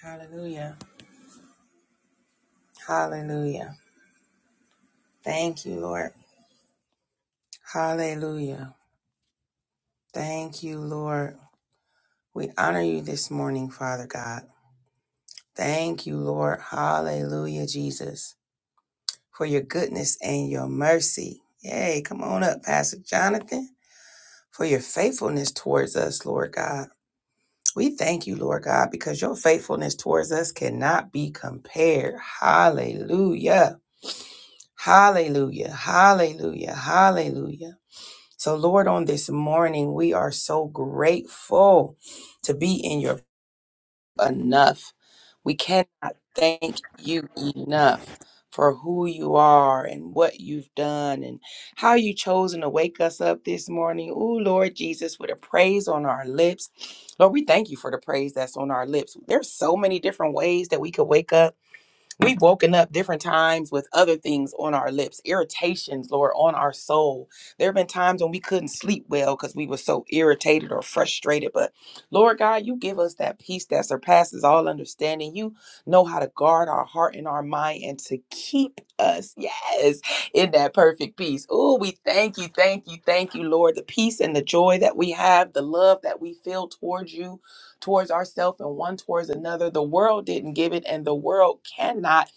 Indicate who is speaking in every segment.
Speaker 1: Hallelujah. Hallelujah. Thank you, Lord. Hallelujah. Thank you, Lord. We honor you this morning, Father God. Thank you, Lord. Hallelujah, Jesus, for your goodness and your mercy. Yay. Come on up, Pastor Jonathan, for your faithfulness towards us, Lord God. We thank you, Lord God, because your faithfulness towards us cannot be compared. Hallelujah. Hallelujah. Hallelujah. Hallelujah. So, Lord, on this morning, we are so grateful to be in your enough. We cannot thank you enough for who you are and what you've done and how you chosen to wake us up this morning. Oh, Lord Jesus, with a praise on our lips. Lord, we thank you for the praise that's on our lips. There's so many different ways that we could wake up We've woken up different times with other things on our lips, irritations, Lord, on our soul. There have been times when we couldn't sleep well because we were so irritated or frustrated. But Lord God, you give us that peace that surpasses all understanding. You know how to guard our heart and our mind and to keep us, yes, in that perfect peace. Oh, we thank you, thank you, thank you, Lord. The peace and the joy that we have, the love that we feel towards you towards ourselves and one towards another. The world didn't give it, and the world cannot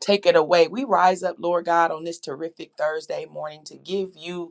Speaker 1: take it away. We rise up, Lord God, on this terrific Thursday morning to give you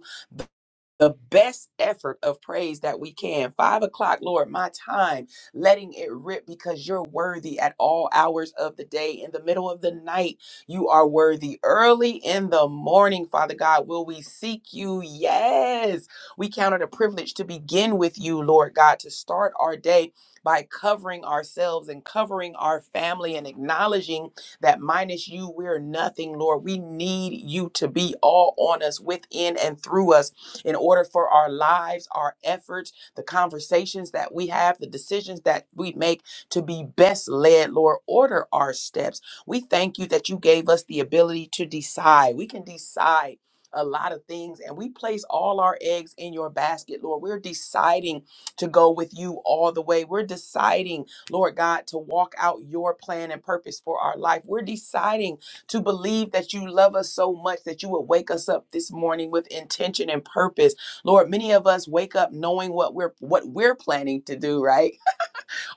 Speaker 1: the best effort of praise that we can. Five o'clock, Lord, my time, letting it rip because you're worthy at all hours of the day. In the middle of the night, you are worthy. Early in the morning, Father God, will we seek you? Yes. We count it a privilege to begin with you, Lord God, to start our day. By covering ourselves and covering our family and acknowledging that minus you, we're nothing, Lord. We need you to be all on us, within and through us in order for our lives, our efforts, the conversations that we have, the decisions that we make to be best led, Lord. Order our steps. We thank you that you gave us the ability to decide. We can decide a lot of things and we place all our eggs in your basket, Lord. We're deciding to go with you all the way. We're deciding, Lord God, to walk out your plan and purpose for our life. We're deciding to believe that you love us so much that you would wake us up this morning with intention and purpose. Lord, many of us wake up knowing what we're what we're planning to do, right?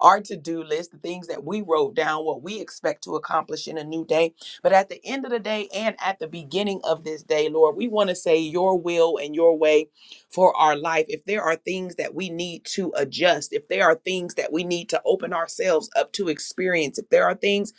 Speaker 1: Our to-do list, the things that we wrote down, what we expect to accomplish in a new day. But at the end of the day and at the beginning of this day, Lord, we want to say your will and your way for our life. If there are things that we need to adjust, if there are things that we need to open ourselves up to experience, if there are things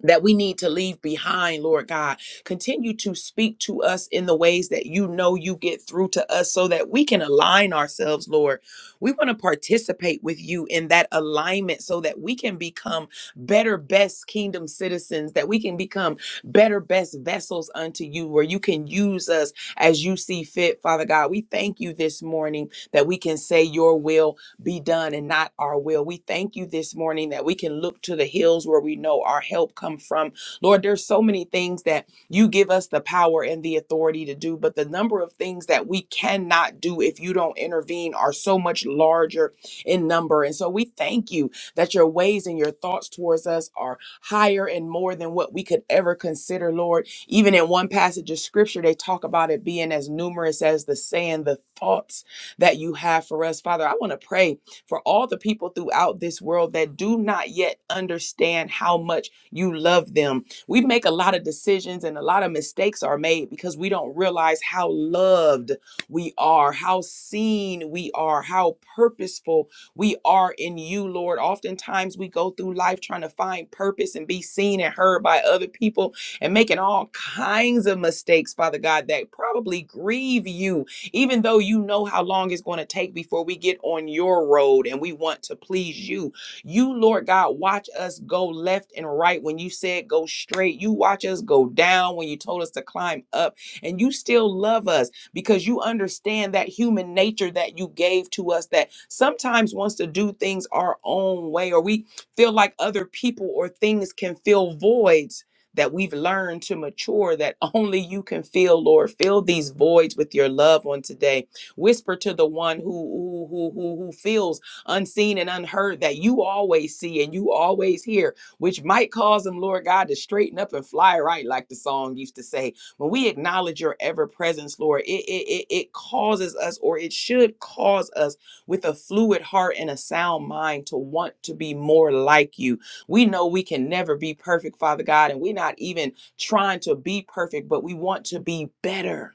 Speaker 1: that we need to leave behind, Lord God. Continue to speak to us in the ways that you know you get through to us so that we can align ourselves, Lord. We want to participate with you in that alignment so that we can become better, best kingdom citizens, that we can become better, best vessels unto you, where you can use us as you see fit, Father God. We thank you this morning that we can say your will be done and not our will. We thank you this morning that we can look to the hills where we know our help come from. Lord, there's so many things that you give us the power and the authority to do, but the number of things that we cannot do if you don't intervene are so much larger in number. And so we thank you that your ways and your thoughts towards us are higher and more than what we could ever consider, Lord. Even in one passage of scripture, they talk about it being as numerous as the sand, the thoughts that you have for us. Father, I want to pray for all the people throughout this world that do not yet understand how much you love them. We make a lot of decisions and a lot of mistakes are made because we don't realize how loved we are, how seen we are, how purposeful we are in you, Lord. Oftentimes we go through life trying to find purpose and be seen and heard by other people and making all kinds of mistakes, Father God, that probably grieve you even though you know how long it's going to take before we get on your road and we want to please you. You, Lord God, watch us go left and right when you said go straight. You watch us go down when you told us to climb up. And you still love us because you understand that human nature that you gave to us that sometimes wants to do things our own way or we feel like other people or things can fill voids that we've learned to mature that only you can fill, Lord. Fill these voids with your love on today. Whisper to the one who who who who, feels unseen and unheard that you always see and you always hear, which might cause them, Lord God, to straighten up and fly right, like the song used to say. When we acknowledge your ever presence, Lord, it, it, it, it causes us, or it should cause us, with a fluid heart and a sound mind, to want to be more like you we know we can never be perfect, Father God, and we're not even trying to be perfect, but we want to be better.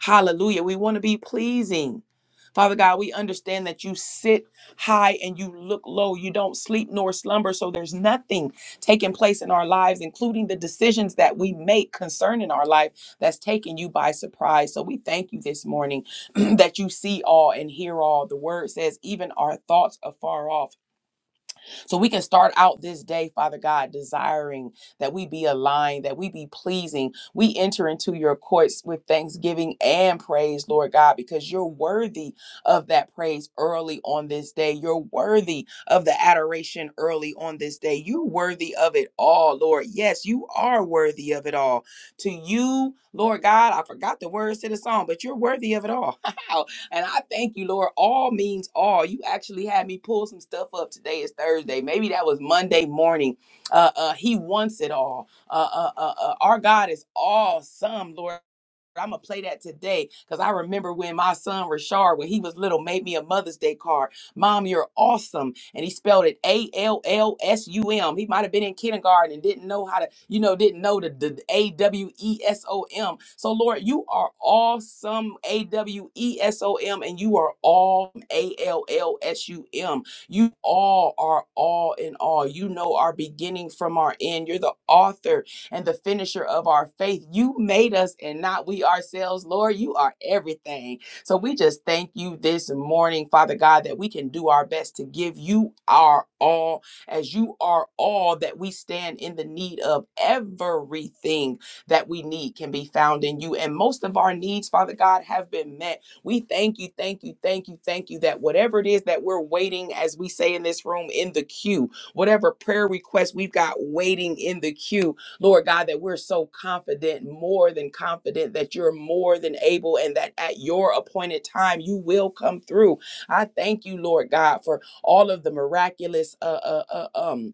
Speaker 1: Hallelujah. We want to be pleasing. Father God, we understand that you sit high and you look low. You don't sleep nor slumber. So there's nothing taking place in our lives, including the decisions that we make concerning our life that's taking you by surprise. So we thank you this morning that you see all and hear all. The word says, even our thoughts are far off. So we can start out this day, Father God, desiring that we be aligned, that we be pleasing. We enter into your courts with thanksgiving and praise, Lord God, because you're worthy of that praise early on this day. You're worthy of the adoration early on this day. You're worthy of it all, Lord. Yes, you are worthy of it all. To you, Lord God, I forgot the words to the song, but you're worthy of it all. And I thank you, Lord. All means all. You actually had me pull some stuff up. Today is Thursday. Maybe that was Monday morning. Uh, uh, he wants it all. Uh, uh, uh, uh, our God is awesome, Lord. I'm gonna play that today because I remember when my son Rashard, when he was little, made me a Mother's Day card. Mom, you're awesome, and he spelled it A L L S U M. He might have been in kindergarten and didn't know how to, you know, didn't know the, the A W E S O M. So Lord, you are awesome, A W E S O M, and you are all A L L S U M. You all are all in all. You know our beginning from our end. You're the author and the finisher of our faith. You made us and not we ourselves, Lord. You are everything. So we just thank you this morning, Father God, that we can do our best to give you our all, as you are all that we stand in the need of. Everything that we need can be found in you. And most of our needs, Father God, have been met. We thank you, thank you, thank you, thank you that whatever it is that we're waiting, as we say in this room, in the queue, whatever prayer request we've got waiting in the queue, Lord God, that we're so confident, more than confident, that you're more than able and that at your appointed time you will come through. I thank you, Lord God, for all of the miraculous uh, uh, uh, um,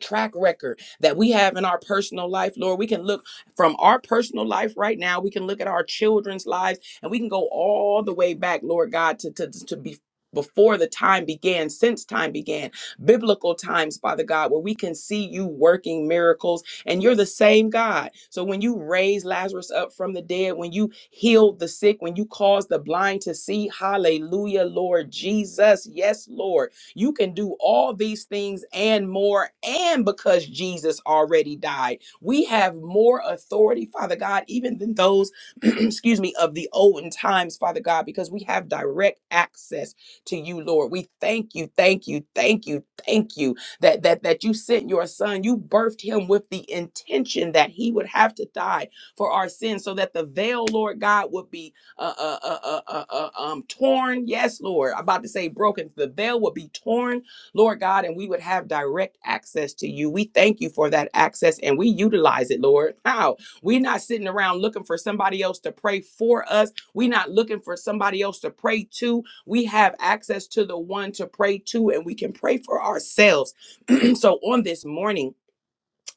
Speaker 1: track record that we have in our personal life, Lord. We can look from our personal life right now. We can look at our children's lives and we can go all the way back, Lord God, to, to, to be before the time began, since time began, biblical times, Father God, where we can see you working miracles and you're the same God. So when you raised Lazarus up from the dead, when you healed the sick, when you caused the blind to see, hallelujah, Lord Jesus. Yes, Lord. You can do all these things and more. And because Jesus already died, we have more authority, Father God, even than those, excuse me, of the olden times, Father God, because we have direct access to you, Lord. We thank you, thank you, thank you, thank you that that that you sent your son. You birthed him with the intention that he would have to die for our sins so that the veil, Lord God, would be uh, uh, uh, uh, uh, uh, um, torn. Yes, Lord. I'm about to say broken. The veil would be torn, Lord God, and we would have direct access to you. We thank you for that access and we utilize it, Lord. How? We're not sitting around looking for somebody else to pray for us. We're not looking for somebody else to pray to. We have access to the one to pray to, and we can pray for ourselves. so on this morning,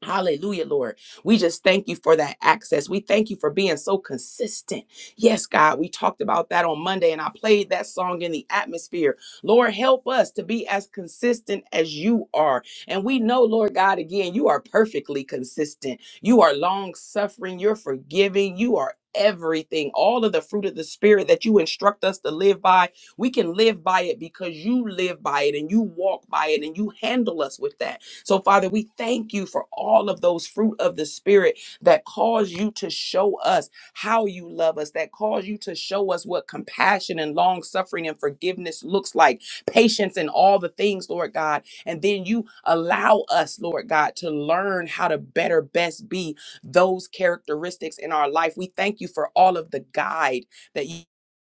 Speaker 1: Hallelujah, Lord. We just thank you for that access. We thank you for being so consistent. Yes, God, we talked about that on Monday and I played that song in the atmosphere. Lord, help us to be as consistent as you are. And we know, Lord God, again, you are perfectly consistent. You are long suffering. You're forgiving. You are everything. All of the fruit of the Spirit that you instruct us to live by, we can live by it because you live by it and you walk by it and you handle us with that. So, Father, we thank you for all of those fruit of the Spirit that cause you to show us how you love us, that cause you to show us what compassion and long suffering and forgiveness looks like, patience and all the things, Lord God. And then you allow us, Lord God, to learn how to better best be those characteristics in our life. We thank you for all of the guide that you.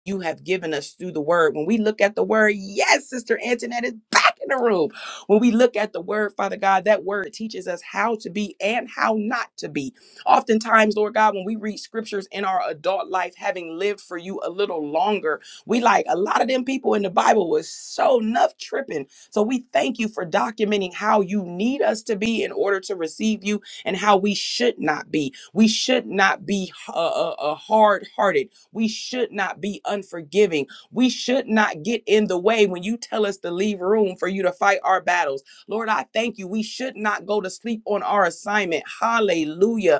Speaker 1: You have given us through the word. When we look at the word, yes, Sister Antoinette is back in the room. When we look at the word, Father God, that word teaches us how to be and how not to be. Oftentimes, Lord God, when we read scriptures in our adult life, having lived for you a little longer, we like a lot of them people in the Bible was so nuff tripping. So we thank you for documenting how you need us to be in order to receive you and how we should not be. We should not be uh, uh, hard hearted. We should not be unforgiving we should not get in the way when you tell us to leave room for you to fight our battles. Lord, I thank you. We should not go to sleep on our assignment. Hallelujah.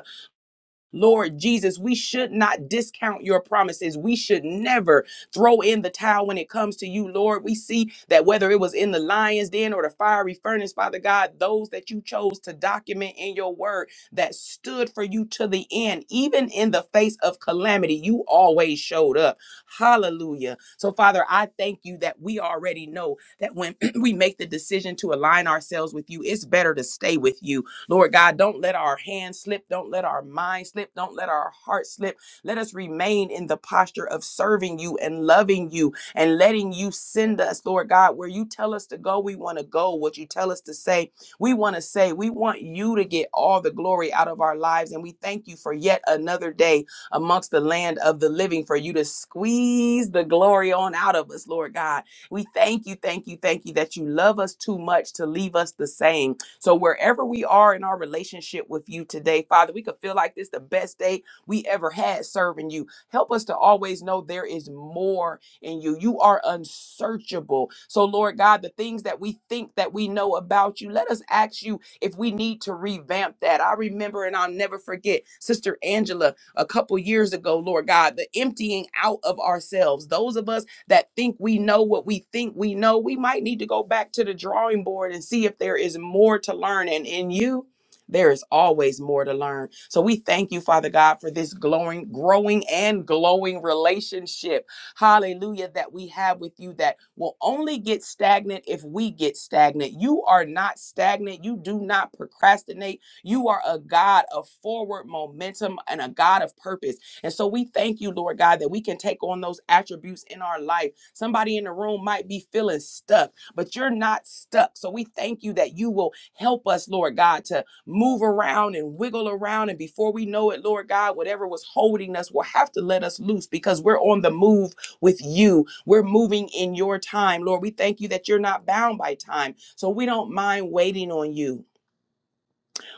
Speaker 1: Lord Jesus, we should not discount your promises. We should never throw in the towel when it comes to you, Lord. We see that whether it was in the lion's den or the fiery furnace, Father God, those that you chose to document in your word that stood for you to the end, even in the face of calamity, you always showed up. Hallelujah. So, Father, I thank you that we already know that when we make the decision to align ourselves with you, it's better to stay with you Lord God, don't let our hands slip. Don't let our mind slip. Don't let our heart slip. Let us remain in the posture of serving you and loving you and letting you send us, Lord God, where you tell us to go, we want to go. What you tell us to say, we want to say. We want you to get all the glory out of our lives. And we thank you for yet another day amongst the land of the living for you to squeeze the glory on out of us, Lord God. We thank you, thank you, thank you that you love us too much to leave us the same so wherever we are in our relationship with you today, Father, we could feel like this the best day we ever had serving you. Help us to always know there is more in you. You are unsearchable. So Lord God, the things that we think that we know about you, let us ask you if we need to revamp that. I remember and I'll never forget Sister Angela a couple years ago, Lord God, the emptying out of ourselves. Those of us that think we know what we think we know, we might need to go back to the drawing board and see if there is more to learn. And in you, there is always more to learn. So we thank you, Father God, for this glowing, growing and glowing relationship. Hallelujah, that we have with you that will only get stagnant if we get stagnant. You are not stagnant. You do not procrastinate. You are a God of forward momentum and a God of purpose. And so we thank you, Lord God, that we can take on those attributes in our life. Somebody in the room might be feeling stuck, but you're not stuck. So we thank you that you will help us, Lord God, to move around and wiggle around. And before we know it, Lord God, whatever was holding us will have to let us loose because we're on the move with you. We're moving in your time, Lord. We thank you that you're not bound by time. So we don't mind waiting on you.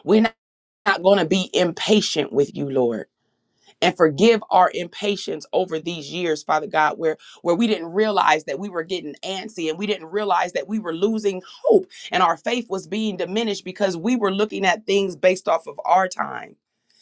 Speaker 1: We're not going to be impatient with you, Lord and forgive our impatience over these years, Father God, where, where we didn't realize that we were getting antsy and we didn't realize that we were losing hope and our faith was being diminished because we were looking at things based off of our time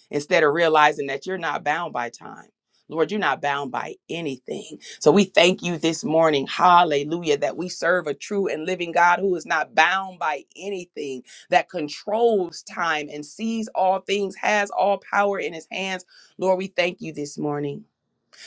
Speaker 1: instead of realizing that you're not bound by time. Lord, you're not bound by anything. So we thank you this morning, hallelujah, that we serve a true and living God who is not bound by anything, that controls time and sees all things, has all power in his hands. Lord, we thank you this morning.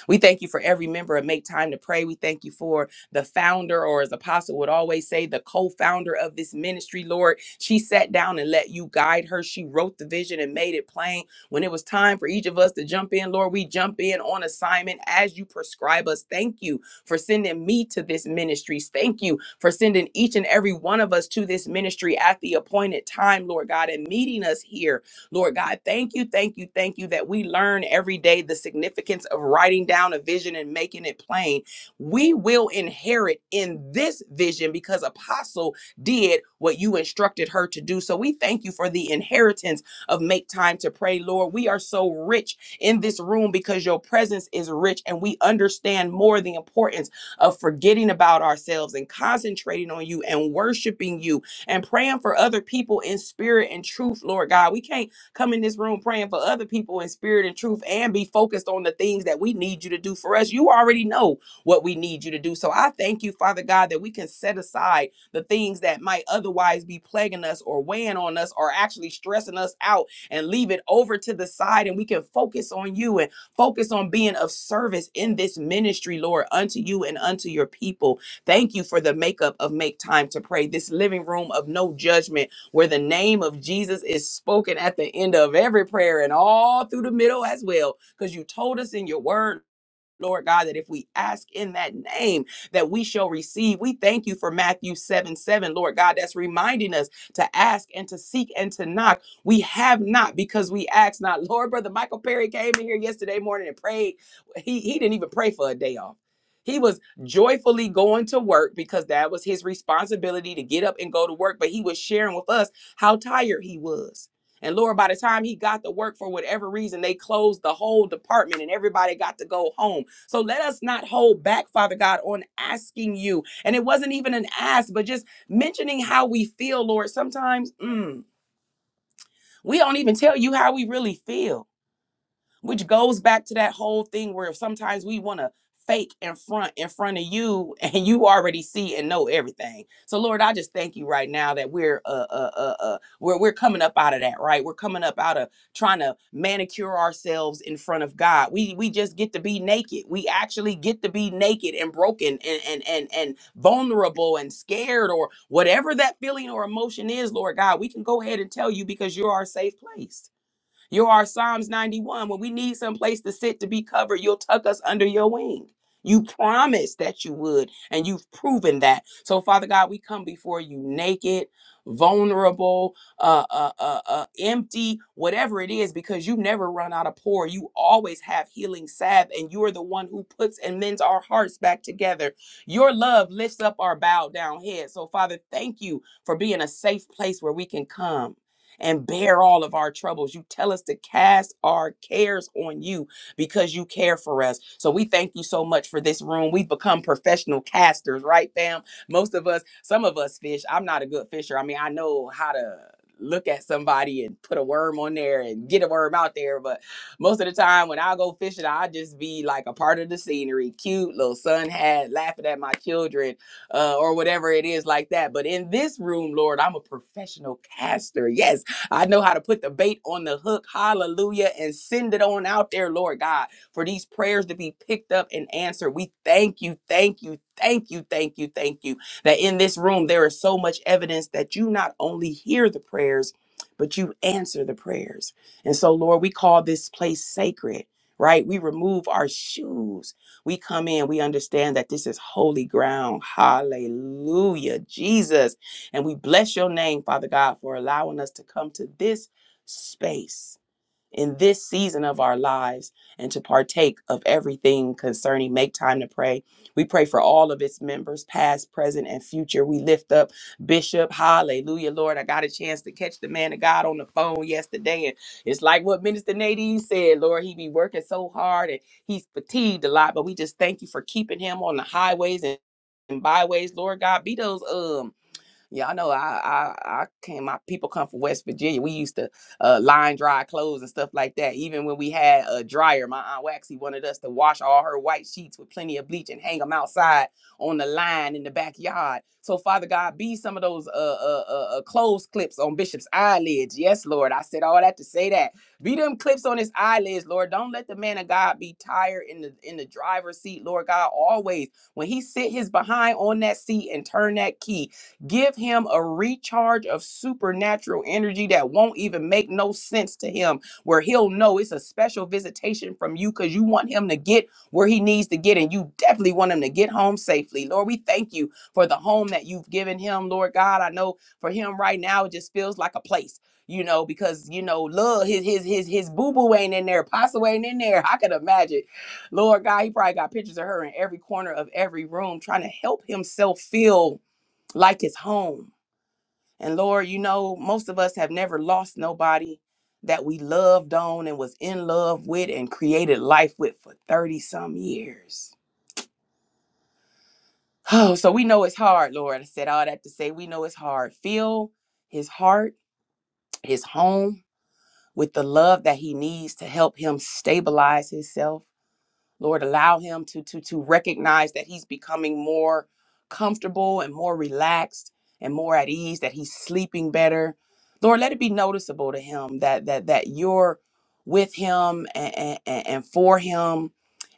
Speaker 1: We thank you for every member of Make Time to Pray. We thank you for the founder, or as Apostle would always say, the co founder of this ministry, Lord. She sat down and let you guide her. She wrote the vision and made it plain. When it was time for each of us to jump in, Lord, we jump in on assignment as you prescribe us. Thank you for sending me to this ministry. Thank you for sending each and every one of us to this ministry at the appointed time, Lord God, and meeting us here Lord God, thank you, thank you, thank you that we learn every day the significance of writing down a vision and making it plain. We will inherit in this vision because Apostle did what you instructed her to do. So we thank you for the inheritance of make time to pray, Lord. We are so rich in this room because your presence is rich and we understand more the importance of forgetting about ourselves and concentrating on you and worshiping you and praying for other people in spirit and truth, Lord God. We can't come in this room praying for other people in spirit and truth and be focused on the things that we need you to do for us. You already know what we need you to do. So I thank you, Father God, that we can set aside the things that might otherwise be plaguing us or weighing on us or actually stressing us out and leave it over to the side and we can focus on you and focus on being of service in this ministry, Lord, unto you and unto your people. Thank you for the makeup of Make Time to Pray, this living room of no judgment where the name of Jesus is spoken at the end of every prayer and all through the middle as well, because you told us in your word Lord God, that if we ask in that name, that we shall receive. We thank you for Matthew 7 7, Lord God, that's reminding us to ask and to seek and to knock. We have not because we ask not. Lord, Brother Michael Perry came in here yesterday morning and prayed. He, he didn't even pray for a day off. He was joyfully going to work because that was his responsibility to get up and go to work. But he was sharing with us how tired he was. And Lord, by the time he got to work for whatever reason, they closed the whole department and everybody got to go home so let us not hold back, Father God, on asking you. And it wasn't even an ask, but just mentioning how we feel, Lord. Sometimes mm, we don't even tell you how we really feel which goes back to that whole thing where sometimes we want to fake in front in front of you and you already see and know everything so lord i just thank you right now that we're uh uh uh, uh we're, we're coming up out of that right we're coming up out of trying to manicure ourselves in front of god we we just get to be naked we actually get to be naked and broken and and and, and vulnerable and scared or whatever that feeling or emotion is lord god we can go ahead and tell you because you're our safe place you're our Psalms 91. When we need some place to sit to be covered, you'll tuck us under your wing. You promised that you would, and you've proven that. So, Father God, we come before you naked, vulnerable, uh, uh, uh, uh, empty, whatever it is, because you never run out of pour. You always have healing salve, and you are the one who puts and mends our hearts back together. Your love lifts up our bowed down head. So, Father, thank you for being a safe place where we can come and bear all of our troubles. You tell us to cast our cares on you because you care for us. So we thank you so much for this room. We've become professional casters, right, fam? Most of us, some of us fish. I'm not a good fisher. I mean, I know how to look at somebody and put a worm on there and get a worm out there but most of the time when i go fishing i just be like a part of the scenery cute little sun hat laughing at my children uh, or whatever it is like that. But in this room, Lord, I'm a professional caster. Yes, I know how to put the bait on the hook. Hallelujah. And send it on out there, Lord God, for these prayers to be picked up and answered. We thank you, thank you, thank you, thank you, thank you. That in this room, there is so much evidence that you not only hear the prayers, but you answer the prayers. And so, Lord, we call this place sacred, right? We remove our shoes. We come in, we understand that this is holy ground. Hallelujah. Jesus. And we bless your name, Father God, for allowing us to come to this space in this season of our lives and to partake of everything concerning Make Time to Pray. We pray for all of its members, past, present, and future. We lift up Bishop. Hallelujah, Lord. I got a chance to catch the man of God on the phone yesterday. And it's like what Minister Nadine said, Lord, he be working so hard and he's fatigued a lot, but we just thank you for keeping him on the highways and and byways, Lord God, be those um Y'all know I I I came. My people come from West Virginia. We used to uh, line dry clothes and stuff like that. Even when we had a dryer, my aunt Waxy wanted us to wash all her white sheets with plenty of bleach and hang them outside on the line in the backyard. So Father God, be some of those uh, uh, uh uh, clothes clips on Bishop's eyelids. Yes, Lord. I said all that to say that. Be them clips on his eyelids, Lord. Don't let the man of God be tired in the in the driver's seat, Lord God. Always when he sit his behind on that seat and turn that key. Give him a recharge of supernatural energy that won't even make no sense to him, where he'll know it's a special visitation from you because you want him to get where he needs to get, and you definitely want him to get home safely. Lord, we thank you for the home that you've given him, Lord God. I know for him right now, it just feels like a place. You know, because you know, love his his his his boo boo ain't in there, apostle ain't in there. I could imagine, Lord God, he probably got pictures of her in every corner of every room, trying to help himself feel like it's home. And Lord, you know, most of us have never lost nobody that we loved on and was in love with and created life with for 30 some years. Oh, so we know it's hard, Lord. I said all that to say we know it's hard. Fill his heart, his home with the love that he needs to help him stabilize himself Lord, allow him to to to recognize that he's becoming more comfortable and more relaxed and more at ease, that he's sleeping better. Lord, let it be noticeable to him that that that you're with him and and, and for him.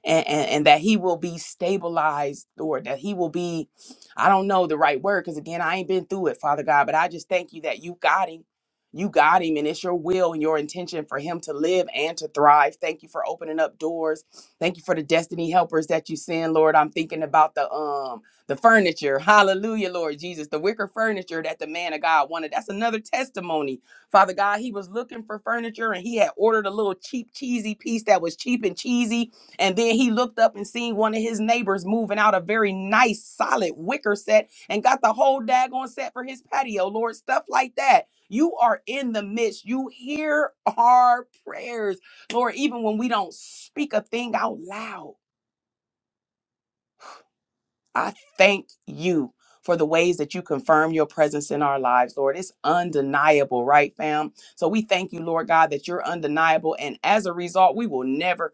Speaker 1: And, and, and that he will be stabilized, Lord, that he will be, I don't know the right word, because again, I ain't been through it, Father God, but I just thank you that you got him. You got him, and it's your will and your intention for him to live and to thrive. Thank you for opening up doors Thank you for the destiny helpers that you send, Lord. I'm thinking about the um the furniture. Hallelujah, Lord Jesus. The wicker furniture that the man of God wanted. That's another testimony. Father God, he was looking for furniture and he had ordered a little cheap cheesy piece that was cheap and cheesy. And then he looked up and seen one of his neighbors moving out a very nice solid wicker set and got the whole daggone set for his patio, Lord. Stuff like that. You are in the midst. You hear our prayers Lord, even when we don't speak a thing out loud, I thank you for the ways that you confirm your presence in our lives, Lord. It's undeniable, right, fam? So we thank you, Lord God, that you're undeniable. And as a result, we will never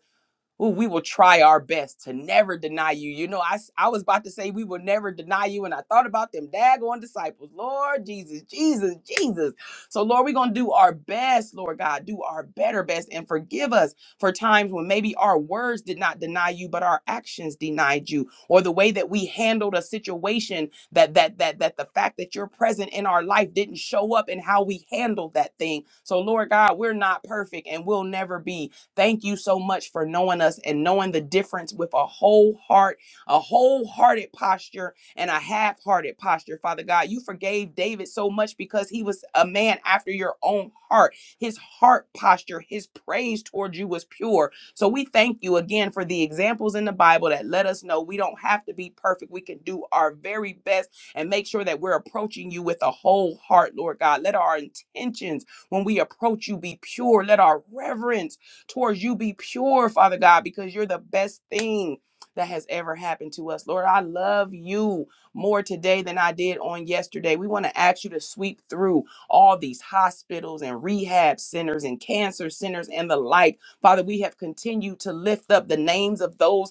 Speaker 1: Ooh, we will try our best to never deny you. You know, I, s- I was about to say we will never deny you, and I thought about them daggone disciples. Lord Jesus, Jesus, Jesus. So, Lord, we're going to do our best, Lord God, do our better best, and forgive us for times when maybe our words did not deny you, but our actions denied you, or the way that we handled a situation that that that that the fact that you're present in our life didn't show up in how we handled that thing. So, Lord God, we're not perfect, and we'll never be. Thank you so much for knowing us and knowing the difference with a whole heart, a wholehearted posture, and a half hearted posture. Father God, you forgave David so much because he was a man after your own heart. His heart posture, his praise towards you was pure. So we thank you again for the examples in the Bible that let us know we don't have to be perfect. We can do our very best and make sure that we're approaching you with a whole heart, Lord God. Let our intentions when we approach you be pure. Let our reverence towards you be pure, Father God, because you're the best thing that has ever happened to us. Lord, I love you more today than I did on yesterday. We want to ask you to sweep through all these hospitals and rehab centers and cancer centers and the like. Father, we have continued to lift up the names of those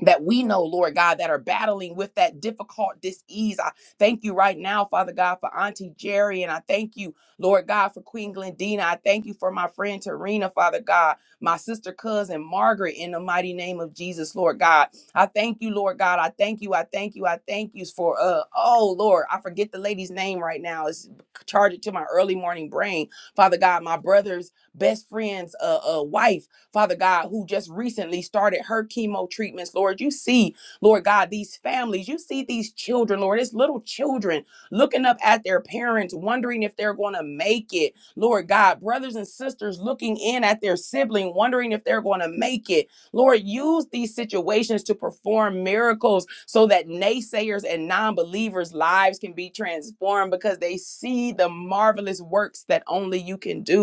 Speaker 1: that we know, Lord God, that are battling with that difficult disease. I thank you right now, Father God, for Auntie Jerry. And I thank you, Lord God, for Queen Glendina. I thank you for my friend Tarina, Father God, my sister cousin Margaret, in the mighty name of Jesus, Lord God. I thank you, Lord God. I thank you. I thank you. I thank you for, uh, oh, Lord, I forget the lady's name right now. It's charged to my early morning brain. Father God, my brother's best friend's uh, uh, wife. Father God, who just recently started her chemo treatments, Lord. You see, Lord God, these families, you see these children, Lord, it's little children looking up at their parents, wondering if they're going to make it. Lord God, brothers and sisters looking in at their sibling, wondering if they're going to make it. Lord, use these situations to perform miracles so that naysayers and non believers' lives can be transformed because they see the marvelous works that only you can do.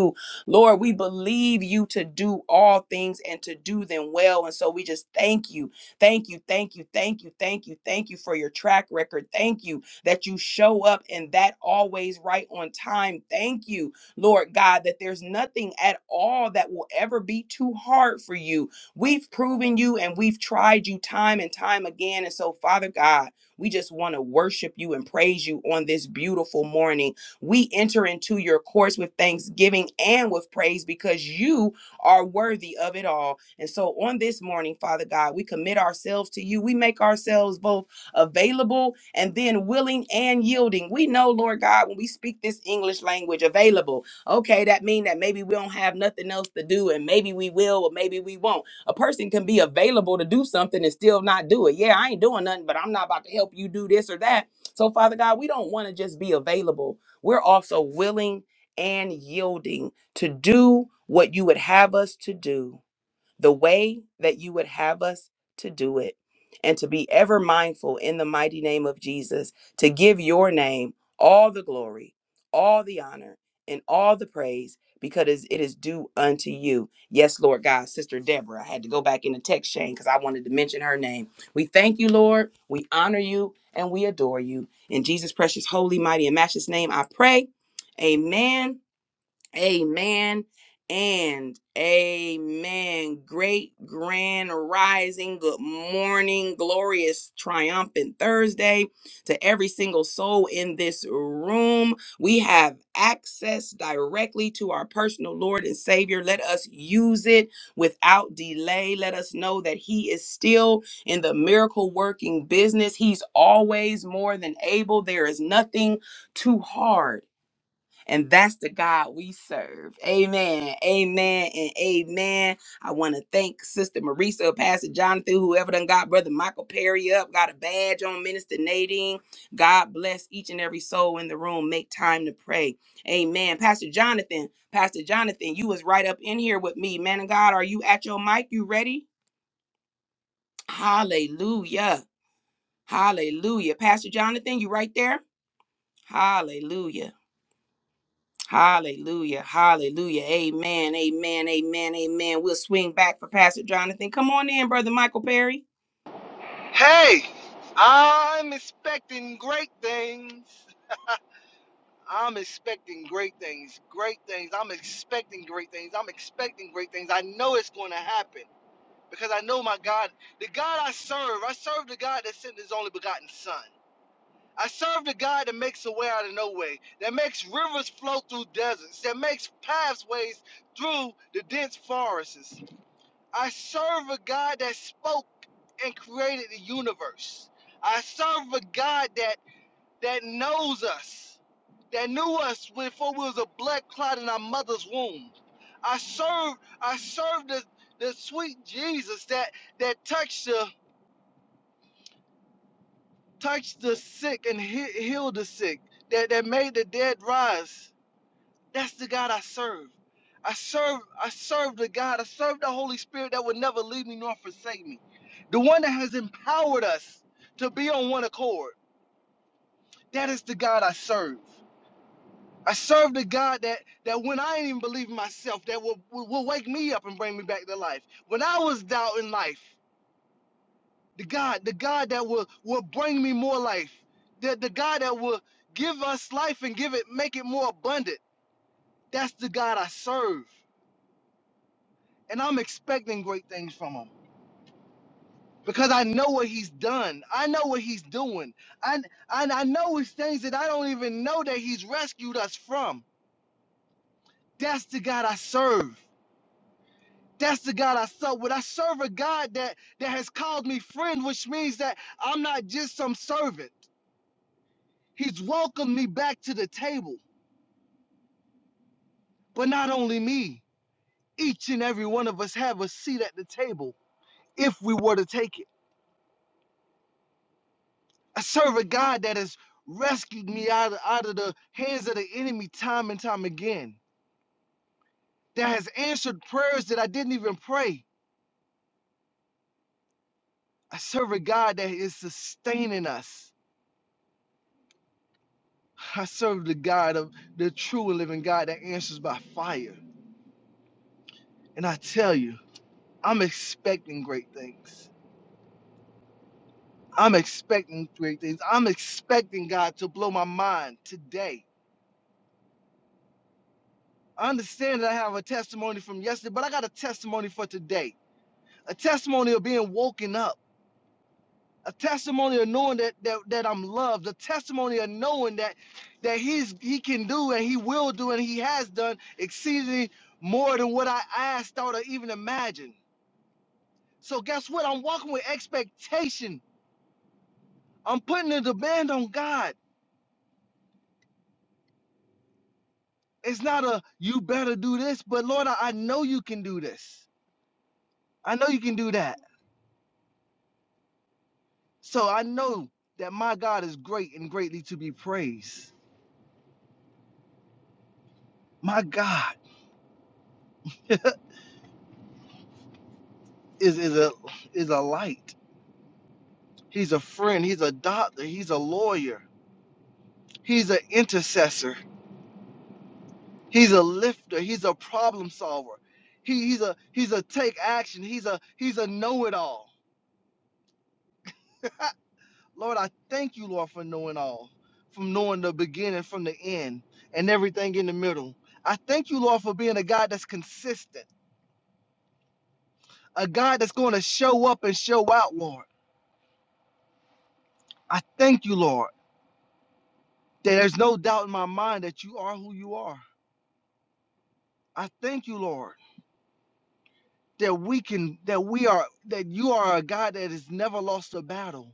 Speaker 1: Lord, we believe you to do all things and to do them well. And so we just thank you. Thank you. Thank you. Thank you. Thank you. Thank you for your track record. Thank you that you show up and that always right on time. Thank you, Lord God, that there's nothing at all that will ever be too hard for you. We've proven you and we've tried you time and time again. And so, Father God, we just want to worship you and praise you on this beautiful morning. We enter into your courts with thanksgiving and with praise because you are worthy of it all. And so on this morning, Father God, we commit ourselves to you. We make ourselves both available and then willing and yielding. We know, Lord God, when we speak this English language available, okay, that means that maybe we don't have nothing else to do and maybe we will or maybe we won't. A person can be available to do something and still not do it. Yeah, I ain't doing nothing, but I'm not about to help you do this or that. So, Father God, we don't want to just be available we're also willing and yielding to do what you would have us to do the way that you would have us to do it, and to be ever mindful in the mighty name of Jesus to give your name all the glory, all the honor, and all the praise because it is due unto you. Yes, Lord God, Sister Deborah. I had to go back in the text chain because I wanted to mention her name. We thank you, Lord. We honor you and we adore you. In Jesus' precious, holy, mighty, and matchless name, I pray. Amen Amen and amen. Great grand rising. Good morning. Glorious triumphant Thursday to every single soul in this room. We have access directly to our personal Lord and Savior. Let us use it without delay. Let us know that He is still in the miracle working business. He's always more than able. There is nothing too hard and that's the God we serve. Amen. Amen and amen. I want to thank Sister Marisa, Pastor Jonathan, whoever done got Brother Michael Perry up, got a badge on Minister Nadine. God bless each and every soul in the room. Make time to pray. Amen. Pastor Jonathan, Pastor Jonathan, you was right up in here with me. Man of God, are you at your mic? You ready? Hallelujah. Hallelujah. Pastor Jonathan, you right there? Hallelujah. Hallelujah. Hallelujah. Amen. Amen. Amen. Amen. We'll swing back for Pastor Jonathan. Come on in, Brother Michael Perry.
Speaker 2: Hey, I'm expecting great things. I'm expecting great things. Great things. I'm expecting great things. I'm expecting great things. I know it's going to happen because I know my God, the God I serve, I serve the God that sent his only begotten Son. I serve the God that makes a way out of no way, that makes rivers flow through deserts, that makes pathways through the dense forests. I serve a God that spoke and created the universe. I serve a God that that knows us, that knew us before we was a blood clot in our mother's womb. I serve I serve the, the sweet Jesus that that touched the touched the sick and he, healed the sick, that, that made the dead rise. That's the God I serve. I serve I serve the God. I serve the Holy Spirit that will never leave me nor forsake me. The one that has empowered us to be on one accord. That is the God I serve. I serve the God that that when I ain't even believe in myself, that will, will, will wake me up and bring me back to life. When I was doubting life, the God, the God that will will bring me more life. The, the God that will give us life and give it make it more abundant. That's the God I serve. and I'm expecting great things from him because I know what he's done. I know what he's doing. And and I know it's things that I don't even know that he's rescued us from. That's the God I serve. That's the God I serve. When I serve a God that that has called me friend, which means that I'm not just some servant. He's welcomed me back to the table. But not only me, each and every one of us have a seat at the table if we were to take it. I serve a God that has rescued me out of, out of the hands of the enemy time and time again, that has answered prayers that I didn't even pray. I serve a God that is sustaining us. I serve the God of the true and living God that answers by fire. And I tell you, I'm expecting great things. I'm expecting great things. I'm expecting God to blow my mind today. I understand that I have a testimony from yesterday, but I got a testimony for today. A testimony of being woken up a testimony of knowing that, that that I'm loved, a testimony of knowing that that he's he can do and he will do and he has done exceedingly more than what I asked, thought, or even imagined. So guess what? I'm walking with expectation. I'm putting a demand on God. It's not a you better do this, but Lord, I, I know you can do this. I know you can do that. So I know that my God is great and greatly to be praised. My God is is a is a light. He's a friend. He's a doctor. He's a lawyer. He's an intercessor. He's a lifter. He's a problem solver. He, he's a he's a take action. He's a he's a know it all. Lord, I thank you, Lord, for knowing all, from knowing the beginning from the end and everything in the middle. I thank you, Lord, for being a God that's consistent, a God that's going to show up and show out, Lord. I thank you, Lord, that there's no doubt in my mind that you are who you are. I thank you, Lord. that we can that we are that you are a God that has never lost a battle.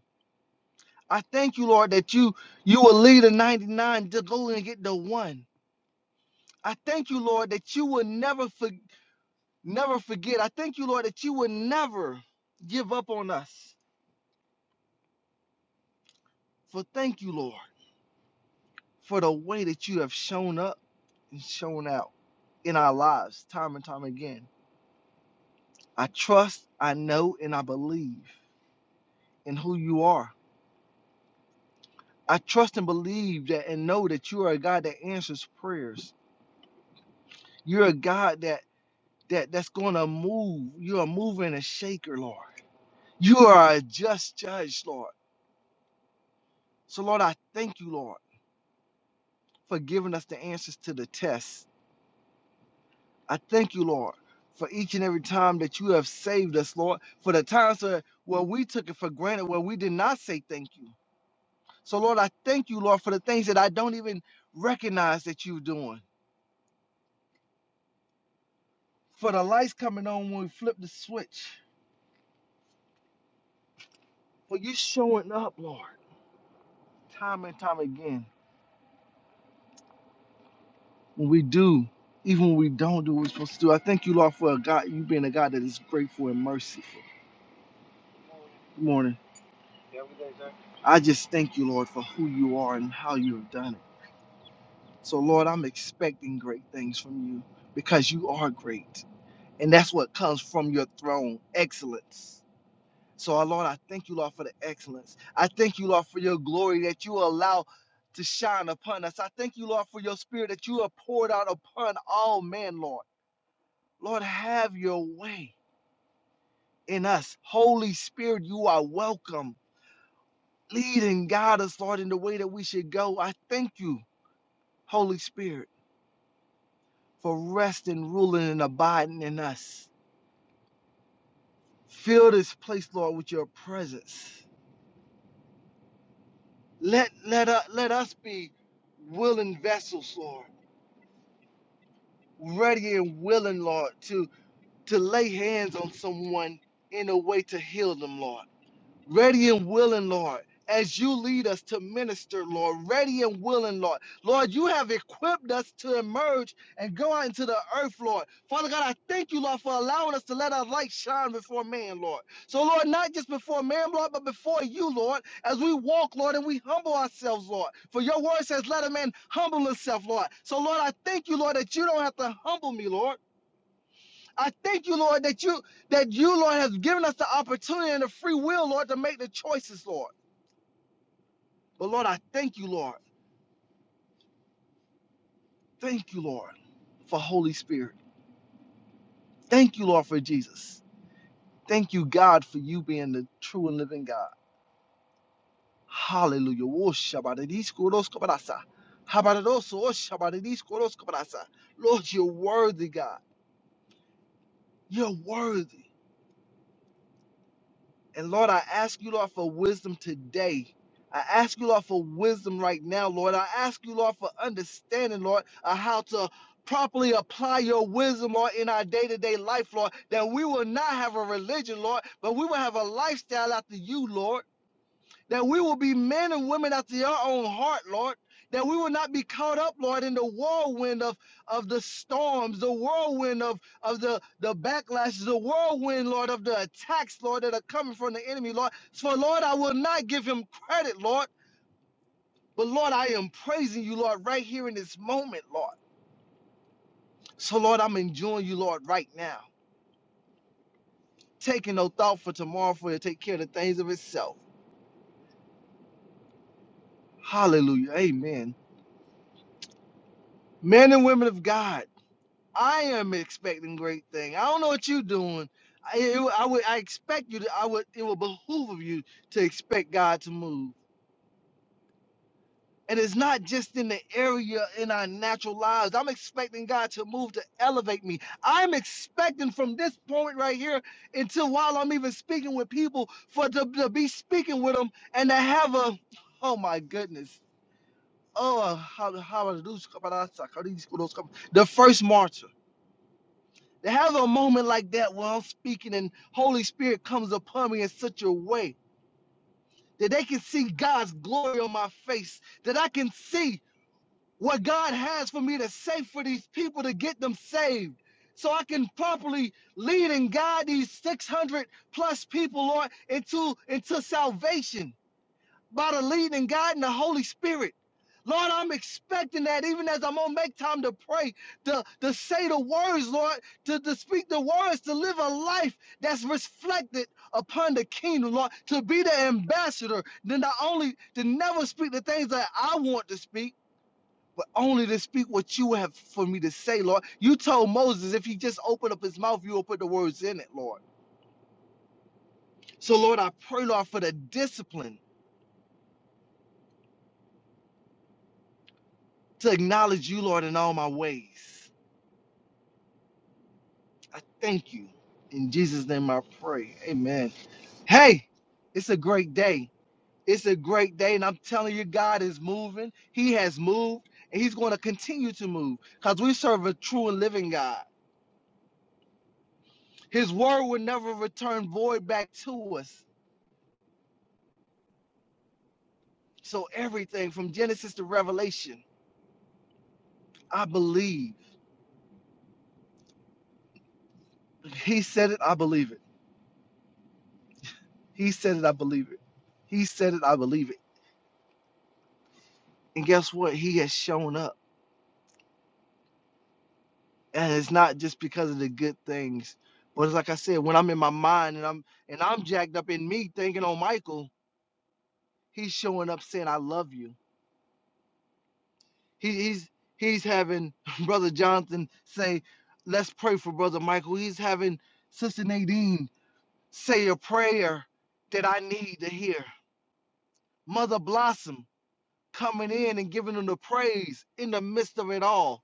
Speaker 2: I thank you, Lord, that you you will lead the 99 to go and get the one. I thank you, Lord, that you will never for, never forget. I thank you, Lord, that you will never give up on us. For thank you, Lord, for the way that you have shown up and shown out in our lives time and time again. I trust, I know, and I believe in who you are I trust and believe that and know that you are a God that answers prayers. You're a God that that that's gonna move. You're a mover and a shaker, Lord. You are a just judge, Lord. So Lord, I thank you, Lord, for giving us the answers to the test. I thank you, Lord, for each and every time that you have saved us, Lord, for the times where where we took it for granted, where we did not say thank you. So Lord, I thank you, Lord, for the things that I don't even recognize that you're doing. For the lights coming on when we flip the switch for you showing up, Lord, time and time again. When we do, even when we don't do what we're supposed to do. I thank you, Lord, for a God, you being a God that is grateful and merciful. Good morning. Yeah, we good, sir. I just thank you, Lord, for who you are and how you have done it. So, Lord, I'm expecting great things from you because you are great. And that's what comes from your throne excellence. So, our Lord, I thank you, Lord, for the excellence. I thank you, Lord, for your glory that you allow to shine upon us. I thank you, Lord, for your spirit that you have poured out upon all men, Lord. Lord, have your way in us. Holy Spirit, you are welcome. Lead and guide us, Lord, in the way that we should go. I thank you, Holy Spirit, for resting, ruling, and abiding in us. Fill this place, Lord, with your presence. Let, let, u- let us be willing vessels, Lord ready and willing, Lord, to to lay hands on someone in a way to heal them, Lord ready and willing, Lord, as you lead us to minister, Lord, ready and willing, Lord. Lord, you have equipped us to emerge and go out into the earth, Lord. Father God, I thank you, Lord, for allowing us to let our light shine before man, Lord. So, Lord, not just before man, Lord, but before you, Lord, as we walk, Lord, and we humble ourselves, Lord. For your word says, let a man humble himself, Lord. So, Lord, I thank you, Lord, that you don't have to humble me, Lord. I thank you, Lord, that you that you, Lord, have given us the opportunity and the free will, Lord, to make the choices, Lord. But Lord, I thank you, Lord. Thank you, Lord, for Holy Spirit. Thank you, Lord, for Jesus. Thank you, God, for you being the true and living God. Hallelujah. Wo shabadidis kudos kabarasa. Habadoso, wo shabadidis kudos kabarasa. Lord, you're worthy, God. You're worthy. And Lord, I ask you, Lord, for wisdom today. I ask you, Lord, for wisdom right now, Lord. I ask you, Lord, for understanding, Lord, of how to properly apply your wisdom, Lord, in our day to day life, Lord, that we will not have a religion, Lord, but we will have a lifestyle after you, Lord that we will be men and women after your own heart, Lord. That we will not be caught up, Lord, in the whirlwind of, of the storms, the whirlwind of, of the, the backlashes, the whirlwind, Lord, of the attacks, Lord, that are coming from the enemy, Lord. So, Lord, I will not give him credit, Lord. But, Lord, I am praising you, Lord, right here in this moment, Lord. So, Lord, I'm enjoying you, Lord, right now. Taking no thought for tomorrow for it to take care of the things of itself. Hallelujah. Amen. Men and women of God. I am expecting great thing. I don't know what you're doing. I, it- I would, I expect you to. I would. It will behoove of you to expect God to move. And it's not just in the area in our natural lives. I'm expecting God to move to elevate me. I'm expecting from this point right here until while I'm even speaking with people for to, to be speaking with them and to have a, oh my goodness, oh how how are those the first martyr. To have a moment like that where I'm speaking and Holy Spirit comes upon me in such a way that they can see God's glory on my face, that I can see what God has for me to say for these people to get them saved, so I can properly lead and guide these 600 plus people, Lord, into, into salvation by the leading and guiding the Holy Spirit. Lord, I'm expecting that even as I'm gonna make time to pray, to, to say the words, Lord, to, to speak the words, to live a life that's reflected upon the kingdom, Lord, to be the ambassador, then not only to never speak the things that I want to speak, but only to speak what you have for me to say, Lord. You told Moses if he just opened up his mouth, you will put the words in it, Lord. So, Lord, I pray, Lord, for the discipline to acknowledge you, Lord, in all my ways. I thank you. In Jesus' name I pray. Amen. Hey, it's a great day. It's a great day. And I'm telling you, God is moving. He has moved and He's going to continue to move because we serve a true and living God. His word will never return void back to us. So, everything from Genesis to Revelation, I believe. He said it, I believe it. He said it, I believe it. He said it, I believe it. And guess what? He has shown up. and it's not just because of the good things but it's like i said when i'm in my mind and i'm and i'm jacked up in me thinking on michael he's showing up saying i love you he, he's he's having brother jonathan say let's pray for brother michael he's having sister nadine say a prayer that i need to hear mother blossom coming in and giving them the praise in the midst of it all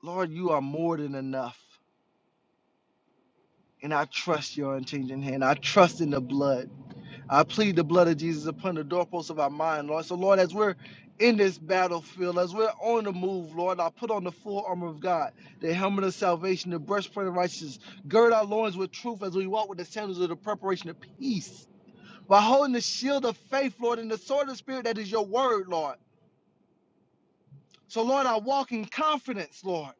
Speaker 2: lord you are more than enough and i trust your unchanging hand i trust in the blood I plead the blood of Jesus upon the doorposts of our mind, Lord. So, Lord, as we're in this battlefield, as we're on the move, Lord, I put on the full armor of God, the helmet of salvation, the breastplate of righteousness, gird our loins with truth as we walk with the sandals of the preparation of peace, by holding the shield of faith, Lord, and the sword of the Spirit that is your word, Lord. So, Lord, I walk in confidence, Lord,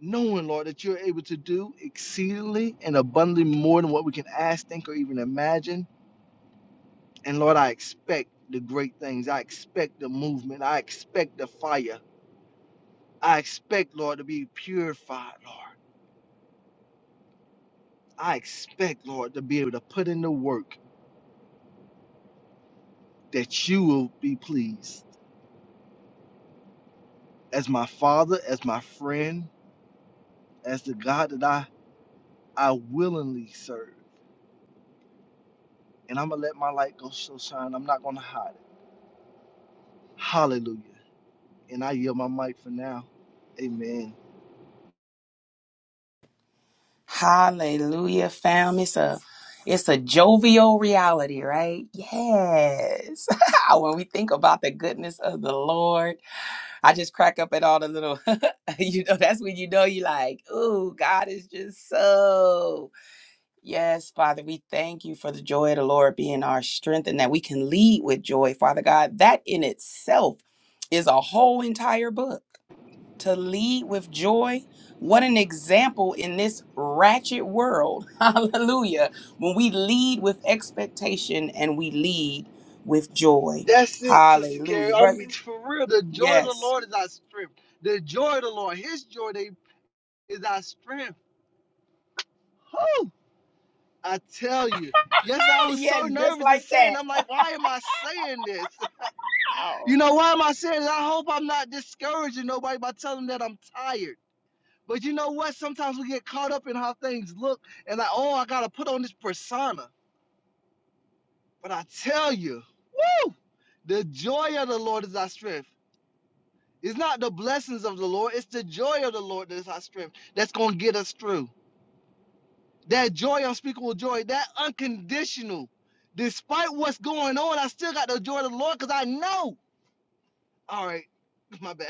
Speaker 2: knowing, Lord, that you're able to do exceedingly and abundantly more than what we can ask, think, or even imagine. And Lord, I expect the great things. I expect the movement. I expect the fire. I expect, Lord, to be purified, Lord. I expect, Lord, to be able to put in the work that you will be pleased. As my father, as my friend, as the God that I, I willingly serve. And I'm going to let my light go so shine. I'm not going to hide it. Hallelujah. And I yield my mic for now. Amen.
Speaker 1: Hallelujah, fam. It's a it's a jovial reality, right? Yes. when we think about the goodness of the Lord, I just crack up at all the little, you know, that's when you know you like, oh, God is just so. Yes, Father, we thank you for the joy of the Lord being our strength and that we can lead with joy, Father God. That in itself is a whole entire book. To lead with joy, what an example in this ratchet world. Hallelujah. When we lead with expectation and we lead with joy.
Speaker 2: That's it, Sister Carrie.
Speaker 1: Hallelujah.
Speaker 2: I mean,
Speaker 1: Brother,
Speaker 2: for real, the joy of the
Speaker 1: yes.
Speaker 2: Lord is our strength. The joy of the Lord, His joy they, is our strength. Whew, I tell you. Yes, I was so
Speaker 1: Yes, just
Speaker 2: nervous and
Speaker 1: like
Speaker 2: saying,
Speaker 1: that.
Speaker 2: I'm like, why am I saying this? You know, why am I saying this? I hope I'm not discouraging nobody by telling them that I'm tired. But you know what? Sometimes we get caught up in how things look and like, oh, I got to put on this persona. But I tell you, woo, the joy of the Lord is our strength. It's not the blessings of the Lord, it's the joy of the Lord that is our strength that's going to get us through. That joy, unspeakable joy, that unconditional. Despite what's going on, I still got the joy of the Lord because I know. All right, my bad.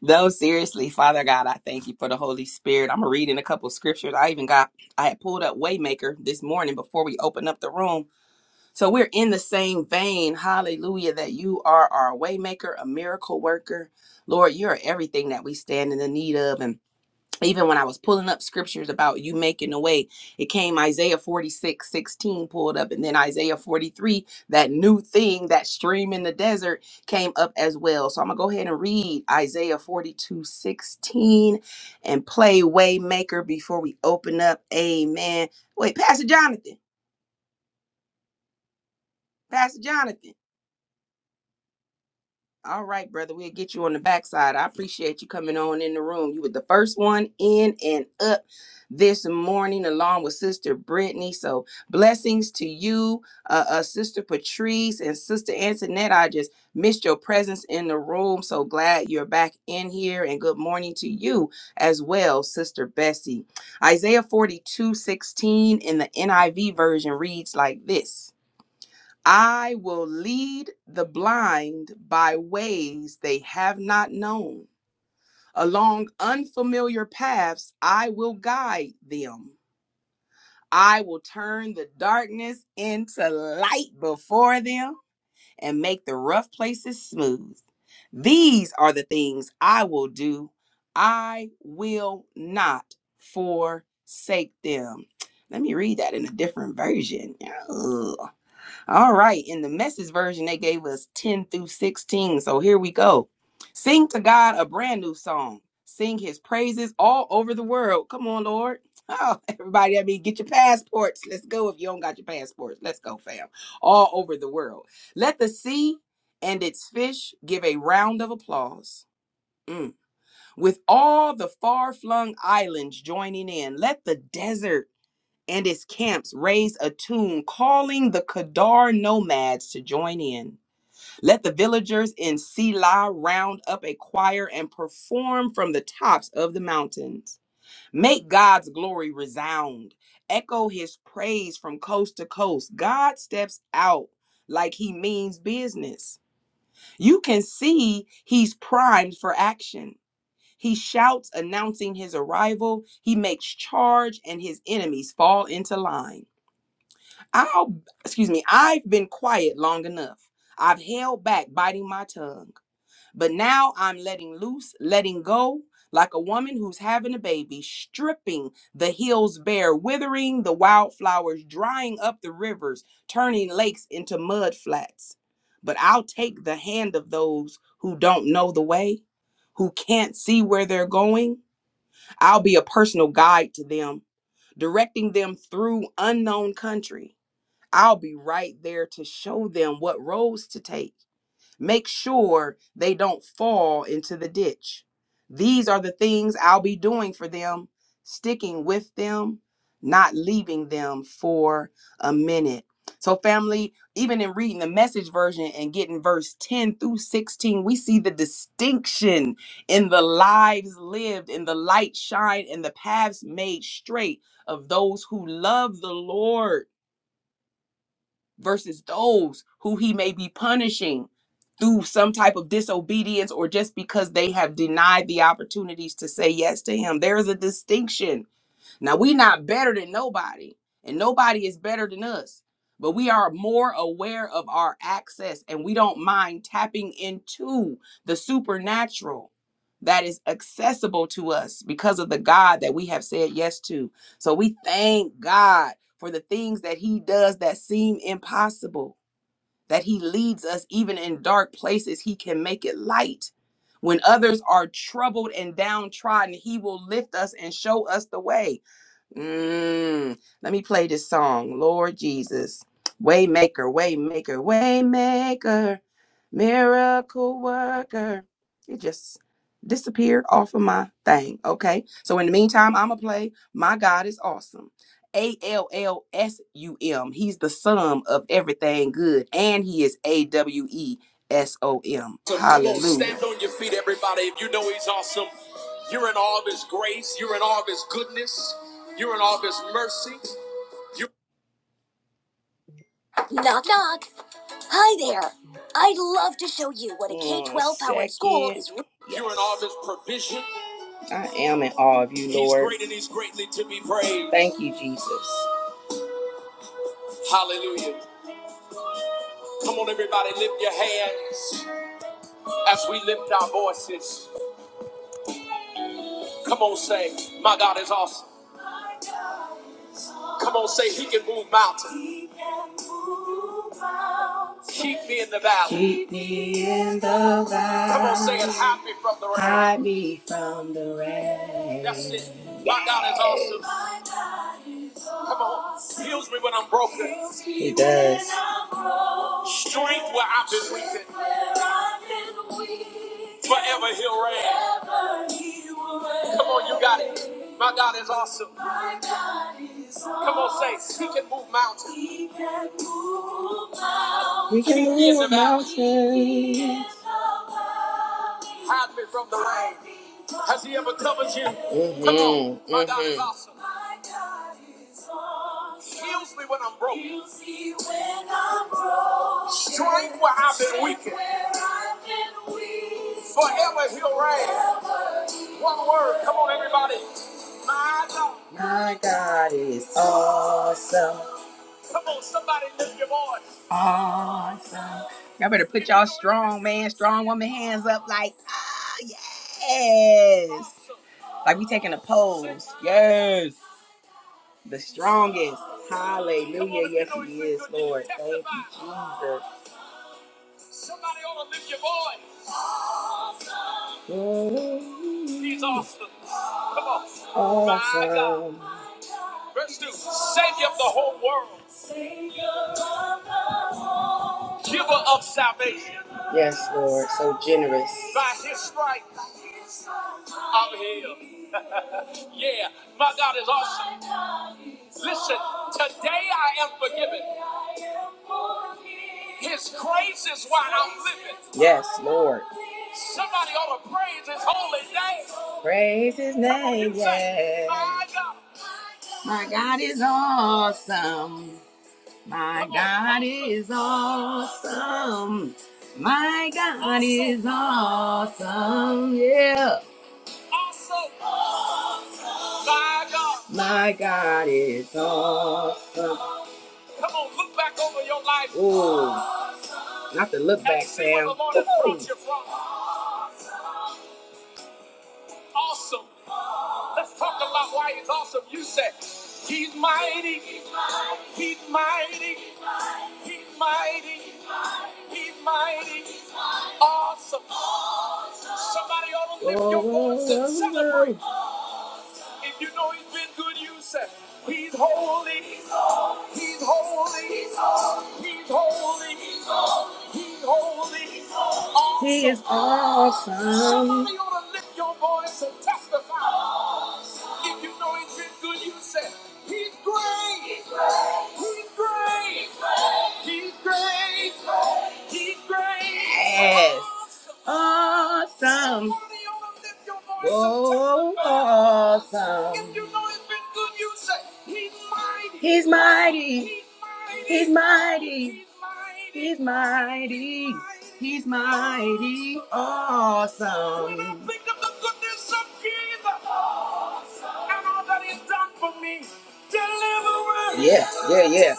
Speaker 1: No, seriously, Father God, I thank you for the Holy Spirit. I'm reading a couple scriptures. I even got, I had pulled up Waymaker this morning before we opened up the room. So we're in the same vein, hallelujah, that you are our Waymaker, a miracle worker. Lord, you're everything that we stand in the need of. And even when I was pulling up scriptures about you making a way, it came Isaiah 46 16 pulled up, and then Isaiah 43, that new thing, that stream in the desert came up as well. So I'm gonna go ahead and read Isaiah 42 16, and play Waymaker before we open up. Amen. Wait, Pastor Jonathan, Pastor Jonathan. All right, brother. We'll get you on the backside. I appreciate you coming on in the room. You were the first one in and up this morning, along with Sister Brittany. So blessings to you, uh, uh, Sister Patrice and Sister Antoinette. I just missed your presence in the room. So glad you're back in here. And good morning to you as well, Sister Bessie. Isaiah 42:16 in the NIV version reads like this. I will lead the blind by ways they have not known. Along unfamiliar paths, I will guide them. I will turn the darkness into light before them and make the rough places smooth. These are the things I will do. I will not forsake them. Let me read that in a different version. Ugh, all right. In the message version, they gave us 10 through 16. So here we go. Sing to God a brand new song. Sing his praises all over the world. Come on, Lord. Oh, everybody, I mean, get your passports. Let's go if you don't got your passports. Let's go, fam. All over the world. Let the sea and its fish give a round of applause. Mm. With all the far flung islands joining in, let the desert and its camps raise a tune calling the Kadar nomads to join in. Let the villagers in Sela round up a choir and perform from the tops of the mountains. Make God's glory resound. Echo his praise from coast to coast. God steps out like he means business. You can see he's primed for action. He shouts announcing his arrival. He makes charge and his enemies fall into line. I'll excuse me, I've been quiet long enough. I've held back biting my tongue. But now I'm letting loose, letting go, like a woman who's having a baby, stripping the hills bare, withering the wildflowers, drying up the rivers, turning lakes into mud flats. But I'll take the hand of those who don't know the way, who can't see where they're going. I'll be a personal guide to them, directing them through unknown country I'll be right there to show them what roads to take. Make sure they don't fall into the ditch. These are the things I'll be doing for them, sticking with them, not leaving them for a minute. So, family, even in reading the message version and getting verse 10 through 16, we see the distinction in the lives lived, in the light shine, and the paths made straight of those who love the Lord versus those who he may be punishing through some type of disobedience or just because they have denied the opportunities to say yes to him. There is a distinction now we not better than nobody, and nobody is better than us, but we are more aware of our access and we don't mind tapping into the supernatural that is accessible to us because of the God that we have said yes to. So we thank God for the things that he does that seem impossible. That he leads us even in dark places, he can make it light. When others are troubled and downtrodden, he will lift us and show us the way Mm, let me play this song, Lord Jesus. Waymaker, waymaker, waymaker, miracle worker. It just disappeared off of my thing. Okay. So in the meantime, I'm going to play My God is Awesome. A L L S U M. He's the sum of everything good, and he is A W E S O M. So come on, Hallelujah. stand on your feet, everybody. If you know he's awesome, you're in all of his grace, you're in all of his goodness. You're in all this mercy. You knock knock. Hi there. I'd love to show you what a K twelve powered school is. You're in all this provision. I am in awe of you, Lord. He's great and he's greatly to be praised. Thank you, Jesus. Hallelujah. Come on, everybody, lift your hands as we lift our voices. Come on, say, My God is awesome. Come on, say he can move mountains. Keep me in the valley. Keep me in the valley. Come on, say it. Hide me from the rain. Hide me from the rain. That's it. My God is awesome. My God is awesome. Come on. awesome. Heals me when I'm broken. He does. Strength where I've been weakened. where I've been Forever he'll reign. Come on, you got it. My God is awesome. My God is Come on, say, He can move mountains. He can move mountains. He can Keep me in the move valley. Keep me in the mountains. valley. Hide me from the rain. Has He ever covered you? Come on, Mm-hmm. my God is Mm-hmm. awesome. My God is awesome. Heals me when I'm broke. Heals me when I'm broke. Strength where I've been weakened. Strength where I've been weakened. Forever He'll reign. One word. Come on, everybody. My God. My God is awesome. Come on, somebody lift your voice. Awesome. Y'all better put y'all strong man, strong woman hands up like, ah, yes. Like we taking a pose. Yes. The strongest. Hallelujah. Yes, he is, Lord. Thank you, Jesus. Somebody ought to lift your voice. He's awesome. Come on. Awesome. Verse 2 Savior of the whole world, giver of salvation. Yes, Lord, so generous. By his stripes, I'm healed. yeah, my God is awesome. Listen, today I am forgiven. His grace is why I'm living. Yes, Lord. Somebody ought to praise his holy name. Praise his Come on, name, yes. say, yes. My God. My God is awesome. My God is awesome. My God is awesome. Yeah. Awesome. My God. My God is awesome. Come on, look back over your life. Ooh, not to look back, Sam. Where Sam. the Lord has brought you from. Awesome. Let's talk about why he's awesome. You said, He's mighty. He's mighty. He's mighty. He's mighty. Awesome. Somebody ought to lift your voice and celebrate. If you know he's been good, you say, He's holy, he's holy, he's holy, he's holy, he's holy, he's awesome. He is awesome. awesome. Somebody ought to lift your voice and testify. If you know he's been good, you say, He's great, he's great, he's great, he's great, Yes. Awesome. Oh, awesome. He's mighty. He's mighty. He's mighty. He's mighty. Awesome. When I think of the goodness of Jesus and all that he's done for me, deliver. Yeah, yeah, yeah.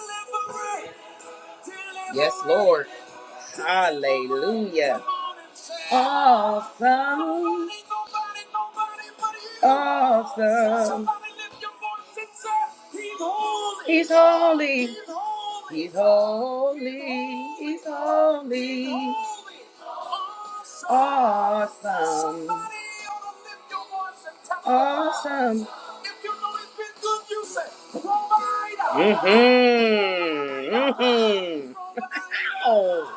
Speaker 1: Yes, Lord. Hallelujah. Awesome. Awesome. He's holy. He's holy. He's holy. Awesome. Awesome. Mm-hmm. Mm-hmm. Oh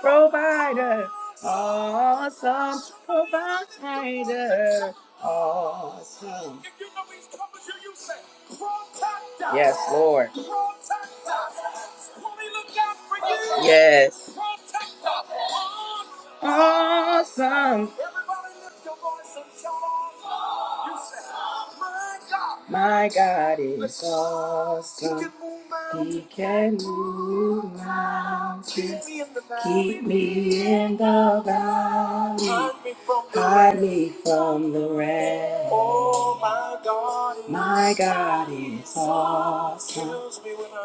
Speaker 1: provider, awesome provider, awesome. If you know he's coming to you, say, protect us. Yes, Lord. Protect us. When we look out for you, Yes. Protect us awesome. My God is awesome. He can move mountains. Keep me in the valley. Hide me from the rain. My God is awesome.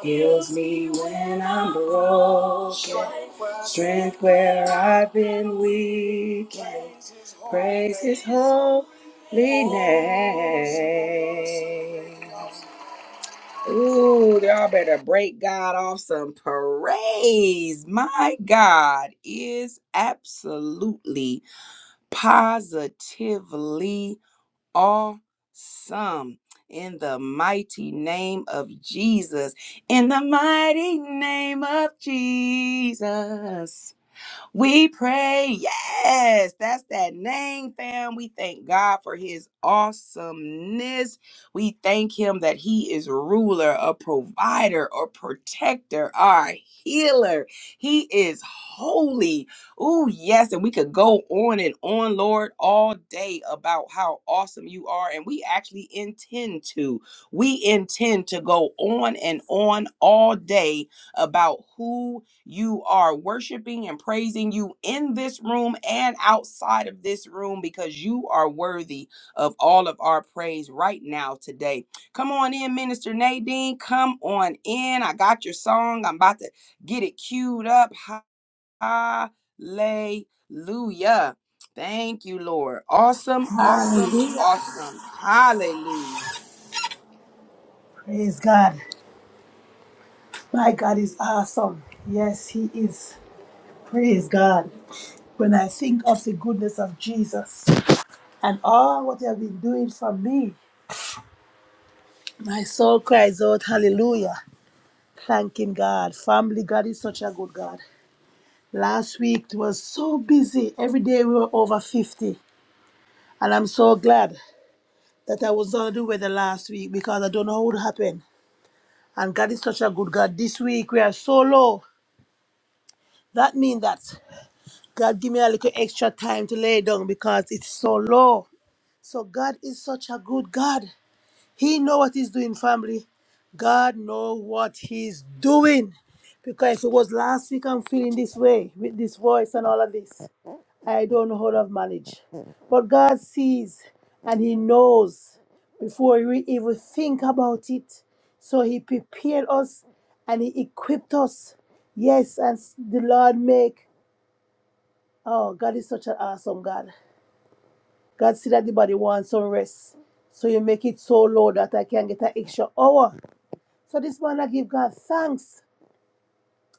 Speaker 1: Heals me when I'm broken. Strength where I've been weak. Praise His holy name. Ooh, y'all better break God off some praise. My God is absolutely, positively awesome in the mighty name of Jesus. In the mighty name of Jesus. We pray. Yes, that's that name, fam. We thank God for his awesomeness. We thank him that he is ruler, a provider, a protector, our healer. He is holy. Oh, yes. And we could go on and on, Lord, all day about how awesome you are. And we actually intend to. We intend to go on and on all day about who you are worshiping and praising you in this room and outside of this room because you are worthy of all of our praise right now today. Come on in, Minister Nadine. Come on in. I got your song. I'm about to get it queued up. Hallelujah. Thank you, Lord. Awesome, awesome,
Speaker 3: Hallelujah.
Speaker 1: awesome. Hallelujah.
Speaker 3: Praise God. My God is awesome. Yes, He is. Praise God. When I think of the goodness of Jesus and all what He has been doing for me, my soul cries out, Hallelujah. Thanking God. Family, God is such a good God. Last week it was so busy. Every day we were over 50. And I'm so glad that I was not on the weather last week because I don't know what would happen. And God is such a good God. This week we are so low. That means that God, give me a little extra time to lay down because it's so low. So God is such a good God. He know what He's doing, family. God know what He's doing. Because if it was last week I'm feeling this way with this voice and all of this. I don't know how to manage. But God sees and He knows before we even think about it. So He prepared us and He equipped us. Yes, and the Lord make Oh, God is such an awesome God. God see that the body wants some rest. So you make it so low that I can get an extra hour. So this man I give God thanks.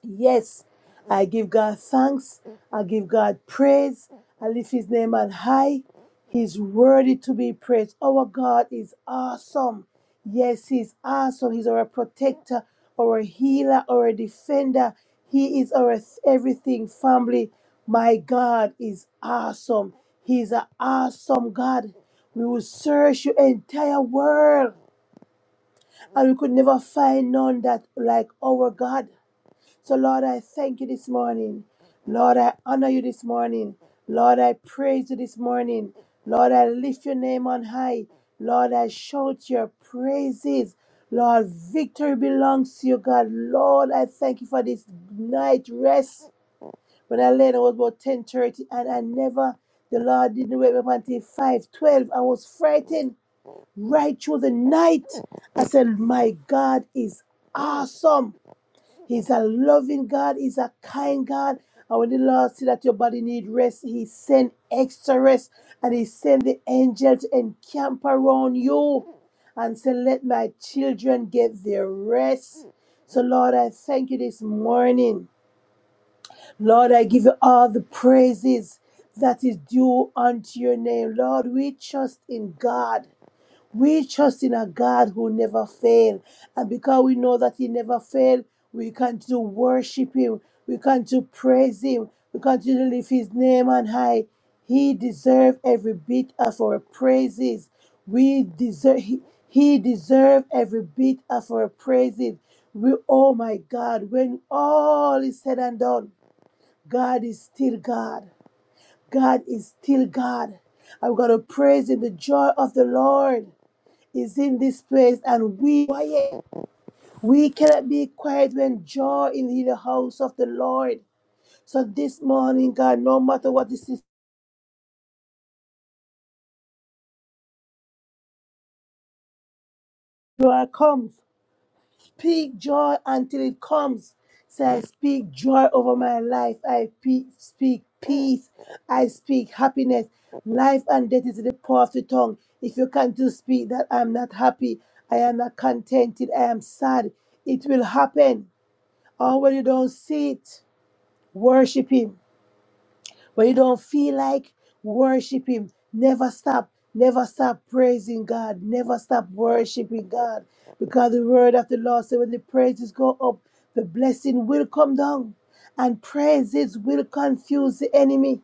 Speaker 3: Yes, I give God thanks. I give God praise. I lift his name on high. He's worthy to be praised. Our God is awesome. Yes, he's awesome. He's our protector, our healer, our defender. He is our everything, family. My God is awesome. He's an awesome God. We will search your entire world and we could never find none that like our God. So, Lord, I thank you this morning. Lord, I honor you this morning. Lord, I praise you this morning. Lord, I lift your name on high. Lord, I shout your praises. Lord, victory belongs to you, God. Lord, I thank you for this night rest. When I laid, I was about 10.30 and I never, the Lord didn't wake me up until 5.12. I was frightened right through the night. I said, my God is awesome. He's a loving God. He's a kind God. And when the Lord see that your body need rest, He send extra rest, and He send the angels and camp around you, and say, "Let my children get their rest." So, Lord, I thank you this morning. Lord, I give you all the praises that is due unto your name. Lord, we trust in God. We trust in a God who never fails. And because we know that He never fails, we can to worship Him. We can to praise Him. We can to lift His name on high. He deserves every bit of our praises. We deserve He, he deserves every bit of our praises. We oh my God, when all is said and done, God is still God. God is still God. I'm gonna praise Him the joy of the Lord is in this place and we quiet. We cannot be quiet when joy is in the house of the Lord. So this morning, God, no matter what the situation comes, speak joy until it comes. So I speak joy over my life. I pe- speak peace. I speak happiness. Life and death is in the power of the tongue. If you can't do speak that I am not happy, I am not contented, I am sad, it will happen. Or when you don't see it, worship Him When you don't feel like worship Him, never stop. Never stop praising God. Never stop worshiping God. Because the word of the Lord says when the praises go up, the blessing will come down. And praises will confuse the enemy.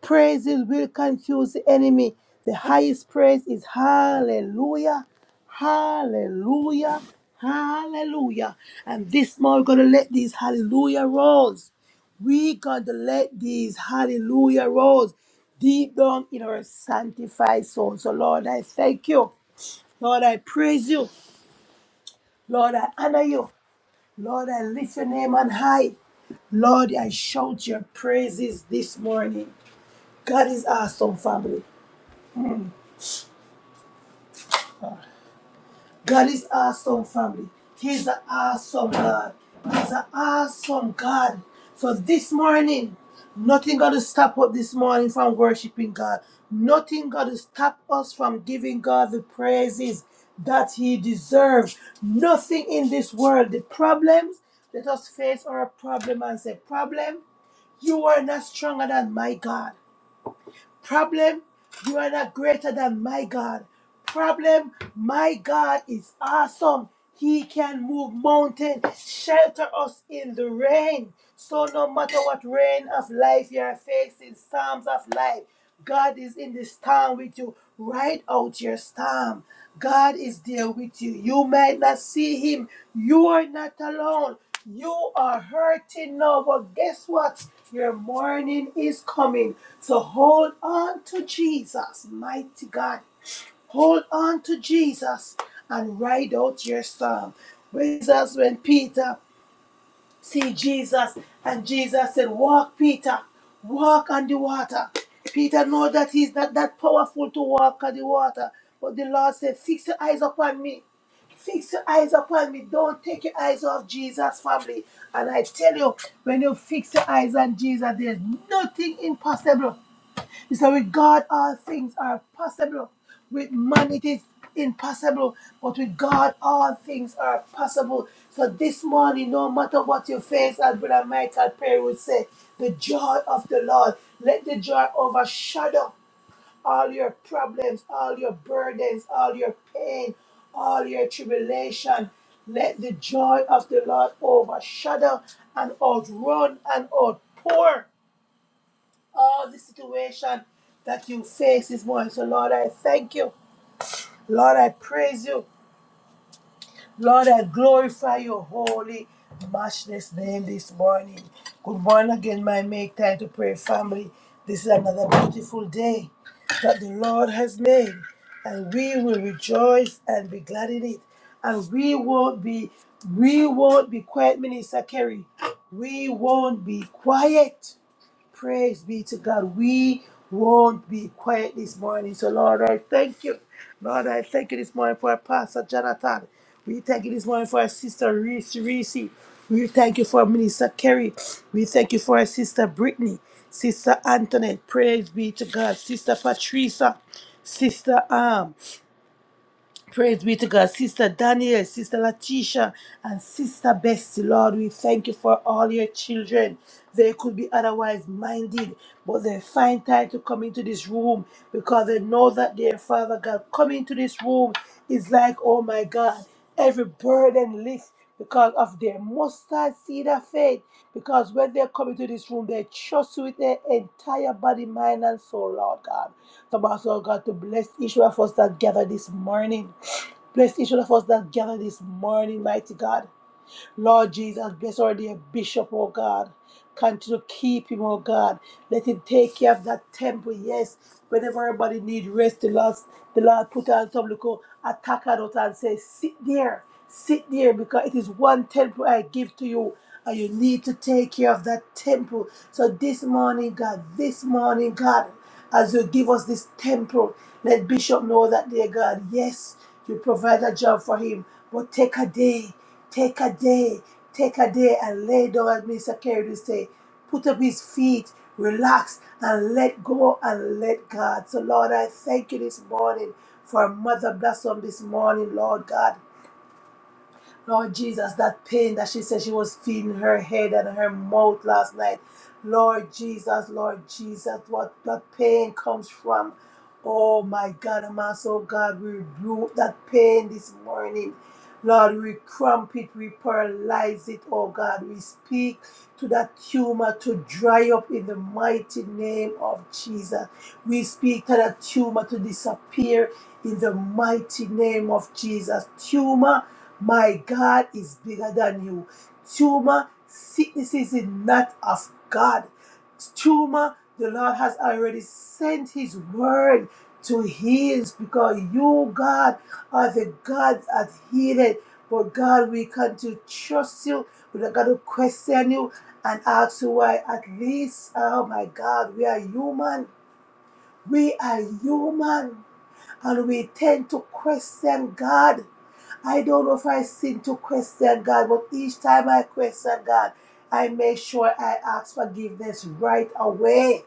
Speaker 3: Praises will confuse the enemy. The highest praise is hallelujah, hallelujah, hallelujah. And this morning, we're going to let these hallelujah rolls. We're going to let these hallelujah rolls deep down in our sanctified soul. So, Lord, I thank you. Lord, I praise you. Lord, I honor you. Lord, I lift your name on high. Lord, I shout your praises this morning. God is awesome, family. God is awesome, family. He's an awesome God. He's an awesome God. So this morning, nothing gonna stop us this morning from worshiping God. Nothing gonna stop us from giving God the praises that He deserves. Nothing in this world. The problems, let us face our problem and say, problem, you are not stronger than my God. Problem, you are not greater than my God. Problem, my God is awesome. He can move mountains, shelter us in the rain. So no matter what rain of life you are facing, storms of life, God is in this time with you. Write out your storm. God is there with you. You might not see him. You are not alone. You are hurting now, but guess what? Your morning is coming. So hold on to Jesus, mighty God. Hold on to Jesus and ride out your storm. with us, when Peter see Jesus. And Jesus said, Walk, Peter, walk on the water. Peter know that he's not that powerful to walk on the water. But the Lord said, Fix your eyes upon me. Fix your eyes upon me. Don't take your eyes off Jesus, family. And I tell you, when you fix your eyes on Jesus, there's nothing impossible. So with God, all things are possible. With man, it is impossible. But with God, all things are possible. So this morning, no matter what you face, as Brother Michael Perry would say, the joy of the Lord, let the joy overshadow all your problems, all your burdens, all your pain, all your tribulation. Let the joy of the Lord overshadow and outrun and outpour all the situation that you face this morning. So, Lord, I thank you. Lord, I praise you. Lord, I glorify your holy, matchless name this morning. Good morning again, my Make Time to Pray family. This is another beautiful day that the Lord has made, and we will rejoice and be glad in it. And we won't be, we won't be quiet, Minister Kerry. We won't be quiet Praise be to God. We won't be quiet this morning. So, Lord, I thank you. Lord, I thank you this morning for our Pastor Jonathan. We thank you this morning for our sister Reese Reese. We thank you for our Minister Kerry. We thank you for our sister Brittany, sister Antoinette. Praise be to God. Sister Patricia, sister Arm. Praise be to God. Sister Daniel, Sister Latisha, and Sister Bessie, Lord, we thank you for all your children. They could be otherwise minded, but they find time to come into this room because they know that their Father God coming to this room is like, oh my God, every burden lift because of their mustard seed of faith. Because when they come into this room, they trust you with their entire body, mind, and soul, Lord God. So, I ask, Lord God, to bless each one of us that gather this morning. Bless each one of us that gather this morning, mighty God. Lord Jesus, bless already a bishop, oh God. Continue to keep him, oh God. Let him take care of that temple, yes. Whenever everybody needs rest, the Lord, the Lord put on some little attack on and say, sit there, sit there, because it is one temple I give to you. And you need to take care of that temple. So this morning, God, this morning, God, as you give us this temple, let Bishop know that, dear God, yes, you provide a job for him, but take a day. Take a day, take a day and lay down, as Mr. Carey would say. Put up his feet, relax, and let go and let God. So, Lord, I thank you this morning for Mother Blossom this morning, Lord God. Lord Jesus, that pain that she said she was feeling in her head and her mouth last night. Lord Jesus, Lord Jesus, what that pain comes from. Oh my God, I'm so God, we rebuke that pain this morning. Lord, we cramp it, we paralyze it, oh God. We speak to that tumor to dry up in the mighty name of Jesus. We speak to that tumor to disappear in the mighty name of Jesus. Tumor my God is bigger than you. Tumor, sickness is not of God. Tumor, the Lord has already sent his word to heal because you, God, are the God that healed. But God, we come to trust you. We're not going to question you and ask you why. At least, oh my God, we are human. We are human and we tend to question God. I don't know if I sin to question God, but each time I question God, I make sure I ask forgiveness right away.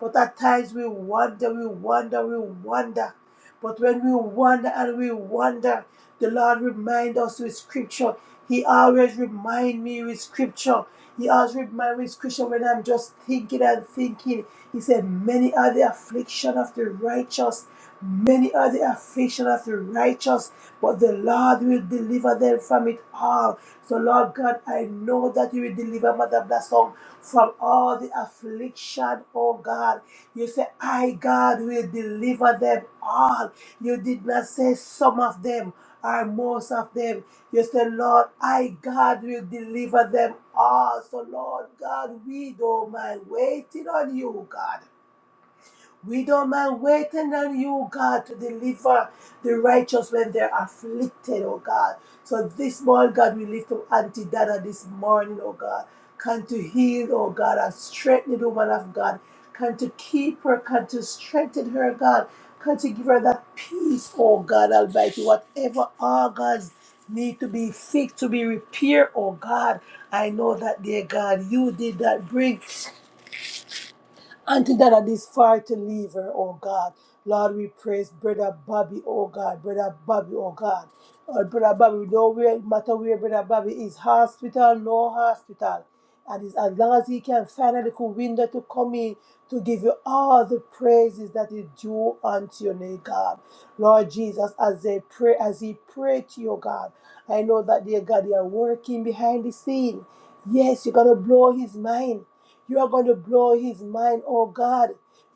Speaker 3: But at times we wonder, we wonder, we wonder. But when we wonder and we wonder, the Lord reminds us with scripture. He always reminds me with scripture. He always reminds me with scripture when I'm just thinking and thinking. He said, Many are the affliction of the righteous. Many are the affliction of the righteous, but the Lord will deliver them from it all. So, Lord God, I know that you will deliver Mother Blessed from all the affliction, oh God. You say, I, God, will deliver them all. You did not say some of them or most of them. You say, Lord, I, God, will deliver them all. So, Lord God, we don't mind waiting on you, God. We don't mind waiting on you, God, to deliver the righteous when they're afflicted, oh God. So this morning, God, we lift up Auntie Dada this morning, oh God. Come to heal, oh God, and strengthen the woman of God. Come to keep her, come to strengthen her, God. Come to give her that peace, oh God Almighty. Whatever organs need to be fixed, to be repaired, oh God. I know that, dear God, you did that. Bring Auntie Dada this far to leave her, oh God. Lord, we praise Brother Bobby, oh God. Brother Bobby, oh God. Lord, Brother Bobby, we don't where- matter where Brother Bobby is, hospital, no hospital. And it's as long as he can find a little window to come in to give you all the praises that is due unto your name, God. Lord Jesus, as they pray, as he prayed to your God, I know that dear God, you are working behind the scene. Yes, you're gonna blow his mind. You are going to blow his mind, oh God.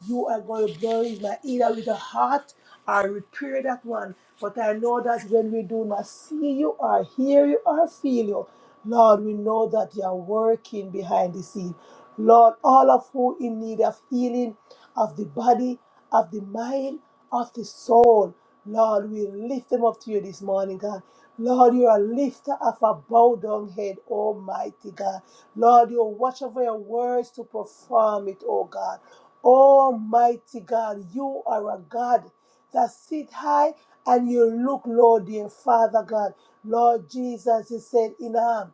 Speaker 3: You are going to blow his mind either with a heart or repair that one. But I know that when we do not see you or hear you or feel you, Lord, we know that you are working behind the scene. Lord, all of who in need of healing of the body, of the mind, of the soul, Lord, we lift them up to you this morning, God. Lord, you are a lifter of a bowed down head, Almighty God. Lord, you watch over your words to perform it, oh God. Almighty God, you are a God that sit high and you look low, dear Father God. Lord Jesus, He said in all.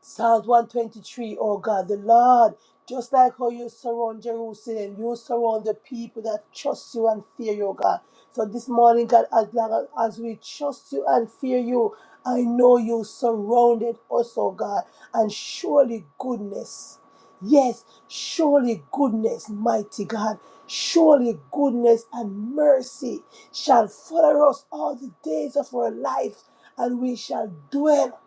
Speaker 3: Psalms one twenty three, O God, the Lord, just like how you surround Jerusalem, you surround the people that trust you and fear you, oh God. So this morning, God, as long as we trust you and fear you, I know you surrounded us, oh God, and surely goodness. Yes, surely goodness, mighty God. Surely goodness and mercy shall follow us all the days of our life, and we shall dwell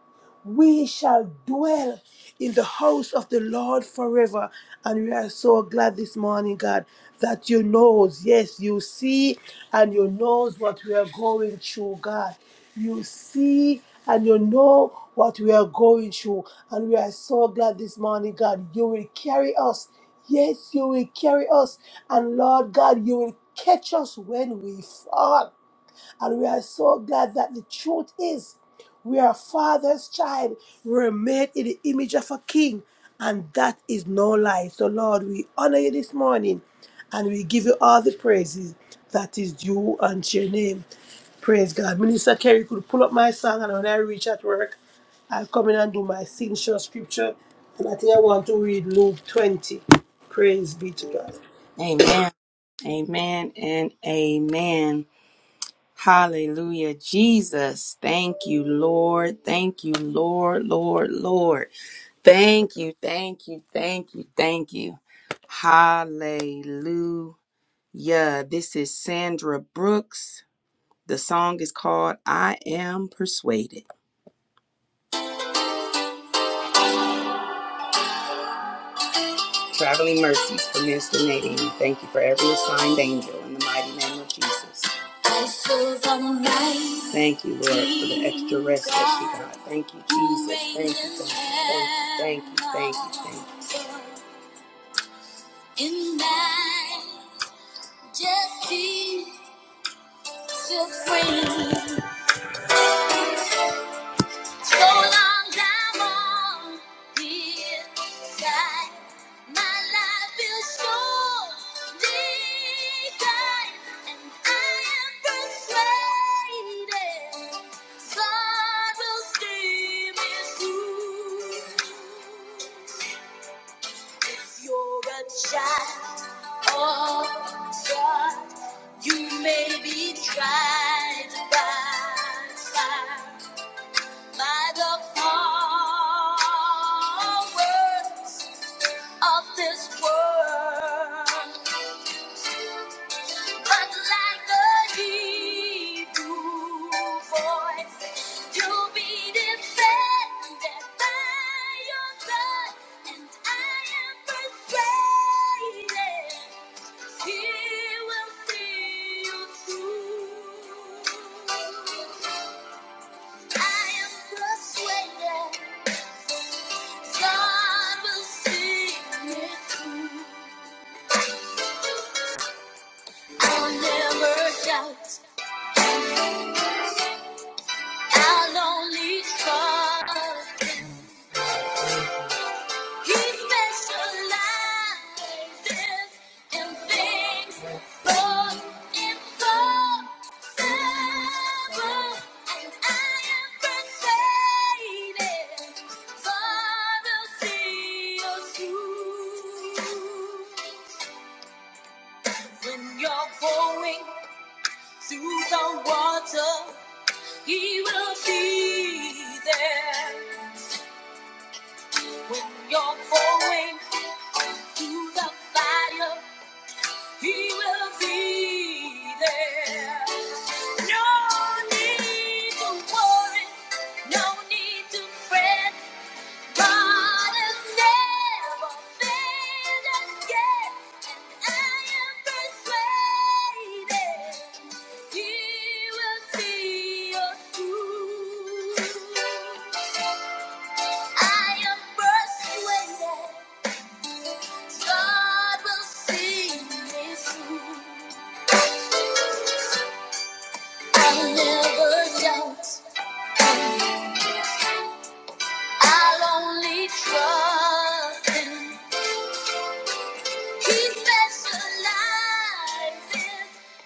Speaker 3: we shall dwell in the house of the Lord forever. And we are so glad this morning, God, that you knows, yes, you see and you knows what we are going through, God. You see and you know what we are going through. And we are so glad this morning, God, you will carry us. Yes, you will carry us. And Lord God, you will catch us when we fall. And we are so glad that the truth is we are Father's child. We're made in the image of a king, and that is no lie. So, Lord, we honor you this morning and we give you all the praises that is due unto your name. Praise God. Minister Kerry could pull up my song, and when I reach at work, I'll come in and do my signature scripture. And I think I want to read Luke 20. Praise be to God.
Speaker 1: Amen. Amen and amen. Hallelujah. Jesus, thank you, Lord. Thank you, Lord, Lord, Lord. Thank you, thank you, thank you, thank you. Hallelujah. This is Sandra Brooks. The song is called I Am Persuaded. Traveling mercies for Minister Nadine. Thank you for every assigned angel in the mighty name of Jesus. Thank you, Lord, for the extra rest that she got. Thank you, Jesus. Thank you, thank you, thank you, thank you, thank you. Thank you. So long time on the inside. My life is short lived, and I am persuaded God will see me through. If you're a child of God, you may be tried by fire by the powers of this world. But like the Hebrew voice, you'll be defended by your blood, and I am persuaded He will see you through. I am persuaded. God will see me through. I'll never doubt. I'll only trust. He specializes in things both impossible, and I am persuaded God will see us through. When you're going Through the water, he will be there. You're going through the fire, he will be there. No need to worry, no need to fret. God has never failed us yet. I'll only trust him. He specializes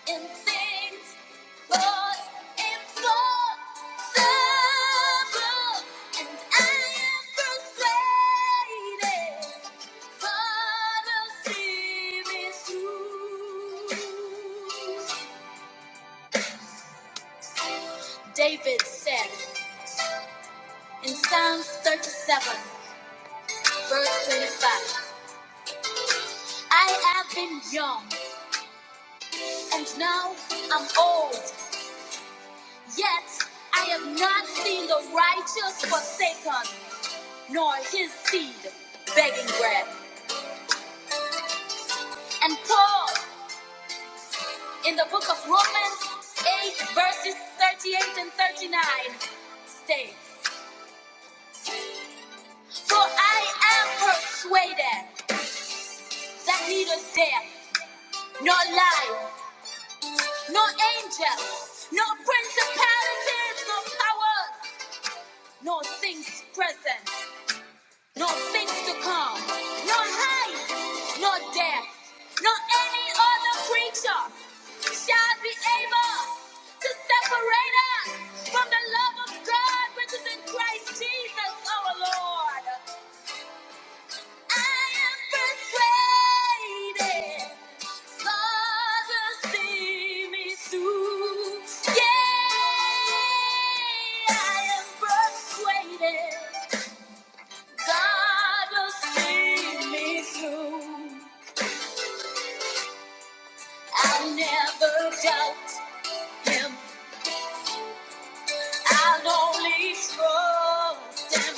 Speaker 1: in things David said in Psalms 37, verse 25, I have been young and now I'm old, yet I have not seen the righteous forsaken, nor his seed begging bread. And Paul, in the book of Romans 8, verses 38 and 39, states For I am persuaded that neither death, nor life, nor angels, nor principalities, nor powers, nor things present. No things to come, no height, no death, no any other creature shall be able to separate us from the love of God which is in Christ Jesus our Lord. I am persuaded God will see me through. Yeah, I am persuaded. God will see me through. I'll never doubt Him. I'll only trust Him.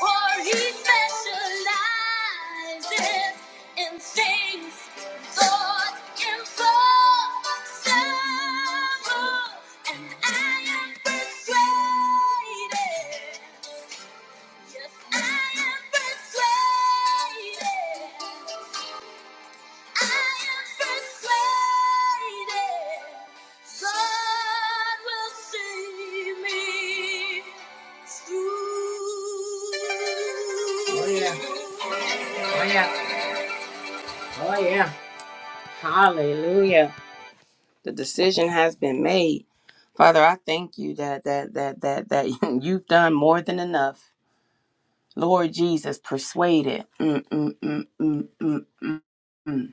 Speaker 1: For He specializes in things thought impossible. And I am persuaded. Yes, I am persuaded. I am persuaded. Hallelujah. Hallelujah. The decision has been made. Father, I thank you that that that that that you've done more than enough. Lord Jesus, persuaded. Mm, mm, mm, mm, mm, mm, mm.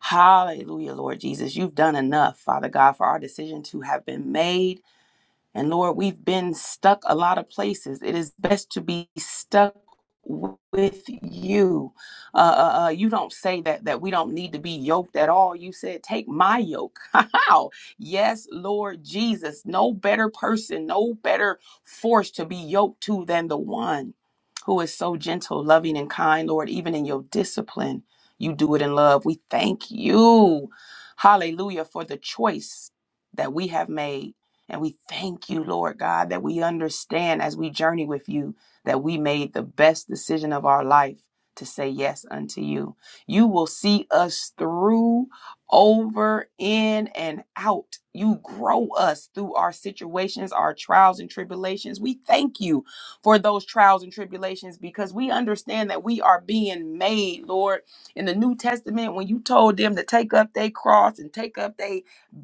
Speaker 1: Hallelujah, Lord Jesus. You've done enough, Father God, for our decision to have been made And Lord, we've been stuck a lot of places. It is best to be stuck with you. Uh, uh, uh, you don't say that that we don't need to be yoked at all. You said, "Take my yoke." How? yes, Lord Jesus. No better person, no better force to be yoked to than the one who is so gentle, loving, and kind. Lord, even in your discipline, you do it in love. We thank you, Hallelujah, for the choice that we have made and we thank you, Lord God, that we understand as we journey with you that we made the best decision of our life to say yes unto you. You will see us through, over, in, and out. You grow us through our situations, our trials and tribulations. We thank you for those trials and tribulations because we understand that we are being made, Lord. In the New Testament, when you told them to take up their cross and take up their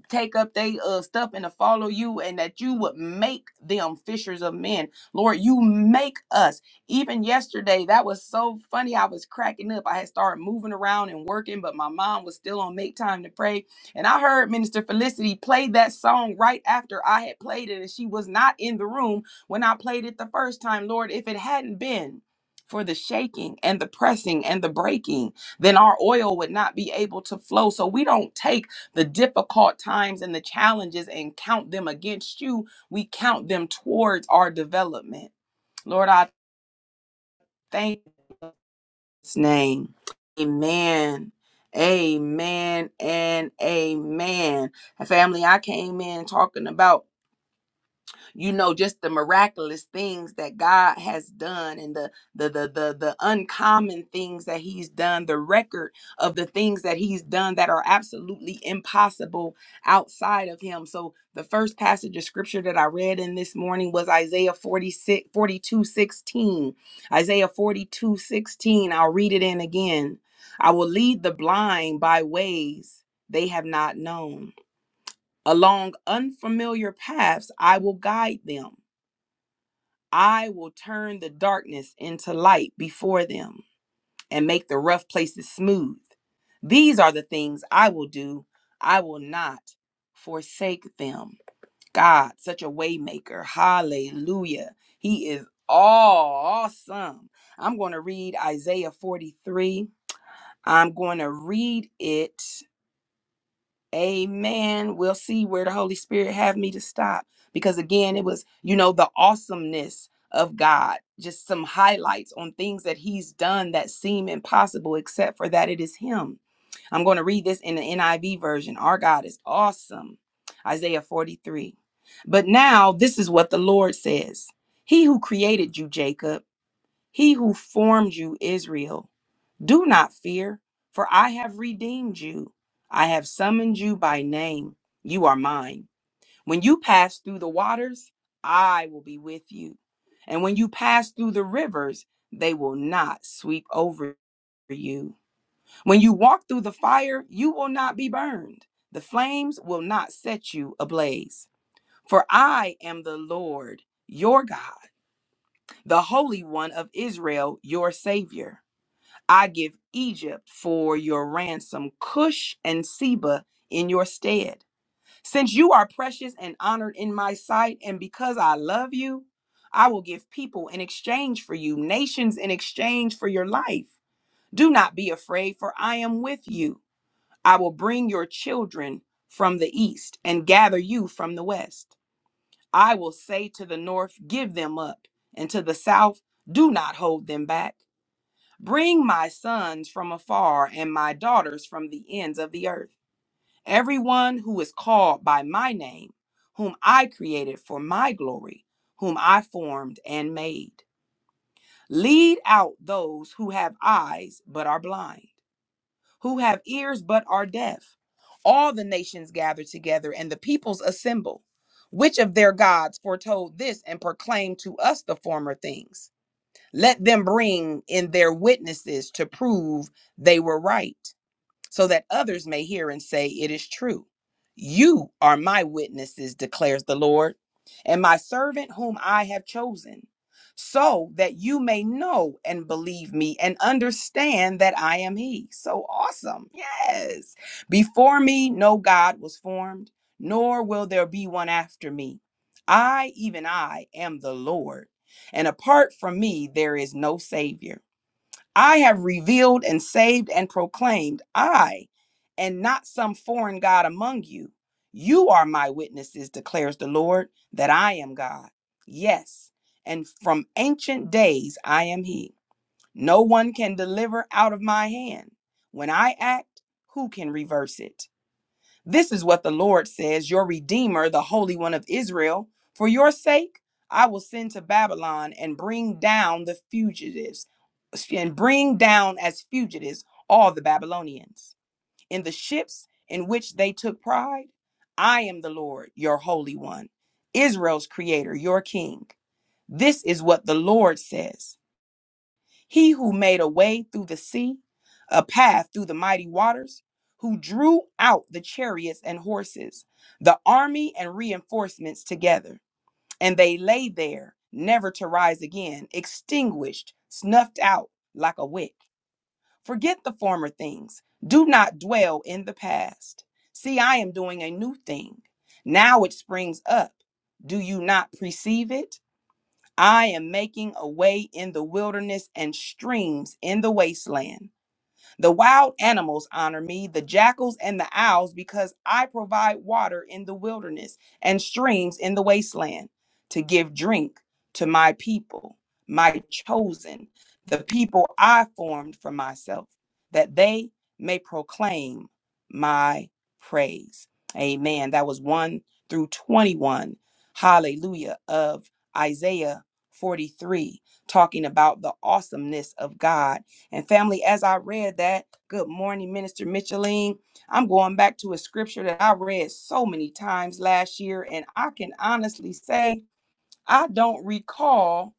Speaker 1: take up they uh, stuff and to follow you and that you would make them fishers of men lord you make us even yesterday that was so funny i was cracking up i had started moving around and working but my mom was still on make time to pray and i heard minister felicity play that song right after i had played it and she was not in the room when i played it the first time lord if it hadn't been for the shaking and the pressing and the breaking then our oil would not be able to flow so we don't take the difficult times and the challenges and count them against you. We count them towards our development. Lord, I thank you in His name. Amen. Amen and amen. Family, I came in talking about you know just the miraculous things that God has done and the the the the, the uncommon things that he's done the record of the things that he's done that are absolutely impossible outside of him so the first passage of scripture that I read in this morning was Isaiah 46 42 16. Isaiah forty I'll read it in again I will lead the blind by ways they have not known along unfamiliar paths I will guide them I will turn the darkness into light before them and make the rough places smooth. These are the things I will do. I will not forsake them. God, such a waymaker. Hallelujah. He is awesome. I'm going to read Isaiah 43. I'm going to read it. Amen. We'll see where the Holy Spirit have me to stop. Because again, it was, you know, the awesomeness of God, just some highlights on things that He's done that seem impossible, except for that it is Him. I'm going to read this in the NIV version. Our God is awesome. Isaiah 43. But now this is what the Lord says He who created you, Jacob, He who formed you, Israel. Do not fear, for I have redeemed you. I have summoned you by name. You are mine. When you pass through the waters, I will be with you. And when you pass through the rivers, they will not sweep over you. When you walk through the fire, you will not be burned. The flames will not set you ablaze. For I am the Lord, your God, the Holy One of Israel, your Savior. I give Egypt for your ransom, Cush and Seba in your stead. Since you are precious and honored in my sight, and because I love you, I will give people in exchange for you, nations in exchange for your life. Do not be afraid, for I am with you. I will bring your children from the east and gather you from the west. I will say to the north, Give them up, and to the south, Do not hold them back. Bring my sons from afar and my daughters from the ends of the earth. Everyone who is called by my name, whom I created for my glory, whom I formed and made. Lead out those who have eyes but are blind, who have ears but are deaf. All the nations gather together and the peoples assemble. Which of their gods foretold this and proclaimed to us the former things? Let them bring in their witnesses to prove they were right so that others may hear and say, It is true. You are my witnesses, declares the Lord, and my servant whom I have chosen, so that you may know and believe me and understand that I am He. So awesome. Yes. Before me, no God was formed, nor will there be one after me. I, even I, am the Lord, and apart from me, there is no Savior. I have revealed and saved and proclaimed, I, and not some foreign God among you. You are my witnesses, declares the Lord, that I am God. Yes, and from ancient days I am He. No one can deliver out of my hand. When I act, who can reverse it? This is what the Lord says, your Redeemer, the Holy One of Israel. For your sake, I will send to Babylon and bring down the fugitives, and bring down as fugitives all the Babylonians. In the ships in which they took pride, I am the Lord, your Holy One, Israel's Creator, your King. This is what the Lord says. He who made a way through the sea, a path through the mighty waters, who drew out the chariots and horses, the army and reinforcements together. And they lay there, never to rise again, extinguished, snuffed out like a wick. Forget the former things. Do not dwell in the past. See, I am doing a new thing. Now it springs up. Do you not perceive it? I am making a way in the wilderness and streams in the wasteland. The wild animals honor me, the jackals and the owls, because I provide water in the wilderness and streams in the wasteland to give drink to my people, my chosen, the people I formed for myself, that they may proclaim my praise. Amen. That was 1 through 21. Hallelujah. Of Isaiah 43, talking about the awesomeness of God and family, as I read that, good morning, Minister Micheline. I'm going back to a scripture that I read so many times last year, and I can honestly say I don't recall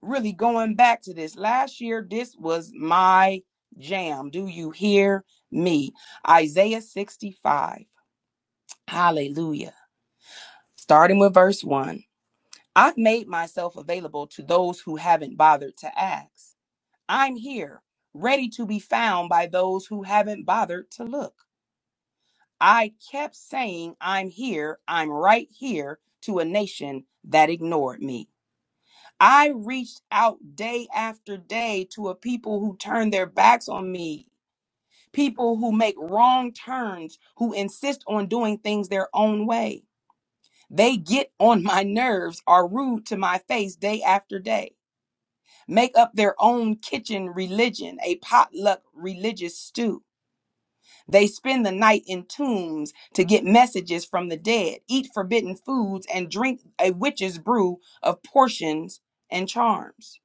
Speaker 1: really going back to this. Last year, this was my jam. Do you hear me? Isaiah 65. Hallelujah. Starting with verse 1. I've made myself available to those who haven't bothered to ask. I'm here, ready to be found by those who haven't bothered to look. I kept saying, I'm here, I'm right here to a nation that ignored me. I reached out day after day to a people who turned their backs on me, people who make wrong turns, who insist on doing things their own way. They get on my nerves, are rude to my face day after day, make up their own kitchen religion, a potluck religious stew They spend the night in tombs to get messages from the dead, eat forbidden foods, and drink a witch's brew of portions and charms.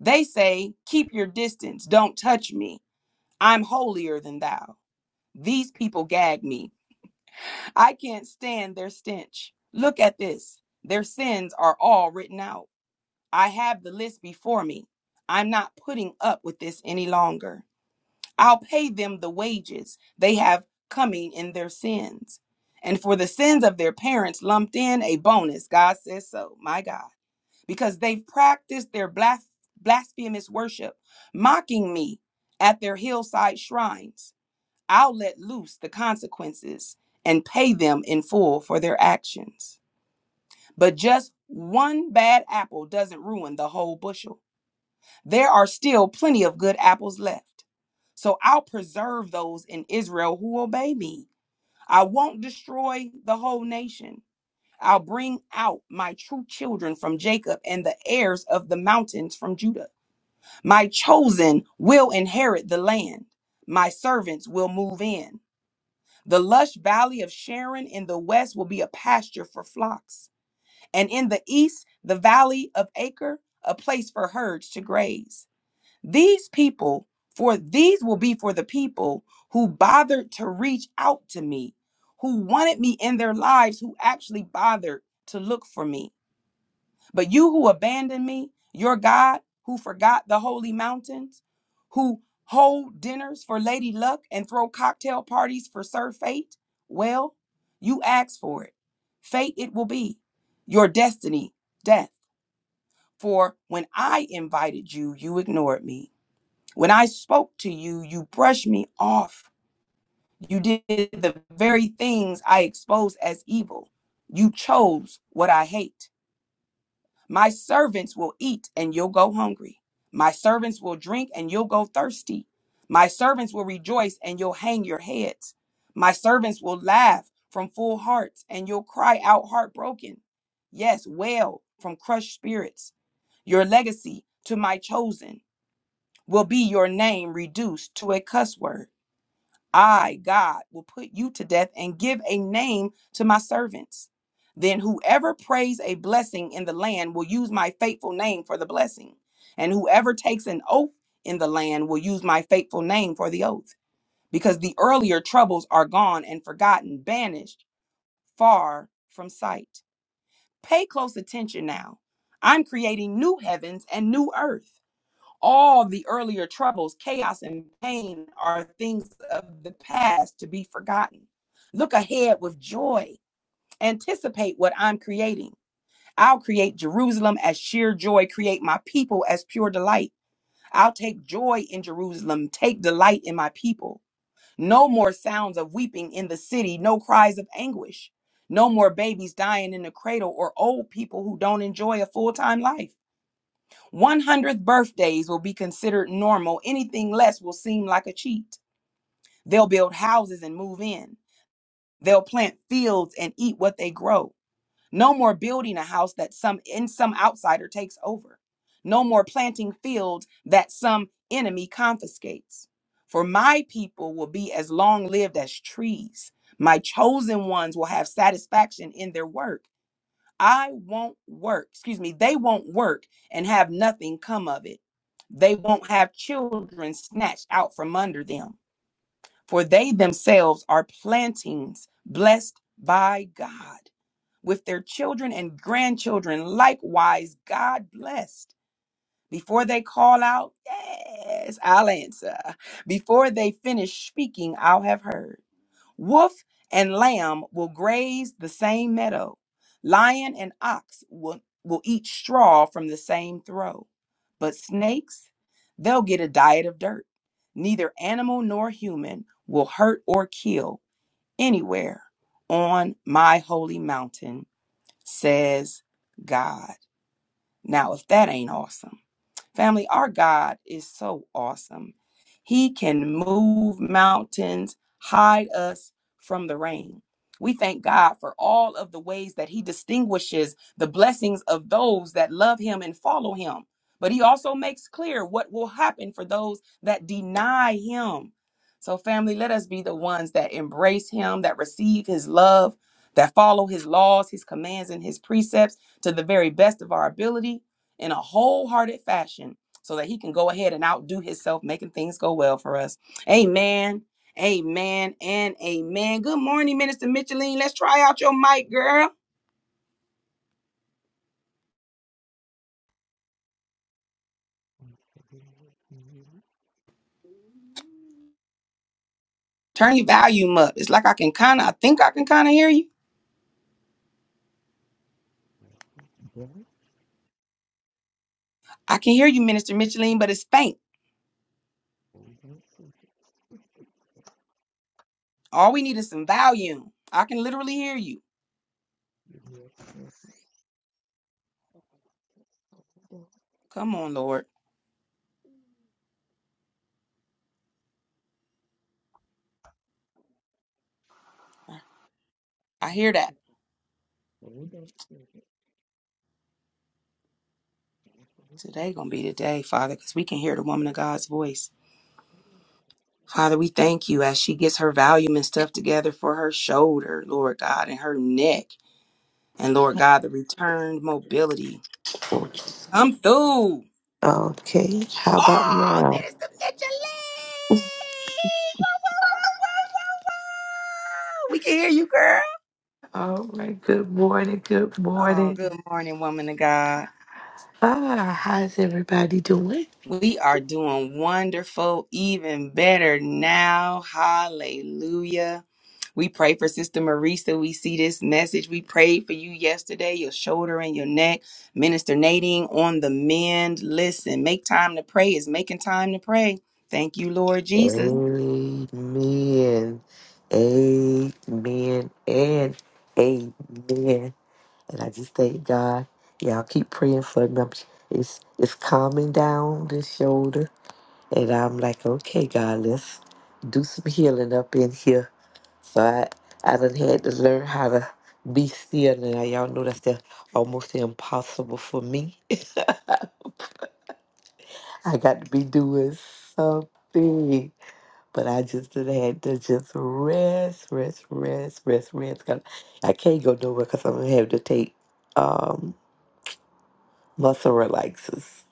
Speaker 1: They say, Keep your distance, don't touch me. I'm holier than thou. These people gag me. I can't stand their stench. Look at this. Their sins are all written out. I have the list before me. I'm not putting up with this any longer. I'll pay them the wages they have coming in their sins. And for the sins of their parents, lumped in a bonus. God says so, my God, because they've practiced their blas- blasphemous worship, mocking me at their hillside shrines. I'll let loose the consequences and pay them in full for their actions. But just one bad apple doesn't ruin the whole bushel. There are still plenty of good apples left. So I'll preserve those in Israel who obey me. I won't destroy the whole nation. I'll bring out my true children from Jacob and the heirs of the mountains from Judah. My chosen will inherit the land. My servants will move in. The lush valley of Sharon in the west will be a pasture for flocks, and in the east, the valley of Acre, a place for herds to graze. These people, for these will be for the people who bothered to reach out to me, who wanted me in their lives, who actually bothered to look for me. But you who abandoned me, your God, who forgot the holy mountains, who hold dinners for Lady Luck and throw cocktail parties for Sir Fate, well, you asked for it. Fate it will be. Your destiny, death. For when I invited you, you ignored me. When I spoke to you, you brushed me off. You did the very things I expose as evil. You chose what I hate. My servants will eat and you'll go hungry. My servants will drink and you'll go thirsty. My servants will rejoice and you'll hang your heads. My servants will laugh from full hearts and you'll cry out heartbroken. Yes, wail from crushed spirits. Your legacy to my chosen will be your name reduced to a cuss word. I, God, will put you to death and give a name to my servants. Then whoever prays a blessing in the land will use my faithful name for the blessing. And whoever takes an oath in the land will use my faithful name for the oath. Because the earlier troubles are gone and forgotten, banished far from sight. Pay close attention now. I'm creating new heavens and new earth. All the earlier troubles, chaos, and pain are things of the past to be forgotten. Look ahead with joy. Anticipate what I'm creating. I'll create Jerusalem as sheer joy, create my people as pure delight. I'll take joy in Jerusalem, take delight in my people. No more sounds of weeping in the city, no cries of anguish. No more babies dying in the cradle or old people who don't enjoy a full time life. 100th birthdays will be considered normal. Anything less will seem like a cheat. They'll build houses and move in. They'll plant fields and eat what they grow. No more building a house that some in some outsider takes over. No more planting fields that some enemy confiscates. For my people will be as long lived as trees. My chosen ones will have satisfaction in their work. I won't work. Excuse me. They won't work and have nothing come of it. They won't have children snatched out from under them, for they themselves are plantings blessed by God, with their children and grandchildren likewise God blessed. Before they call out, yes, I'll answer. Before they finish speaking, I'll have heard. Wolf and lamb will graze the same meadow. Lion and ox will, will eat straw from the same throw. But snakes, they'll get a diet of dirt. Neither animal nor human will hurt or kill anywhere on my holy mountain, says God. Now, if that ain't awesome. Family, our God is so awesome. He can move mountains, hide us from the rain. We thank God for all of the ways that He distinguishes the blessings of those that love Him and follow Him. But He also makes clear what will happen for those that deny Him. So, family, let us be the ones that embrace Him, that receive His love, that follow His laws, His commands, and His precepts to the very best of our ability in a wholehearted fashion so that he can go ahead and outdo himself, making things go well for us. Amen. Amen and amen. Good morning, Minister Micheline. Let's try out your mic, girl. Turn your volume up. It's like I can kind of, I think I can kind of hear you. I can hear you, Minister Micheline, but it's faint. All we need is some volume. I can literally hear you. Come on, Lord. I hear that. Today gonna be the day, Father, because we can hear the woman of God's voice. Father, we thank you as she gets her volume and stuff together for her shoulder, Lord God, and her neck. And Lord God, the returned mobility. Come through.
Speaker 4: Okay, how about
Speaker 1: Oh,
Speaker 4: now?
Speaker 1: Minister Micheline! We can hear you, girl.
Speaker 4: All right, good morning, good
Speaker 1: Oh,
Speaker 4: morning.
Speaker 1: good morning, woman of God.
Speaker 4: Ah, how's everybody doing?
Speaker 1: We are doing wonderful, even better now. Hallelujah. We pray for Sister Marisa. We see this message. We prayed for you yesterday, your shoulder and your neck. Minister Nadine on the mend. Listen, make time to pray is making time to pray. Thank you, Lord Jesus.
Speaker 4: Amen, amen, and amen. And I just thank God. Y'all keep praying for me. I'm- It's it's calming down the shoulders. And I'm like, okay, God, let's do some healing up in here. So I, I done had to learn how to be still. And I, y'all know that's the, almost impossible for me. I got to be doing something. But I just done had to just rest, rest, rest, rest, rest. 'Cause I can't go nowhere because I'm going to have to take um, muscle relaxers.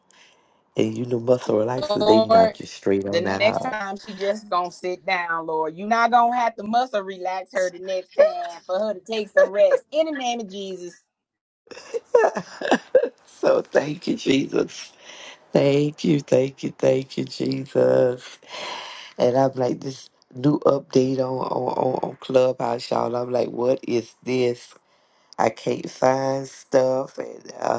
Speaker 4: And you know, muscle relaxers, they
Speaker 1: Lord,
Speaker 4: knock you straight on
Speaker 1: the next
Speaker 4: out.
Speaker 1: time she just gonna sit down, Lord. You're not gonna have to muscle relax her the next time for her to take some rest. In the name of Jesus.
Speaker 4: so thank you, Jesus. Thank you, thank you, thank you, Jesus. And I'm like this new update on on, on, on Clubhouse, y'all. I'm like, what is this? I can't find stuff, and uh,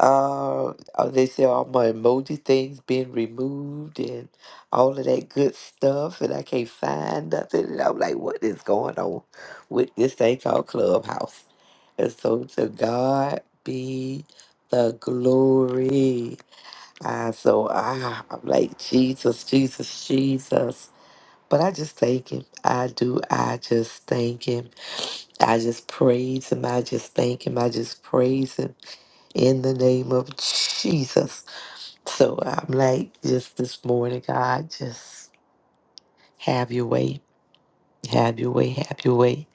Speaker 4: uh uh, they say all my emoji things been removed and all of that good stuff and I can't find nothing and I'm like what is going on with this thing called Clubhouse and so to God be the glory ah so ah I'm like Jesus Jesus Jesus but I just thank him I do I just thank him I just praise him I just thank him I just praise him in the name of Jesus. So I'm like, just this morning, God, just have your way, have your way, have your way.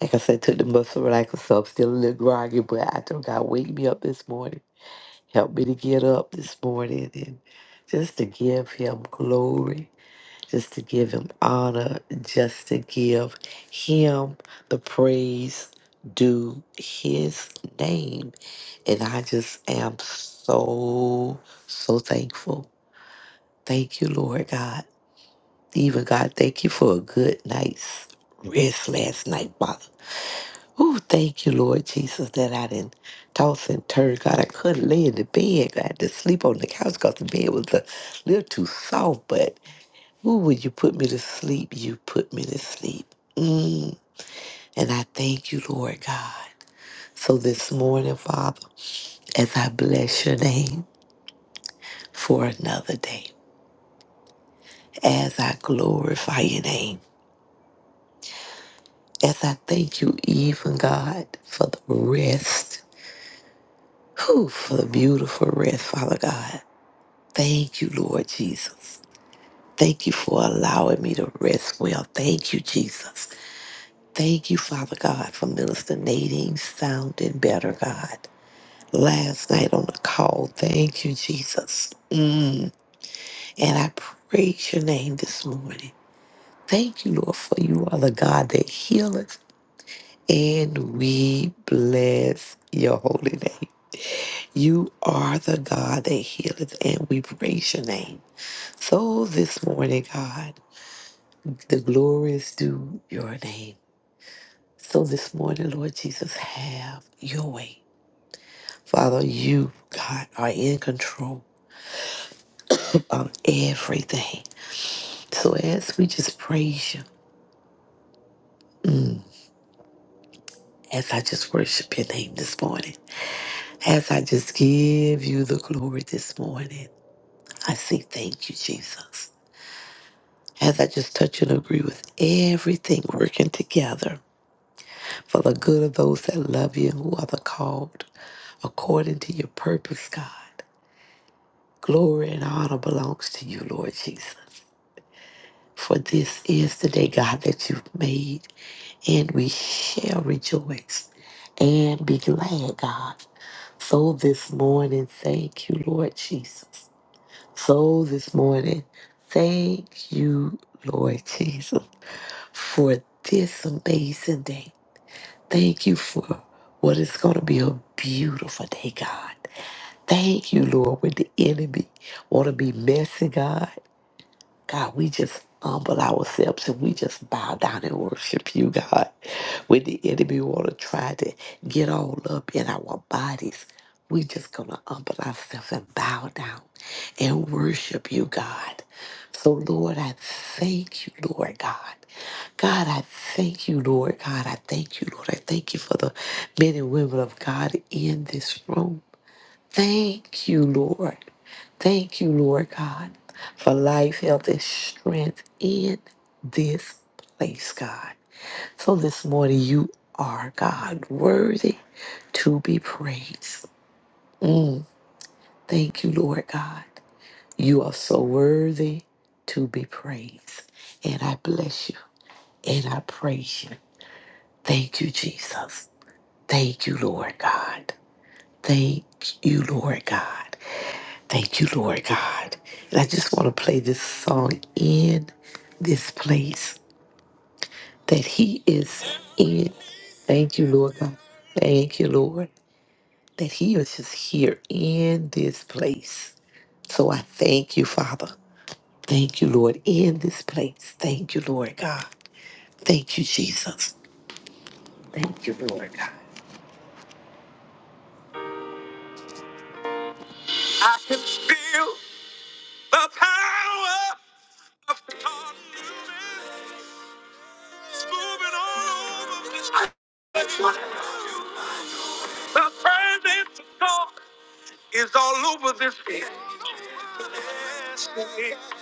Speaker 4: Like I said, took the muscle relaxer, so I'm still a little groggy, but I told God, wake me up this morning, help me to get up this morning, and just to give Him glory just to give him honor, just to give him the praise due his name. And I just am so, so thankful. Thank you, Lord God. Even God, thank you for a good night's rest last night, Father. Ooh, thank you, Lord Jesus, that I didn't toss and turn. God, I couldn't lay in the bed. I had to sleep on the couch because the bed was a little too soft, but. Ooh, will you put me to sleep? You put me to sleep. Mm. And I thank you, Lord God. So this morning, Father, as I bless your name for another day, as I glorify your name, as I thank you, even God, for the rest, who for the beautiful rest, Father God. Thank you, Lord Jesus. Thank you for allowing me to rest well. Thank you, Jesus. Thank you, Father God, for Minister Nadine sounding better, God. last night on the call. Thank you, Jesus. Mm. And I praise your name this morning. Thank you, Lord, for you are the God that healeth. And we bless your holy name. You are the God that healeth, and we praise your name. So this morning, God, the glory is due your name. So this morning, Lord Jesus, have your way. Father, you, God, are in control of everything. So as we just praise you, mm, as I just worship your name this morning, as I just give you the glory this morning, I say thank you, Jesus. As I just touch and agree with everything working together for the good of those that love you and who are the called according to your purpose, God. Glory and honor belongs to you, Lord Jesus. For this is the day, God, that you've made, and we shall rejoice and be glad, God. So this morning, thank you, Lord Jesus. So this morning, thank you, Lord Jesus, for this amazing day. Thank you for what is going to be a beautiful day, God. Thank you, Lord, when the enemy want to be messy, God. God, we just humble ourselves and we just bow down and worship you, God. When the enemy want to try to get all up in our bodies, we just gonna humble ourselves and bow down and worship you, God. So, Lord, I thank you, Lord God. God, I thank you, Lord God. I thank you, Lord. I thank you for the men and women of God in this room. Thank you, Lord. Thank you, Lord God, for life, health, and strength in this place, God. So this morning, you are, God, worthy to be praised. Mm, thank you, Lord God. You are so worthy to be praised. And I bless you and I praise you. Thank you, Jesus. Thank you, Lord God. Thank you, Lord God. Thank you, Lord God. And I just want to play this song in this place that He is in. Thank you, Lord God. Thank you, Lord, that He is just here in this place. So I thank you, Father. Thank you, Lord, in this place. Thank you, Lord God. Thank you, Jesus. Thank you, Lord God. I can feel the power of God moving. The presence of God is all over this place. It's moving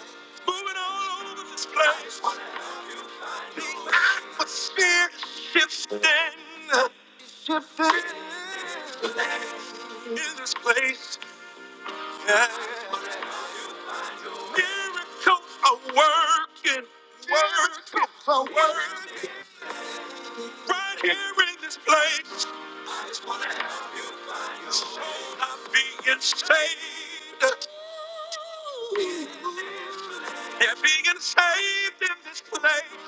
Speaker 4: all over this place. The atmosphere is shifting, shifting in this place. Yeah. Miracles are working, working, working right here in this place. I'm being saved. They're being saved in this place.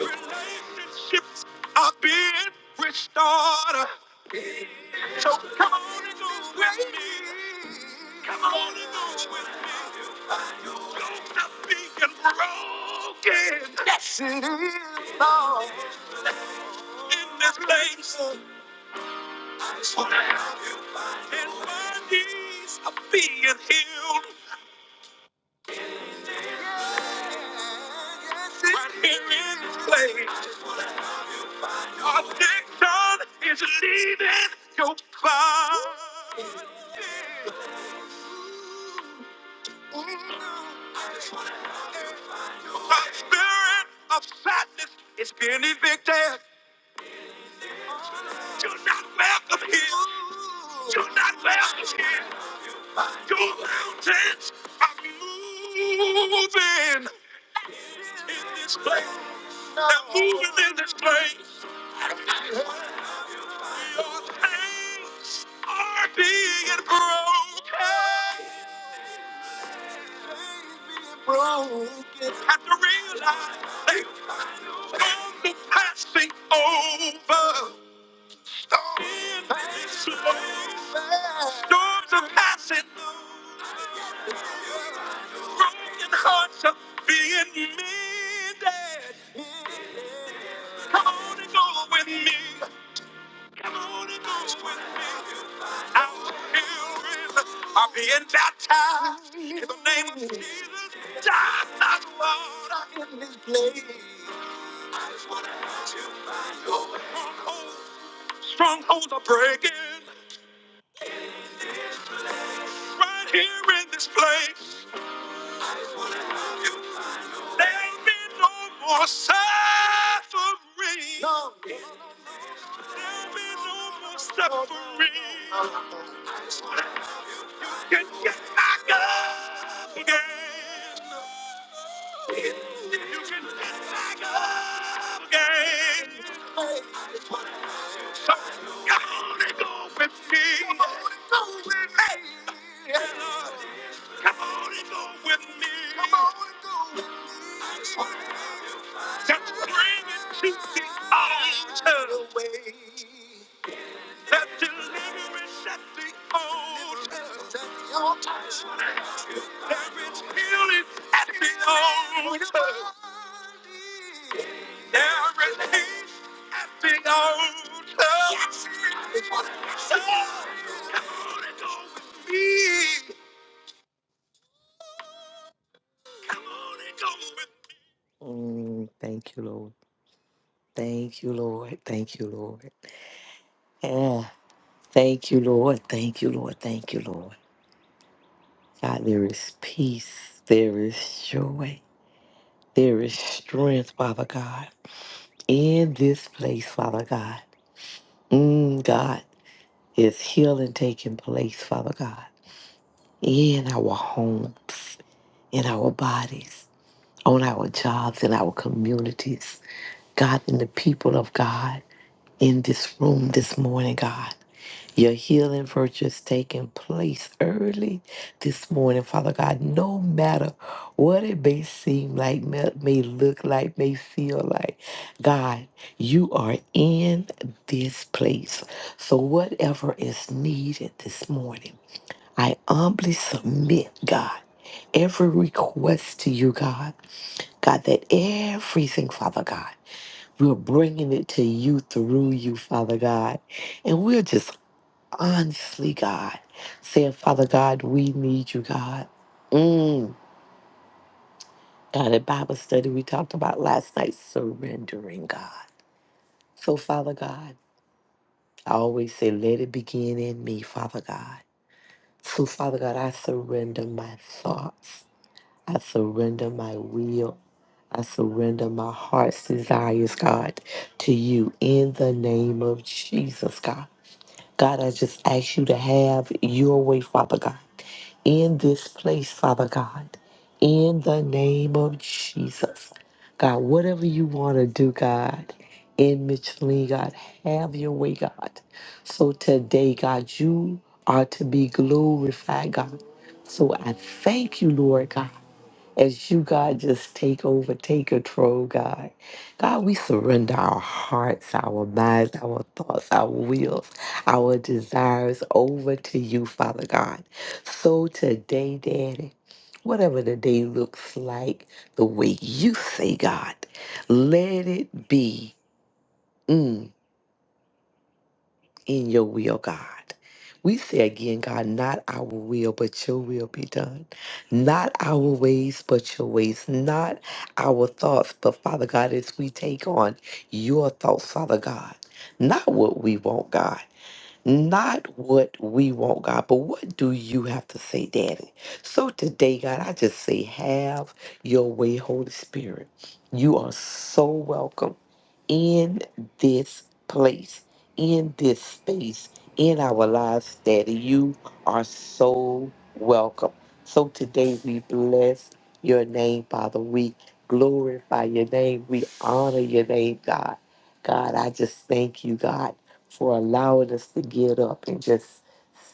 Speaker 4: Relationships are being restored. So come on and go with me. Come on and go with me. Don't stop being broken. Yes, it is. Lord. In this place. What the hell? And my knees are being healed right here in this place. Addiction is leaving your body. The spirit of sadness is being evicted. You're not welcome here. You're not welcome here. Your mountains are moving in this place. We are moving in this place. Your chains are being broken. Have to realize they come to passing over. Storms are passing. broken hearts are being mended. Come on and go with me. Come on and go with are being baptized in the name of Jesus. Die not water in this place. I just want to let you find your way. strongholds. Strongholds are breaking right here in this place. There'll be no more suffering. No. There'll be no more suffering. I just want to Can get back up again. You can get back up again. So come on and go with me. Come on and go with me. Come on and go with me. Come on and go with me. Just bring it to the altar. away. That deliverance at the altar. There is healing at the altar. There is peace the altar. Yes. So, come on and go me. Come on and go with Mm, thank you, Lord. Thank you, Lord. Thank you, Lord. Yeah. Thank you, Lord. Thank you, Lord. Thank you, Lord. God, there is peace, there is joy, there is strength, Father God, in this place, Father God. Mm, God, is healing taking place, Father God, in our homes, in our bodies, on our jobs, in our communities, God, in the people of God in this room this morning, God. Your healing virtue is taking place early this morning, Father God. No matter what it may seem like, may may look like, may feel like, God, you are in this place. So, whatever is needed this morning, I humbly submit, God, every request to you, God. God, that everything, Father God, we're bringing it to you through you, Father God. And we're just honestly, God, saying, Father God, we need you, God. Mm. God, at Bible study, we talked about last night surrendering, God. So, Father God, I always say, let it begin in me, Father God. So, Father God, I surrender my thoughts, I surrender my will. I surrender my heart's desires, God, to you in the name of Jesus, God. God, I just ask you to have your way, Father God. in this place, Father God, in the name of Jesus. God, whatever you want to do, God, in Michelin, God, have your way, God. So today, God, you are to be glorified, God. So I thank you, Lord God as you, God, just take over, take control, God. God, we surrender our hearts, our minds, our thoughts, our wills, our desires over to you, Father God. So today, Daddy, whatever the day looks like, the way you say, God, let it be. Mm in your will, God. We say again, God, not our will, but your will be done. Not our ways, but your ways. Not our thoughts, but Father God, as we take on your thoughts, Father God. Not what we want, God. Not what we want, God, but what do you have to say, Daddy? So today, God, I just say, have your way, Holy Spirit. You are so welcome in this place, in this space, in our lives, Daddy. You are so welcome. So today we bless your name, Father. We glorify your name. We honor your name, God. God, I just thank you, God for allowing us to get up and just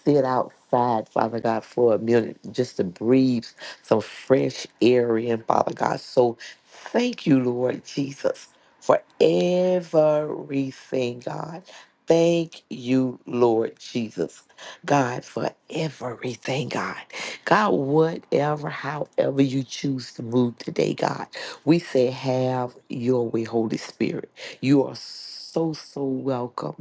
Speaker 4: sit outside, Father God, for a minute, just to breathe some fresh air in, Father God. So thank you, Lord Jesus, for everything, God. Thank you, Lord Jesus, God, for everything, God. God, whatever, however you choose to move today, God, we say, have your way, Holy Spirit. You are so, so welcome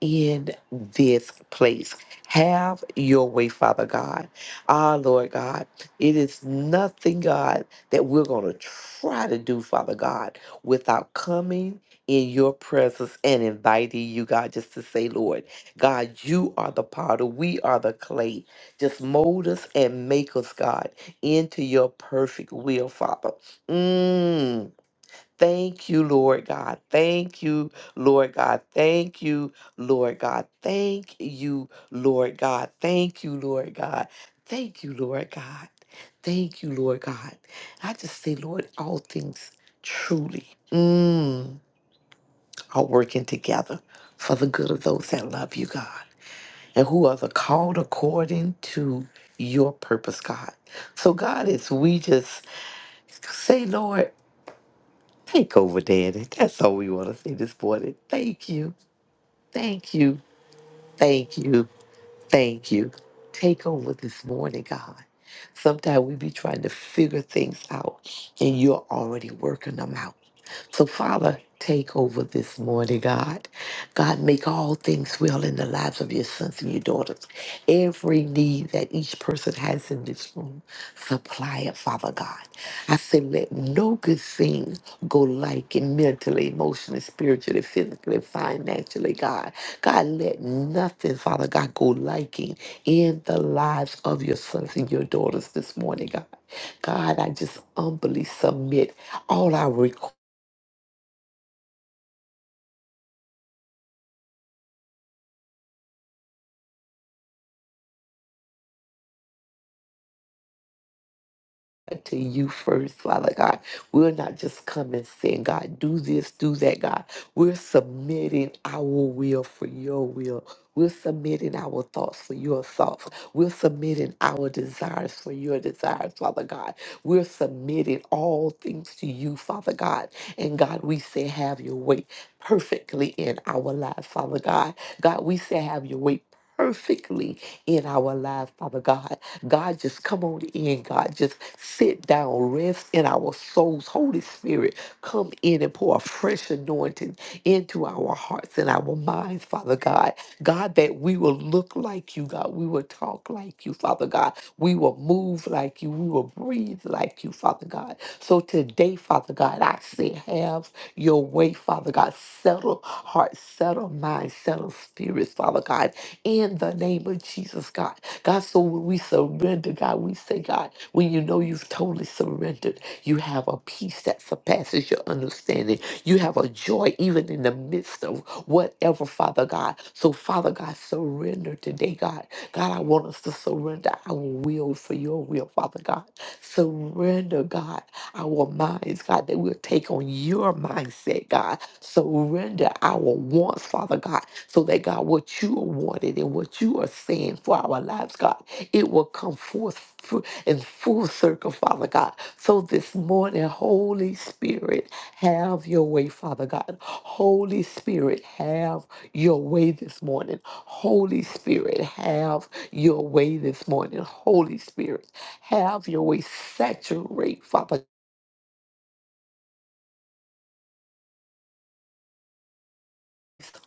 Speaker 4: in this place. Have your way, Father God. Ah, Lord God, it is nothing, God, that we're going to try to do, Father God, without coming in your presence and inviting you, God, just to say, Lord, God, you are the potter, we are the clay. Just mold us and make us, God, into your perfect will, Father. Mm. Thank you, Lord God. Thank you, Lord God. Thank you, Lord God. Thank you, Lord God. Thank you, Lord God. Thank you, Lord God. Thank you, Lord God. I just say, Lord, all things truly mm, are working together for the good of those that love you, God, and who are the called according to your purpose, God. So, God, as we just say, Lord, Take over, Daddy. That's all we want to say this morning. Thank you. Thank you. Thank you. Thank you. Take over this morning, God. Sometimes we be trying to figure things out and you're already working them out. So, Father, take over this morning, God. God, make all things well in the lives of your sons and your daughters. Every need that each person has in this room, supply it, Father God. I say, let no good thing go lacking mentally, emotionally, spiritually, physically, financially, God. God, let nothing, Father God, go lacking in the lives of your sons and your daughters this morning, God. God, I just humbly submit all our requests. to you first, Father God. We're not just coming saying, God, do this, do that, God. We're submitting our will for your will. We're submitting our thoughts for your thoughts. We're submitting our desires for your desires, Father God. We're submitting all things to you, Father God. And God, we say, have your way perfectly in our lives, Father God. God, we say, have your way perfectly in our lives, Father God. God, just come on in. God, just sit down, rest in our souls. Holy Spirit, come in and pour a fresh anointing into our hearts and our minds, Father God. God, that we will look like you, God. We will talk like you, Father God. We will move like you. We will breathe like you, Father God. So today, Father God, I say, have your way, Father God. Settle hearts, settle minds, settle spirits, Father God. In the name of Jesus, God. God, so when we surrender, God, we say, God, when you know you've totally surrendered, you have a peace that surpasses your understanding. You have a joy even in the midst of whatever, Father God. So, Father God, surrender today, God. God, I want us to surrender our will for your will, Father God. Surrender, God our minds, God, that we'll take on your mindset, God. Surrender our wants, Father God, so that, God, what you are wanting and what you are saying for our lives, God, it will come forth fu- in full circle, Father God. So this morning, Holy Spirit, have your way, Father God. Holy Spirit, have your way this morning. Holy Spirit, have your way this morning. Holy Spirit, have your way. Saturate, Father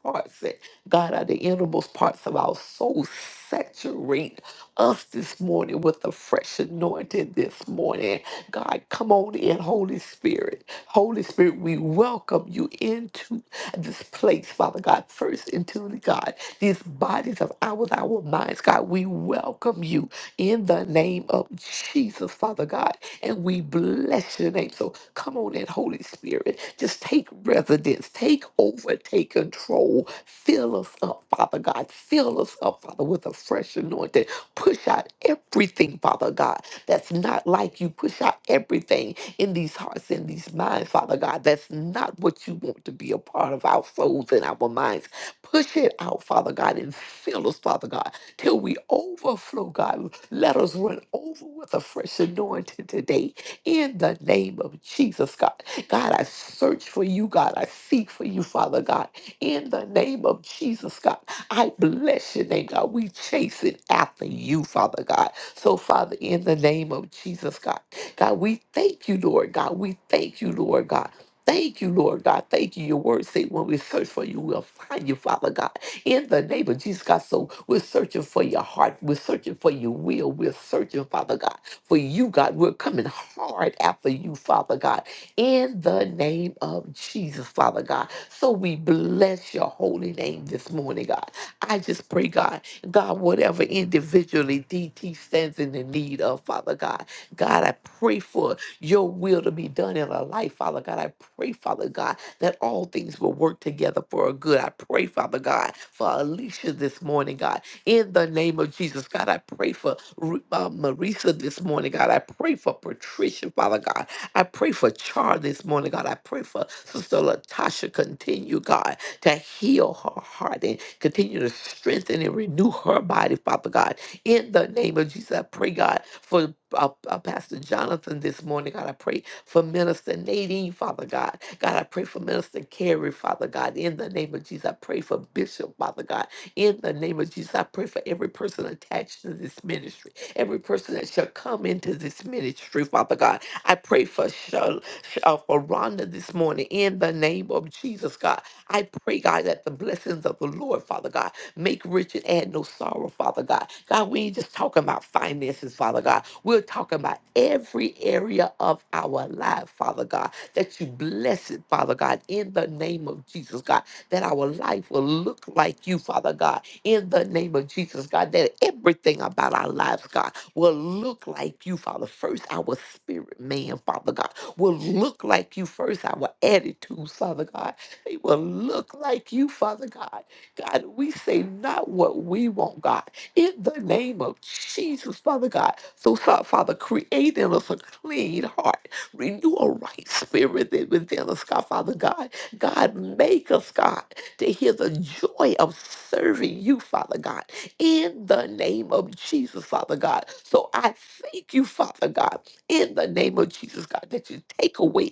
Speaker 4: hearts that God, are the innermost parts of our soul, saturate us this morning with a fresh anointing this morning. God, come on in, Holy Spirit. Holy Spirit, we welcome you into this place, Father God. First into the God, these bodies of ours, our minds, God, we welcome you in the name of Jesus, Father God, and we bless your name. So Come on in, Holy Spirit. Just take residence, take over, take control. Fill us up, Father God. Fill us up, Father, with a fresh anointing. Push out everything, Father God, that's not like you. Push out everything in these hearts and these minds, Father God. That's not what you want to be a part of our souls and our minds. Push it out, Father God, and fill us, Father God, till we overflow, God. Let us run over with a fresh anointing today in the name of Jesus, God. God, I search for you, God. I seek for you, Father God. In the name of Jesus, God, I bless your name, God. We chase it after you, Father God. So, Father, in the name of Jesus, God, God, we thank you, Lord God. We thank you, Lord God. Thank you, Lord God. Thank you. Your word say when we search for you, we'll find you, Father God. In the name of Jesus, God. So we're searching for your heart. We're searching for your will. We're searching, Father God for you, God. We're coming hard after you, Father God, in the name of Jesus, Father God. So we bless your holy name this morning, God. I just pray, God, God, whatever individually DT stands in the need of, Father God, God, I pray for your will to be done in our life, Father God. I pray, Father God, that all things will work together for our good. I pray, Father God, for Alicia this morning, God in the name of Jesus. God, I pray for Ru- uh, Marisa this morning, God. I pray for Patricia, Father God. I pray for Char this morning, God. I pray for Sister Latasha. Continue, God, to heal her heart and continue to strengthen and renew her body, Father God. In the name of Jesus, I pray, God, for uh, uh, Pastor Jonathan this morning, God. I pray for Minister Nadine, Father God. God, I pray for Minister Carrie, Father God. In the name of Jesus, I pray for Bishop, Father God. In the name of Jesus, I pray for every person attached to this ministry, every person that shall come into this ministry, Father God. I pray for, Shal- Sh- uh, for Rhonda this morning in the name of Jesus, God. I pray, God, that the blessings of the Lord, Father God, make rich and add no sorrow, Father God. God, we ain't just talking about finances, Father God. We're talking about every area of our life, Father God, that you bless it, Father God, in the name of Jesus, God that our life will look like you, Father God, in the name of Jesus, God, that everything about our lives, God, will look like you, Father. First, our spirit man, Father God, will look like you. First, our attitudes, Father God, they will look like you, Father God. God, we say not what we want, God, in the name of Jesus, Father God. So, so- Father, create in us a clean heart, renew a right spirit that within us, God, Father God. God, make us, God, to hear the joy of serving you, Father God, in the name of Jesus, Father God. So I thank you, Father God, in the name of Jesus, God, that you take away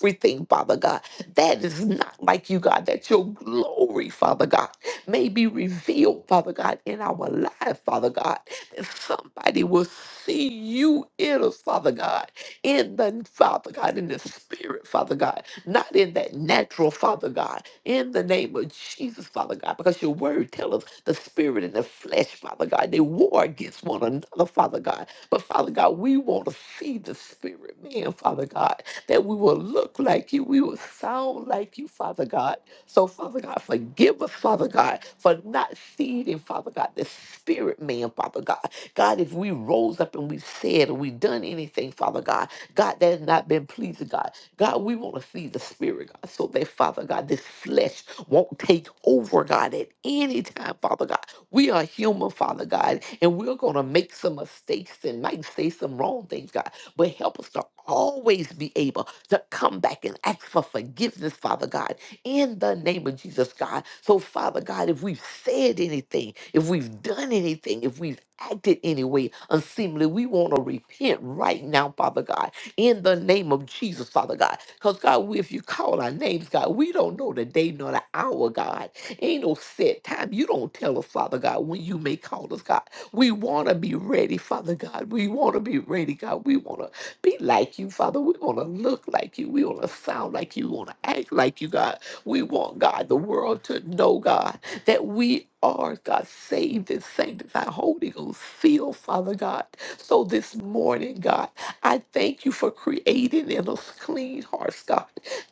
Speaker 4: everything, Father God, that is not like you, God, that your glory, Father God, may be revealed, Father God, in our life, Father God, that somebody will see you in us, Father God in the Father God, in the spirit, Father God, not in that natural, Father God, in the name of Jesus, Father God, because your word tells us the spirit and the flesh, Father God, they war against one another, Father God. But Father God, we want to see the spirit man, Father God, that we will look like you, we will sound like you, Father God. So, Father God, forgive us, Father God, for not seeing, Father God, the spirit man, Father God. God, if we rose up and we said or we done anything, Father God, God, that has not been pleasing, God. God, we want to see the Spirit, God, so that, Father God, this flesh won't take over, God, at any time, Father God. We are human, Father God, and we're going to make some mistakes and might say some wrong things, God, but help us to always be able to come back and ask for forgiveness, Father God, in the name of Jesus, God. So, Father God, if we've said anything, if we've done anything, if we've acted any way unseemly, we want to repent right now, Father God in the name of Jesus, Father God. Because, God, we- if you call our names, God, we don't know the day nor the hour, God. Ain't no set time. You don't tell us, Father God, when you may call us, God. We want to be ready, Father God. We want to be ready, God. We want to be like you, Father. We want to look like you. We want to sound like you. We want to act like you, God. We want, God, the world to know, God, that we are, God, saved and sanctified, Holy Ghost, filled, Father God. So this morning, God, I thank you for creating in us clean hearts, God.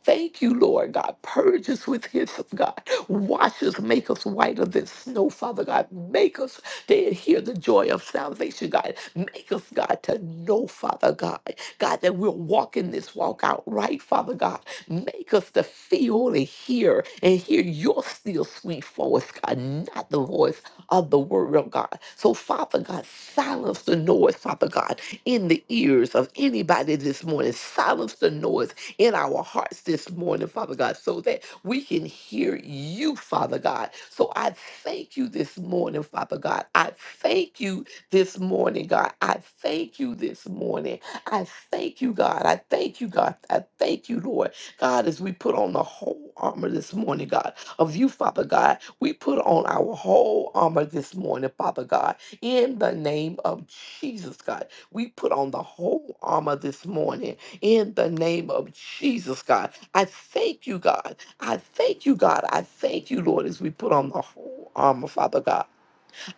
Speaker 4: Thank you, Lord God. Purge us with hyssop, God. Wash us, make us whiter than snow, Father God. Make us to hear the joy of salvation, God. Make us, God, to know, Father God, God, that we're walking this walk out right, Father God. Make us to feel and hear and hear your still sweet voice, God, not the voice of the word of God. So, Father God, silence the noise, Father God, in the ears of anybody this morning. Silence the noise in our hearts this morning, Father God, so that we can hear you, Father God. So, I thank you this morning, Father God. I thank you this morning, God. I thank you this morning. I thank you, God. I thank you, God. I thank you, Lord. God, as we put on the whole armor this morning, God of you, Father God. We put on our whole armor this morning, Father God, in the name of Jesus, God. We put on the whole armor this morning in the name of Jesus, God. I thank you, God. I thank you, God. I thank you, Lord, as we put on the whole armor, Father God.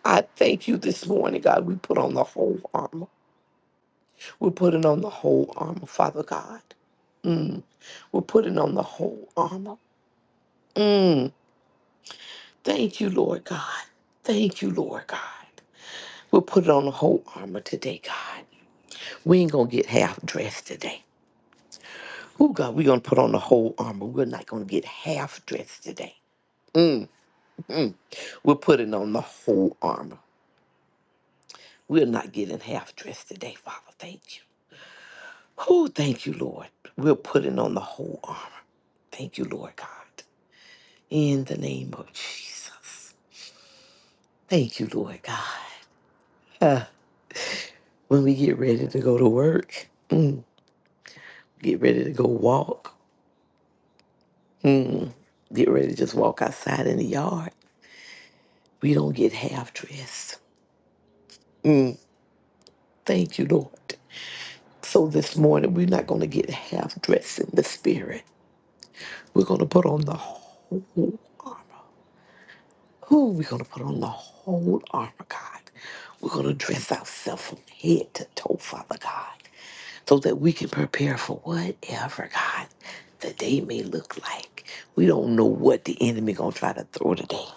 Speaker 4: I thank you this morning, God. We put on the whole armor. We're putting on the whole armor, Father God. Mm. We're putting on the whole armor. Mm. Thank you, Lord God. Thank you, Lord God. We'll put it on the whole armor today, God. We ain't gonna get half dressed today. Oh God, we're gonna put on the whole armor. We're not gonna get half dressed today. Mm, mm. We're putting on the whole armor. We're not getting half dressed today, Father. Thank you. Oh, thank you, Lord. We're putting on the whole armor. Thank you, Lord God. In the name of Jesus. Thank you, Lord God. Uh, when we get ready to go to work. mm, get ready to go walk. Mm. Get ready to just walk outside in the yard. We don't get half dressed. Mm. Thank you, Lord. So this morning, we're not going to get half dressed in the spirit. We're going to put on the whole armor. Who we're going to put on the whole armor, God? We're going to dress ourselves from head to toe, Father God, so that we can prepare for whatever, God, the day may look like. We don't know what the enemy going to try to throw today.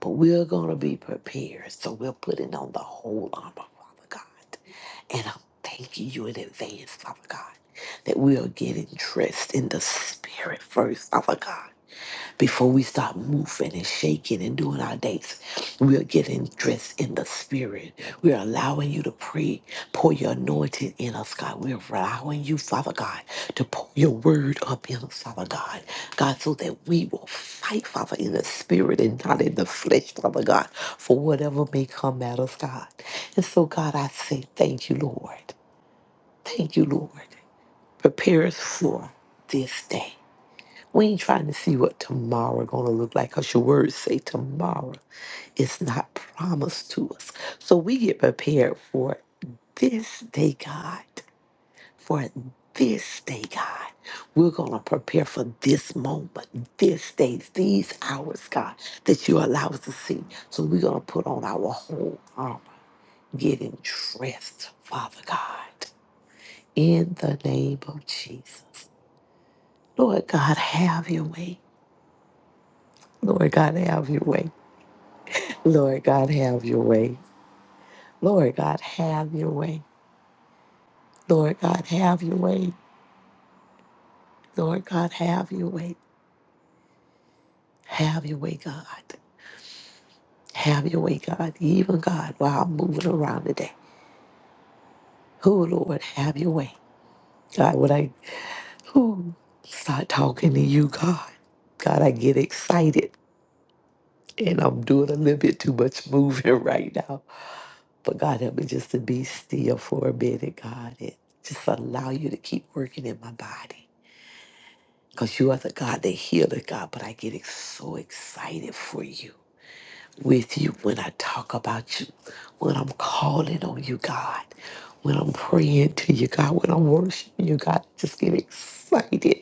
Speaker 4: but we're going to be prepared. So we're putting on the whole armor, Father God. And I'm thanking you in advance, Father God, that we are getting dressed in the spirit first, Father God before we start moving and shaking and doing our dates. We are getting dressed in the spirit. We are allowing you to pray, pour your anointing in us, God. We are allowing you, Father God, to pour your word up in us, Father God. God, so that we will fight, Father, in the spirit and not in the flesh, Father God, for whatever may come at us, God. And so, God, I say thank you, Lord. Thank you, Lord. Prepare us for this day. We ain't trying to see what tomorrow gonna look like, cause your words say tomorrow is not promised to us. So we get prepared for this day, God. For this day, God. We're gonna prepare for this moment, this day, these hours, God, that you allow us to see. So we're gonna put on our whole armor, getting dressed, Father God, in the name of Jesus. Lord God, have your way. Lord God, have your way. Lord God, have your way. Lord God, have your way. Lord God, have your way. Lord God, have your way. Have your way, God. Have your way, God. Even God, while I'm moving around today. Who, Lord, have your way. God, when I who start talking to you, God. God, I get excited and I'm doing a little bit too much moving right now. But God, help me just to be still for a minute, God, and just allow you to keep working in my body. because you are the God that healer, God. But I get ex- so excited for you, with you, when I talk about you, when I'm calling on you, God, when I'm praying to you, God, when I'm worshiping you, God. I just get excited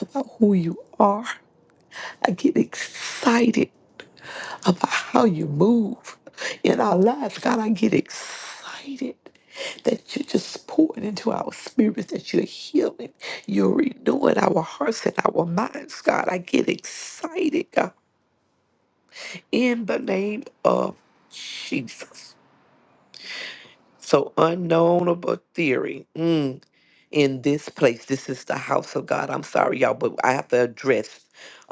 Speaker 4: about who you are. I get excited about how you move in our lives. God, I get excited that you're just pouring into our spirits, that you're healing, you're renewing our hearts and our minds. God, I get excited, God, in the name of Jesus. So, unknownable theory mm, in this place. This is the house of God. I'm sorry, y'all, but I have to address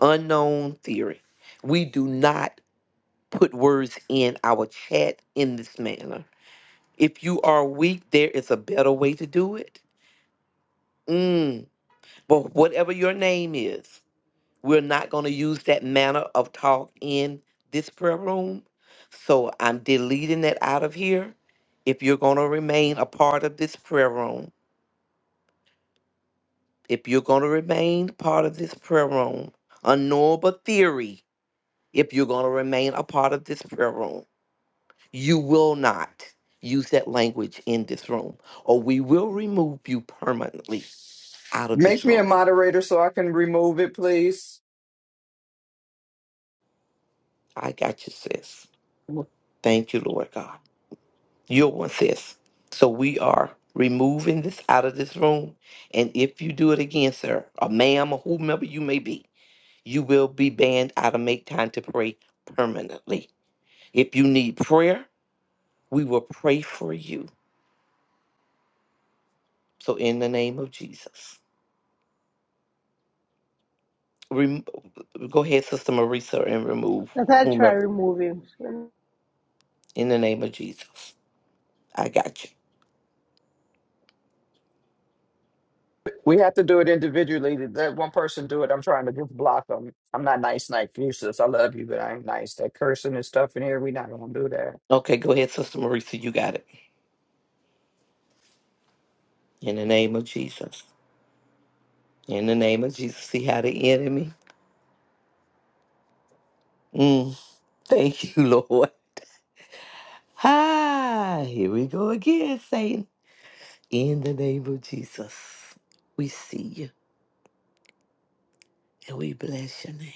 Speaker 4: unknown theory. We do not. put words in our chat in this manner. If you are weak, there is a better way to do it. Mm. But whatever your name is, we're not going to use that manner of talk in this prayer room. So I'm deleting that out of here. If you're going to remain a part of this prayer room, if you're going to remain part of this prayer room, unknowable theory, if you're going to remain a part of this prayer room. You will not use that language in this room, or we will remove you permanently out of this
Speaker 5: Make me a
Speaker 4: room.
Speaker 5: moderator so I can remove it, please.
Speaker 4: I got you, sis. Thank you, Lord God. You're one, sis. So we are removing this out of this room. And if you do it again, sir, or ma'am, or whomever you may be, you will be banned out of Make Time to Pray permanently. If you need prayer, we will pray for you. So in the name of Jesus. Rem- go ahead, Sister Marisa, and remove
Speaker 3: Let I try
Speaker 4: whomever
Speaker 3: removing.
Speaker 4: in the name of Jesus. I got you.
Speaker 5: We have to do it individually. Let one person do it. I'm trying to just block them. I'm not nice like you, sis. I love you, but I ain't nice. That cursing and stuff in here, we not gonna do that.
Speaker 4: Okay, go ahead, Sister Marisa. You got it. In the name of Jesus. In the name of Jesus. See how the enemy. Mm, thank you, Lord. Ah, here we go again, Satan. In the name of Jesus, we see you and we bless your name.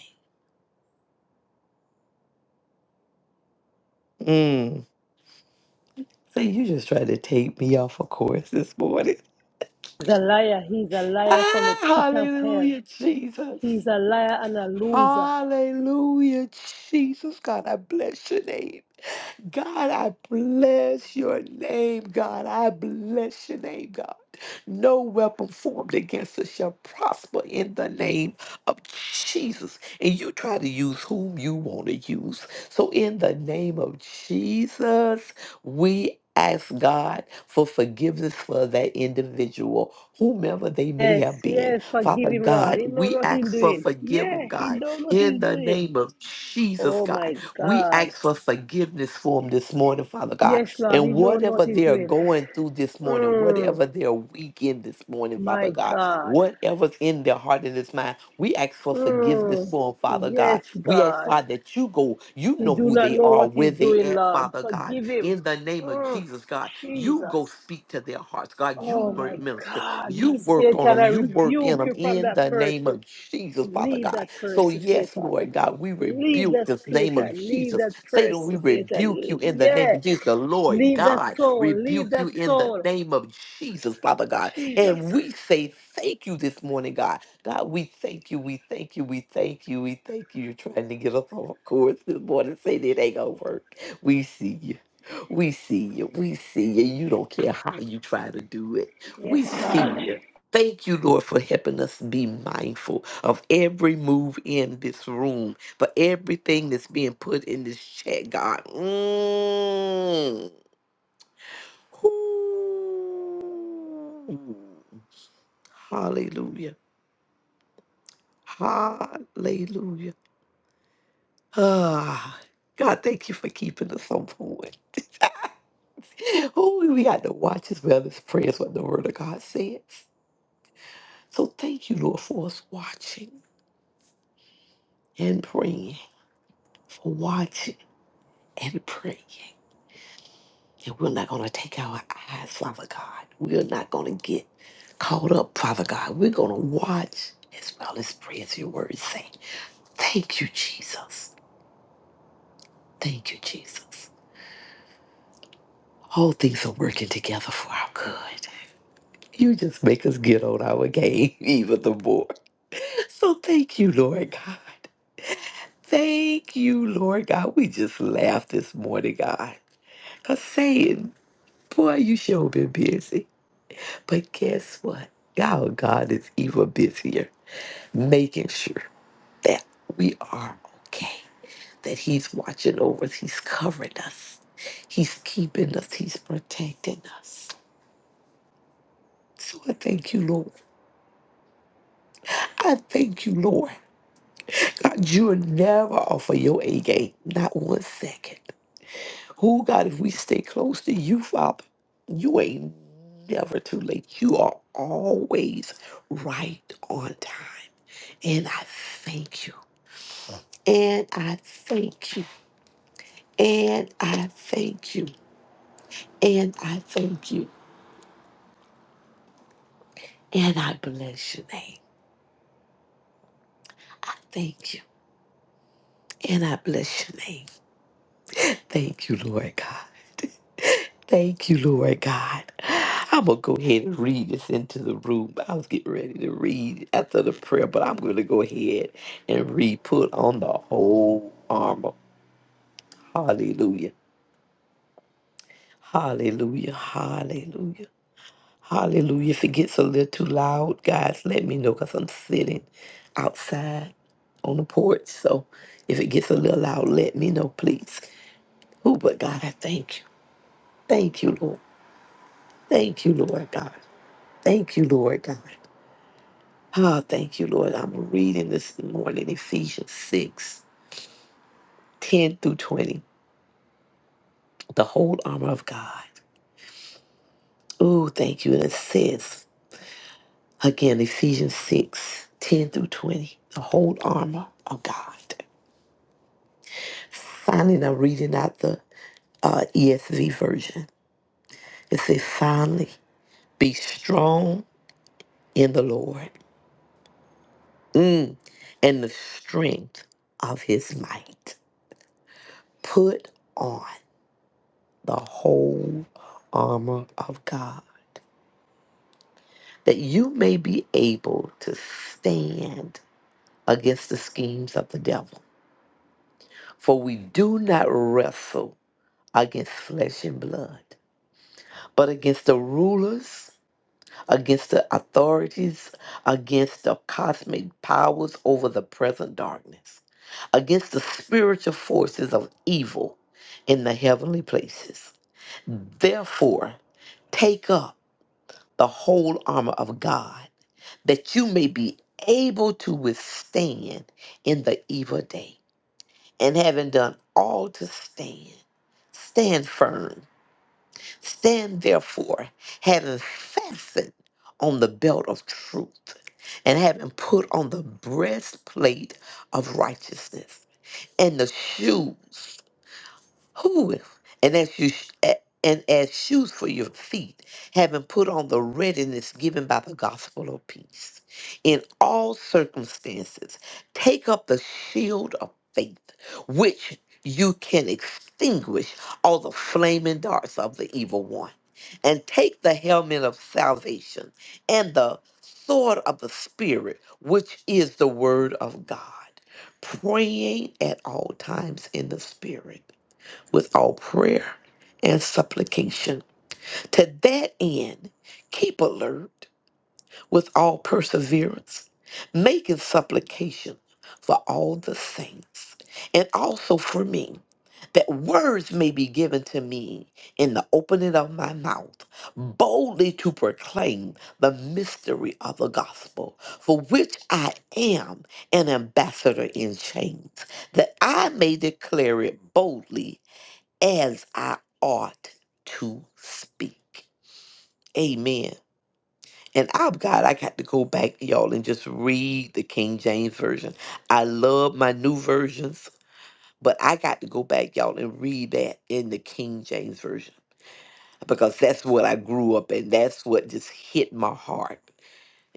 Speaker 4: Mm. See, you just tried to take me off of course this morning.
Speaker 3: He's a liar. He's a liar from
Speaker 4: Ah,
Speaker 3: the pit of hell.
Speaker 4: hallelujah, Jesus.
Speaker 3: He's a liar and a loser.
Speaker 4: Hallelujah, Jesus. God, I bless your name. God, I bless your name, God. I bless your name, God. No weapon formed against us shall prosper in the name of Jesus. And you try to use whom you want to use. So, in the name of Jesus, we ask God for forgiveness for that individual, whomever they may
Speaker 3: Yes,
Speaker 4: have been.
Speaker 3: yes, forgive
Speaker 4: Father
Speaker 3: him, Lord.
Speaker 4: God,
Speaker 3: He know
Speaker 4: we
Speaker 3: what
Speaker 4: ask
Speaker 3: he's
Speaker 4: for
Speaker 3: doing.
Speaker 4: forgiveness,
Speaker 3: Yeah, he
Speaker 4: God,
Speaker 3: know what
Speaker 4: in
Speaker 3: he's
Speaker 4: the
Speaker 3: doing.
Speaker 4: name of Jesus,
Speaker 3: Oh my
Speaker 4: God. We
Speaker 3: God.
Speaker 4: ask for forgiveness for them this morning, Father God.
Speaker 3: Yes, Lord,
Speaker 4: And
Speaker 3: he know what
Speaker 4: whatever
Speaker 3: he's
Speaker 4: they are
Speaker 3: doing.
Speaker 4: going through this morning,
Speaker 3: Mm,
Speaker 4: whatever their weekend this morning, Father
Speaker 3: my
Speaker 4: God,
Speaker 3: God.
Speaker 4: whatever's in their heart and this mind, we ask for forgiveness
Speaker 3: Mm,
Speaker 4: for them, Father God
Speaker 3: yes,
Speaker 4: we ask,
Speaker 3: God.
Speaker 4: Father, that you go. You
Speaker 3: He
Speaker 4: know
Speaker 3: do
Speaker 4: who
Speaker 3: not
Speaker 4: they
Speaker 3: know
Speaker 4: are,
Speaker 3: what
Speaker 4: where
Speaker 3: he's
Speaker 4: they
Speaker 3: doing,
Speaker 4: at,
Speaker 3: Lord.
Speaker 4: Father God.
Speaker 3: Forgive him.
Speaker 4: In the name of
Speaker 3: Mm,
Speaker 4: Jesus, God, you go
Speaker 3: Jesus.
Speaker 4: speak to their hearts, God.
Speaker 3: Oh
Speaker 4: You mi-
Speaker 3: my
Speaker 4: minister.
Speaker 3: God.
Speaker 4: You work on
Speaker 3: Satan,
Speaker 4: them.
Speaker 3: I
Speaker 4: You work in
Speaker 3: rebuke
Speaker 4: them.
Speaker 3: you from
Speaker 4: In
Speaker 3: that
Speaker 4: the name
Speaker 3: person.
Speaker 4: of Jesus, Father
Speaker 3: Leave
Speaker 4: God.
Speaker 3: that
Speaker 4: So,
Speaker 3: person,
Speaker 4: yes,
Speaker 3: Satan.
Speaker 4: Lord God, we
Speaker 3: Leave
Speaker 4: rebuke
Speaker 3: that
Speaker 4: this name of
Speaker 3: Satan. Leave
Speaker 4: Jesus.
Speaker 3: that
Speaker 4: Satan, we
Speaker 3: person,
Speaker 4: rebuke you
Speaker 3: Satan.
Speaker 4: in the name
Speaker 3: Yeah.
Speaker 4: of Jesus. The Lord
Speaker 3: Leave that
Speaker 4: God,
Speaker 3: soul. Leave
Speaker 4: rebuke you
Speaker 3: that
Speaker 4: in the
Speaker 3: soul.
Speaker 4: name of Jesus, Father God.
Speaker 3: Jesus.
Speaker 4: And we say thank you this morning, God. God, we thank you, we thank you, we thank you, we thank you. You're trying to get us off of course this morning, saying it ain't gonna work. We see you. We see you. We see you. You don't care how you try to do it.
Speaker 3: Yes,
Speaker 4: We see
Speaker 3: man.
Speaker 4: you. Thank you, Lord, for helping us be mindful of every move in this room, for everything that's being put in this chat, God. Mm. Ooh. Hallelujah. Hallelujah. Ah, God, thank you for keeping us on point. Oh, we got to watch as well as pray is what the Word of God says. So thank you, Lord, for us watching and praying, for watching and praying. And we're not going to take our eyes, Father God. We're not going to get caught up, Father God. We're going to watch as well as pray as your Word say. Thank you, Jesus. Thank you, Jesus. All things are working together for our good. You just make us get on our game even the more. So thank you, Lord God. Thank you, Lord God. We just laughed this morning, God. Cause saying, boy, you sure been busy. But guess what? Our God is even busier, making sure that we are okay, that He's watching over us, He's covering us, He's keeping us, He's protecting us. So I thank you, Lord. I thank you, Lord. God, you are never off of your A game, not one second. Who God, if we stay close to you, Father, you ain't never too late. You are always right on time. And I thank you. And I thank you. And I thank you. And I thank you. And I bless your name. I thank you. And I bless your name. Thank you, Lord God. Thank you, Lord God. I'm going to go ahead and read this into the room. I was getting ready to read after the prayer, but I'm going to go ahead and read, put on the whole armor. Hallelujah. Hallelujah. Hallelujah. Hallelujah. If it gets a little too loud, guys, let me know because I'm sitting outside on the porch. So if it gets a little loud, let me know, please. Oh, but God, I thank you. Thank you, Lord. Thank you, Lord God. Thank you, Lord God. Ah, thank you, Lord. I'm reading this morning Ephesians 6 10 through 20, the whole armor of God. Oh, thank you. And it says, again, Ephesians 6 10 through 20, the whole armor of God. Finally, and I'm reading out the uh, ESV version. It says, finally, be strong in the Lord mm, and the strength of his might. Put on. the whole armor of God, that you may be able to stand against the schemes of the devil. For we do not wrestle against flesh and blood, but against the rulers, against the authorities, against the cosmic powers over the present darkness, against the spiritual forces of evil in the heavenly places. Therefore, take up. the whole armor of God, that you may be able to withstand in the evil day. And having done all to stand, stand firm. Stand therefore, having fastened on the belt of truth, and having put on the breastplate of righteousness, and the shoes who? And as you sh- a- and as shoes for your feet, having put on the readiness given by the gospel of peace. In all circumstances, take up the shield of faith, which you can extinguish all the flaming darts of the evil one. And take the helmet of salvation and the sword of the Spirit, which is the word of God, praying at all times in the Spirit with all prayer and supplication. To that end, keep alert with all perseverance, making supplication for all the saints, and also for me, that words may be given to me in the opening of my mouth, boldly to proclaim the mystery of the gospel, for which I am an ambassador in chains, that I may declare it boldly as I ought to speak. Amen. And I've got, I got to go back, y'all, and just read the King James Version. I love my new versions, but I got to go back, y'all, and read that in the King James Version because that's what I grew up in. That's what just hit my heart.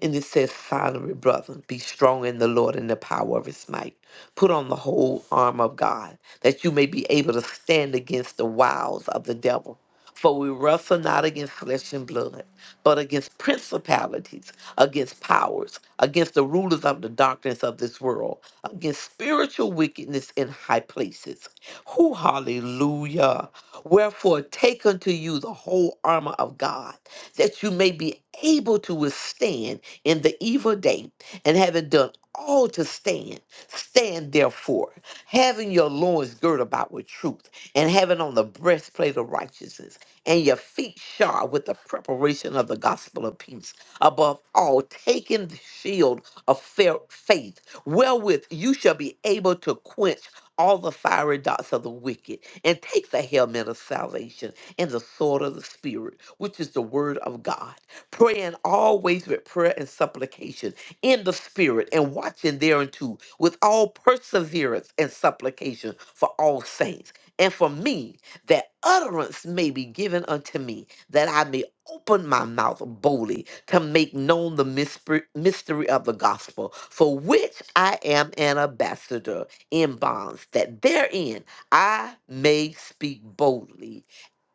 Speaker 4: And it says, finally, brother, be strong in the Lord and the power of his might. Put on the whole armor of God, that you may be able to stand against the wiles of the devil. For we wrestle not against flesh and blood, but against principalities, against powers, against the rulers of the darkness of this world, against spiritual wickedness in high places. Who, hallelujah. Wherefore, take unto you the whole armor of God, that you may be able to withstand in the evil day, and having done all to stand, stand therefore, having your loins girt about with truth, and having on the breastplate of righteousness, and your feet shod with the preparation of the gospel of peace. Above all, taking the shield of fair faith, wherewith you shall be able to quench all the fiery darts of the wicked, and take the helmet of salvation and the sword of the Spirit, which is the word of God praying always with prayer and supplication in the spirit and watching thereunto with all perseverance and supplication for all saints and for me that utterance may be given unto me that i may open my mouth boldly to make known the mysper- mystery of the gospel for which i am an ambassador in bonds that therein i may speak boldly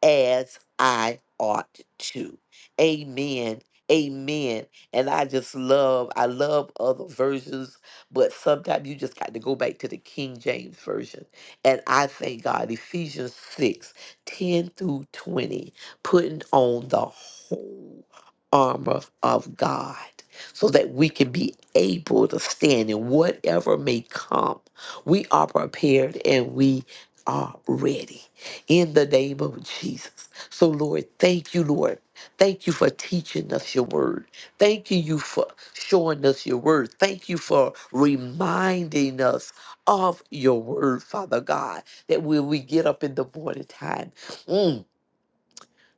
Speaker 4: as I ought to. Amen. Amen. And I just love, I love other versions, but sometimes you just got to go back to the King James Version. And I thank God, Ephesians 6 10 through 20, putting on the whole armor of God so that we can be able to stand in whatever may come. We are prepared and we are ready in the name of Jesus. So, Lord, thank you, Lord. Thank you for teaching us your word. Thank you you for showing us your word. Thank you for reminding us of your word, Father God, that when we get up in the morning time, mm,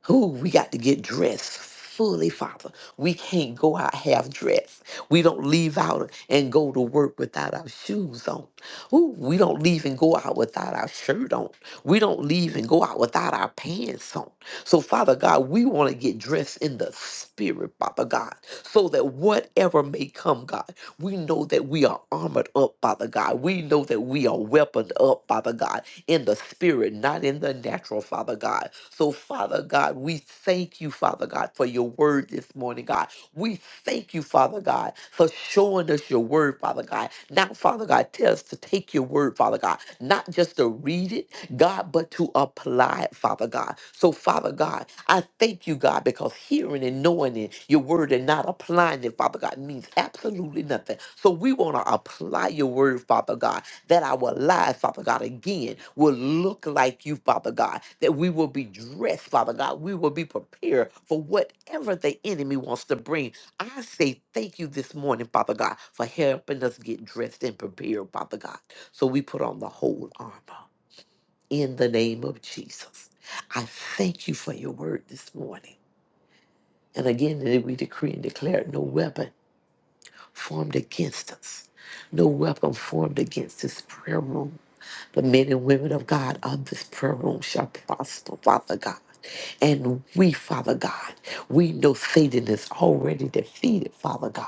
Speaker 4: who we got to get dressed fully, Father. We can't go out half dressed. We don't leave out and go to work without our shoes on. Ooh, we don't leave and go out without our shirt on. We don't leave and go out without our pants on. So, Father God, we want to get dressed in the spirit, Father God, so that whatever may come, God, we know that we are armored up, Father God. We know that we are weaponed up, Father God in the spirit, not in the natural, Father God. So, Father God, we thank you, Father God, for your word this morning, God. We thank you, Father God, for showing us your word, Father God. Now, Father God, tell us to take your word, Father God, not just to read it, God, but to apply it, Father God. So, Father God, I thank you, God, because hearing and knowing it, your word and not applying it, Father God, means absolutely nothing. So, we want to apply your word, Father God that our lives, Father God, again, will look like you, Father God, that we will be dressed, Father God, we will be prepared for whatever the enemy wants to bring. I say thank you this morning, Father God, for helping us get dressed and prepared, Father God. So we put on the whole armor in the name of Jesus. I thank you for your word this morning. And again, that we decree and declare no weapon formed against us, no weapon formed against this prayer room the men and women of God on this prayer room shall prosper, Father God. And we, Father God, we know Satan is already defeated, Father God.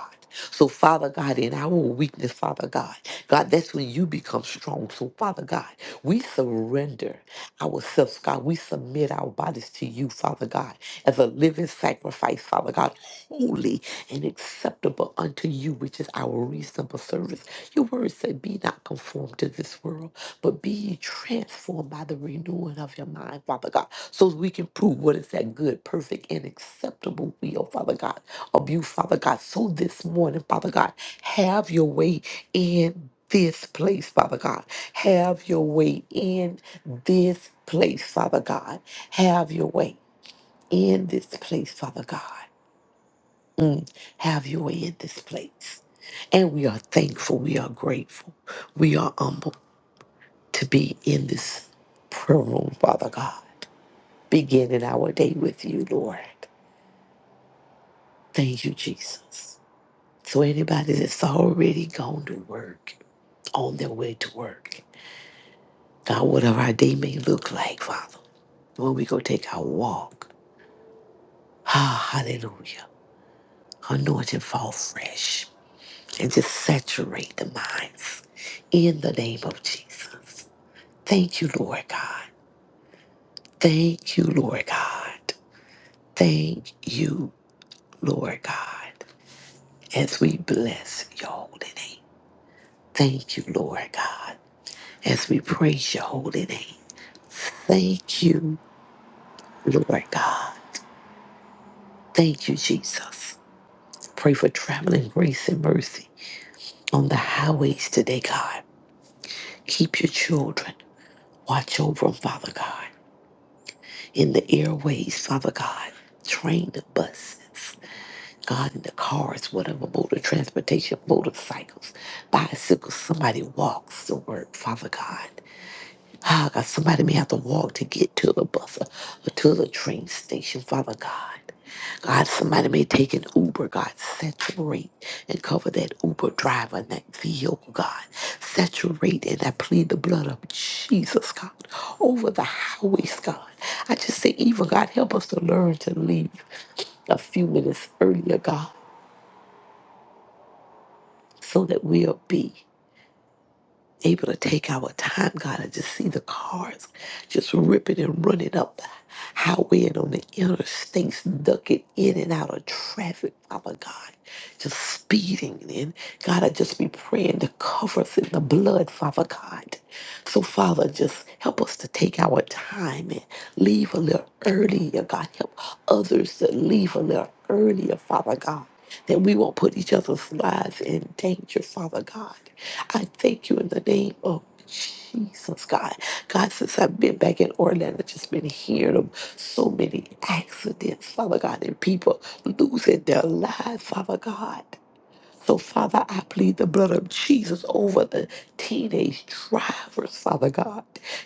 Speaker 4: So, Father God, in our weakness, Father God, God, that's when you become strong. So, Father God, we surrender ourselves, God. We submit our bodies to you, Father God, as a living sacrifice, Father God, holy and acceptable unto you, which is our reasonable service. Your word said, Be not conformed to this world but be ye transformed by the renewing of your mind, Father God, so we can prove what is that good, perfect, and acceptable will, Father God, of you, Father God. So this morning, Father God, have your way in this place, Father God. Have your way in this place, Father God. Have your way in this place, Father God. Mm, Have your way in this place. And we are thankful. We are grateful. We are humble to be in this prayer room, Father God, beginning our day with you, Lord. Thank you, Jesus. So, anybody that's already gone to work, on their way to work, God, whatever our day may look like, Father, when we go take our walk, ah, hallelujah, anoint and fall fresh and just saturate the minds in the name of Jesus. Thank you, Lord God. Thank you, Lord God. Thank you, Lord God, as we bless your holy name. Thank you, Lord God, as we praise your holy name. Thank you, Lord God. Thank you, Jesus. Pray for traveling grace and mercy on the highways today, God. Keep your children. Watch over them, Father God. In the airways, Father God. Train the buses. God in the cars, whatever mode of transportation, motorcycles, bicycles, somebody walks to work, Father God. Ah, God, somebody may have to walk to get to the bus or, or to the train station, Father God. God, somebody may take an Uber, God, saturate and cover that Uber driver and that vehicle, God. Saturate and I plead the blood of Jesus, God, over the highways, God. I just say, even God, help us to learn to leave a few minutes earlier, God. so that we'll be able to take our time, God, and just see the cars just ripping and running up the highway and on the interstates, ducking in and out of traffic, Father God, just speeding. And God, I just be praying to cover us in the blood, Father God. So, Father, just help us to take our time and leave a little earlier, God. Help others to leave a little earlier, Father God. That we won't put each other's lives in danger, Father God. I thank you in the name of Jesus, God. God, since I've been back in Orlando, I've just been hearing of so many accidents, Father God, and people losing their lives, Father God. So, Father, I plead the blood of Jesus over the teenage drivers, Father God.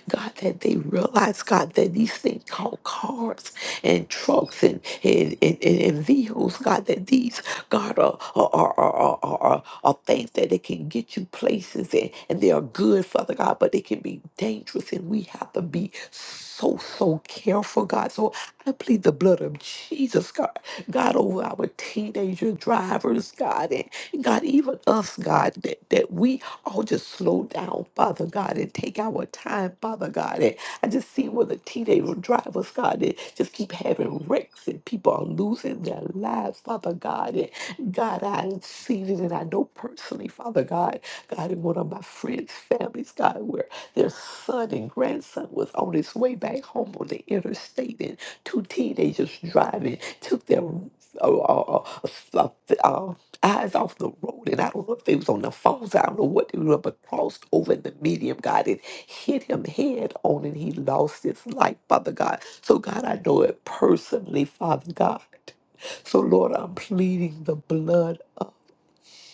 Speaker 4: God, that they realize, God, that these things called cars and trucks and, and, and, and, and vehicles, God, that these, God, are, are, are, are, are, are, are things that they can get you places and, and they are good, Father God, but they can be dangerous and we have to be so, so careful, God. So I plead the blood of Jesus, God, God, over our teenager drivers, God, and. And God, even us, God, that, that we all just slow down, Father God, and take our time, Father God. And I just see where the teenagers drive us, God, and just keep having wrecks and people are losing their lives, Father God. And God, I've seen it and I know personally, Father God, God, in one of my friends' families, God, where their son and grandson was on his way back home on the interstate and two teenagers driving took their uh, uh, uh, uh, uh, eyes off the road, and I don't know if they was on the phones, I don't know what they were, but crossed over in the medium, God, and hit him head on, and he lost his life, Father God. So, God, I know it personally, Father God. So, Lord, I'm pleading the blood of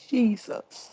Speaker 4: Jesus.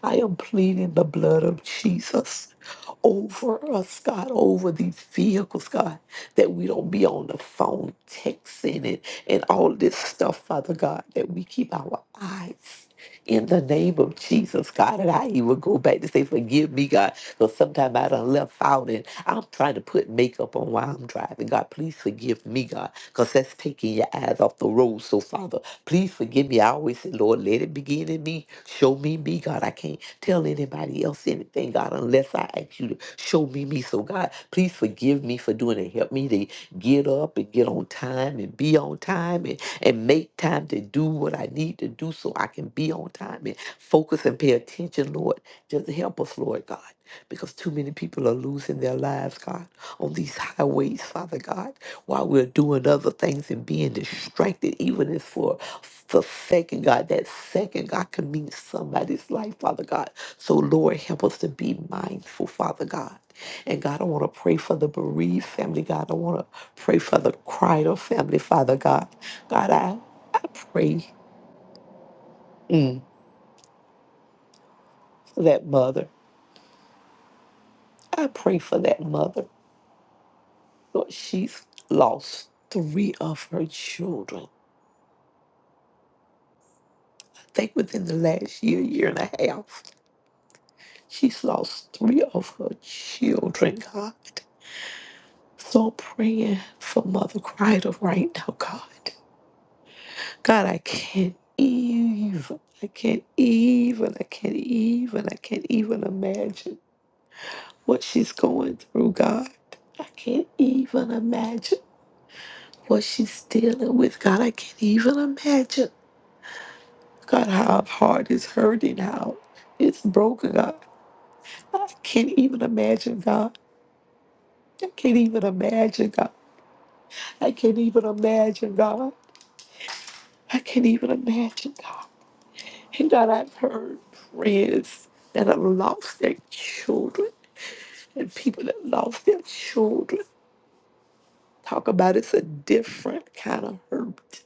Speaker 4: I am pleading the blood of Jesus over us, God, over these vehicles, God, that we don't be on the phone texting and, and all this stuff, Father God, that we keep our eyes in the name of Jesus, God. And I even go back to say, forgive me, God, because sometimes I done left out and I'm trying to put makeup on while I'm driving. God, please forgive me, God, because that's taking your eyes off the road. So, Father, please forgive me. I always say, Lord, let it begin in me. Show me me, God. I can't tell anybody else anything, God, unless I ask you to show me me. So, God, please forgive me for doing it. Help me to get up and get on time and be on time and, and make time to do what I need to do so I can be on time and focus and pay attention, Lord. Just help us, Lord God, because too many people are losing their lives, God, on these highways, Father God while we're doing other things and being distracted, even if for the second, God, that second, God, can mean somebody's life, Father God. So, Lord, help us to be mindful, Father God. And God, I want to pray for the bereaved family, God. I want to pray for the cried of family, Father God. God, I, I pray mm, for that mother. I pray for that mother. Lord, she's lost three of her children. think within the last year, year and a half. She's lost three of her children, God. So praying for Mother Crider right now, God. God, I can't even, I can't even, I can't even, I can't even imagine what she's going through, God. I can't even imagine what she's dealing with, God. I can't even imagine, God, how her heart is hurting, how it's broken, God. I can't even imagine, God. I can't even imagine, God. I can't even imagine, God. I can't even imagine, God. And God, I've heard friends that have lost their children and people that lost their children talk about it's a different kind of hurt.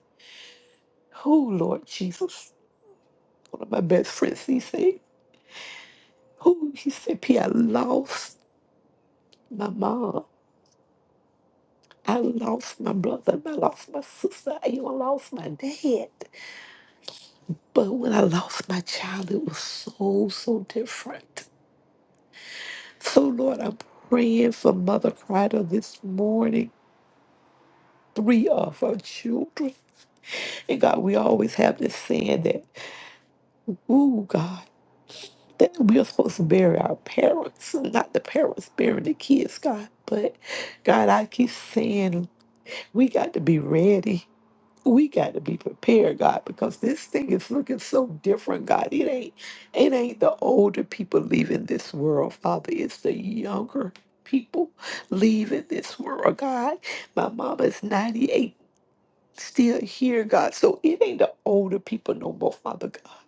Speaker 4: Oh, Lord Jesus. One of my best friends, he said, oh, he said, P, I lost my mom. I lost my brother. I lost my sister. I even lost my dad. But when I lost my child, it was so, so different So, Lord, I'm praying for Mother Crider this morning. Three of her children. And God, we always have this saying that, ooh, God, that we are supposed to bury our parents, not the parents burying the kids, God. But God, I keep saying we got to be ready. we got to be prepared, God, because this thing is looking so different, God. It ain't it ain't the older people leaving this world, Father. It's the younger people leaving this world, God. My mama is 98 still here, God. So it ain't the older people no more, Father God.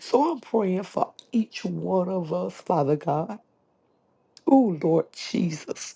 Speaker 4: So I'm praying for each one of us, Father God. Oh, Lord Jesus,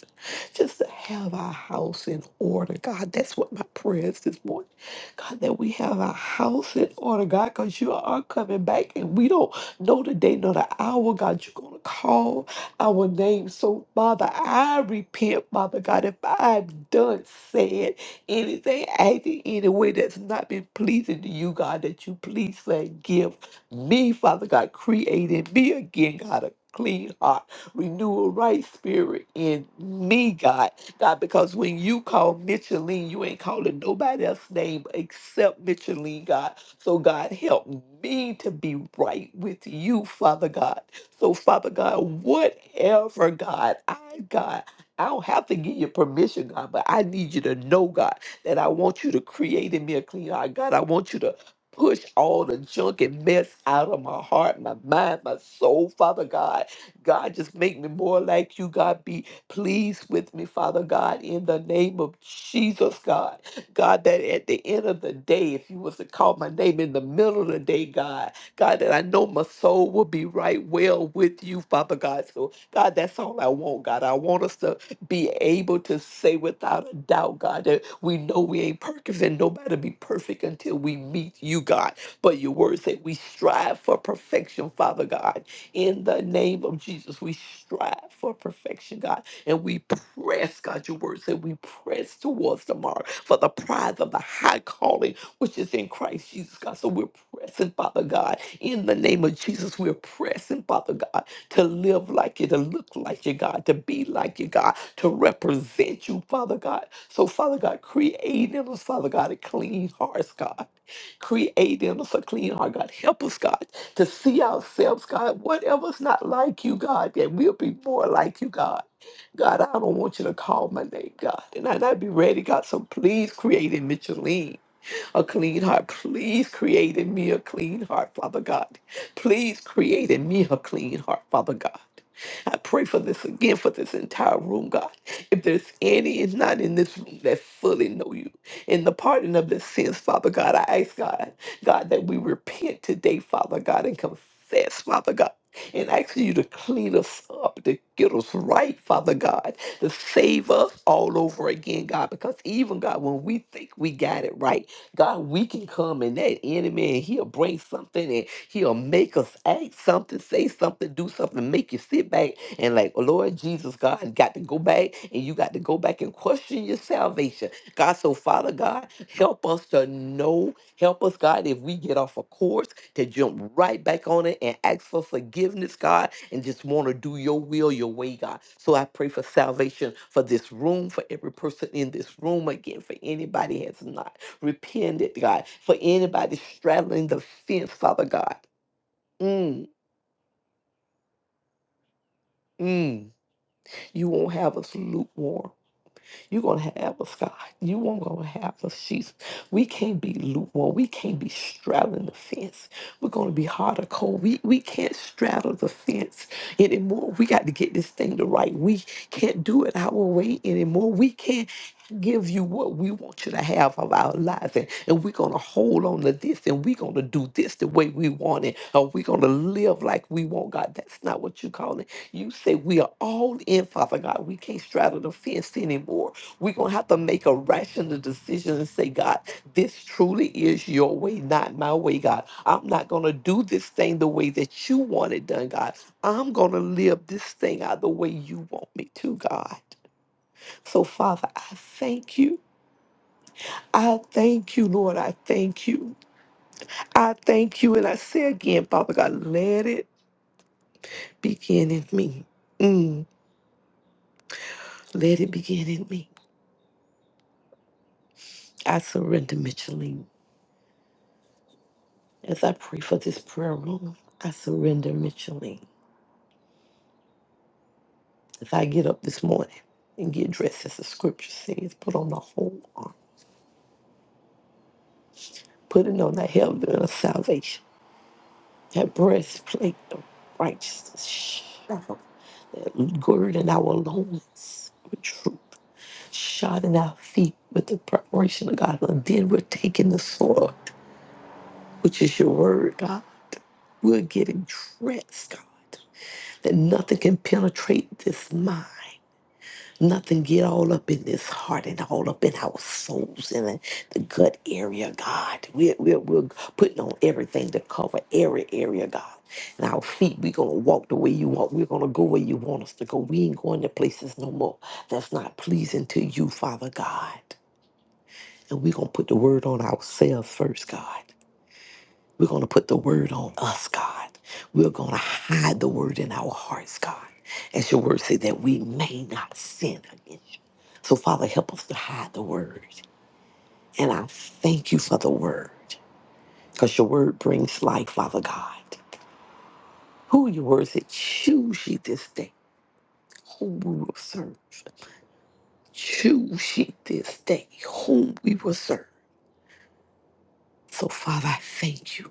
Speaker 4: just to have our house in order. God, that's what my prayer is this morning. God, that we have our house in order, God, because you are coming back and we don't know the day nor the hour. God, you're going to call our name. So, Father, I repent, Father God, if I've done, said anything, acted any way that's not been pleasing to you, God, that you please forgive me, Father God, creating me again, God, a clean heart Renew a right spirit in me, God. God, because when you call Micheline, you ain't calling nobody else's name except Micheline, God. So, God, help me to be right with you, Father God. So, Father God, whatever, God, I, God, I don't have to give you permission, God, but I need you to know, God, that I want you to create in me a clean heart. God, I want you to push all the junk and mess out of my heart, my mind, my soul, Father God. God, just make me more like you. God, be pleased with me, Father God, in the name of Jesus, God. God, that at the end of the day, if you was to call my name in the middle of the day, God, God, that I know my soul will be right well with you, Father God. So, God, that's all I want, God. I want us to be able to say without a doubt, God, that we know we ain't perfect and nobody be perfect until we meet you, God. But your word say we strive for perfection, Father God. In the name of Jesus, we strive for perfection, God, and we press, God, your word said we press towards the mark for the prize of the high calling which is in Christ Jesus, God. So we're pressing, Father God, in the name of Jesus, we're pressing, Father God, to live like you, to look like you, God, to be like you, God, to represent you, Father God. So, Father God, create in us, Father God, a clean heart, God. Create in us a clean heart, God. Help us, God, to see ourselves, God, whatever's not like you, God, that we'll be more like you, God. God, I don't want you to call my name, God. And I- and I'd be ready, God. So please create in Micheline a clean heart. Please create in me a clean heart, Father God. Please create in me a clean heart, Father God. I pray for this again for this entire room, God. If there's any is not in this room that fully know you in the pardon of the sins, Father God, I ask God, God, that we repent today, Father God, and confess, Father God. And ask you to clean us up, to get us right, Father God, to save us all over again, God. Because even God, when we think we got it right, God, we can come in that enemy and he'll bring something and he'll make us act something, say something, do something, make you sit back and like, "Oh, Lord Jesus, God, I got to go back and you got to go back and question your salvation. God, so Father God, help us to know, help us, God, if we get off a course to jump right back on it and ask for forgiveness, God, and just want to do your will, your way, God. So I pray for salvation for this room, for every person in this room, again, for anybody has not repented, God, for anybody straddling the fence, Father God. Mm, mm. You won't have us lukewarm. You're going to have us, God. You won't going to have us, Jesus. We can't be lukewarm. We can't be straddling the fence. We're going to be hard or cold. We, we can't straddle the fence anymore. We got to get this thing to right. We can't do it our way anymore. We can't give you what we want you to have of our lives and, and we're going to hold on to this and we're going to do this the way we want it or we're going to live like we want god that's not what you call it you say we are all in father god we can't straddle the fence anymore we're going to have to make a rational decision and say god this truly is your way not my way god i'm not going to do this thing the way that you want it done god i'm going to live this thing out the way you want me to god so, Father, I thank you I thank you, Lord. I thank you. I thank you. And I say again, Father God, let it begin in me. Mm, let it begin in me. I surrender, Micheline. As I pray for this prayer room, I surrender, Micheline. As I get up this morning and get dressed, as the scripture says, put on the whole armor, putting on the helmet of salvation, that breastplate of righteousness, that girding our loins with truth. shodding our feet with the preparation of God. And then we're taking the sword, which is your word, God. We're getting dressed, God, that nothing can penetrate this mind. Nothing get all up in this heart and all up in our souls and in the gut area, God. We're, we're, we're putting on everything to cover every area, God. And our feet, we're going to walk the way you want. We're going to go where you want us to go. We ain't going to places no more that's not pleasing to you, Father God. And we're going to put the word on ourselves first, God. We're going to put the word on us, God. We're going to hide the word in our hearts, God. As your word say that we may not sin against you. So, Father, help us to hide the word. And I thank you for the word because your word brings life, Father God. Who are your words that choose ye this day whom we will serve? Choose ye this day whom we will serve. So, Father, I thank you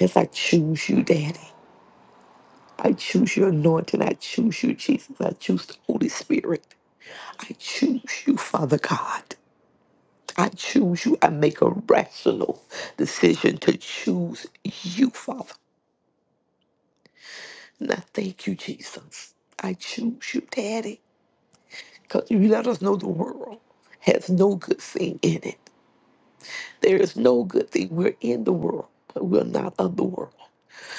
Speaker 4: as I choose you, Daddy. I choose your anointing. I choose you, Jesus. I choose the Holy Spirit. I choose you, Father God. I choose you. I make a rational decision to choose you, Father. And I thank you, Jesus. I choose you, Daddy, because you let us know the world has no good thing in it. There is no good thing. We're in the world, but we're not of the world.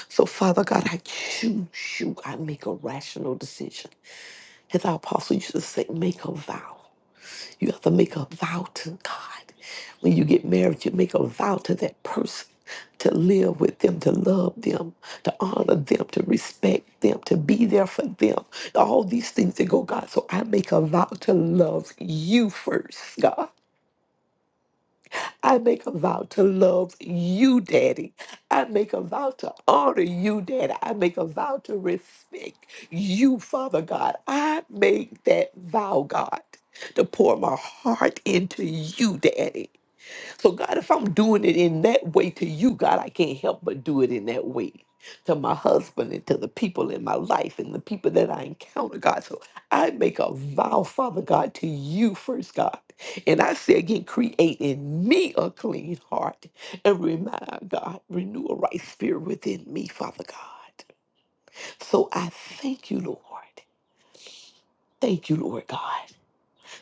Speaker 4: So, Father God, I choose you. I make a rational decision. As our apostle used to say, make a vow. You have to make a vow to God. When you get married, you make a vow to that person to live with them, to love them, to honor them, to respect them, to be there for them. All these things that go, God. So I make a vow to love you first, God. I make a vow to love you, Daddy. I make a vow to honor you, Daddy. I make a vow to respect you, Father God. I make that vow, God, to pour my heart into you, Daddy. So, God, if I'm doing it in that way to you, God, I can't help but do it in that way to my husband and to the people in my life and the people that I encounter, God. So, I make a vow, Father God, to you first, God. And I say again, create in me a clean heart and remind God, renew a right spirit within me, Father God. So, I thank you, Lord. Thank you, Lord God.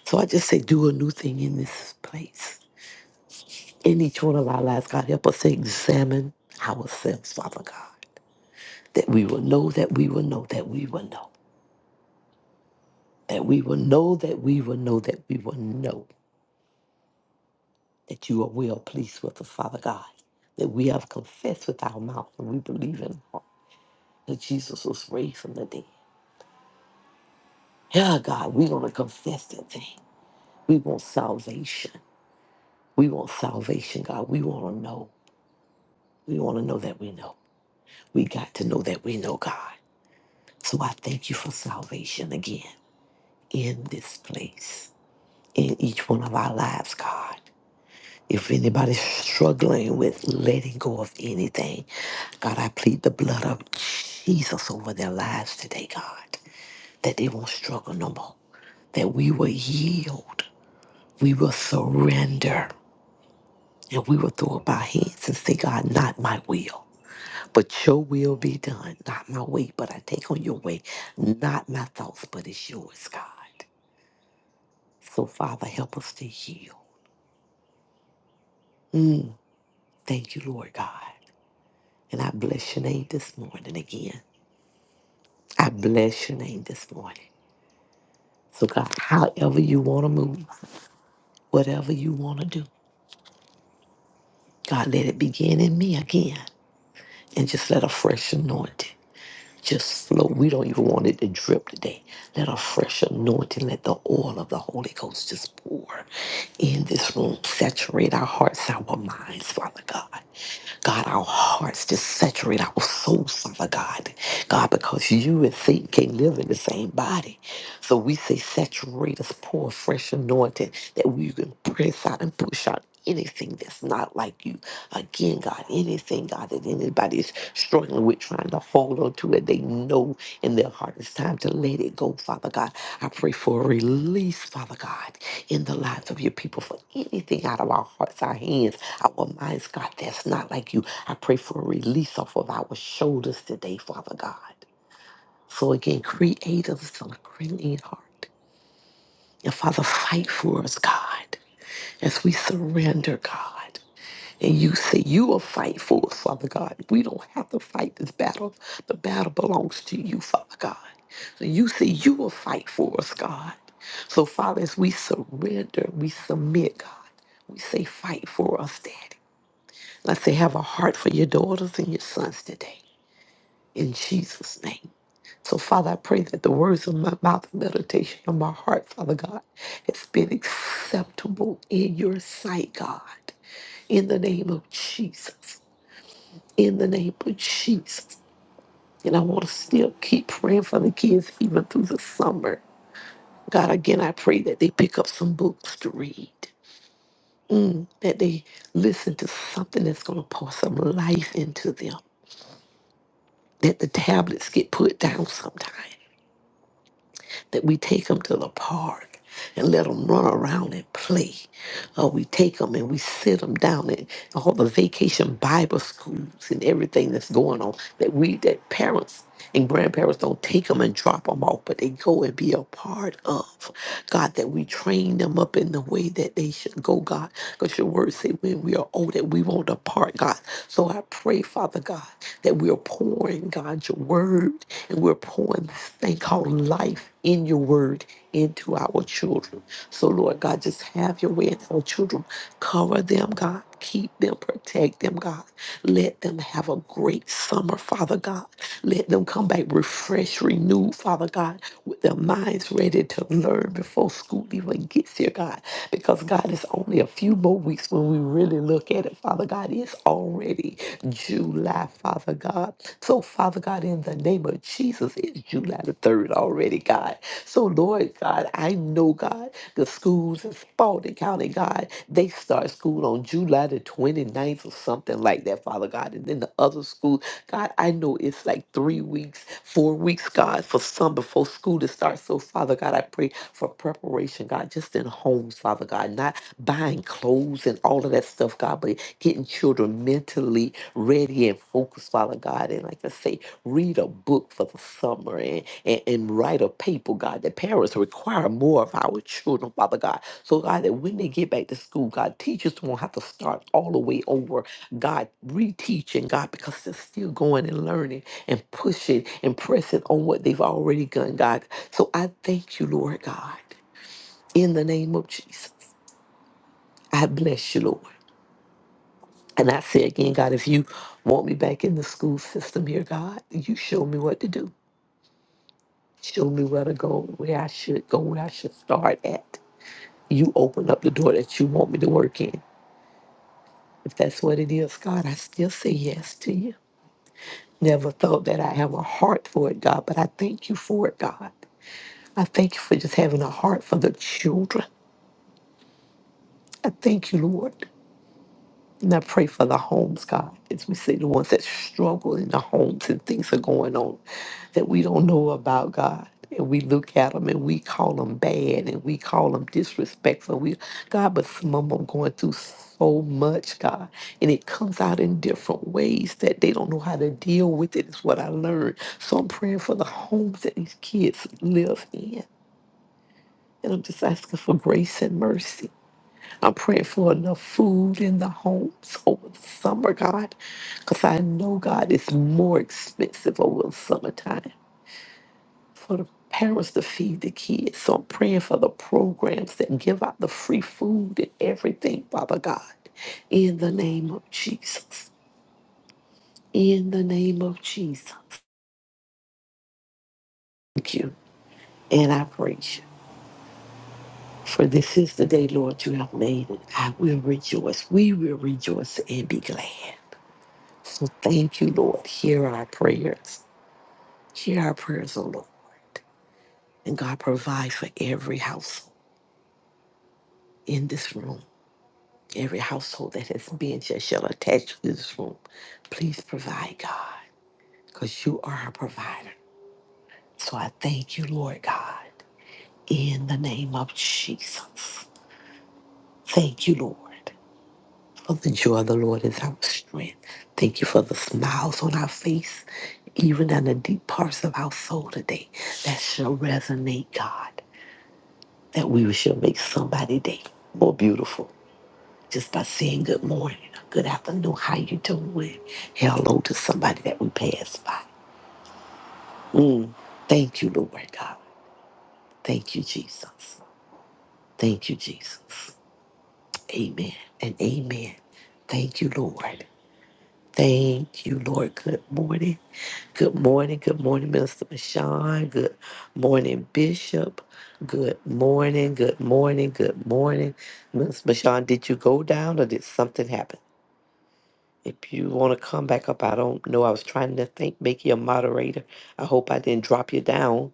Speaker 4: So, I just say, do a new thing in this place. in each one of our lives, God. Help us to examine ourselves, Father God, that we will know, that we will know, that we will know, that we will know, that we will know, that we will know that you are well pleased with us, Father God, that we have confessed with our mouth and we believe in our heart that Jesus was raised from the dead. Yeah, God, we're going to confess that thing. We want salvation. We want salvation, God. We want to know. We want to know that we know. We got to know that we know, God. So I thank you for salvation again. in this place, in each one of our lives, God. If anybody's struggling with letting go of anything, God, I plead the blood of Jesus over their lives today, God, that they won't struggle no more, that we will yield, we will surrender, and we will throw up our hands and say, God, not my will. But your will be done, not my way, but I take on your way, not my thoughts, but it's yours, God. So, Father, help us to heal. Thank you, Lord God. And I bless your name this morning again. I bless your name this morning. So, God, however you want to move, whatever you want to do, God, let it begin in me again. And just let a fresh anointing just flow. We don't even want it to drip today. Let a fresh anointing, let the oil of the Holy Ghost just pour in this room. Saturate our hearts, our minds, Father God. God, our hearts just saturate our souls, Father God. God, because you and Satan can't live in the same body. So we say, saturate us, pour a fresh anointing that we can press out and push out anything that's not like you. Again, God, anything, God, that anybody's struggling with, trying to hold on to it, they know in their heart it's time to let it go, Father God. I pray for a release, Father God, in the lives of your people for anything out of our hearts, our hands our minds, God, that's not like you. I pray for a release off of our shoulders today, Father God. So again, create us a clean heart. And Father, fight for us, God, as we surrender, God. And you say you will fight for us, Father God. We don't have to fight this battle. The battle belongs to you, Father God. So you say you will fight for us, God. So, Father, as we surrender, we submit, God. We say, fight for us, Daddy. I say have a heart for your daughters and your sons today. In Jesus' name. So, Father, I pray that the words of my mouth and meditation of my heart, Father God, has been acceptable in your sight, God. In the name of Jesus. In the name of Jesus. And I want to still keep praying for the kids even through the summer. God, again, I pray that they pick up some books to read. Mm, that they listen to something that's going to pour some life into them that the tablets get put down sometime, that we take them to the park and let them run around and play. Or we take them and we sit them down in all the vacation Bible schools and everything that's going on, that we, that parents and grandparents don't take them and drop them off, but they go and be a part of. God, that we train them up in the way that they should go, God. Because your word say when we are old that we won't depart, God. So I pray, Father God, that we are pouring, God, your word and we're pouring this thing called life in your word into our children. So, Lord God, just have your way in our children. Cover them, God. Keep them, protect them, God. Let them have a great summer, Father God. Let them come back refreshed, renewed, Father God, with their minds ready to learn before school even gets here, God. Because, God, it's only a few more weeks when we really look at it, Father God. It's already July, Father God. So, Father God, in the name of Jesus, it's July the 3rd already, God. So, Lord God, I know, God. The schools in Spalding County, God, they start school on July the 29th or something like that, Father God. And then the other schools, God, I know it's like three weeks, four weeks, God, for some before school to start. So, Father God, I pray for preparation, God, just in homes, Father God, not buying clothes and all of that stuff, God, but getting children mentally ready and focused, Father God. And like I say, read a book for the summer and, and, and write a paper, God, that parents require more of our children, Father God. So, God, that when they get back to school, God, teachers won't have to start all the way over, God, reteaching, God, because they're still going and learning and pushing and pressing on what they've already done, God. So, I thank you, Lord God, in the name of Jesus. I bless you, Lord. And I say again, God, if you want me back in the school system here, God, you show me what to do. Show me where to go, where I should go, where I should start at. You open up the door that you want me to work in. If that's what it is, God, I still say yes to you. Never thought that I have a heart for it, God, but I thank you for it, God. I thank you for just having a heart for the children. I thank you, Lord. And I pray for the homes, God, as we see the ones that struggle in the homes and things are going on. that we don't know about God. And we look at them and we call them bad and we call them disrespectful. We, God, but some of them going through so much, God. And it comes out in different ways that they don't know how to deal with it, is what I learned. So I'm praying for the homes that these kids live in. And I'm just asking for grace and mercy. I'm praying for enough food in the homes over the summer, God, because I know, God, it's more expensive over the summertime for the parents to feed the kids. So I'm praying for the programs that give out the free food and everything, Father God, in the name of Jesus. In the name of Jesus. Thank you. And I praise you. For this is the day, Lord, you have made it. I will rejoice. We will rejoice and be glad. So thank you, Lord. Hear our prayers. Hear our prayers, O Lord. And God, provide for every household in this room. Every household that has been shall, shall attach to this room. Please provide, God, because you are our provider. So I thank you, Lord God, in the name of Jesus. Thank you, Lord. For the joy of the Lord is our strength. Thank you for the smiles on our face, even in the deep parts of our soul today. That shall resonate, God, that we shall make somebody day more beautiful. just by saying good morning, or good afternoon, how you doing? Hello to somebody that we pass by. Mm. Thank you, Lord God. Thank you, Jesus. Thank you, Jesus. Amen and amen. Thank you, Lord. Thank you, Lord. Good morning. Good morning. Good morning, Minister Michon. Good morning, Bishop. Good morning. Good morning. Good morning. Minister Michon, did you go down or did something happen? If you want to come back up, I don't know. I was trying to think, make you a moderator. I hope I didn't drop you down.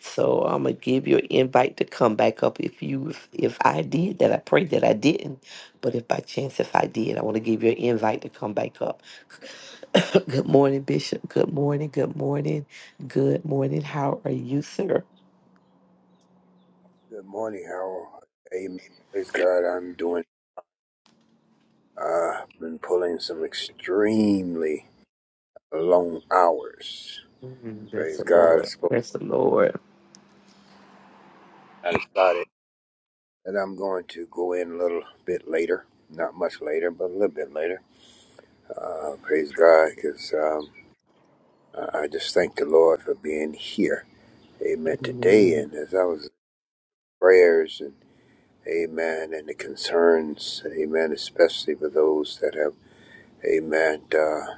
Speaker 4: So I'm gonna give you an invite to come back up. If you, if, if I did that, I pray that I didn't. But if by chance, if I did, I want to give you an invite to come back up. good morning, Bishop. Good morning. Good morning. Good morning. How are you, sir?
Speaker 6: Good morning, Harold. Amen. Praise God. I'm doing. uh, been pulling some extremely long hours.
Speaker 4: Mm, Bless
Speaker 6: Praise
Speaker 4: the
Speaker 6: God. I
Speaker 4: Lord.
Speaker 6: spoke.
Speaker 4: Bless the Lord.
Speaker 6: I decided that I'm going to go in a little bit later. Not much later, but a little bit later. Uh, praise God, because um, I I just thank the Lord for being here. Amen. Today,
Speaker 4: Amen.
Speaker 6: and as I was in prayers and Amen, and the concerns. Amen, especially for those that have Amen. Uh,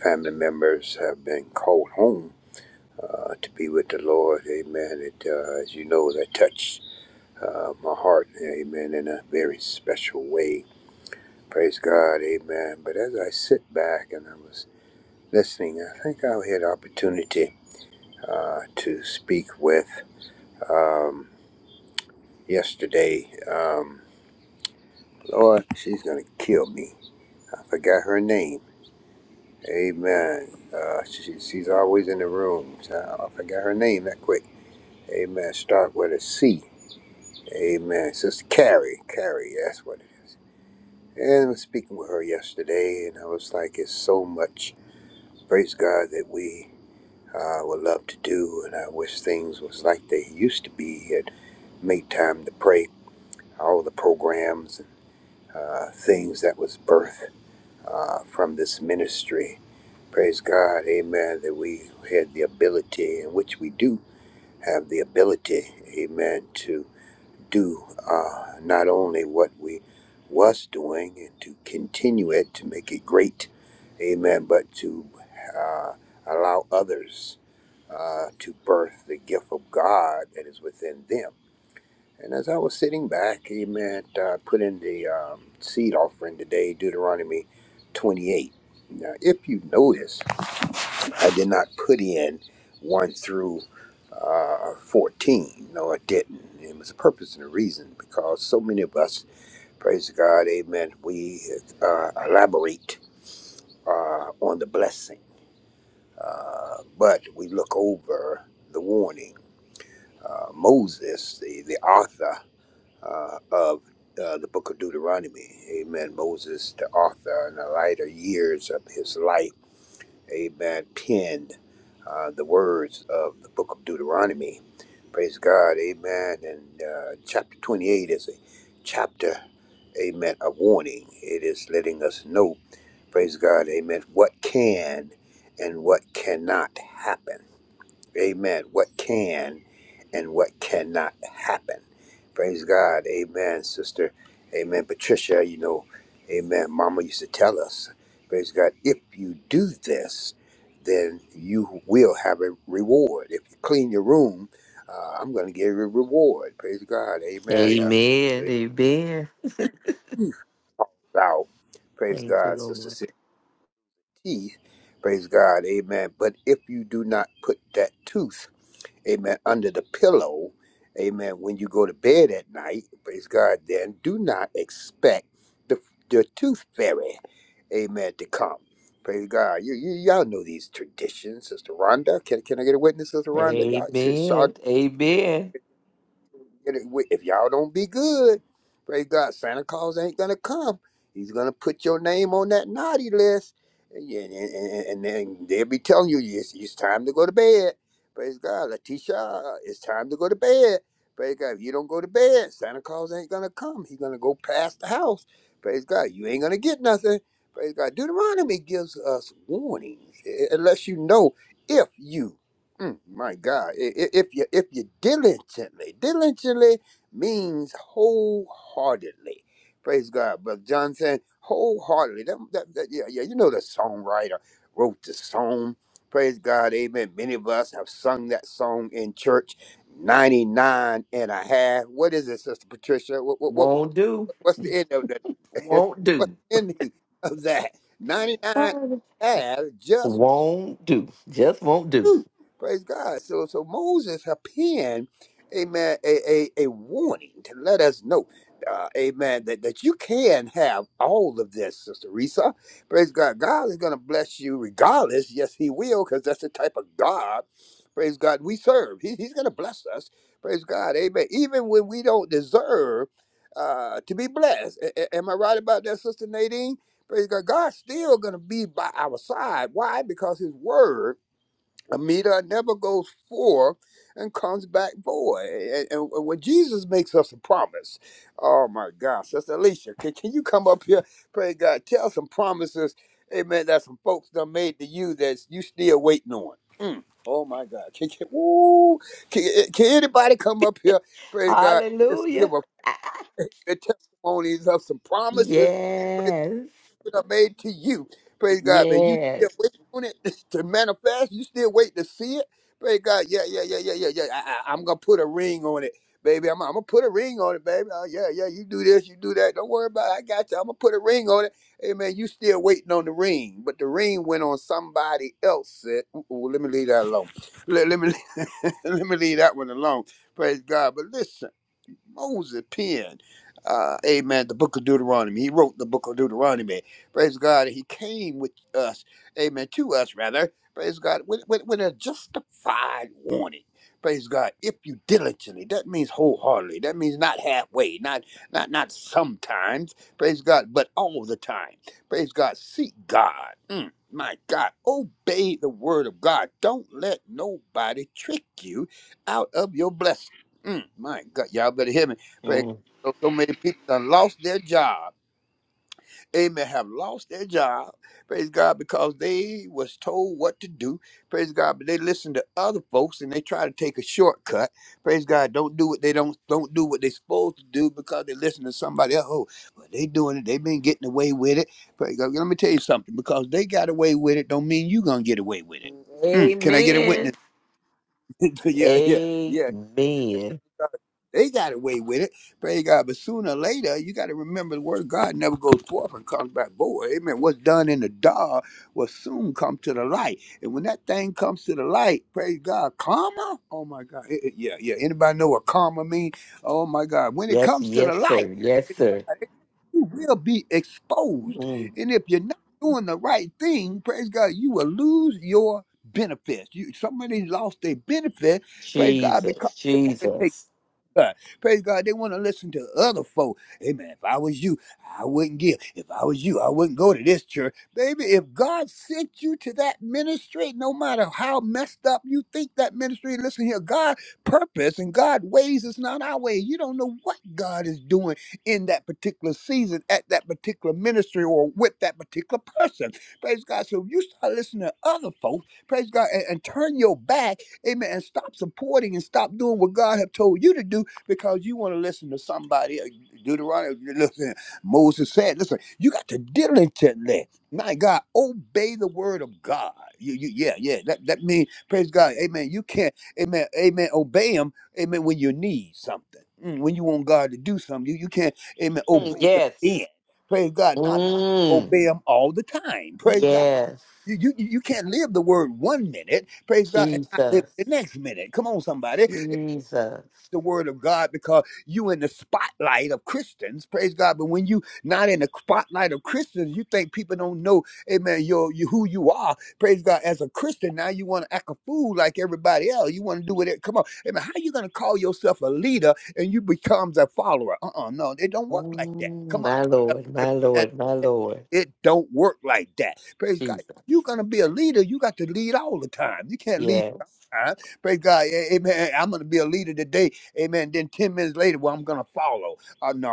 Speaker 6: family members have been called home uh, to be with the Lord. Amen. It, uh, as you know, that touched uh, my heart. Amen. In a very special way. Praise God. Amen. But as I sit back and I was listening, I think I had opportunity uh, to speak with um, yesterday. Um, Lord, she's going to kill me. I forgot her name Amen. Uh, she, she's always in the room. So I forgot her name that quick. Amen. Start with a C. Amen. Sister Carrie. Carrie, that's what it is. And I was speaking with her yesterday, and I was like, it's so much, praise God, that we uh, would love to do, and I wish things was like they used to be. It made time to pray, all the programs and uh, things that was birthed. uh, from this ministry. Praise God, amen, that we had the ability, in which we do have the ability, amen, to do uh, not only what we was doing and to continue it to make it great, amen, but to uh, allow others uh, to birth the gift of God that is within them. And as I was sitting back, amen, uh, put in the um, seed offering today, Deuteronomy 28. Now, if you notice, I did not put in 1 through uh, 14. No, I didn't. It was a purpose and a reason because so many of us, praise God, amen, we uh, elaborate uh, on the blessing, uh, but we look over the warning. Uh, Moses, the, the author, uh, of uh, the book of Deuteronomy. Amen. Moses, the author in the later years of his life, amen, penned uh, the words of the book of Deuteronomy. Praise God. Amen. And uh, chapter 28 is a chapter, amen, a warning. It is letting us know, praise God, amen, what can and what cannot happen. Amen. What can and what cannot happen. Praise God. Amen, sister. Amen. Patricia, you know, amen. Mama used to tell us, praise God, if you do this, then you will have a reward. If you clean your room, uh, I'm going to give you a reward. Praise God. Amen. Uh,
Speaker 4: Amen.
Speaker 6: it
Speaker 4: Amen.
Speaker 6: calls out. Praise
Speaker 4: Thank you,
Speaker 6: God, sister
Speaker 4: Lord.
Speaker 6: teeth. Praise God. Amen. But if you do not put that tooth, amen, under the pillow, amen, when you go to bed at night, praise God, then do not expect the, the tooth fairy, amen, to come. Praise God. You, you, y'all know these traditions, Sister Rhonda. Can, can I get a witness, Sister Rhonda? Y'all,
Speaker 4: Amen. Amen.
Speaker 6: get it with- if y'all don't be good, praise God, Santa Claus ain't gonna come. He's gonna put your name on that naughty list, and, yeah, and, and, and then they'll be telling you it's, it's time to go to bed. Praise God, Letitia, it's time to go to bed. Praise God, if you don't go to bed, Santa Claus ain't gonna come. He's gonna go past the house. Praise God, you ain't gonna get nothing. Praise God, Deuteronomy gives us warnings, eh, unless you know if you. Mm, my God, I- i- if you if you diligently, diligently means wholeheartedly. Praise God, Brother Johnson, wholeheartedly. That, that, that, yeah, yeah, you know the songwriter wrote the song. Praise God, amen. Many of us have sung that song in church 99 and a half. What is it, Sister Patricia? What, what, what,
Speaker 4: Won't do.
Speaker 6: what's the end of that?
Speaker 4: Won't
Speaker 6: what's
Speaker 4: do.
Speaker 6: the end of that? 99 and a half. just
Speaker 4: Won't do. Just won't do.
Speaker 6: Whew. Praise God. So so Moses had penned, amen, a, a, a warning to let us know, uh, amen, that, that you can have all of this, Sister Risa. Praise God. God is going to bless you regardless. Yes, he will, because that's the type of God, praise God, we serve. He, he's going to bless us. Praise God. Amen. Even when we don't deserve uh, to be blessed. A- a- am I right about that, Sister Nadine? Praise God. God's still going to be by our side. Why? Because his word a meter never goes forth and comes back void. And, and- and when Jesus makes us a promise, oh my gosh, Sister Alicia, can, can you come up here? Pray God, tell some promises, amen, that some folks done made to you that you still waiting on. Mm, Oh my God. Can, can, woo, can, eh, can anybody come up here? Pray God, just give
Speaker 4: Hallelujah.
Speaker 6: a testimonies of some promises
Speaker 4: Yes.
Speaker 6: promises are made to you. Praise God, man. You still
Speaker 4: Yes.
Speaker 6: waiting on it to manifest. You still waiting to see it. Praise God. Yeah, yeah, yeah, yeah, yeah, yeah. I, I, I'm gonna put a ring on it, baby. I'm, I'm gonna put a ring on it, baby. Oh, yeah, yeah. You do this, you do that. Don't worry about it. I got you. I'm gonna put a ring on it. Hey, man, you still waiting on the ring, but the ring went on somebody else. Said, ooh, ooh, Let me leave that alone. Let, let me let me leave that one alone. Praise God. But listen. Moses penned, uh, amen, the book of Deuteronomy. He wrote the book of Deuteronomy. Praise God. He came with us, amen, to us rather. Praise God, with, with, with a justified warning. Praise God. If you diligently, that means wholeheartedly. That means not halfway, not not not sometimes. Praise God, but all the time. Praise God. Seek God. Mm, my God. Obey the word of God. Don't let nobody trick you out of your blessing. Mm, my God, y'all better hear me. Praise
Speaker 4: Mm.
Speaker 6: God. So, so many people done lost their job. Amen. Have lost their job. Praise God because they was told what to do. Praise God, but they listen to other folks and they try to take a shortcut. Praise God, don't do what they don't don't do what they supposed to do because they listen to somebody else. Oh, well, they doing it. they been getting away with it. Praise God. Let me tell you something. Because they got away with it, don't mean you gonna get away with it. Mm, can I get a
Speaker 4: Amen.
Speaker 6: witness? yeah, yeah, yeah. Just
Speaker 4: Amen.
Speaker 6: because They got away with it. Praise God. But sooner or later, you got to remember the word of God never goes forth and comes back void. Amen. What's done in the dark will soon come to the light. And when that thing comes to the light, praise God, karma? Oh my God. It- it- yeah, yeah. Anybody know what karma means? Oh my God. When it
Speaker 4: Yes,
Speaker 6: comes to the
Speaker 4: yes, sir.
Speaker 6: light,
Speaker 4: Yes, sir.
Speaker 6: you will be exposed.
Speaker 4: Mm.
Speaker 6: And if you're not doing the right thing, praise God, you will lose your benefits. You somebody lost their benefit, praise God,
Speaker 4: Jesus.
Speaker 6: because
Speaker 4: Jesus.
Speaker 6: God. Praise God. They want to listen to other folk. Amen. If I was you, I wouldn't give. If I was you, I wouldn't go to this church. Baby, if God sent you to that ministry, no matter how messed up you think that ministry, listen here, God purpose and God ways is not our way. You don't know what God is doing in that particular season, at that particular ministry, or with that particular person. Praise God. So if you start listening to other folks, praise God, and, and turn your back, amen, and stop supporting and stop doing what God have told you to do because you want to listen to somebody. uh, Deuteronomy, listen, Moses said, listen, you got to diligently, my God, obey the word of God. You, you, yeah, yeah. That, that means, praise God, amen. You can't, amen, amen, obey him, amen, when you need something. Mm, When you want God to do something, you, you can't, amen,
Speaker 4: Mm,
Speaker 6: obey him then.
Speaker 4: Yes.
Speaker 6: Praise God, not
Speaker 4: Mm.
Speaker 6: obey him all the time. Praise God.
Speaker 4: Yes.
Speaker 6: You, you, you can't live the word one minute, praise God, and not live
Speaker 4: Jesus.
Speaker 6: it the next minute. Come on, somebody
Speaker 4: Jesus.
Speaker 6: the word of God because you in the spotlight of Christians, praise God. But when you not in the spotlight of Christians, you think people don't know, amen, your you who you are, praise God, as a Christian. Now you want to act a fool like everybody else. You want to do what it come on. Amen. How you gonna call yourself a leader and you becomes a follower? Uh-uh, no, it don't work like that.
Speaker 4: Mm,
Speaker 6: Come on.
Speaker 4: my Lord, my
Speaker 6: Somebody put that in
Speaker 4: Lord, my
Speaker 6: the chat.
Speaker 4: Lord.
Speaker 6: It don't work like that. Praise God. You're
Speaker 4: Jesus.
Speaker 6: gonna be a leader. You got to lead all the time. You can't lead
Speaker 4: Yes.
Speaker 6: sometimes. Praise God. A- Amen. I'm gonna be a leader today. Amen. Then ten minutes later, well, I'm gonna follow. Uh, no.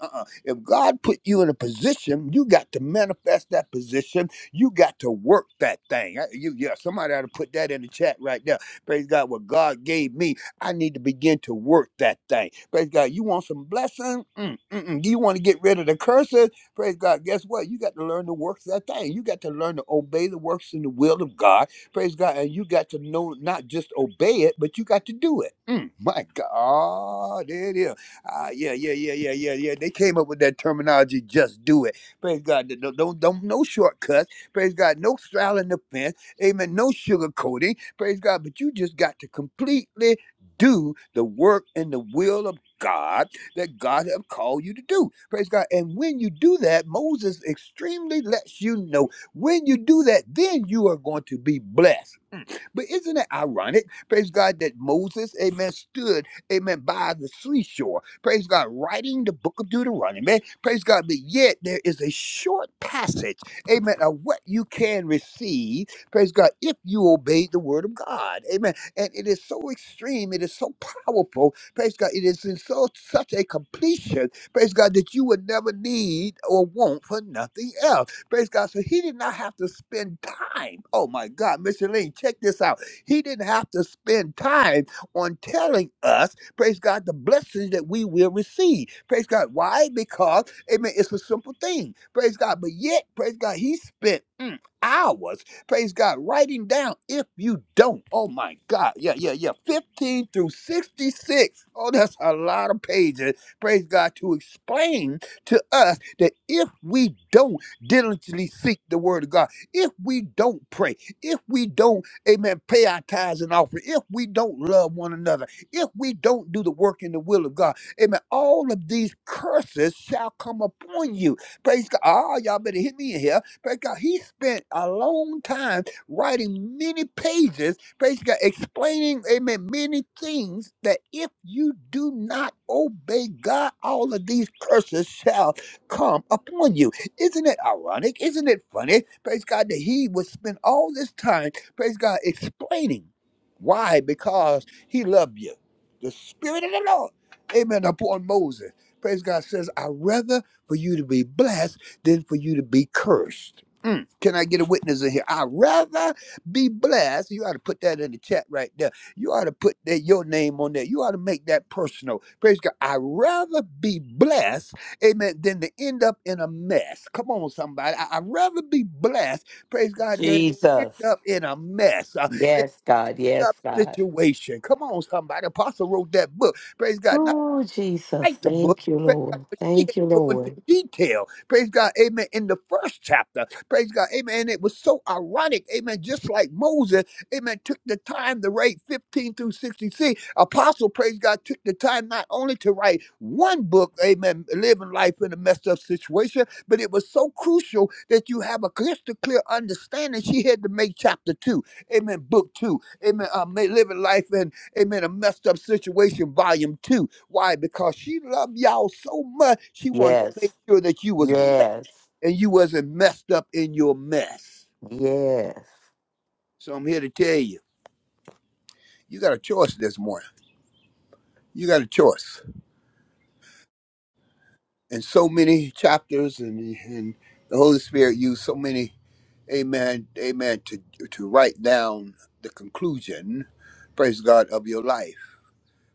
Speaker 6: Uh-uh. If God put you in a position, you got to manifest that position. You got to work that thing. I- You, yeah. Somebody ought to put that in the chat right there. Praise God. What God gave me. I need to begin to work that thing. Praise God. You want some blessing? Mm, mm, mm. Do you want to get rid of the curses? Praise God. Guess what? You got to learn to work that thing. You got to learn to obey the works and the will of God. Praise God. And you got to know not just obey it, but you got to do it. Mm, my God. Oh, There it is. Ah, yeah, yeah, yeah, yeah, yeah, yeah. They came up with that terminology, just do it. Praise God. Don't, don't, don't no shortcuts. Praise God. No straddling the fence. Amen. No sugarcoating. Praise God. But you just got to completely do the work and the will of God that God have called you to do. Praise God. And when you do that, Moses extremely lets you know when you do that, then you are going to be blessed. But isn't it ironic, praise God, that Moses, amen, stood, amen, by the seashore, praise God, writing the book of Deuteronomy, praise God, but yet there is a short passage, amen, of what you can receive, praise God, if you obey the word of God, amen. And it is so extreme, it is so powerful, praise God, it is in so such a completion, praise God, that you would never need or want for nothing else. Praise God. So he did not have to spend time. Oh my God, Mr. Lane, check this out. He didn't have to spend time on telling us, praise God, the blessings that we will receive. Praise God. Why? Because, amen, it's a simple thing. Praise God. But yet, praise God, he spent mm, hours, praise God, writing down if you don't. Oh my God. Yeah, yeah, yeah. 15 through 66. Oh, that's a lot of pages. Praise God to explain to us that if we don't diligently seek the word of God. If we don't pray, if we don't, amen, pay our tithes and offering, if we don't love one another, if we don't do the work in the will of God, amen, all of these curses shall come upon you. Praise God. Ah, y'all better hit me in here. Praise God. He spent a long time writing many pages, praise God, explaining, amen, many things that if you do not obey God, all of these curses shall come upon you. Isn't it ironic? Isn't it funny? Praise God that he would spend all this time, praise God, explaining why, because he loved you. The Spirit of the Lord, amen, upon Moses. Praise God says, I'd rather for you to be blessed than for you to be cursed. Mm. Can I get a witness in here? I'd rather be blessed. You ought to put that in the chat right there. You ought to put that your name on there. You ought to make that personal. Praise God. I'd rather be blessed amen, than to end up in a mess. Come on, somebody. I, would rather be blessed, praise God, than end
Speaker 4: Jesus.
Speaker 6: up in a mess, uh, in
Speaker 4: Yes, God.
Speaker 6: a
Speaker 4: Yes,
Speaker 6: tough
Speaker 4: God.
Speaker 6: situation. Come on, somebody. Apostle wrote that book, praise God
Speaker 4: Oh, Jesus.
Speaker 6: write the book.
Speaker 4: Thank you,
Speaker 6: Praise God.
Speaker 4: Lord.
Speaker 6: But she had to
Speaker 4: Thank you,
Speaker 6: go into
Speaker 4: Lord.
Speaker 6: detail. Praise God. Amen. In the first chapter. Praise God. Amen. And it was so ironic. Amen. Just like Moses, amen, took the time to write 15 through 66. Apostle, praise God, took the time not only to write one book, amen, living life in a messed up situation, but it was so crucial that you have a crystal clear understanding. She had to make chapter two. Amen. Book two. Amen. Uh, ma- living life in Amen. A messed up situation, volume two. Why? Because she loved y'all so much, she wanted to make
Speaker 4: Yes.
Speaker 6: sure that you was blessed
Speaker 4: Yes.
Speaker 6: and you wasn't messed up in your mess.
Speaker 4: Yes.
Speaker 6: So I'm here to tell you, you got a choice this morning. You got a choice. And so many chapters and, and the Holy Spirit used so many, amen, amen, to to write down the conclusion, praise God, of your life.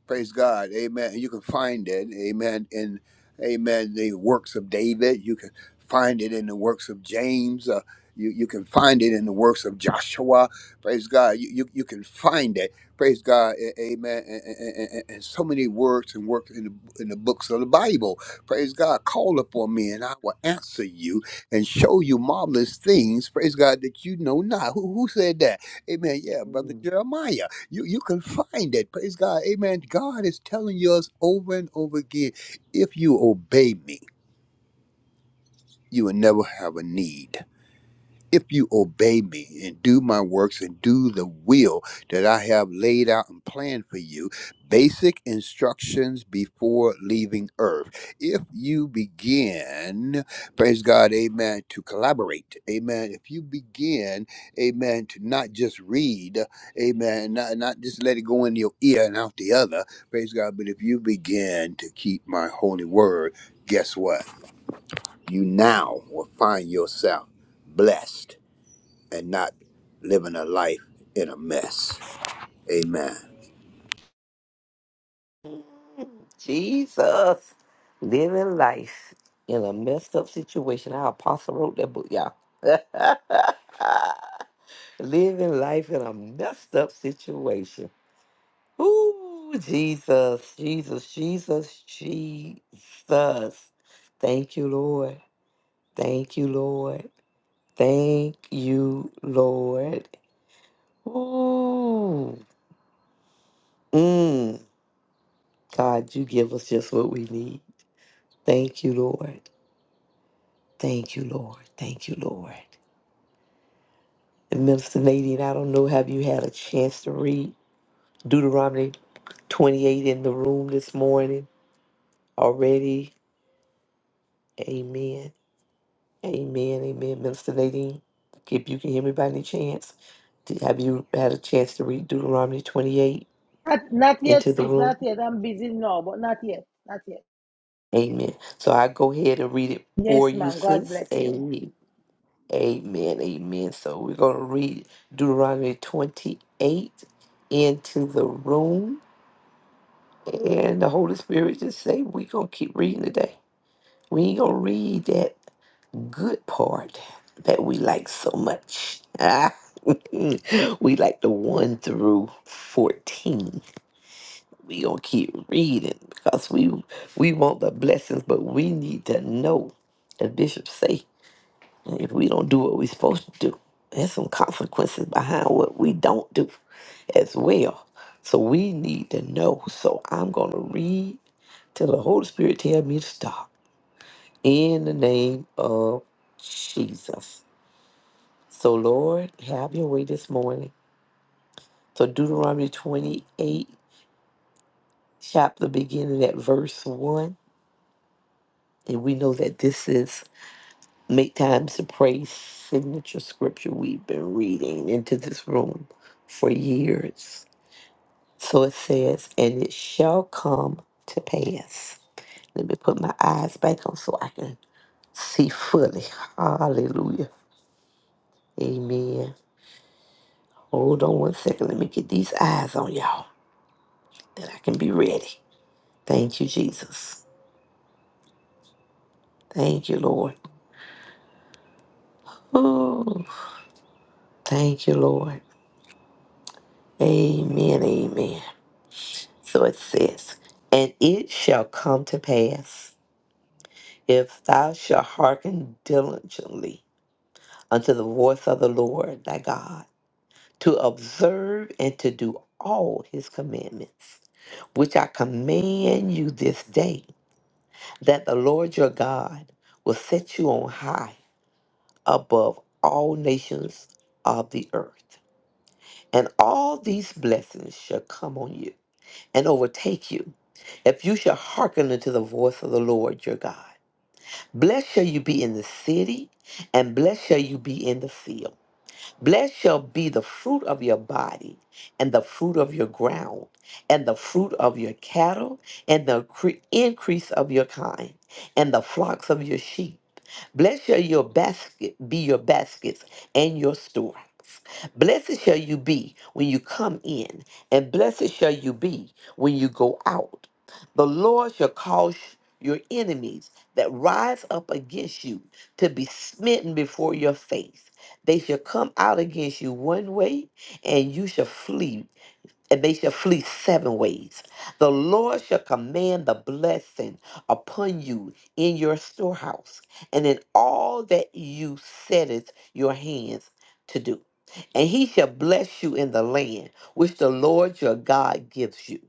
Speaker 6: Praise God. Amen. You can find it. Amen. In Amen. The works of David. You can find it in the works of James. Uh, you, you can find it in the works of Joshua. Praise God. You, you, you can find it. Praise God. A- Amen. And, and, and- and so many works and works in the, in the books of the Bible. Praise God. Call upon me and I will answer you and show you marvelous things. Praise God that you know not. Who, who said that? Amen. Yeah, Brother
Speaker 4: Mm.
Speaker 6: Jeremiah. You you can find it. Praise God. Amen. God is telling us over and over again, if you obey me, you will never have a need if you obey me and do my works and do the will that I have laid out and planned for you, basic instructions before leaving earth. If you begin, praise God, amen, to collaborate, amen. If you begin, amen, to not just read, amen, not, not just let it go in your ear and out the other, praise God, but if you begin to keep my holy word, guess what? You now will find yourself blessed and not living a life in a mess. Amen.
Speaker 4: Jesus. Living life in a messed up situation. Our apostle wrote that book, y'all. Living life in a messed up situation. Ooh, Jesus, Jesus, Jesus, Jesus. Thank you, Lord. Thank you, Lord. Thank you, Lord. Ooh. Mm. God, you give us just what we need. Thank you, Lord. Thank you, Lord. Thank you, Lord. And Minister Nadine, I don't know, have you had a chance to read Deuteronomy 28 in the room this morning already? Amen. Amen, amen. Minister Nadine, if you can hear me by any chance, do- have you had a chance to read Deuteronomy 28
Speaker 3: Not, not yet,
Speaker 4: into the
Speaker 3: sis.
Speaker 4: room?
Speaker 3: Not yet. I'm busy now, but not yet. Not yet.
Speaker 4: Amen. So I go ahead and read it for
Speaker 3: Yes,
Speaker 4: you,
Speaker 3: ma'am. God
Speaker 4: sis.
Speaker 3: bless you.
Speaker 4: Amen, amen. amen. So we're going to read Deuteronomy 28 into the room. And the Holy Spirit just say, we're going to keep reading today. We ain't going to read that good part that we like so much. Ah, we like the 1 through 14. We going to keep reading because we we want the blessings, but we need to know, as Bishop say, if we don't do what we're supposed to do, there's some consequences behind what we don't do as well. So we need to know. So I'm going to read till the Holy Spirit tell me to stop. In the name of Jesus. So, Lord, have your way this morning. So, Deuteronomy 28, chapter beginning at verse 1. And we know that this is Make Time to Pray signature scripture we've been reading into this room for years. So it says, And it shall come to pass. Let me put my eyes back on so I can see fully. Hallelujah. Amen. Hold on one second. Let me get these eyes on y'all that I can be ready. Thank you, Jesus. Thank you, Lord. Ooh, thank you, Lord. Amen. Amen. So it says, And it shall come to pass, if thou shalt hearken diligently unto the voice of the Lord thy God, to observe and to do all his commandments, which I command you this day, that the Lord your God will set you on high above all nations of the earth And all these blessings shall come on you and overtake you if you shall hearken unto the voice of the Lord your God. Blessed shall you be in the city, and blessed shall you be in the field. Blessed shall be the fruit of your body, and the fruit of your ground, and the fruit of your cattle, and the cre- increase of your kind, and the flocks of your sheep Blessed shall your basket be your baskets and your store. Blessed shall you be when you come in, and blessed shall you be when you go out. The Lord shall cause your enemies that rise up against you to be smitten before your face. They shall come out against you one way, and you shall flee and they shall flee seven ways. The Lord shall command the blessing upon you in your storehouse and in all that you setteth your hands to do. And he shall bless you in the land which the Lord your God gives you.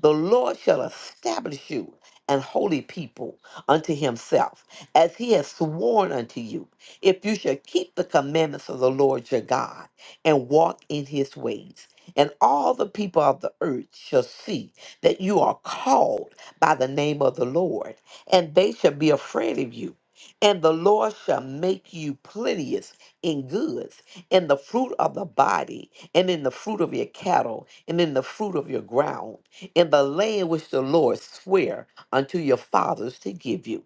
Speaker 4: The Lord shall establish you an holy people unto himself, as he has sworn unto you, if you shall keep the commandments of the Lord your God and walk in his ways and all the people of the earth shall see that you are called by the name of the Lord, and they shall be afraid of you. And the Lord shall make you plenteous in goods, in the fruit of the body, and in the fruit of your cattle, and in the fruit of your ground, in the land which the Lord sware unto your fathers to give you.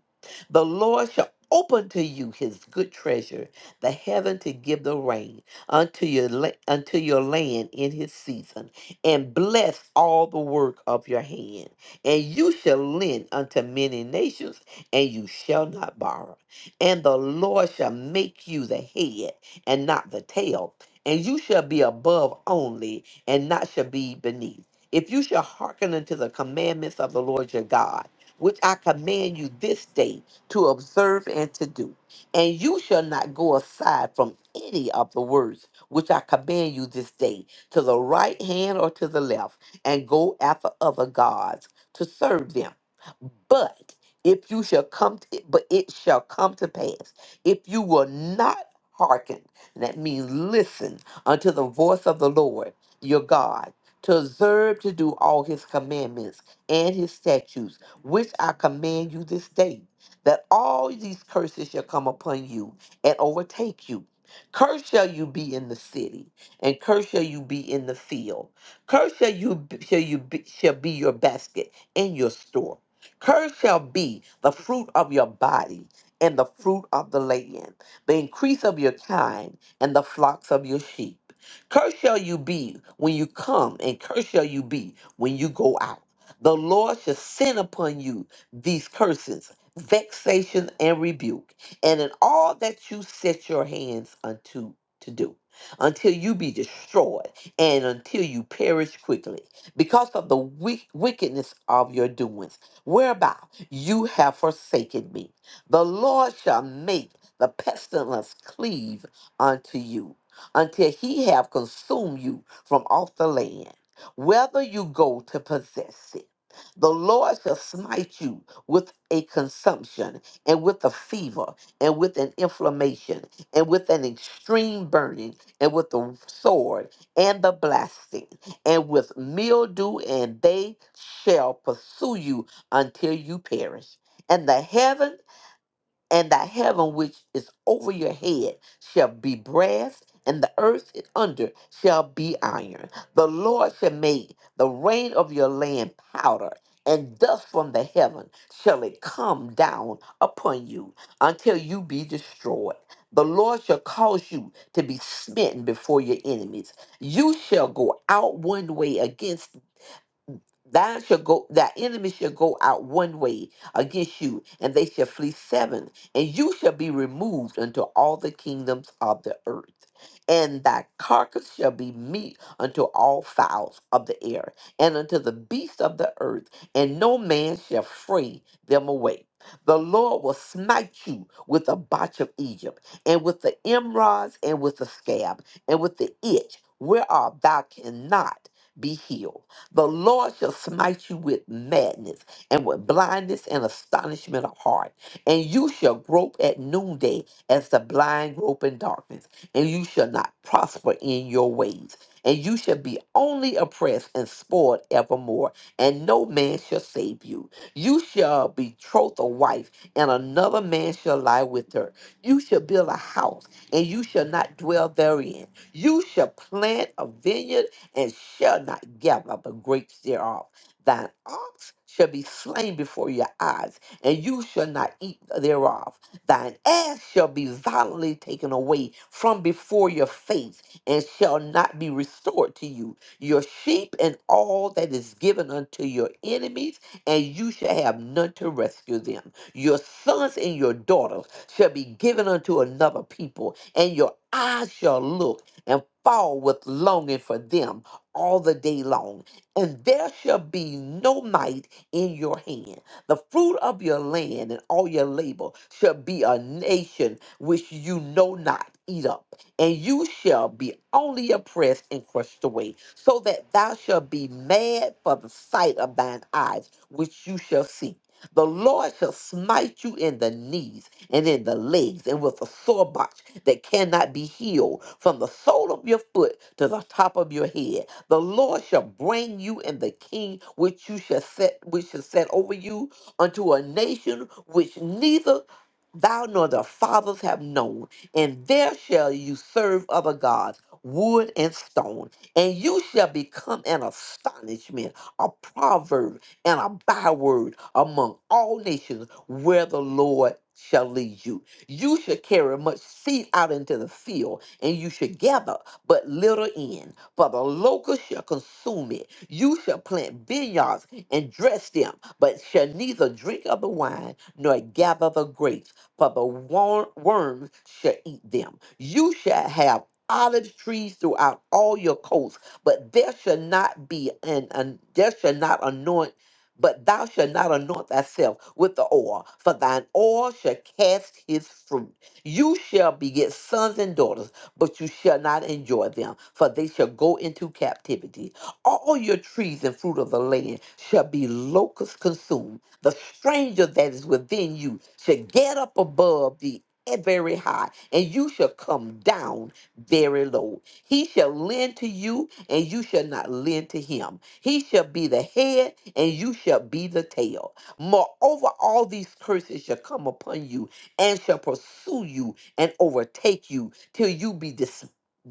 Speaker 4: The Lord shall open to you his good treasure, the heaven to give the rain unto your la- unto your land in his season, and bless all the work of your hand. And you shall lend unto many nations, and you shall not borrow. And the Lord shall make you the head and not the tail, and you shall be above only, and not shall be beneath. If you shall hearken unto the commandments of the Lord your God, which I command you this day to observe and to do and you shall not go aside from any of the words which I command you this day, to the right hand or to the left, and go after other gods to serve them. But if you shall come, to, but it shall come to pass if you will not hearken. and That means listen unto the voice of the Lord your God, to observe to do all His commandments and His statutes, which I command you this day that all these curses shall come upon you and overtake you. Cursed shall you be in the city, and cursed shall you be in the field. Cursed shall you b- shall you be, shall be your basket and your store. Cursed shall be the fruit of your body and the fruit of the land, the increase of your kind and the flocks of your sheep. Cursed shall you be when you come, and cursed shall you be when you go out. The Lord shall send upon you these curses vexation, and rebuke, and in all that you set your hands unto to do, until you be destroyed, and until you perish quickly, because of the wick- wickedness of your doings, whereby you have forsaken me. The Lord shall make the pestilence cleave unto you, until he have consumed you from off the land, whether you go to possess it. The Lord shall smite you with a consumption and with a fever and with an inflammation and with an extreme burning and with the sword and the blasting and with mildew, and they shall pursue you until you perish. And the heaven and thy heaven which is over your head shall be brass, and the earth under shall be iron. The Lord shall make the rain of your land powder, and dust from the heaven shall it come down upon you until you be destroyed. The Lord shall cause you to be smitten before your enemies. You shall go out one way against Thine shall go thy enemy shall go out one way against you, and they shall flee seven, and you shall be removed unto all the kingdoms of the earth. And thy carcass shall be meat unto all fowls of the air, and unto the beasts of the earth, and no man shall free them away. The Lord will smite you with the botch of Egypt, and with the emrods, and with the scab, and with the itch, whereof thou cannot be healed the Lord shall smite you with madness and with blindness and astonishment of heart. And you shall grope at noonday as the blind grope in darkness. And you shall not prosper in your ways. And you shall be only oppressed and spoiled evermore. And no man shall save you. You shall betroth a wife, and another man shall lie with her. You shall build a house, and you shall not dwell therein. You shall plant a vineyard and shall not gather up the grapes thereof. Thine ox shall be slain before your eyes, and you shall not eat thereof. Thine ass shall be violently taken away from before your face, and shall not be restored to you. Your sheep and all that is given unto your enemies, and you shall have none to rescue them. Your sons and your daughters shall be given unto another people, and your eyes shall look and fall with longing for them all the day long, and there shall be no might in your hand. The fruit of your land and all your labor shall be a nation which you know not. Eat up, and you shall be only oppressed and crushed away, so that thou shalt be mad for the sight of thine eyes, which you shall see. The Lord shall smite you in the knees and in the legs, and with a sore box that cannot be healed, from the sole of your foot to the top of your head the Lord shall bring you and the king which you shall set which shall set over you unto a nation which neither thou nor the fathers have known, and there shall you serve other gods, wood and stone, and you shall become an astonishment, a proverb, and a byword among all nations where the Lord shall lead you. You shall carry much seed out into the field, and you shall gather but little in for the locust shall consume it. You shall plant vineyards and dress them, but shall neither drink of the wine nor gather the grapes, for the wor- worms shall eat them. You shall have olive trees throughout all your coasts, but there shall not be an, an there shall not anoint but thou shalt not anoint thyself with the oil, for thine oil shall cast his fruit. You shall beget sons and daughters but you shall not enjoy them, for they shall go into captivity. All your trees and fruit of the land shall be locusts consumed. The stranger that is within you shall get up above the very high, and you shall come down very low. He shall lend to you, and you shall not lend to him. He shall be the head, and you shall be the tail. Moreover, all these curses shall come upon you, and shall pursue you, and overtake you till you be dis-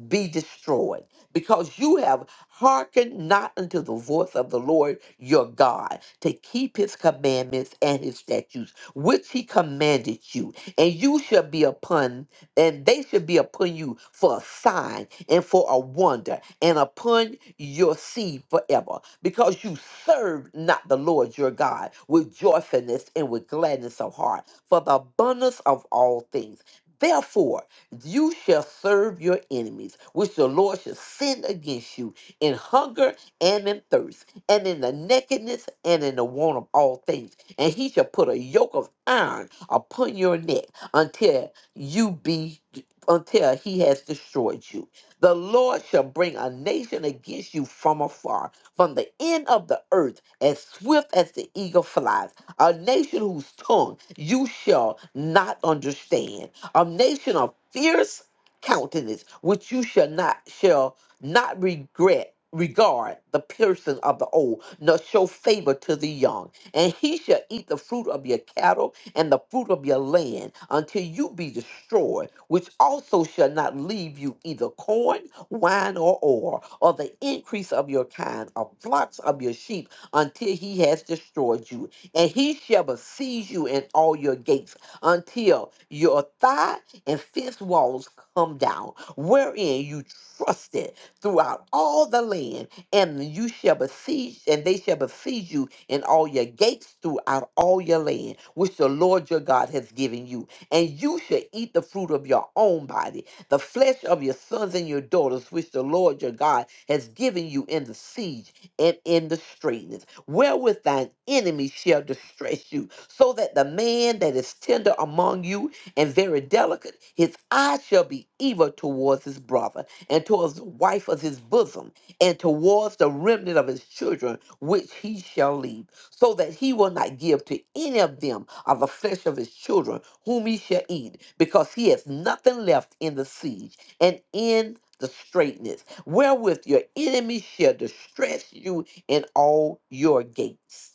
Speaker 4: be destroyed because you have hearkened not unto the voice of the Lord your God to keep his commandments and his statutes which he commanded you and you shall be upon and they shall be upon you for a sign and for a wonder and upon your seed forever because you served not the Lord your God with joyfulness and with gladness of heart for the abundance of all things Therefore, you shall serve your enemies, which the Lord shall send against you in hunger and in thirst, and in the nakedness and in the want of all things. And he shall put a yoke of iron upon your neck until you be until he has destroyed you. The Lord shall bring a nation against you from afar, from the end of the earth, as swift as the eagle flies, a nation whose tongue you shall not understand a nation of fierce countenance, which you shall not shall not regret regard the person of the old, nor show favor to the young. And he shall eat the fruit of your cattle and the fruit of your land until you be destroyed, which also shall not leave you either corn, wine, or oil, or the increase of your kind, or flocks of your sheep, until he has destroyed you. And he shall besiege you in all your gates until your thigh and fist walls come down, wherein you trusted throughout all the land, and you shall besiege, and they shall besiege you in all your gates throughout all your land, which the Lord your God has given you. And you shall eat the fruit of your own body, the flesh of your sons and your daughters, which the Lord your God has given you in the siege and in the straitness wherewith thine enemies shall distress you, so that the man that is tender among you and very delicate, his eye shall be evil towards his brother, and towards the wife of his bosom, and towards the remnant of his children, which he shall leave, so that he will not give to any of them of the flesh of his children, whom he shall eat, because he has nothing left in the siege and in the straitness, wherewith your enemies shall distress you in all your gates.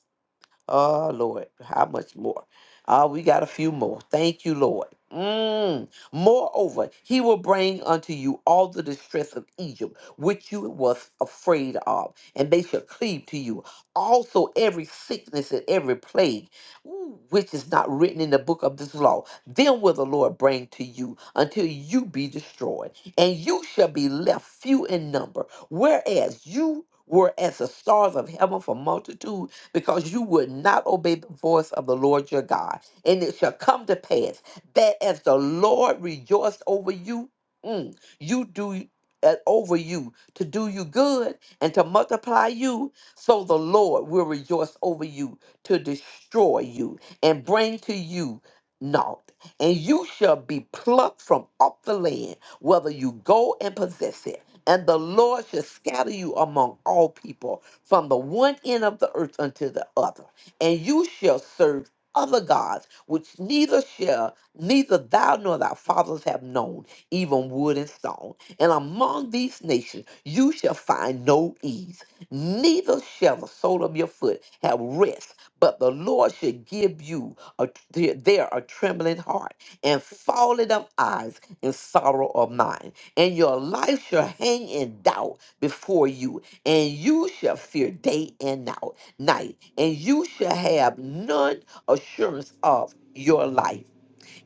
Speaker 4: Oh, Lord, how much more? Ah, we got a few more. Thank you, Lord. Mm. Moreover, he will bring unto you all the distress of Egypt, which you was afraid of, and they shall cleave to you. Also, every sickness and every plague, ooh, which is not written in the book of this law, them will the Lord bring to you until you be destroyed, and you shall be left few in number, whereas you were as the stars of heaven for multitude because you would not obey the voice of the Lord your God. And it shall come to pass that as the Lord rejoiced over you, mm, you do uh, over you to do you good and to multiply you, so the Lord will rejoice over you to destroy you and bring to you naught. And you shall be plucked from off the land, whether you go and possess it. And the Lord shall scatter you among all people from the one end of the earth unto the other, and you shall serve other gods, which neither shall neither thou nor thy fathers have known, even wood and stone. And among these nations you shall find no ease, neither shall the sole of your foot have rest, but the Lord shall give you a, there a trembling heart and falling of eyes and sorrow of mind. And your life shall hang in doubt before you, and you shall fear day and now- night, and you shall have none assurance of your life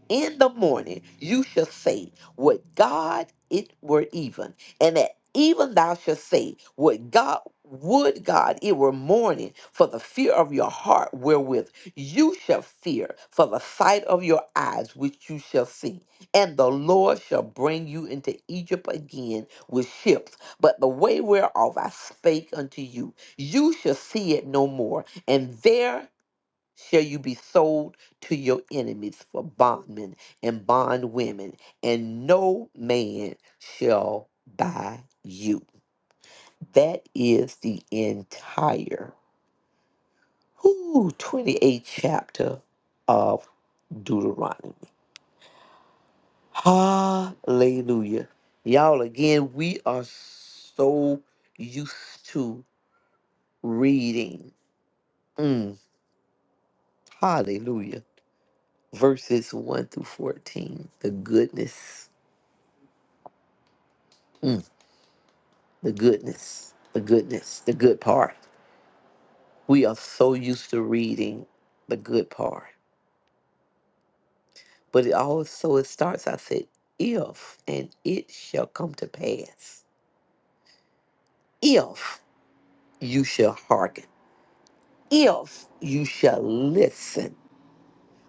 Speaker 4: in the morning you shall say, Would God it were even, and at even thou shalt say, Would God would God it were morning for the fear of your heart wherewith you shall fear for the sight of your eyes which you shall see. And the Lord shall bring you into Egypt again with ships. But the way whereof I spake unto you, you shall see it no more, and there shall you be sold to your enemies for bondmen and bondwomen, and no man shall buy you. That is the entire whoo, 28th chapter of Deuteronomy. Hallelujah. Y'all, again, we are so used to reading. Mm, hallelujah. Verses 1 through 14. The goodness. Mm. the goodness, the goodness, the good part. We are so used to reading the good part. But it also it starts, I said, if and it shall come to pass. If you shall hearken. If you shall listen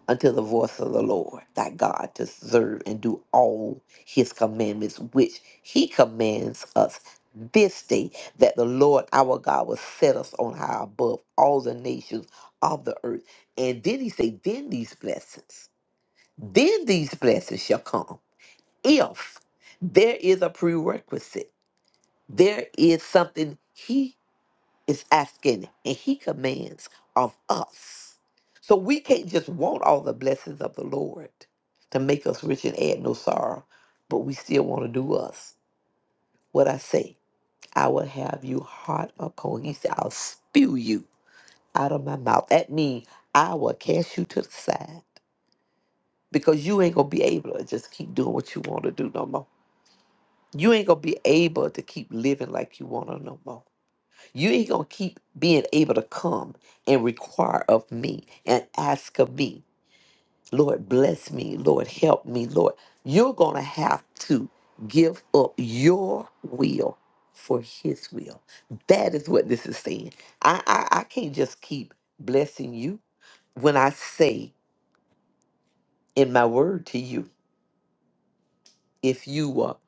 Speaker 4: unto the voice of the Lord thy God to serve and do all his commandments which he commands us this day that the Lord our God will set us on high above all the nations of the earth. And then he say, then these blessings, then these blessings shall come if there is a prerequisite. There is something he is asking and he commands of us. So we can't just want all the blessings of the Lord to make us rich and add no sorrow, but we still want to do us. What I say, I will have you hot or cold. He said, I'll spew you out of my mouth. That means I will cast you to the side because you ain't going to be able to just keep doing what you want to do no more. You ain't going to be able to keep living like you want to no more. You ain't gonna keep being able to come and require of me and ask of me, Lord, bless me, Lord, help me, Lord. You're gonna have to give up your will for his will. That is what this is saying. I I, I can't just keep blessing you when I say in my word to you, if you will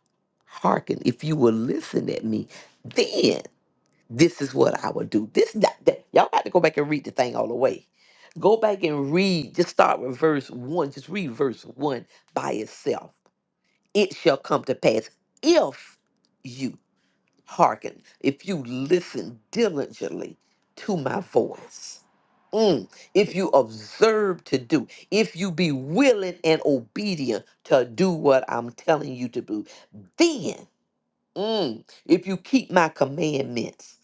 Speaker 4: hearken, if you will listen at me, then this is what I would do. This not that y'all got to go back and read the thing all the way. Go back and read. Just start with verse one. Just read verse one by itself. It shall come to pass if you hearken, if you listen diligently to my voice. Mm. If you observe to do, if you be willing and obedient to do what I'm telling you to do, then mm, if you keep my commandments.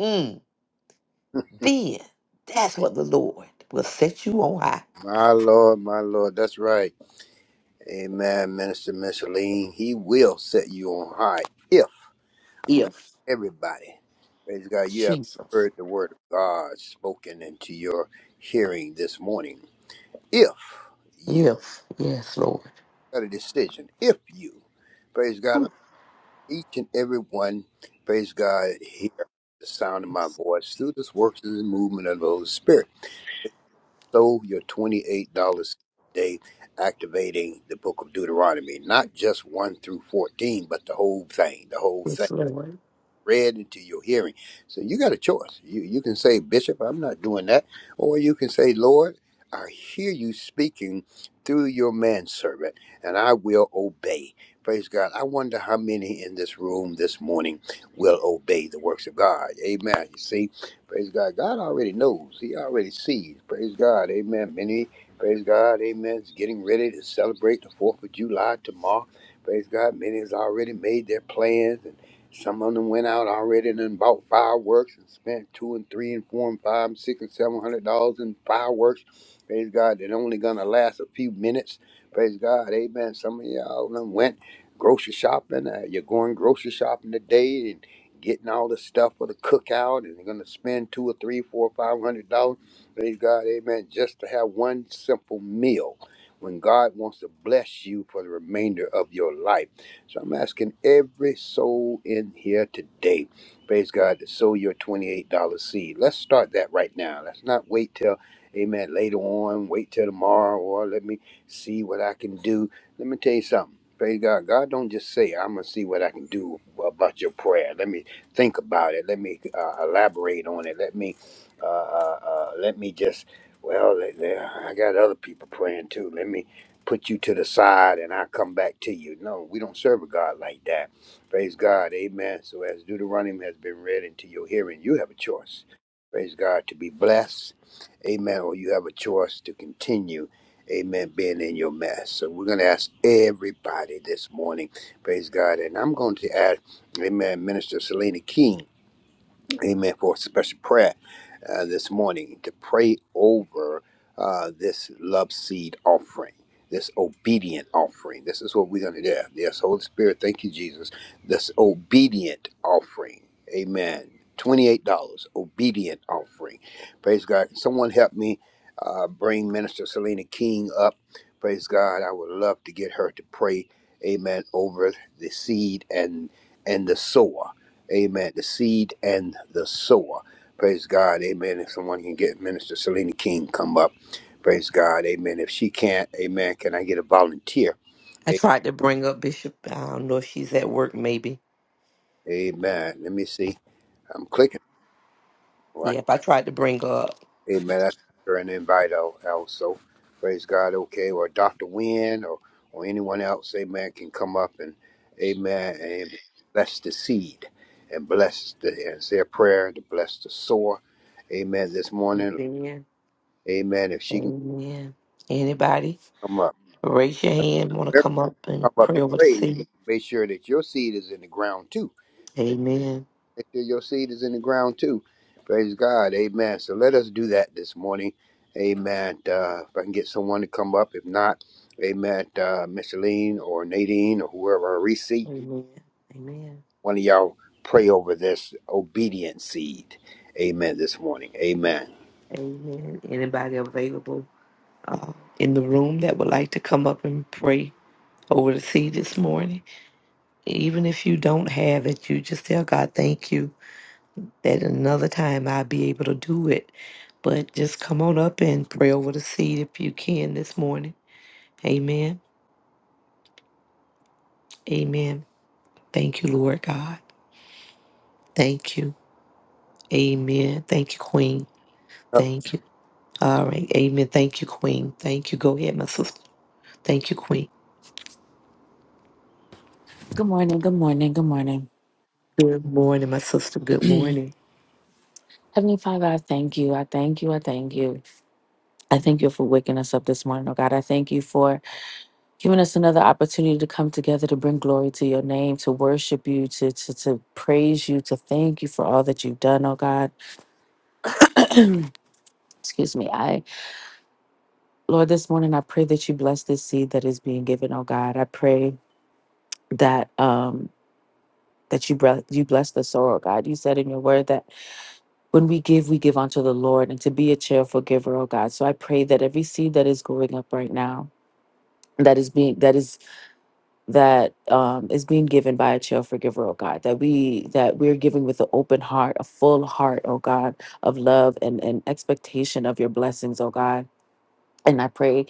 Speaker 4: mm, Then that's what the Lord will set you on high.
Speaker 6: My Lord, my Lord, that's right. Amen, Minister Micheline. He will set you on high if
Speaker 4: If
Speaker 6: everybody, praise God, you have
Speaker 4: Jesus,
Speaker 6: heard the word of God spoken into your hearing this morning. If you
Speaker 4: if yes, Lord,
Speaker 6: got a decision, if you, praise God, each and every one, praise God, hear the sound of my voice through this works and movement of the Holy Spirit. So your $28 day activating the book of Deuteronomy, not just 1 through 14, but the whole thing, the whole thing
Speaker 4: yes, Lord.
Speaker 6: read into your hearing. So you got a choice. You you can say, Bishop, I'm not doing that, or you can say, Lord, I hear you speaking through your manservant, and I will obey. Praise God. I wonder how many in this room this morning will obey the works of God. Amen. You see, praise God. God already knows. He already sees. Praise God. Amen. Many, praise God. Amen. Is getting ready to celebrate the 4th of July tomorrow. Praise God. Many has already made their plans some of them went out already and then bought fireworks and spent two and three and four and five and six and seven hundred dollars in fireworks. Praise God, they're only gonna last a few minutes. Praise God, amen. Some of y'all done went grocery shopping. Uh, you're going grocery shopping today and getting all the stuff for the cookout and you're gonna spend two or three, four, five hundred dollars. Praise God, amen, just to have one simple meal when God wants to bless you for the remainder of your life. So I'm asking every soul in here today, praise God, to sow your $28 seed. Let's start that right now. Let's not wait till, amen, later on, wait till tomorrow, or let me see what I can do. Let me tell you something. Praise God. God don't just say, I'm going to see what I can do about your prayer. Let me think about it. Let me uh, elaborate on it. Let me, uh, uh, uh, let me just, well, let- let- I got other people praying too. Let me put you to the side and I come back to you. No, we don't serve a God like that. Praise God. Amen. So as Deuteronomy has been read into your hearing, you have a choice. Praise God to be blessed. Amen. Or you have a choice to continue. Amen. Being in your mess. So we're going to ask everybody this morning. Praise God. And I'm going to ask, Amen, Minister Selena King amen, for a special prayer uh, this morning to pray over uh, this love seed offering, this obedient offering. This is what we're going to do. Yes, Holy Spirit, thank you, Jesus. This obedient offering, amen. $28 obedient offering. Praise God. Can Someone help me uh, bring Minister Selena King up. Praise God. I would love to get her to pray, amen, over the seed and and the sower. Amen. The seed and the sower. Praise God. Amen. If someone can get Minister Selena King come up. Praise God. Amen. If she can't, amen. Can I get a volunteer?
Speaker 4: I
Speaker 6: A-
Speaker 4: tried to bring up Bishop. I don't know if she's at work. Maybe.
Speaker 6: Amen. Let me see. I'm clicking. Right.
Speaker 4: Yeah. If I tried to bring her up.
Speaker 6: Amen. That's her an invite al- also. Praise God. Okay. Or Dr. Wynne or, or anyone else, amen, can come up and amen. Amen. Bless the seed and bless the and say a prayer to bless the sower. Amen. This morning.
Speaker 4: Amen.
Speaker 6: Amen. If she can
Speaker 4: Amen. Anybody?
Speaker 6: come up.
Speaker 4: Raise your hand. Want to
Speaker 6: Remember,
Speaker 4: come up and
Speaker 6: talk about
Speaker 4: pray
Speaker 6: the
Speaker 4: over the
Speaker 6: praise.
Speaker 4: seat?
Speaker 6: Make sure that your seed is in the ground too. Make
Speaker 4: Amen.
Speaker 6: sure your seed is in the ground too. Praise God. Amen. So let us do that this morning. Amen. Uh, if I can get someone to come up. If not, amen. Uh, Micheline or Nadine or whoever, Reese,
Speaker 4: Amen. Amen.
Speaker 6: one of y'all pray over this obedient seed. Amen this morning. Amen.
Speaker 4: Amen. Anybody available uh, in the room that would like to come up and pray over the seat this morning? Even if you don't have it, you just tell God, thank you that another time I'll be able to do it. But just come on up and pray over the seed if you can this morning. Amen. Amen. Thank you, Lord God. Thank you. Amen. Thank you, Queen. Thank you. All right. Amen. Thank you, Queen. Thank you. Go ahead, my sister. Thank you, Queen.
Speaker 7: Good morning, good morning, good morning.
Speaker 4: Good morning, my sister. Good morning.
Speaker 7: Heavenly Father, I thank you. I thank you. I thank you. I thank you for waking us up this morning, oh God. I thank you for giving us another opportunity to come together to bring glory to your name, to worship you, to, to, to praise you, to thank you for all that you've done, oh God. Excuse me. I Lord, this morning I pray that you bless this seed that is being given, oh God. I pray that um that you bre- you bless the soil, oh God. You said in your word that When we give, we give unto the Lord, and to be a cheerful giver, oh God. So I pray that every seed that is going up right now, that is being that is that um, is being given by a cheerful giver, oh God. That we that we're giving with an open heart, a full heart, oh God, of love and and expectation of your blessings, oh God. And I pray,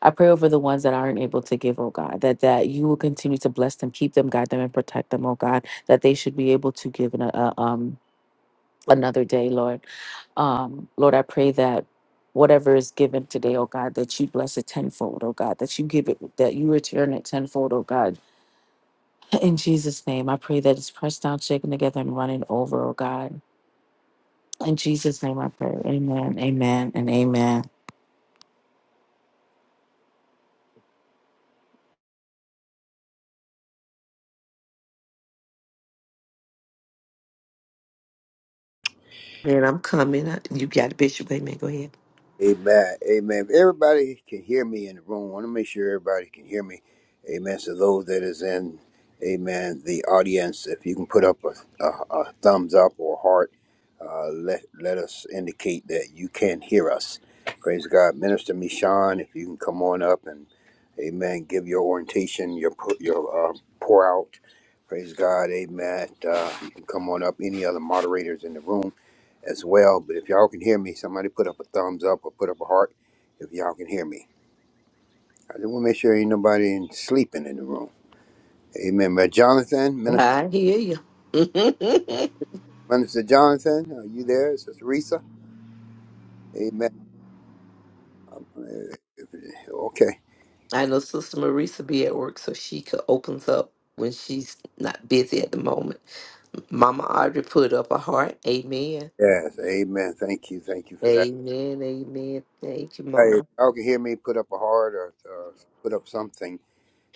Speaker 7: I pray over the ones that aren't able to give, oh God, that that you will continue to bless them, keep them, guide them, and protect them, oh God. That they should be able to give in a, a um another day, Lord. Um, Lord, I pray that whatever is given today, oh God, that you bless it tenfold, oh God, that you give it, that you return it tenfold, oh God. In Jesus' name, I pray that it's pressed down, shaken together, and running over, oh God. In Jesus' name, I pray. Amen, amen, and amen.
Speaker 4: And I'm coming. I- You got it, Bishop. Amen. Go ahead.
Speaker 6: Amen. Amen. If everybody can hear me in the room, I want to make sure everybody can hear me. Amen. So those that is in, amen, the audience, if you can put up a, a, a thumbs up or a heart, uh, let let us indicate that you can hear us. Praise God. Minister Mishan, if you can come on up and, amen, give your orientation, your pu- your uh, pour out. Praise God. Amen. Uh, you can come on up. Any other moderators in the room as well. But if y'all can hear me, somebody put up a thumbs up or put up a heart if y'all can hear me. I just want to make sure ain't nobody in, sleeping in the room. Amen. Brother Jonathan, Minister,
Speaker 4: I hear you.
Speaker 6: Minister Jonathan, are you there? Sister Risa? Amen. I'm gonna- if- Okay.
Speaker 4: I know Sister Marisa be at work, so she could opens up when she's not busy at the moment. Mama Audrey put up a heart. Amen.
Speaker 6: Yes. Amen. Thank you. Thank you for that.
Speaker 4: Amen. Amen. Thank you,
Speaker 6: Hey, if
Speaker 4: Mama.
Speaker 6: y'all can hear me, put up a heart or uh, put up something.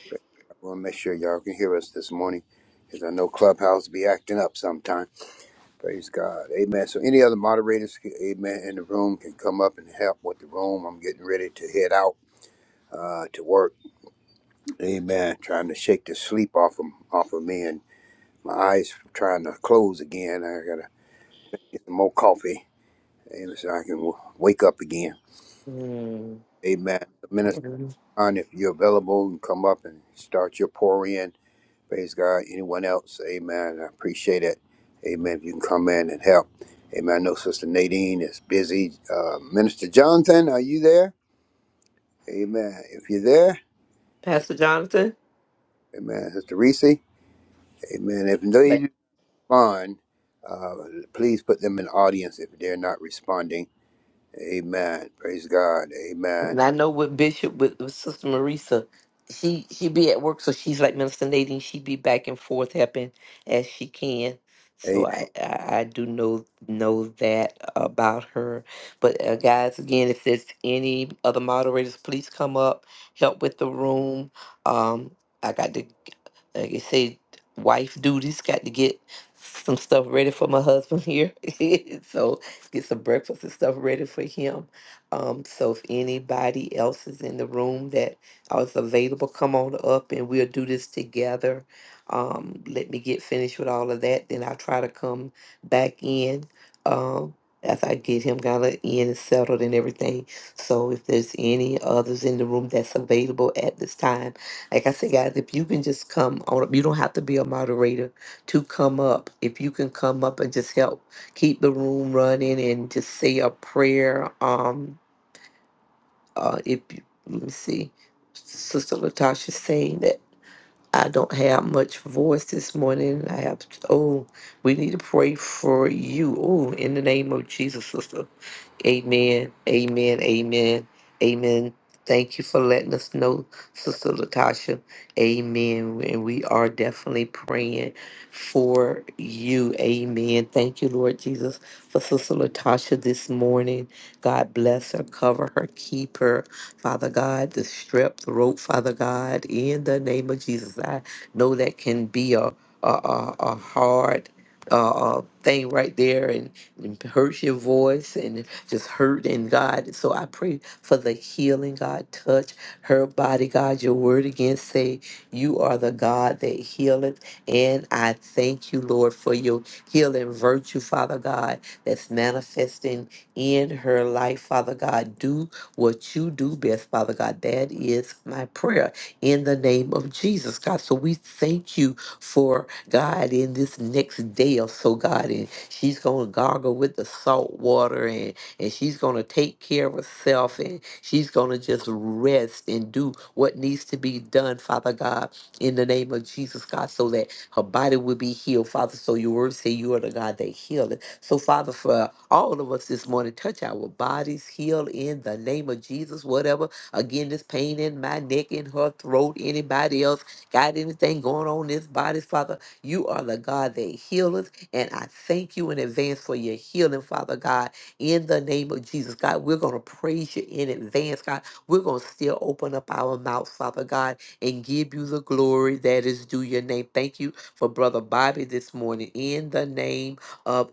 Speaker 6: But I want to make sure y'all can hear us this morning because I know Clubhouse be acting up sometime. Praise God. Amen. So any other moderators, amen, in the room can come up and help with the room. I'm getting ready to head out uh, to work. Amen. Trying to shake the sleep off of, off of me and my eyes trying to close again. I got to get some more coffee amen, so I can w- wake up again.
Speaker 4: Mm.
Speaker 6: Amen. Minister John, if you're available, you can come up and start your pour in. Praise God. Anyone else? Amen. I appreciate it. Amen. If you can come in and help. Amen. I know Sister Nadine is busy. Uh, Minister Jonathan, are you there? Amen. If you're there, s-
Speaker 4: Pastor Jonathan.
Speaker 6: Amen. Sister Reese, Amen. If
Speaker 4: But
Speaker 6: they respond, uh, please put them in the audience if they're not responding. Amen. Praise God. Amen.
Speaker 4: and I know with Bishop with, with Sister Marisa, she she be at work, so she's like Minister Nadine. She be back and forth helping as she can. So I, I I do know know that about her. But uh, guys, again, if there's any other moderators, please come up, help with the room. Um, I got to like I say, wife duties. Got to get some stuff ready for my husband here. so get some breakfast and stuff ready for him Um, so if anybody else is in the room that uh, is available, come on up and we'll do this together. Um, let me get finished with all of that, then I'll try to come back in. Um, as I get him kind of in and settled and everything. So if there's any others in the room that's available at this time, like I said, guys, if you can just come on up, you don't have to be a moderator to come up. If you can come up and just help keep the room running and just say a prayer. Um, uh, if you, let me see, Sister Latasha saying that I don't have much voice this morning. I have, oh, we need to pray for you. Oh, in the name of Jesus, Sister. Amen. Amen. Amen. Amen. Thank you for letting us know, Sister Latasha. Amen. And we are definitely praying for you. Amen. Thank you, Lord Jesus, for Sister Latasha this morning. God bless her, cover her, keep her. Father God, the strep throat, Father God, in the name of Jesus. I know that can be a, a, a, a hard uh, uh, thing right there and, and hurts your voice and just hurt in God. So I pray for the healing, God. Touch her body, God. Your word again say, You are the God that healeth. And I thank you, Lord, for your healing virtue, Father God, that's manifesting in her life, Father God. Do what you do best, Father God. That is my prayer in the name of Jesus, God. So we thank you for God in this next day or so, God. And she's going to gargle with the salt water and, and she's going to take care of herself and she's going to just rest and do what needs to be done, Father God, in the name of Jesus, God, so that her body will be healed, Father. So your word say you are the God that healeth. So, Father, for all of us this morning, touch our bodies, heal in the name of Jesus, whatever. Again, this pain in my neck, in her throat, anybody else got anything going on in this body, Father, you are the God that healeth. And I thank you in advance for your healing, Father God, in the name of Jesus. God, we're going to praise you in advance, God. We're going to still open up our mouths, Father God, and give you the glory that is due your name. Thank you for Brother Bobby this morning in the name of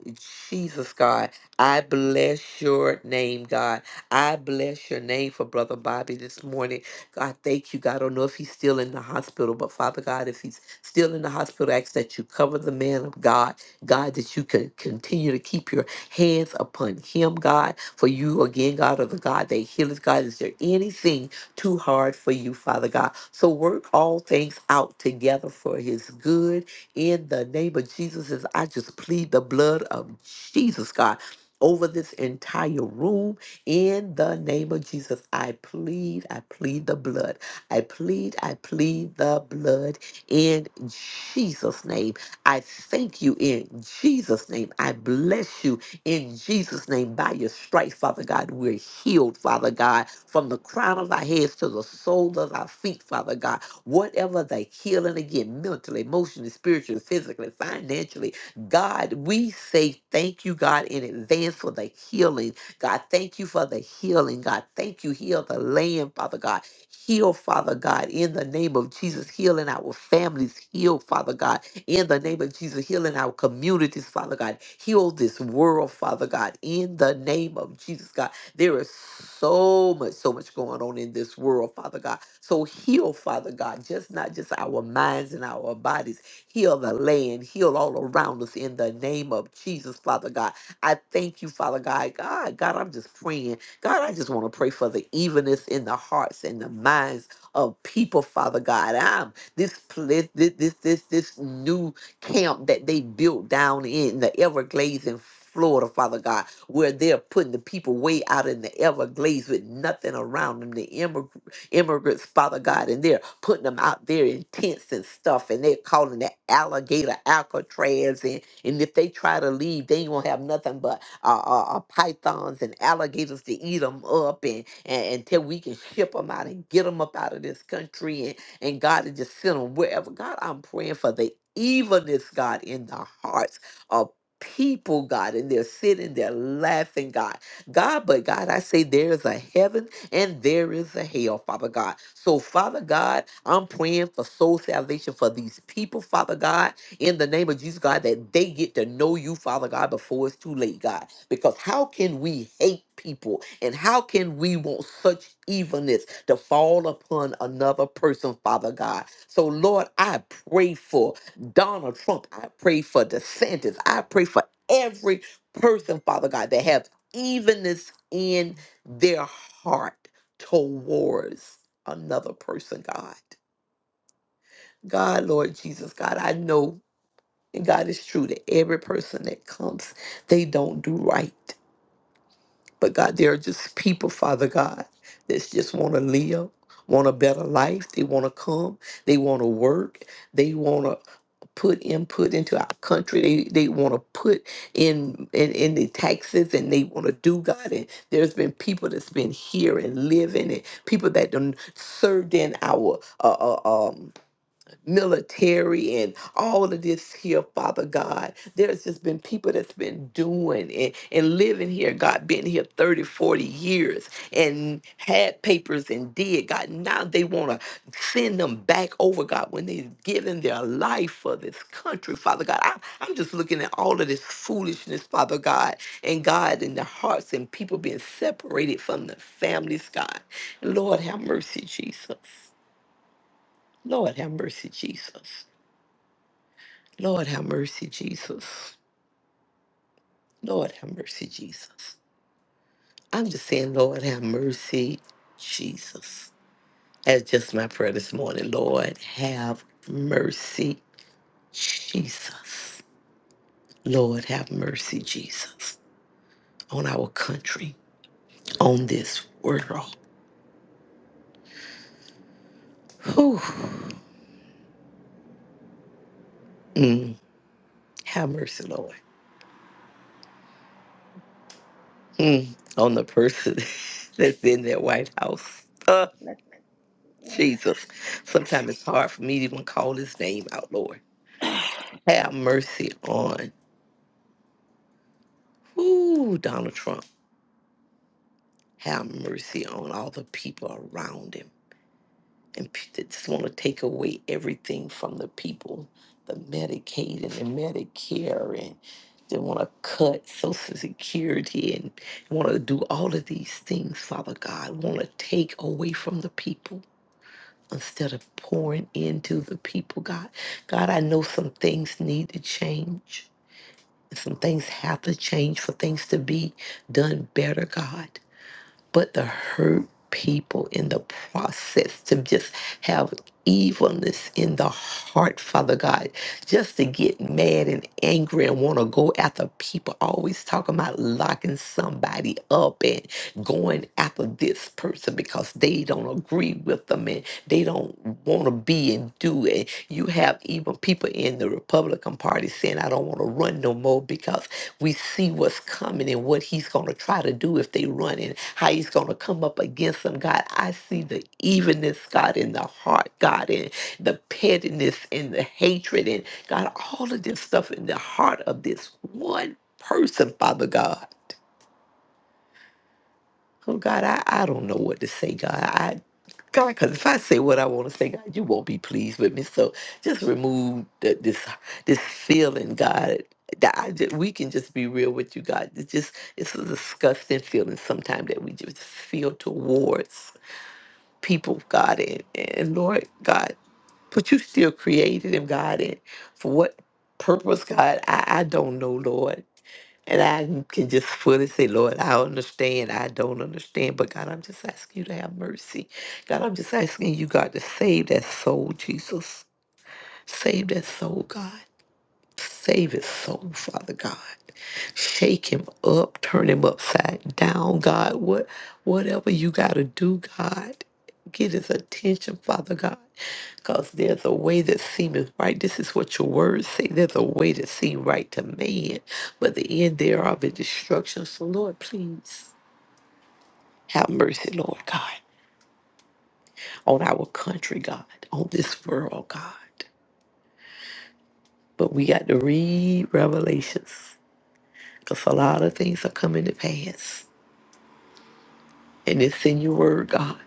Speaker 4: Jesus, God. I bless your name, God. I bless your name for Brother Bobby this morning. God, thank you, God. I don't know if he's still in the hospital, but Father God, if he's still in the hospital, I ask that you cover the man of God. God, that you can continue to keep your hands upon him, God. For you, again, God, are the God that healeth, God. Is there anything too hard for you, Father God? So work all things out together for his good in the name of Jesus, as I just plead the blood of Jesus, God, over this entire room. In the name of Jesus, I plead, I plead the blood. I plead, I plead the blood in Jesus' name. I thank you in Jesus' name. I bless you in Jesus' name. By your stripes, Father God, we're healed, Father God, from the crown of our heads to the soles of our feet, Father God whatever the healing again, mentally, emotionally, spiritually, physically, financially. God, we say thank you, God, in advance for the healing. God, thank you for the healing. God, thank you. Heal the land, Father God. Heal, Father God, in the name of Jesus. Heal in our families. Heal, Father God, in the name of Jesus. Heal in our communities, Father God. Heal this world, Father God, in the name of Jesus, God. There is so much, so much going on in this world, Father God. So heal, Father God, just not just our minds and our bodies. Heal the land, heal all around us in the name of Jesus, Father God. I thank you, Father God. God, God, I'm just praying. God, I just want to pray for the evenness in the hearts and the minds of people, Father God. I'm this pla- this this this, this new camp that they built down in the Everglades in Florida, Father God, where they're putting the people way out in the Everglades with nothing around them, the immigrants immigrants, Father God, and they're putting them out there in tents and stuff, and they're calling it alligator Alcatraz, and and if they try to leave, they ain't gonna have nothing but uh, uh, uh, pythons and alligators to eat them up, and, and until we can ship them out and get them up out of this country, and and God to just send them wherever. God, I'm praying for the evilness, God, in the hearts of people, God, and they're sitting there laughing, God. God, but God, I say there's a heaven and there is a hell, Father God. So, Father God, I'm praying for soul salvation for these people, Father God, in the name of Jesus, God, that they get to know you, Father God, before it's too late, God. Because how can we hate people and how can we want such evilness to fall upon another person, Father God? So, Lord, I pray for Donald Trump. I pray for DeSantis. I pray for every person, Father God, that have evenness in their heart towards another person, God. God, Lord Jesus, God, I know, and God is true that every person that comes, they don't do right. But God, there are just people, Father God, that just want to live, want a better life. They want to come. They want to work. They want to put input into our country. They they want to put in, in in the taxes and they want to do God. And there's been people that's been here and living, and people that done served in our uh, uh, um military and all of this here, Father God. There's just been people that's been doing and, and living here, God, been here 30, 40 years and had papers and did, God. Now they want to send them back over, God, when they've given their life for this country, Father God. I, I'm just looking at all of this foolishness, Father God, and God in the hearts and people being separated from the families, God. Lord, have mercy, Jesus. Lord, have mercy, Jesus. Lord have mercy, Jesus. Lord have mercy, Jesus. I'm just saying, Lord have mercy, Jesus. That's just my prayer this morning. Lord have mercy, Jesus. Lord have mercy, Jesus, on our country, on this world. Whew. Mm, have mercy, Lord, mm, on the person that's in that White House. Uh,
Speaker 3: Let,
Speaker 4: Jesus. Sometimes it's hard for me to even call his name out, Lord. Have mercy on ooh, Donald Trump. Have mercy on all the people around him. And p- they just want to take away everything from the people the Medicaid and the Medicare, and they want to cut Social Security and want to do all of these things, Father God, want to take away from the people. Instead of pouring into the people, God, God, I know some things need to change. Some things have to change for things to be done better, God. But to hurt people in the process, to just have evilness in the heart, Father God, just to get mad and angry and want to go after people, always talking about locking somebody up and going after this person because they don't agree with them and they don't want to be and do it. You have even people in the Republican Party saying, I don't want to run no more because we see what's coming and what he's going to try to do if they run and how he's going to come up against them, God. I see the evenness, God, in the heart, God, and the pettiness and the hatred and God, all of this stuff in the heart of this one person, Father God. Oh God, I, I don't know what to say, God. I God, because if I say what I want to say, God, you won't be pleased with me. So just remove the, this this feeling, God. That I just, we can just be real with you, God. It's just it's a disgusting feeling sometimes that we just feel towards people, God, and, and Lord God. But you still created him, God, and for what purpose, God? I, I don't know, Lord. And I can just fully say, Lord, I understand. I don't understand. But God, I'm just asking you to have mercy. God, I'm just asking you, God, to save that soul, Jesus. Save that soul, God. Save his soul, Father God. Shake him up, turn him upside down, God. What whatever you gotta do, God. Get his attention, Father God. Because there's a way that seemeth right. This is what your words say. There's a way that seem right to man, but the end thereof is destruction. So, Lord, please have mercy, Lord God, on our country, God, on this world, God. But we got to read Revelations because a lot of things are coming to pass. And it's in your word, God,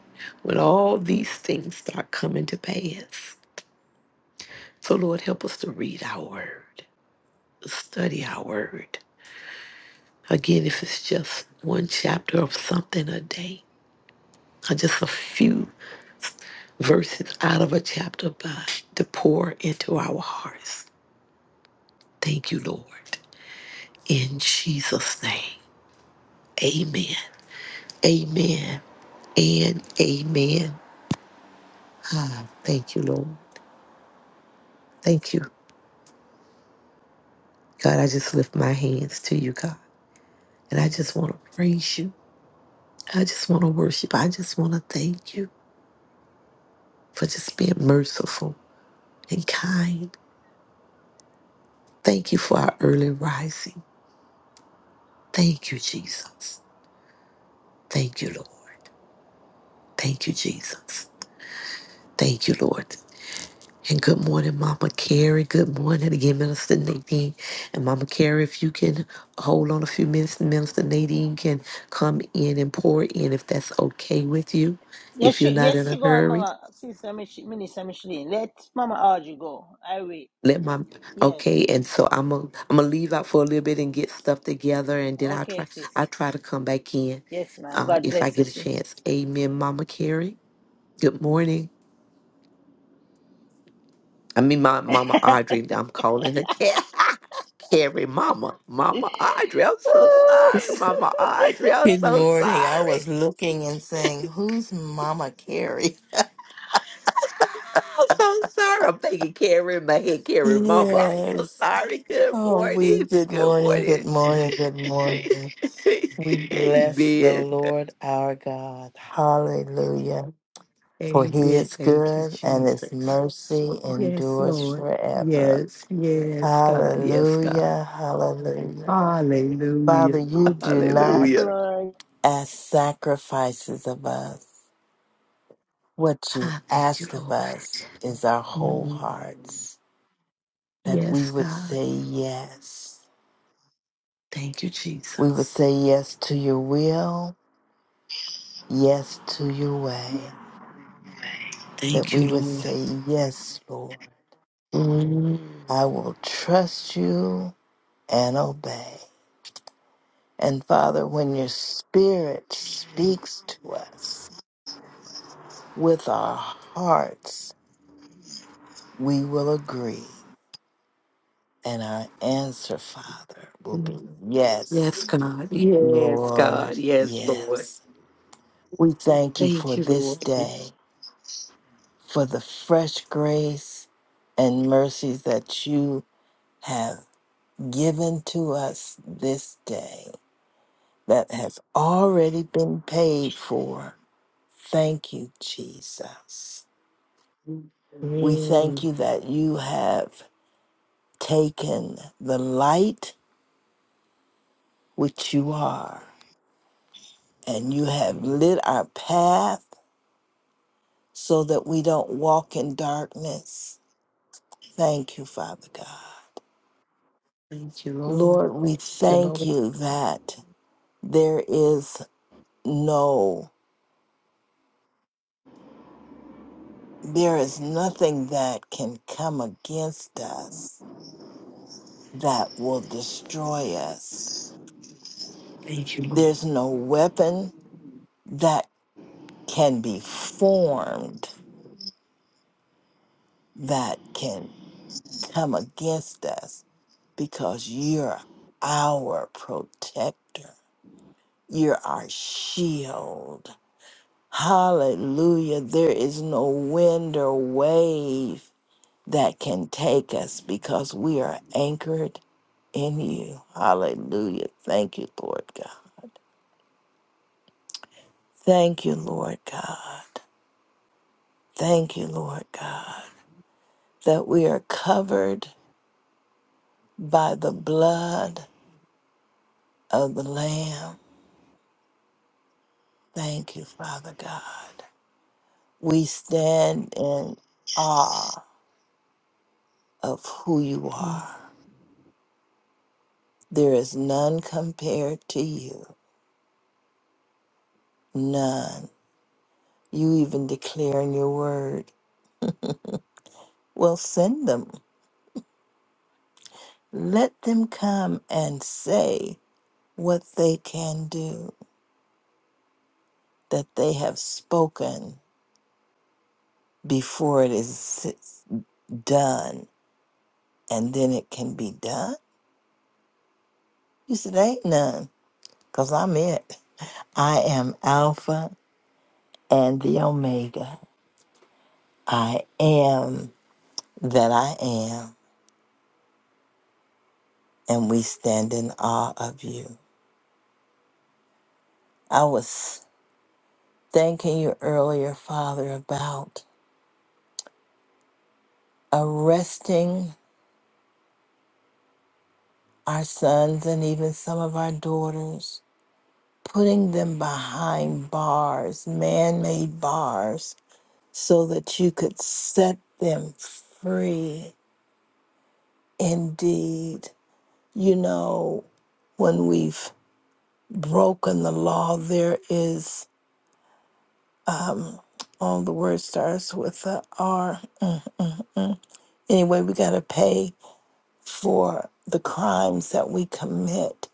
Speaker 4: when all these things start coming to pass. So, Lord, help us to read our word, study our word, Again, if it's just one chapter of something a day, or just a few verses out of a chapter, but to pour into our hearts. Thank you, Lord. In Jesus' name, amen. Amen. And amen. Ah, thank you, Lord. Thank you. God, I just lift my hands to you, God. And I just want to praise you. I just want to worship. I just want to thank you for just being merciful and kind Thank you for our early rising. Thank you, Jesus. Thank you, Lord. Thank you, Jesus. Thank you, Lord. And good morning, Mama Carrie. Good morning again, Minister Nadine. And Mama Carrie, if you can hold on a few minutes, Minister Nadine can come in and pour in if that's okay with you.
Speaker 3: yes,
Speaker 4: If you're
Speaker 3: she,
Speaker 4: not in
Speaker 3: yes,
Speaker 4: a
Speaker 3: she go on,
Speaker 4: hurry,
Speaker 3: Mama. Sister Mich- Minister Micheline. Let Mama Audrey go. I wait.
Speaker 4: let my
Speaker 3: Yes.
Speaker 4: okay and so i'm a am gonna leave out for a little bit and get stuff together and then i'll
Speaker 3: Okay,
Speaker 4: try
Speaker 3: sis.
Speaker 4: i'll try to come back in
Speaker 3: Yes, ma'am.
Speaker 4: uh
Speaker 3: God
Speaker 4: if i
Speaker 3: bless you,
Speaker 4: get a
Speaker 3: sis.
Speaker 4: chance amen mama carrie good morning i mean my mama audrey i'm calling her Ca- carrie mama mama audrey i'm so sorry mama audrey i'm
Speaker 8: Good
Speaker 4: so
Speaker 8: morning. I
Speaker 4: sorry
Speaker 8: was looking and saying, Who's Mama Carrie?
Speaker 4: i'm so sorry i'm thinking carrie in my head carrie mama i'm so
Speaker 8: Yes.
Speaker 4: sorry good
Speaker 8: Oh, we,
Speaker 4: morning
Speaker 8: good
Speaker 4: good
Speaker 8: morning,
Speaker 4: morning
Speaker 8: good morning, good morning. We bless the
Speaker 4: amen
Speaker 8: Lord our God. Hallelujah. For he
Speaker 4: Amen.
Speaker 8: is
Speaker 4: Thank you,
Speaker 8: good and his
Speaker 4: Jesus.
Speaker 8: mercy
Speaker 4: Yes,
Speaker 8: endures
Speaker 4: Lord.
Speaker 8: forever.
Speaker 4: Yes, yes, God. Yes, God.
Speaker 8: Hallelujah, hallelujah. Father,
Speaker 4: Hallelujah.
Speaker 8: you do
Speaker 3: yes,
Speaker 8: not
Speaker 4: Hallelujah.
Speaker 3: Lord.
Speaker 8: ask sacrifices of us. What you
Speaker 4: Ah, thank you,
Speaker 8: ask of
Speaker 4: Lord.
Speaker 8: us is our whole
Speaker 4: Mm.
Speaker 8: hearts, that we
Speaker 4: Yes,
Speaker 8: would
Speaker 4: God.
Speaker 8: say yes.
Speaker 4: Thank you,
Speaker 8: We would
Speaker 4: Jesus.
Speaker 8: say yes to your will, yes to your way, that
Speaker 4: Thank you,
Speaker 8: we would
Speaker 4: Lord.
Speaker 8: say, Yes, Lord,
Speaker 4: Mm.
Speaker 8: I will trust you and obey. And Father, when your Spirit speaks to us with our hearts, we will agree. And our answer, Father, will be yes.
Speaker 4: Yes, God. Yes,
Speaker 8: Lord,
Speaker 4: God. Yes, Lord.
Speaker 8: yes. We thank you for
Speaker 4: Thank you,
Speaker 8: this
Speaker 4: Lord.
Speaker 8: day, for the fresh grace and mercies that you have given to us this day that has already been paid for. Thank you, Jesus. We thank
Speaker 4: Mm.
Speaker 8: you that you have taken the light which you are, and you have lit our path so that we don't walk in darkness Thank you, Father God.
Speaker 4: Thank you, Lord.
Speaker 8: Lord, we
Speaker 4: Thank you,
Speaker 8: thank
Speaker 4: Lord.
Speaker 8: you that there is no, there is nothing that can come against us that will destroy us.
Speaker 4: Thank you, Lord.
Speaker 8: There's no weapon that can be formed that can come against us because you're our protector. You're our shield. Hallelujah. There is no wind or wave that can take us because we are anchored in you. Hallelujah. Thank you, Lord God. Thank you, Lord God. Thank you, Lord God, that we are covered by the blood of the Lamb. Thank you, Father God. We stand in awe of who you
Speaker 4: Mm.
Speaker 8: are. There is none compared to you. None. You even declare in your word. Well, send them. Let them come and say what they can do, that they have spoken before it is s- done, and then it can be done. You said, Ain't none, because I'm it. I am Alpha and the Omega. I am that I am, and we stand in awe of you. I was. thanking you earlier, Father, about arresting our sons and even some of our daughters, putting them behind bars, man made bars, so that you could set them free indeed. You know, when we've broken the law, there is, um, all the word starts with a R. Anyway, we got to pay for the crimes that we commit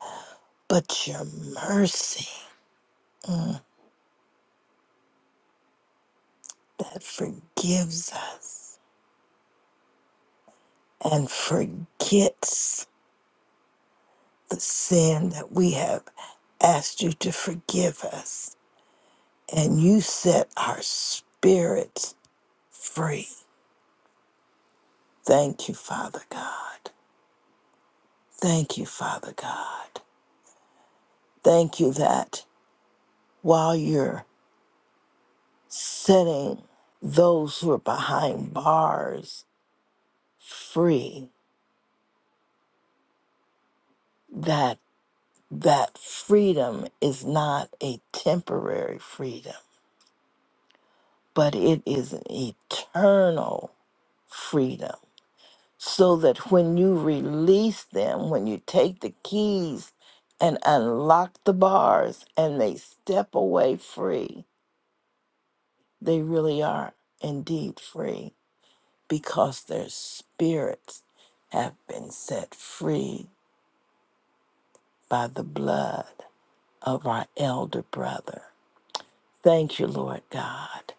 Speaker 8: but your mercy that forgives us and forgets the sin that we have asked you to forgive us. And you set our spirits free. Thank you, Father God. Thank you, Father God. Thank you that while you're setting those who are behind bars free, that. that freedom is not a temporary freedom, but it is an eternal freedom. So that when you release them, when you take the keys and unlock the bars and they step away free, they really are indeed free because their spirits have been set free by the blood of our elder brother. Thank you, Lord God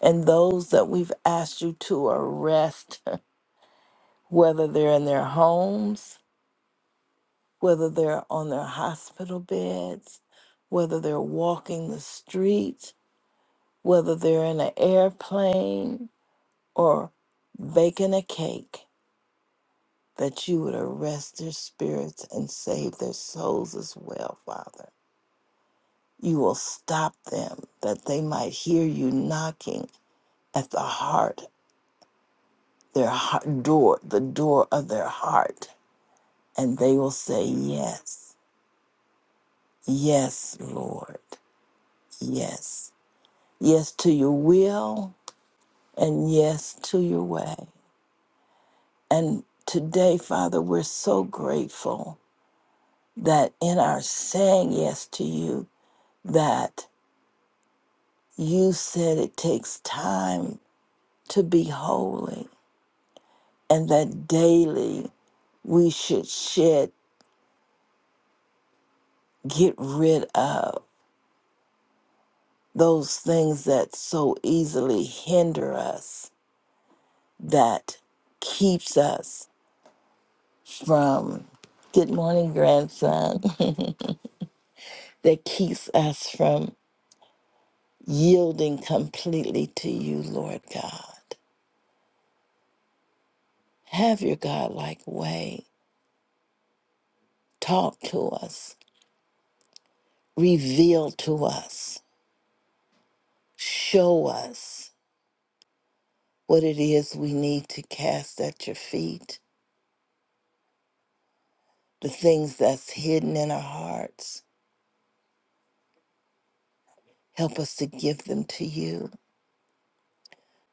Speaker 8: and those that we've asked you to arrest, whether they're in their homes, whether they're on their hospital beds, whether they're walking the streets, whether they're in an airplane or baking a cake, that you would arrest their spirits and save their souls as well, Father. You will stop them that they might hear you knocking at the heart, their heart door, the door of their heart and they will say, Yes, yes, Lord, yes, yes to your will, and yes to your way. And today, Father, we're so grateful that in our saying yes to you, that you said it takes time to be holy, and that daily we should shed, get rid of those things that so easily hinder us that keeps us from, good morning, grandson, that keeps us from yielding completely to you, Lord God. Have your Godlike way. Talk to us, reveal to us, show us what it is we need to cast at your feet, the things that's hidden in our hearts. Help us to give them to you,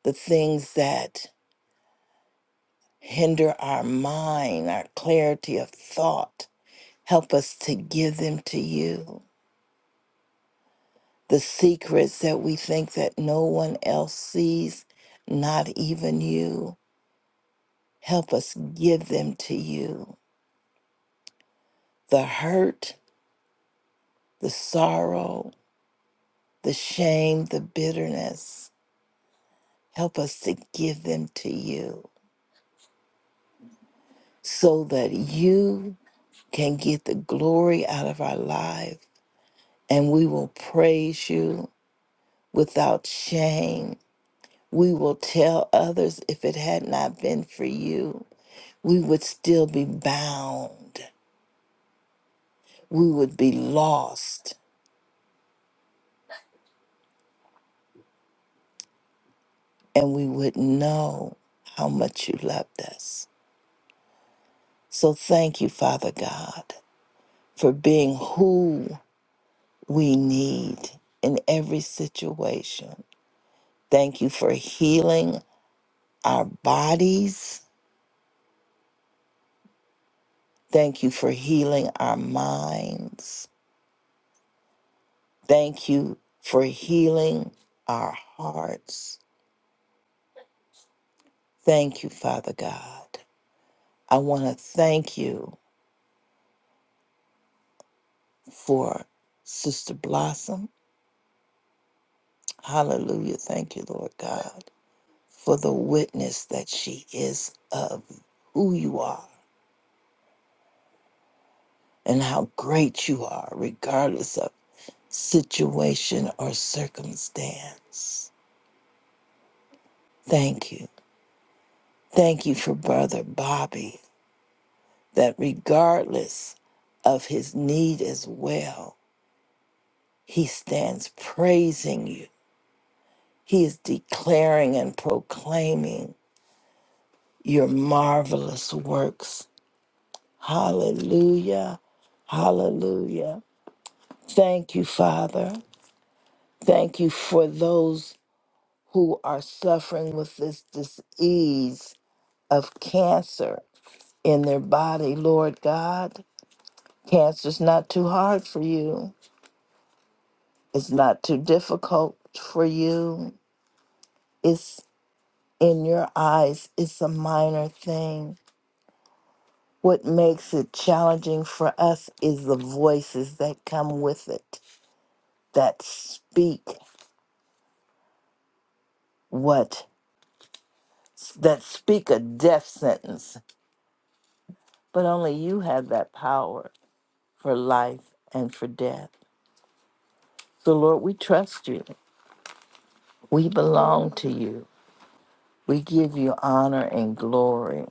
Speaker 8: the things that hinder our mind, our clarity of thought. Help us to give them to you. The secrets that we think that no one else sees, not even you. Help us give them to you. The hurt, the sorrow, the shame, the bitterness. Help us to give them to you so that you can get the glory out of our life and we will praise you without shame. We will tell others if it had not been for you, we would still be bound. We would be lost and we would know how much you loved us. So thank you, Father God, for being who we need in every situation. Thank you for healing our bodies. Thank you for healing our minds. Thank you for healing our hearts. Thank you, Father God. I want to thank you for Sister Blossom. Hallelujah. Thank you, Lord God, for the witness that she is of who you are and how great you are, regardless of situation or circumstance. Thank you. Thank you for Brother Bobby. that regardless of his need as well, he stands praising you. He is declaring and proclaiming your marvelous works. Hallelujah. Hallelujah. Thank you, Father. Thank you for those who are suffering with this disease of cancer in their body, Lord God. Cancer's not too hard for you It's not too difficult for you. It's in your eyes, it's a minor thing. What makes it challenging for us is the voices that come with it that speak what that speak a death sentence, but only you have that power for life and for death. So Lord, we trust you. We belong to you. We give you honor and glory.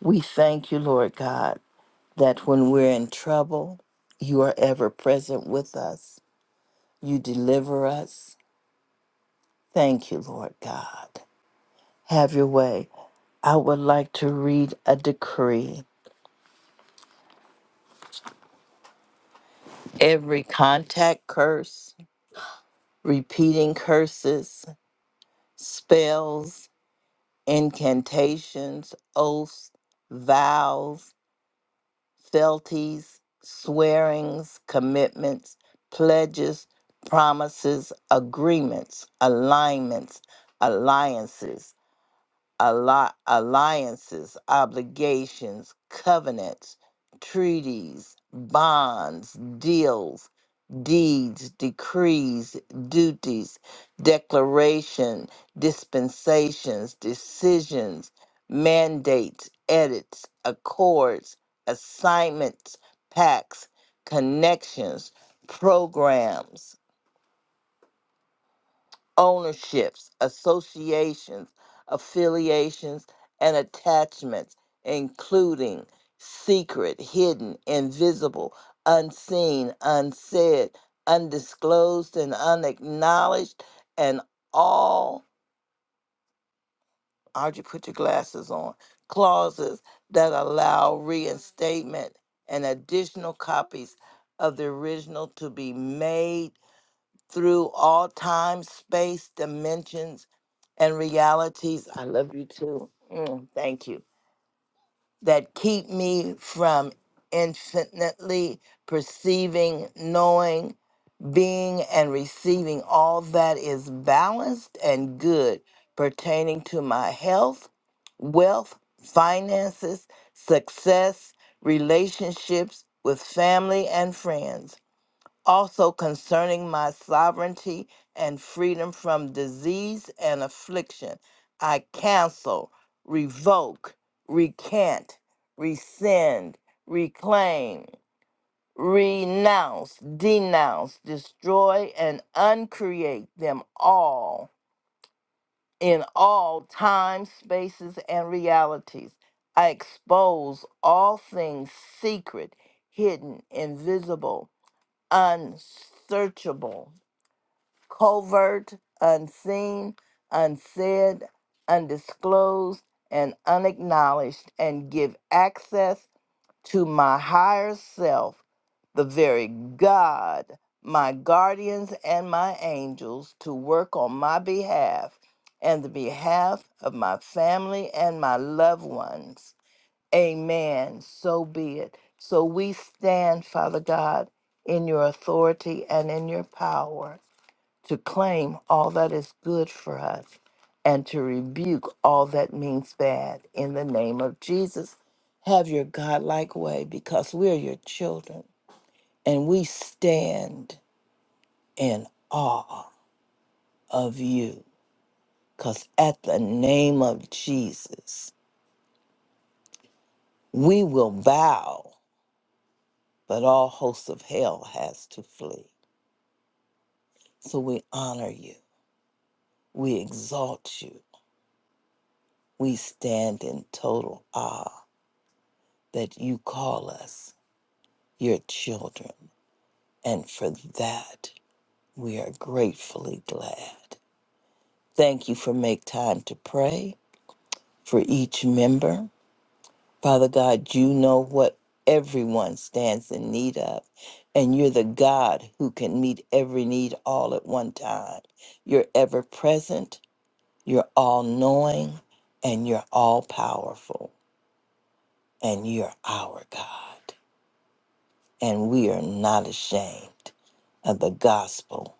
Speaker 8: We thank you, Lord God that when we're in trouble, you are ever present with us. You deliver us. Thank you, Lord God. Have your way. I would like to read a decree. Every contact curse, repeating curses, spells, incantations, oaths, vows, fealties, swearings, commitments, pledges, promises, agreements, alignments, alliances alli- alliances, obligations, covenants, treaties, bonds, deals, deeds, decrees, duties, declaration, dispensations, decisions, mandates, edits, accords, assignments, pacts, connections, programs ownerships, associations, affiliations, and attachments, including secret, hidden, invisible, unseen, unsaid, undisclosed, and unacknowledged, and all, how'd you put your glasses on? Clauses that allow reinstatement and additional copies of the original to be made through all time, space, dimensions, and realities. I love you too. Mm, thank you. That keep me from infinitely perceiving, knowing, being, and receiving all that is balanced and good pertaining to my health, wealth, finances, success, relationships with family and friends also concerning my sovereignty and freedom from disease and affliction. I cancel, revoke, recant, rescind, reclaim, renounce, denounce, destroy, and uncreate them all in all time, spaces, and realities. I expose all things secret, hidden, invisible, unsearchable covert, unseen, unsaid, undisclosed, and unacknowledged, and give access to my higher self, the very God, my guardians, and my angels to work on my behalf and the behalf of my family and my loved ones. Amen. So be it. So we stand, Father God, in your authority and in your power to claim all that is good for us and to rebuke all that means bad in the name of Jesus. Have your godlike way because we are your children and we stand in awe of you because at the name of Jesus, we will bow, but all hosts of hell has to flee. So we honor you. We exalt you. We stand in total awe that you call us your children. And for that, we are gratefully glad. Thank you for Make Time to Pray for each member. Father God, you know what everyone stands in need of, and you're the God who can meet every need all at one time. You're ever present, you're all knowing, and you're all powerful, and you're our God. And we are not ashamed of the gospel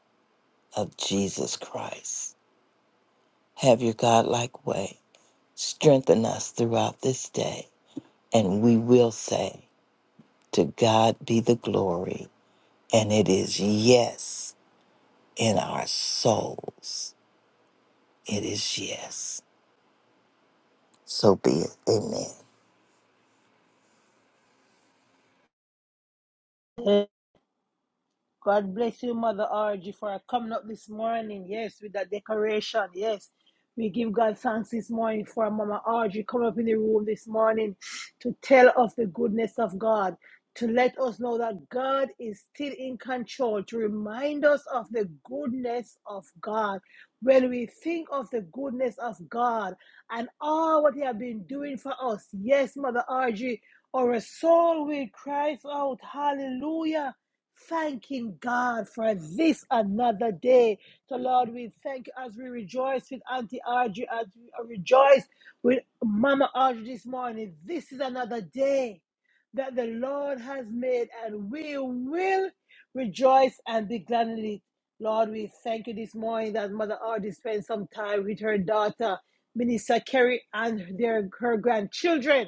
Speaker 8: of Jesus Christ. Have your Godlike way. Strengthen us throughout this day. And we will say, To God be the glory. And it is yes in our souls. It is yes. So be it. Amen.
Speaker 3: God bless you, Mother RG, for coming up this morning. Yes, with that decoration. Yes, we give God thanks this morning for Mama RG coming up in the room this morning to tell of the goodness of God, to let us know that God is still in control, to remind us of the goodness of God. When we think of the goodness of God and all what He has been doing for us, yes, Mother RG, our soul will cry out, Hallelujah thanking God for this another day. So, Lord, we thank you as we rejoice with Auntie Audrey, as we rejoice with Mama Audrey this morning. This is another day that the Lord has made, and we will rejoice and be glad in it. Lord, we thank you this morning that Mother Audrey spent some time with her daughter, Minister Kerry, and their, her grandchildren.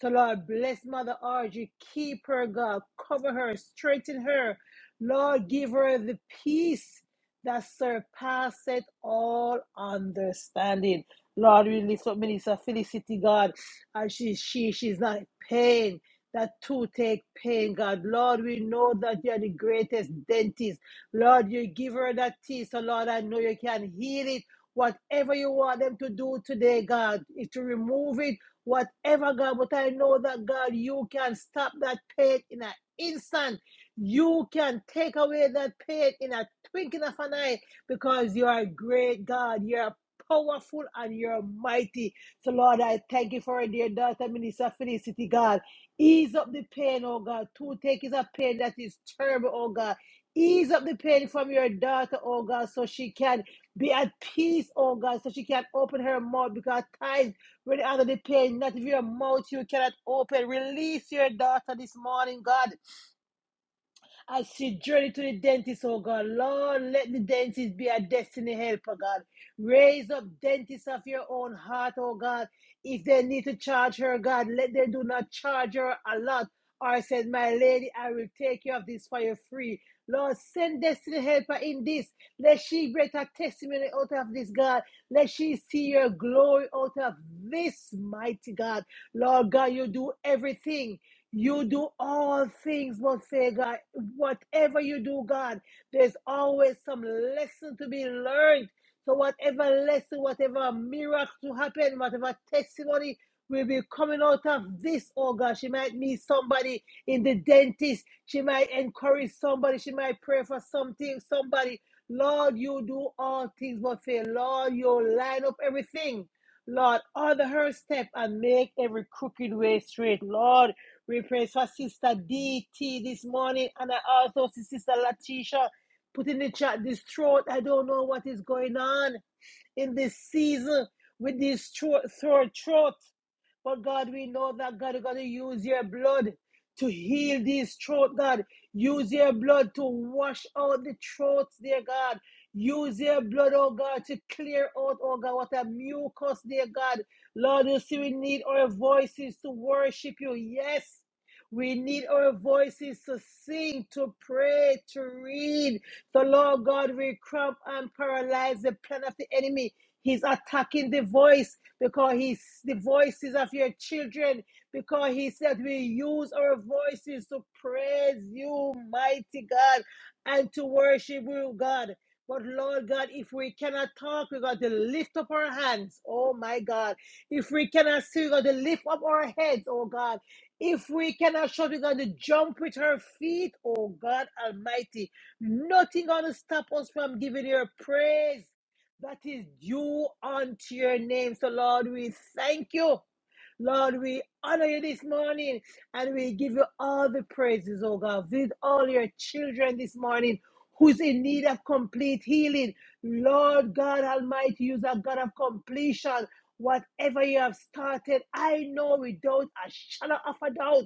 Speaker 3: So, Lord, bless Mother Audrey. Keep her, God. Cover her. Strengthen her. Lord, give her the peace that surpasseth all understanding. Lord, we lift up Minister Felicity, God, and she, she, she's not pain. That toothache pain, God. Lord, we know that you are the greatest dentist. Lord, you give her that teeth. So, Lord, I know you can heal it. Whatever you want them to do today, God, is to remove it whatever, God. But I know that, God, you can stop that pain in an instant. You can take away that pain in a twinkling of an eye because you are a great, God. You are powerful and you're mighty. So, Lord, I thank you for our dear daughter, Minister Felicity, God. Ease up the pain, oh God. Two take is a pain that is terrible, oh God. Ease up the pain from your daughter, oh God, so she can be at peace, oh God, so she can open her mouth because at times when you're under the pain, not if your mouth you cannot open. Release your daughter this morning, God. As she journey to the dentist, oh God, Lord, let the dentist be a destiny helper, God. Raise up dentists of your own heart, oh God. If they need to charge her, God, let them do not charge her a lot. Or said, My lady, I will take care of this for you free. Lord, send destiny helper in this. Let she break her testimony out of this, God. Let she see your glory out of this mighty God. Lord God, you do everything. You do all things, but say, God, whatever you do, God, there's always some lesson to be learned. So, whatever lesson, whatever miracle to happen, whatever testimony will be coming out of this, oh God, she might meet somebody in the dentist. She might encourage somebody. She might pray for something, somebody. Lord, you do all things, but say, Lord, you line up everything. Lord, order her step and make every crooked way straight. Lord, we pray for Sister DT this morning, and I also see Sister Latisha put in the chat this throat. I don't know what is going on in this season with this throat, throat, throat. But God, we know that God is going to use your blood to heal these throat, God. Use your blood to wash out the throats, dear God. Use your blood, oh God, to clear out, oh God, what a mucus, dear God. Lord, you see, we need our voices to worship you. Yes. We need our voices to sing, to pray, to read. So, Lord God, we cramp and paralyze the plan of the enemy. He's attacking the voice because he's the voices of your children, because he said we use our voices to praise you, mighty God, and to worship you, God. But Lord God, if we cannot talk, we got to lift up our hands. Oh my God. If we cannot see, we got to lift up our heads, oh God. If we cannot shout, we got to jump with our feet, oh God Almighty. Nothing gonna stop us from giving your praise that is due unto your name. So, Lord, we thank you. Lord, we honor you this morning and we give you all the praises, oh God. Visit all your children this morning who's in need of complete healing. Lord God Almighty, you're a God of completion. Whatever you have started, I know without a shadow of a doubt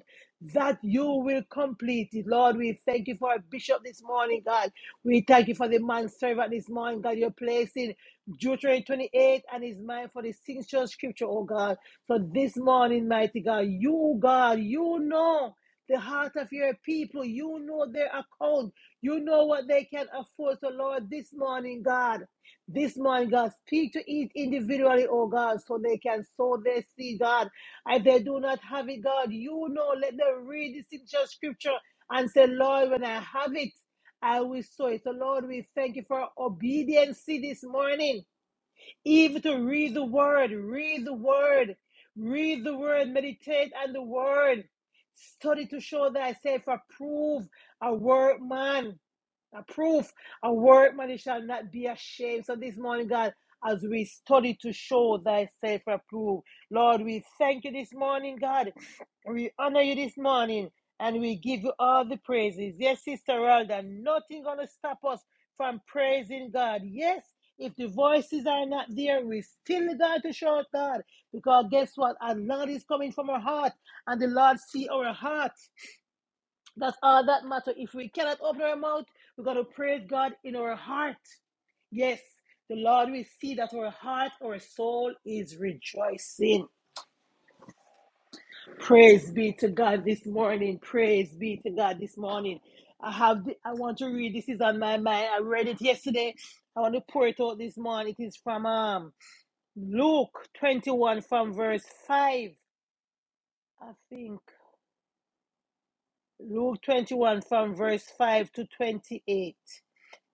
Speaker 3: that you will complete it. Lord, we thank you for our bishop this morning, God. We thank you for the man servant this morning, God. You're placing Deuteronomy 28 and his mind for the sincere scripture, oh God. So this morning, mighty God, you, God, you know the heart of your people. You know their account. You know what they can afford. So, Lord, this morning, God, this morning, God, speak to each individually, oh God, so they can sow their seed, God. If they do not have it, God, you know, let them read this in your scripture and say, Lord, when I have it, I will sow it. So, Lord, we thank you for our obedience this morning. Even to read the word, read the word, read the word, meditate on the word. Study to show that I say for prove a word man a proof, a word, man, it shall not be ashamed. So this morning, God, as we study to show thyself approved, Lord, we thank you this morning, God. We honor you this morning, and we give you all the praises. Yes, Sister Alda, nothing gonna stop us from praising God. Yes. If the voices are not there, we still got to shout God. Because guess what? Our Lord is coming from our heart, and the Lord see our heart. That's all that matters. If we cannot open our mouth, we got to praise God in our heart. Yes, the Lord will see that our heart, our soul is rejoicing. Praise be to God this morning. Praise be to God this morning. I have. The, I want to read. This is on my mind. I read it yesterday. I want to pour it out this morning. It is from um, Luke twenty-one, from verse five, I think. Luke twenty-one, from verse five to twenty-eight.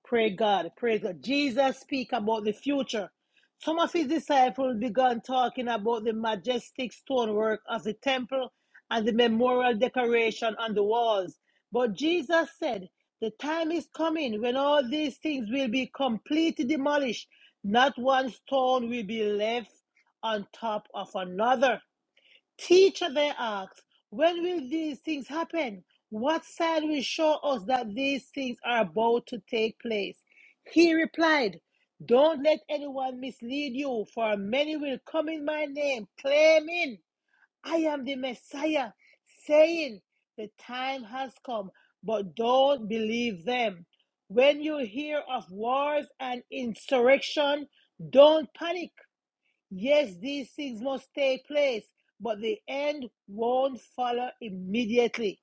Speaker 3: Pray God. Praise God. Jesus speak about the future. Some of his disciples began talking about the majestic stonework of the temple and the memorial decoration on the walls. But Jesus said, The time is coming when all these things will be completely demolished. Not one stone will be left on top of another. Teacher, they asked, when will these things happen? What sign will show us that these things are about to take place? He replied, Don't let anyone mislead you, for many will come in my name, claiming, I am the Messiah, saying, The time has come, but don't believe them. When you hear of wars and insurrection, don't panic Yes, these things must take place, but the end won't follow immediately.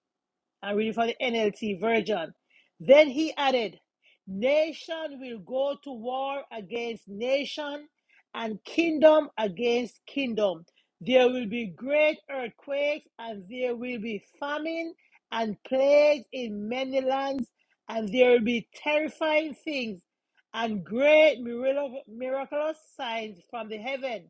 Speaker 3: I'm reading from the NLT version. Then he added, Nation will go to war against nation and kingdom against kingdom. There will be great earthquakes and there will be famine and plagues in many lands, and there will be terrifying things and great miracle- miraculous signs from the heaven.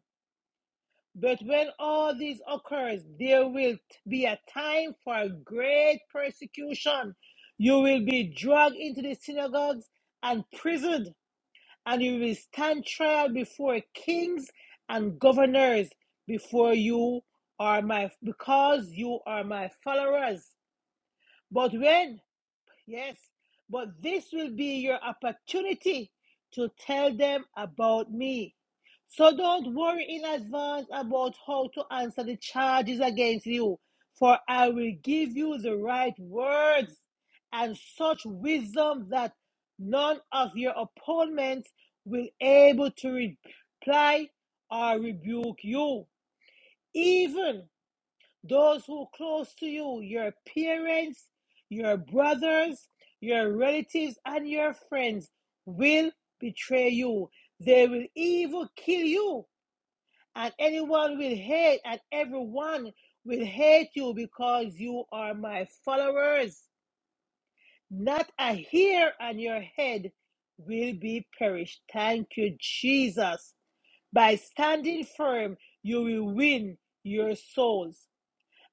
Speaker 3: But when all this occurs, there will be a time for great persecution. You will be dragged into the synagogues and prisoned, and you will stand trial before kings and governors before you are my because you are my followers. But when Yes. But this will be your opportunity to tell them about me. So don't worry in advance about how to answer the charges against you, for I will give you the right words and such wisdom that none of your opponents will able to reply or rebuke you. Even those who close to you, your parents, your brothers, your relatives, and your friends will betray you. They will even kill you, and anyone will hate, and everyone will hate you because you are my followers. Not a hair on your head will be perished. Thank you, Jesus. By standing firm, you will win your souls.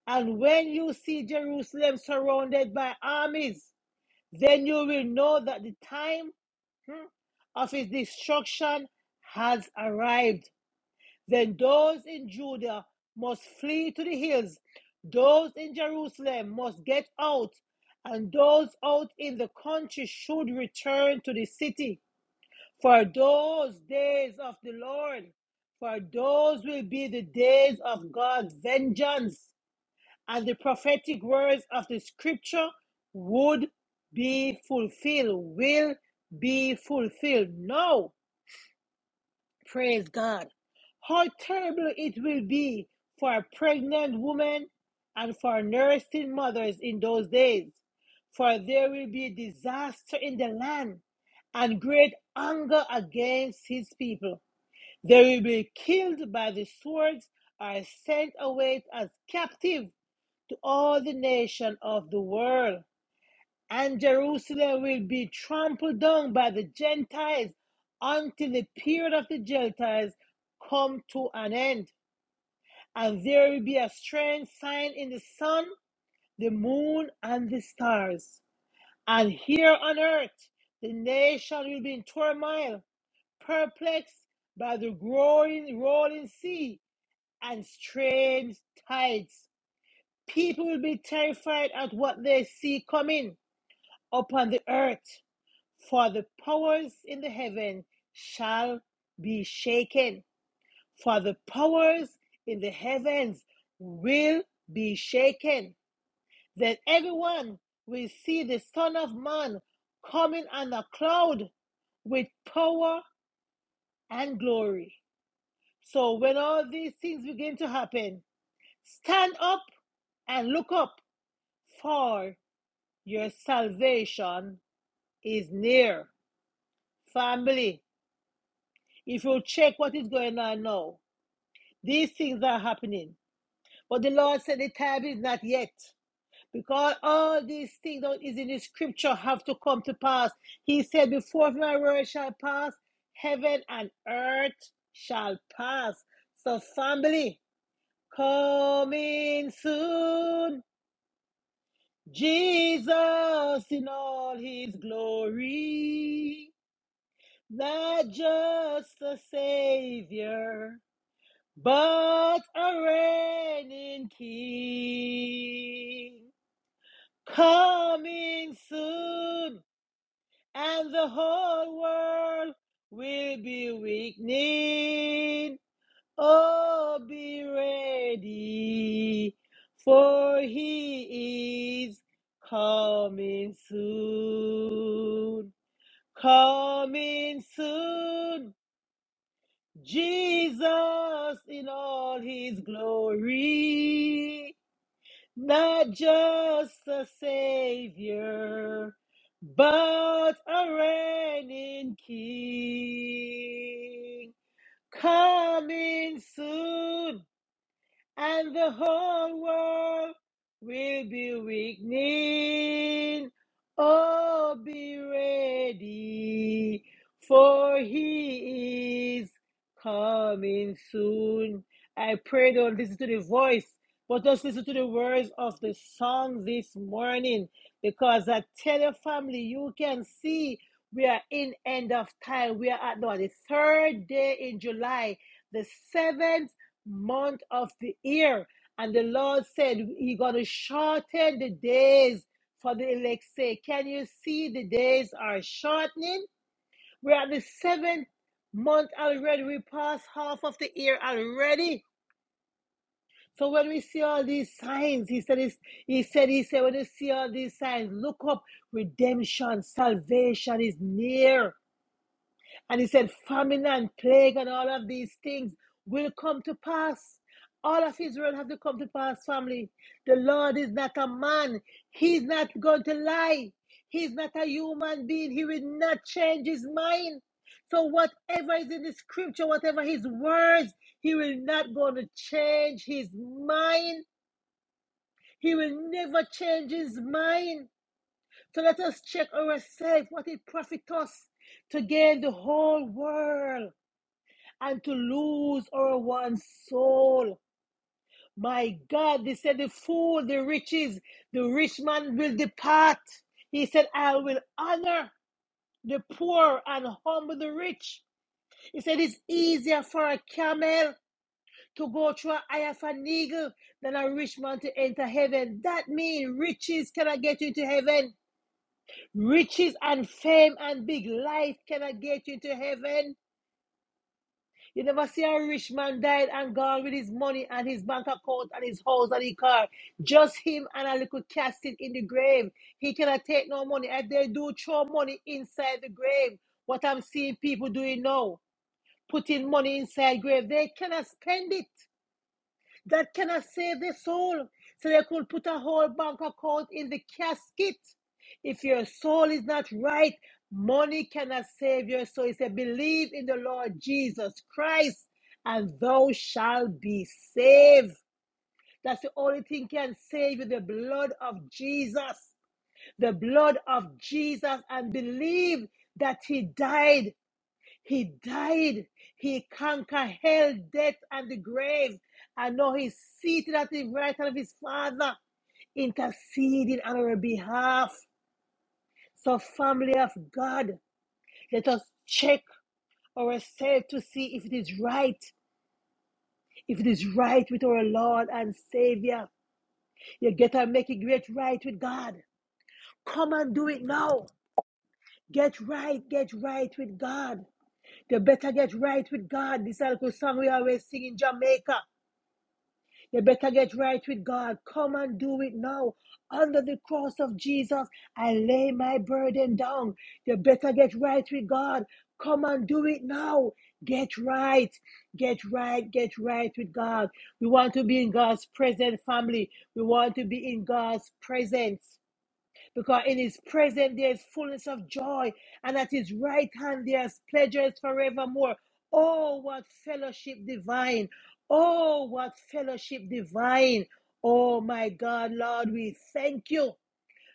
Speaker 3: And when you see Jerusalem surrounded by armies, then you will know that the time hmm, of his destruction has arrived. Then those in Judah must flee to the hills, those in Jerusalem must get out, and those out in the country should return to the city. For those days of the Lord, for those will be the days of God's vengeance and the prophetic words of the scripture would be fulfilled, will be fulfilled. No, praise God. How terrible it will be for a pregnant woman and for nursing mothers in those days, for there will be disaster in the land and great anger against his people. They will be killed by the swords or sent away as captive to all the nations of the world, and Jerusalem will be trampled down by the Gentiles until the period of the Gentiles come to an end. And there will be a strange sign in the sun, the moon, and the stars. And here on earth, the nation will be in turmoil, perplexed by the growing, rolling sea and strange tides. People will be terrified at what they see coming upon the earth, for the powers in the heaven shall be shaken. For the powers in the heavens will be shaken. Then everyone will see the Son of Man coming on a cloud with power and glory. So when all these things begin to happen, stand up and look up, for your salvation is near. Family, If you check what is going on now, these things are happening. But the Lord said the time is not yet. Because all these things that is in the scripture have to come to pass. He said, Before my word shall pass, heaven and earth shall pass. So, family, coming soon, Jesus in all his glory, not just a savior But a reigning king coming soon, and the whole world will be weakening. Oh, be ready, for he is coming soon, coming soon. Jesus in all his glory, not just a savior, but a reigning king. Coming soon, and the whole world will be weakening. Oh, be ready, for he is coming soon. I pray don't listen to the voice, but just listen to the words of the song this morning, because I tell your family, you can see we are in end of time. We are at no, the third day in July, the 7th month of the year. And the Lord said, He's going to shorten the days for the elect's sake. Can you see the days are shortening? We're at the seventh month already. We passed half of the year already. So when we see all these signs, he said, it's- he said, he said, when you see all these signs, look up. Redemption, salvation is near. And he said, famine and plague and all of these things will come to pass. All of Israel have to come to pass, family. The Lord is not a man. He's not going to lie. He's not a human being. He will not change his mind. So whatever is in the scripture, whatever his words, he will not going to change his mind. He will never change his mind. So let us check ourselves what it profits us to gain the whole world and to lose our one soul. My God, they said the fool, the riches, the rich man will depart. He said, I will honor the poor and humble the rich. He said, It's easier for a camel to go through an eye of an eagle than a rich man to enter heaven. That means riches cannot get you into heaven. Riches and fame and big life cannot get you into heaven. You never see a rich man died and gone with his money and his bank account and his house and his car. Just him and a little casket in the grave. He cannot take no money. And they do throw money inside the grave. What I'm seeing people doing now, putting money inside grave, they cannot spend it that cannot save their soul. So they could put a whole bank account in the casket. If your soul is not right, money cannot save your soul. He said, Believe in the Lord Jesus Christ, and thou shalt be saved. That's the only thing can save you the blood of Jesus. The blood of Jesus, and believe that He died he died. He conquered hell, death, and the grave. And now he's seated at the right hand of his Father, interceding on our behalf. So, family of God, let us check ourselves to see if it is right. If it is right with our Lord and Savior, you get to make it great right with God. Come and do it now. Get right, get right with God. You better get right with God. This is a song we always sing in Jamaica. You better get right with God. Come and do it now. Under the cross of Jesus, I lay my burden down. You better get right with God. Come and do it now. Get right, get right, get right with God. We want to be in God's presence, family. We want to be in God's presence. Because in his presence there is fullness of joy, and at his right hand there is pleasures forevermore. Oh, what fellowship divine! Oh, what fellowship divine! Oh, my God, Lord, we thank you.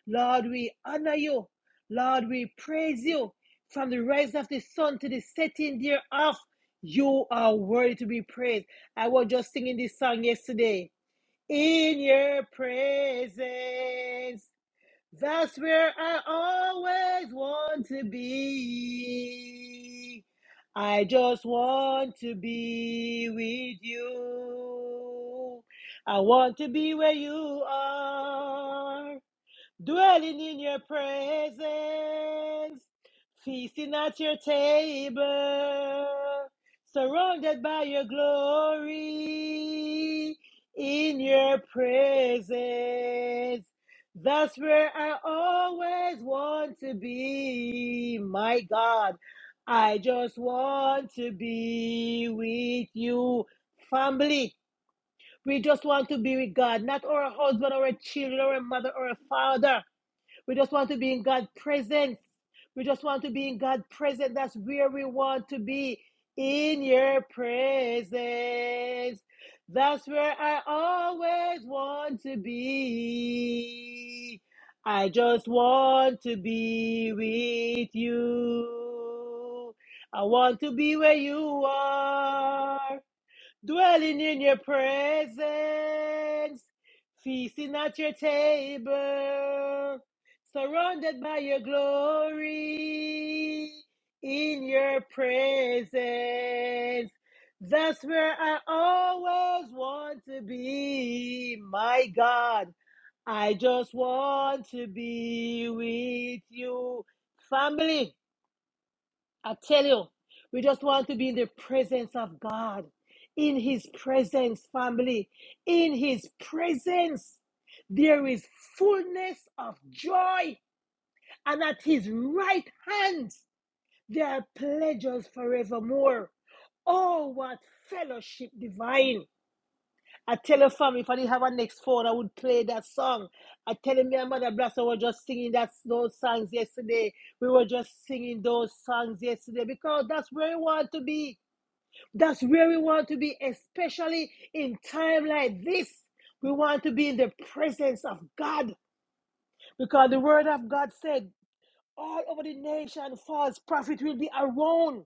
Speaker 3: Lord, we honor you. Lord, we praise you. From the rise of the sun to the setting thereof, you are worthy to be praised. I was just singing this song yesterday. In your presence that's where I always want to be. I just want to be with you. I want to be where you are dwelling in your presence, feasting at your table, surrounded by your glory, in your presence. That's where I always want to be, my God. I just want to be with you, family. We just want to be with God, not our husband, or our children, or a mother, or a father. We just want to be in God's presence. We just want to be in God's presence. That's where we want to be in your presence. That's where I always want to be. I just want to be with you. I want to be where you are dwelling in your presence, feasting at your table, surrounded by your glory, in your presence. That's where I always want to be, my God. I just want to be with you, family. I tell you, we just want to be in the presence of God, in His presence, family, in His presence. There is fullness of joy, and at His right hand, there are pleasures forevermore. Oh, what fellowship divine! I tell her family if I didn't have a next phone, I would play that song. I tell him me and Mother Blaster were just singing that those songs yesterday. We were just singing those songs yesterday because that's where we want to be. That's where we want to be, especially in time like this. We want to be in the presence of God because the word of God said all over the nation false prophet will be around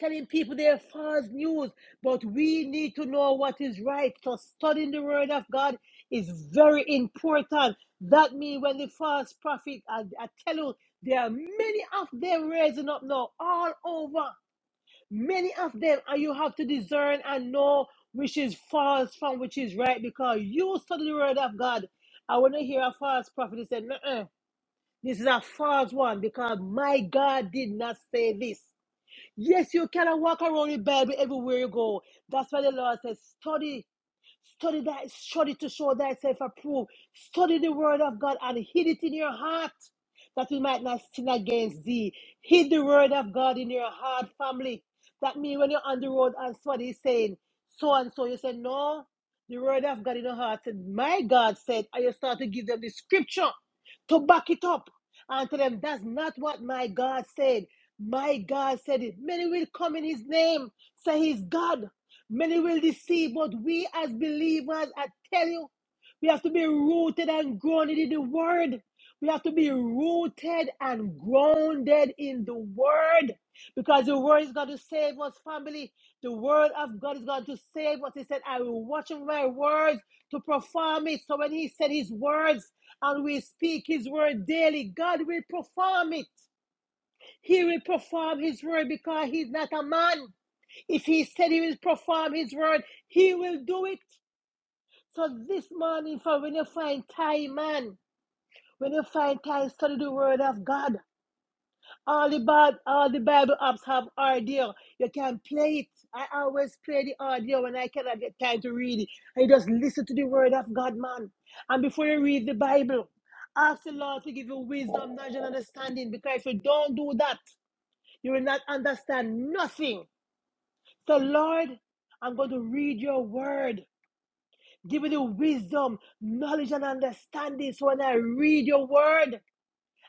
Speaker 3: telling people they're false news, but we need to know what is right. So studying the word of God is very important. That means when the false prophet, I, I tell you, there are many of them raising up now all over. Many of them, and you have to discern and know which is false from which is right because you study the word of God. I want to hear a false prophet say, "Nuh-uh, this is a false one because my God did not say this. Yes, you cannot walk around with Bible everywhere you go. That's why the Lord says, study Study that, study to show thyself approved. Study the word of God and hid it in your heart that we might not sin against thee. Hid the word of God in your heart, family. That means when you're on the road and somebody is saying so and so, you say, No, the word of God in your heart. Said my God said, and you start to give them the scripture to back it up and tell them that's not what my God said. My God said it. Many will come in his name, say he's God. Many will deceive, but we as believers, I tell you, we have to be rooted and grounded in the word. We have to be rooted and grounded in the word because the word is going to save us, family. The word of God is going to save us. He said, I will watch over my words to perform it. So when he said his words and we speak his word daily, God will perform it. He will perform his word because he's not a man. If he said he will perform his word, he will do it. So this morning, for when you find time, man, when you find time, study the word of God. All the Bible, all the Bible apps have audio. You can play it. I always play the audio when I cannot get time to read it. I just listen to the word of God, man. And before you read the Bible, ask the Lord to give you wisdom, knowledge, and understanding. Because if you don't do that, you will not understand nothing. So, Lord, I'm going to read your word. Give me the wisdom, knowledge, and understanding. So, when I read your word,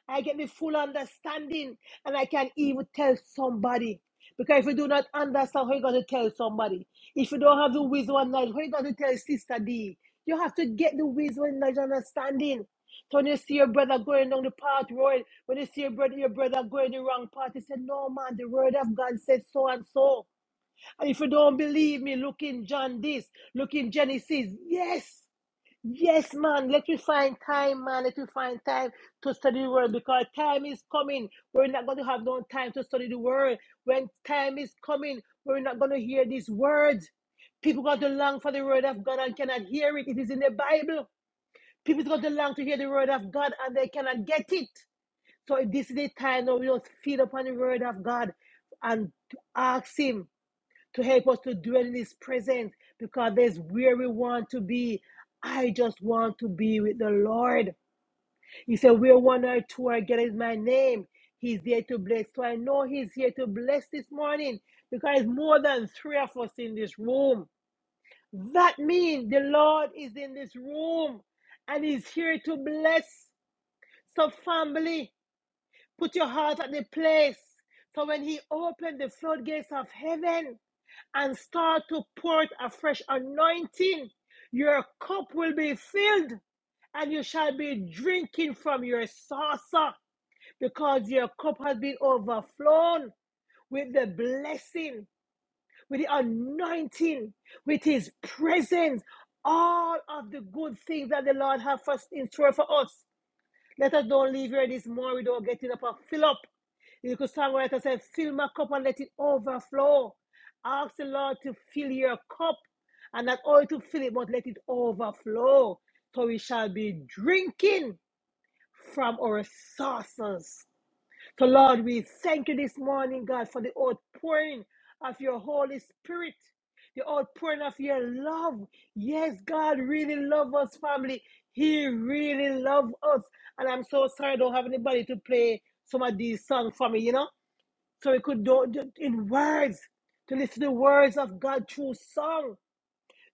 Speaker 3: I get the full understanding and I can even tell somebody. Because if you do not understand, how you going to tell somebody? If you don't have the wisdom and knowledge, how you going to tell Sister D? You have to get the wisdom and knowledge and understanding. So when you see your brother going down the path road, when you see your brother, your brother going the wrong path, you say, No man, the word of God says so and so. And if you don't believe me, look in John this, look in Genesis. Yes, yes, man. Let me find time, man. Let me find time to study the word because time is coming. We're not going to have no time to study the word. When time is coming, we're not going to hear these words. People got to long for the word of God and cannot hear it. It is in the Bible. People got to long to hear the word of God and they cannot get it. So this is the time now we just feed upon the word of God and ask Him to help us to dwell in His presence because that's where we want to be. I just want to be with the Lord. He said, Where one or two are gathered in my name, He's there to bless. So I know He's here to bless this morning because more than three of us in this room. That means the Lord is in this room and He's here to bless. So, family, put your heart at the place. So, when He opened the floodgates of heaven, and start to pour out a fresh anointing. Your cup will be filled and you shall be drinking from your saucer because your cup has been overflown with the blessing, with the anointing, with his presence, all of the good things that the Lord has for, in store for us. Let us don't leave here this morning without getting up and fill up. You could songwriter said, fill my cup and let it overflow. Ask the Lord to fill your cup and not only to fill it, but let it overflow. So we shall be drinking from our sources. So, Lord, we thank you this morning, God, for the outpouring of your Holy Spirit, the outpouring of your love. Yes, God really loves us, family. He really loves us. And I'm so sorry I don't have anybody to play some of these songs for me, you know? So we could do do- in words, to listen to the words of God through song.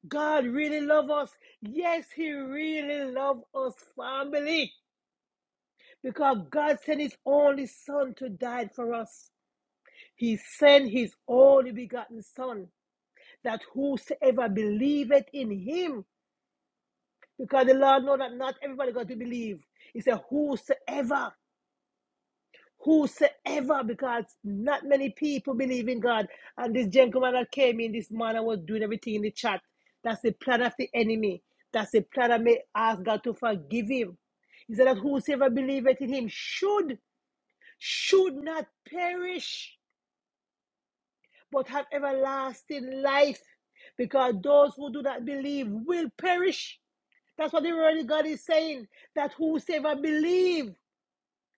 Speaker 3: God really loves us. Yes, He really loves us, family. Because God sent His only Son to die for us. He sent his only begotten Son, that whosoever believeth in him, because the Lord know that not everybody got to believe. He said, whosoever, whosoever, because not many people believe in God. And this gentleman that came in this morning was doing everything in the chat. That's the plan of the enemy. That's the plan that may ask God to forgive him. He said that whosoever believeth in him should, should not perish but have everlasting life. Because those who do not believe will perish. That's what the word of God is saying. That whosoever believe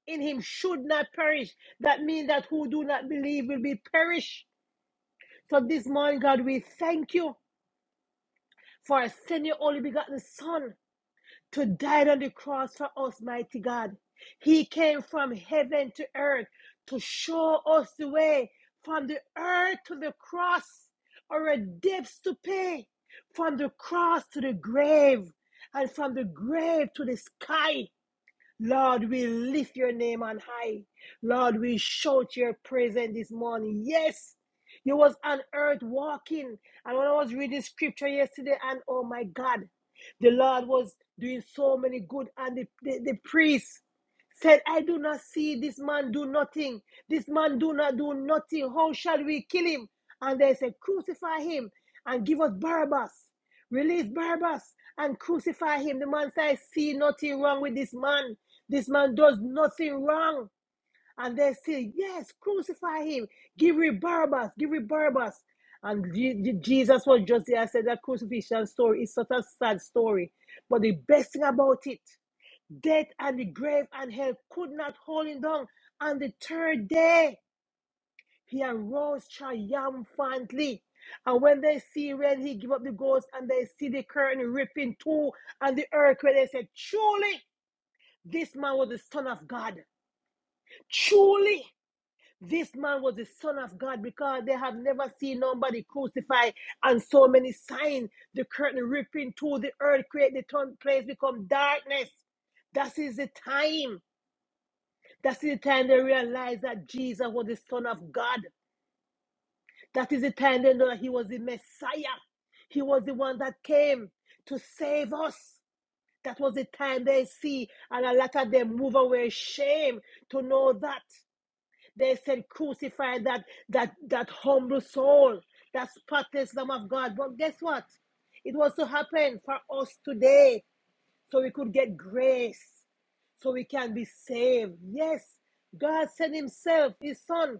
Speaker 3: in him should not perish. That means that who do not believe will be perished. So this morning, God, we thank you for sending your only begotten Son to die on the cross for us, mighty God. He came from heaven to earth to show us the way from the earth to the cross, our debts to pay, from the cross to the grave, and from the grave to the sky. Lord, we lift your name on high. Lord, we shout your praise in this morning. Yes, you was on earth walking. And when I was reading scripture yesterday, and oh my God, the Lord was doing so many good. And the, the, the priest said, I do not see this man do nothing. This man do not do nothing. How shall we kill him? And they said, crucify him and give us Barabbas. Release Barabbas and crucify him. The man said, I see nothing wrong with this man. This man does nothing wrong. And they say, yes, crucify him. Give him Barabbas. Give him Barabbas. And Je- Jesus was just there. I said that crucifixion story is such a sad story. But the best thing about it, death and the grave and hell could not hold him down. On the third day, he arose triumphantly. And when they see when he give up the ghost and they see the curtain ripping too and the earthquake, they said, Truly, this man was the son of God. Truly, this man was the Son of God because they have never seen nobody crucified and so many signs. The curtain ripping through the earth, create the torn place become darkness. That is the time. That is the time they realize that Jesus was the Son of God. That is the time they know that He was the Messiah. He was the one that came to save us. That was the time they see, and a lot of them move away shame to know that. They said, crucify that that that humble soul, that spotless Lamb of God. But guess what? It was to happen for us today, so we could get grace, so we can be saved. Yes, God sent Himself, His Son,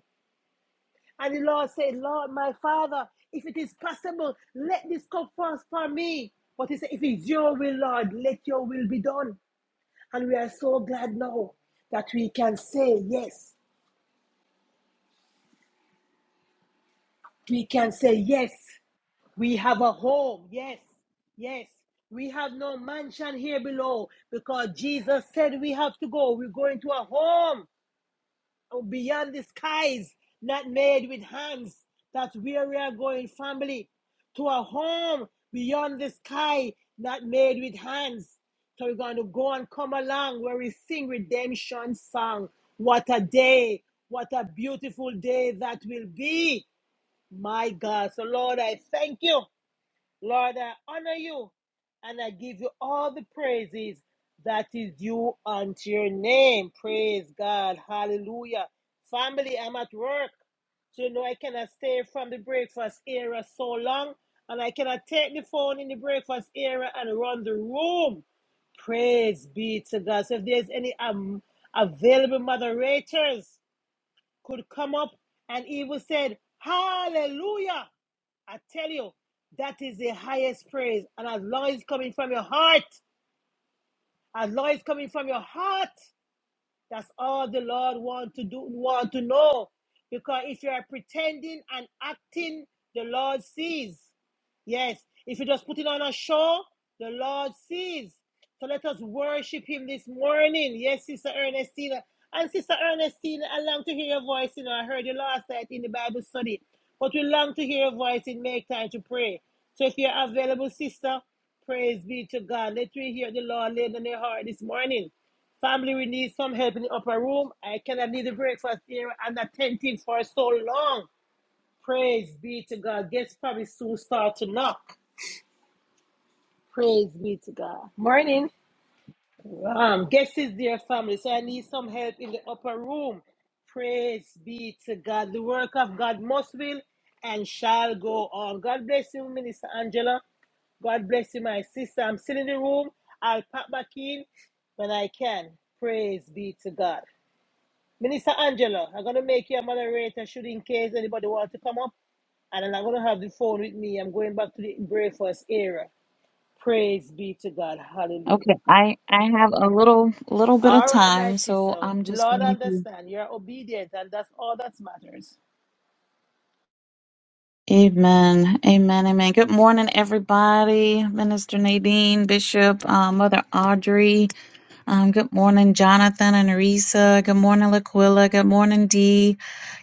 Speaker 3: and the Lord said, Lord, my Father, if it is possible, let this cup pass for me. But He said, if it's Your will, Lord, let Your will be done. And we are so glad now that we can say yes. We can say yes We have a home. Yes. Yes. We have no mansion here below because Jesus said we have to go. We're going to a home beyond the skies, not made with hands. That's where we are going, family. To a home beyond the sky, not made with hands. So we're going to go and come along where we sing redemption song. What a day. What a beautiful day that will be. My God. So Lord, I thank you. Lord, I honor you and I give you all the praises that is due unto your name. Praise God. Hallelujah. Family, I'm at work. So you know I cannot stay from the breakfast area so long. And I cannot take the phone in the breakfast area and run the room. Praise be to God. So if there's any um, available moderators could come up and even said, Hallelujah. I tell you, that is the highest praise. And as long as it's coming from your heart, as long as it's coming from your heart, that's all the Lord want to do, want to know. Because if you are pretending and acting, the Lord sees. Yes, if you just put it on a show, the Lord sees. So let us worship Him this morning. Yes, Sister Ernestina. And Sister Ernestina, I long to hear your voice. You know, I heard you last night in the Bible study, but we long to hear your voice and make time to pray. So if you're available, Sister, praise be to God. Let me hear the Lord laid on your heart this morning. Family, we need some help in the upper room. I cannot leave the breakfast here and attentive for so long. Praise be to God. Guess probably soon start to knock. Morning. Um, guest is dear family. So I need some help in the upper room. Praise be to God. The work of God must will and shall go on. God bless you, Minister Angela. God bless you, my sister. I'm still in the room. I'll pop back in when I can. Praise be to God. Minister Angela, I'm gonna make you a moderator should in case anybody wants to come up. And I'm not gonna have the phone with me. I'm going back to the breakfast era. Praise be to God. Hallelujah.
Speaker 9: Okay, I I have a little little bit of
Speaker 3: All right, my
Speaker 9: time, so
Speaker 3: sister.
Speaker 9: I'm
Speaker 3: The
Speaker 9: just
Speaker 3: Lord
Speaker 9: going to.
Speaker 3: understand. You're obedient, and that's all that matters.
Speaker 9: Amen, amen, amen. Good morning, everybody. Minister Nadine, Bishop, uh, Mother Audrey. Um, good morning, Jonathan and Arisa. Good morning, Laquilla. Good morning, Dee.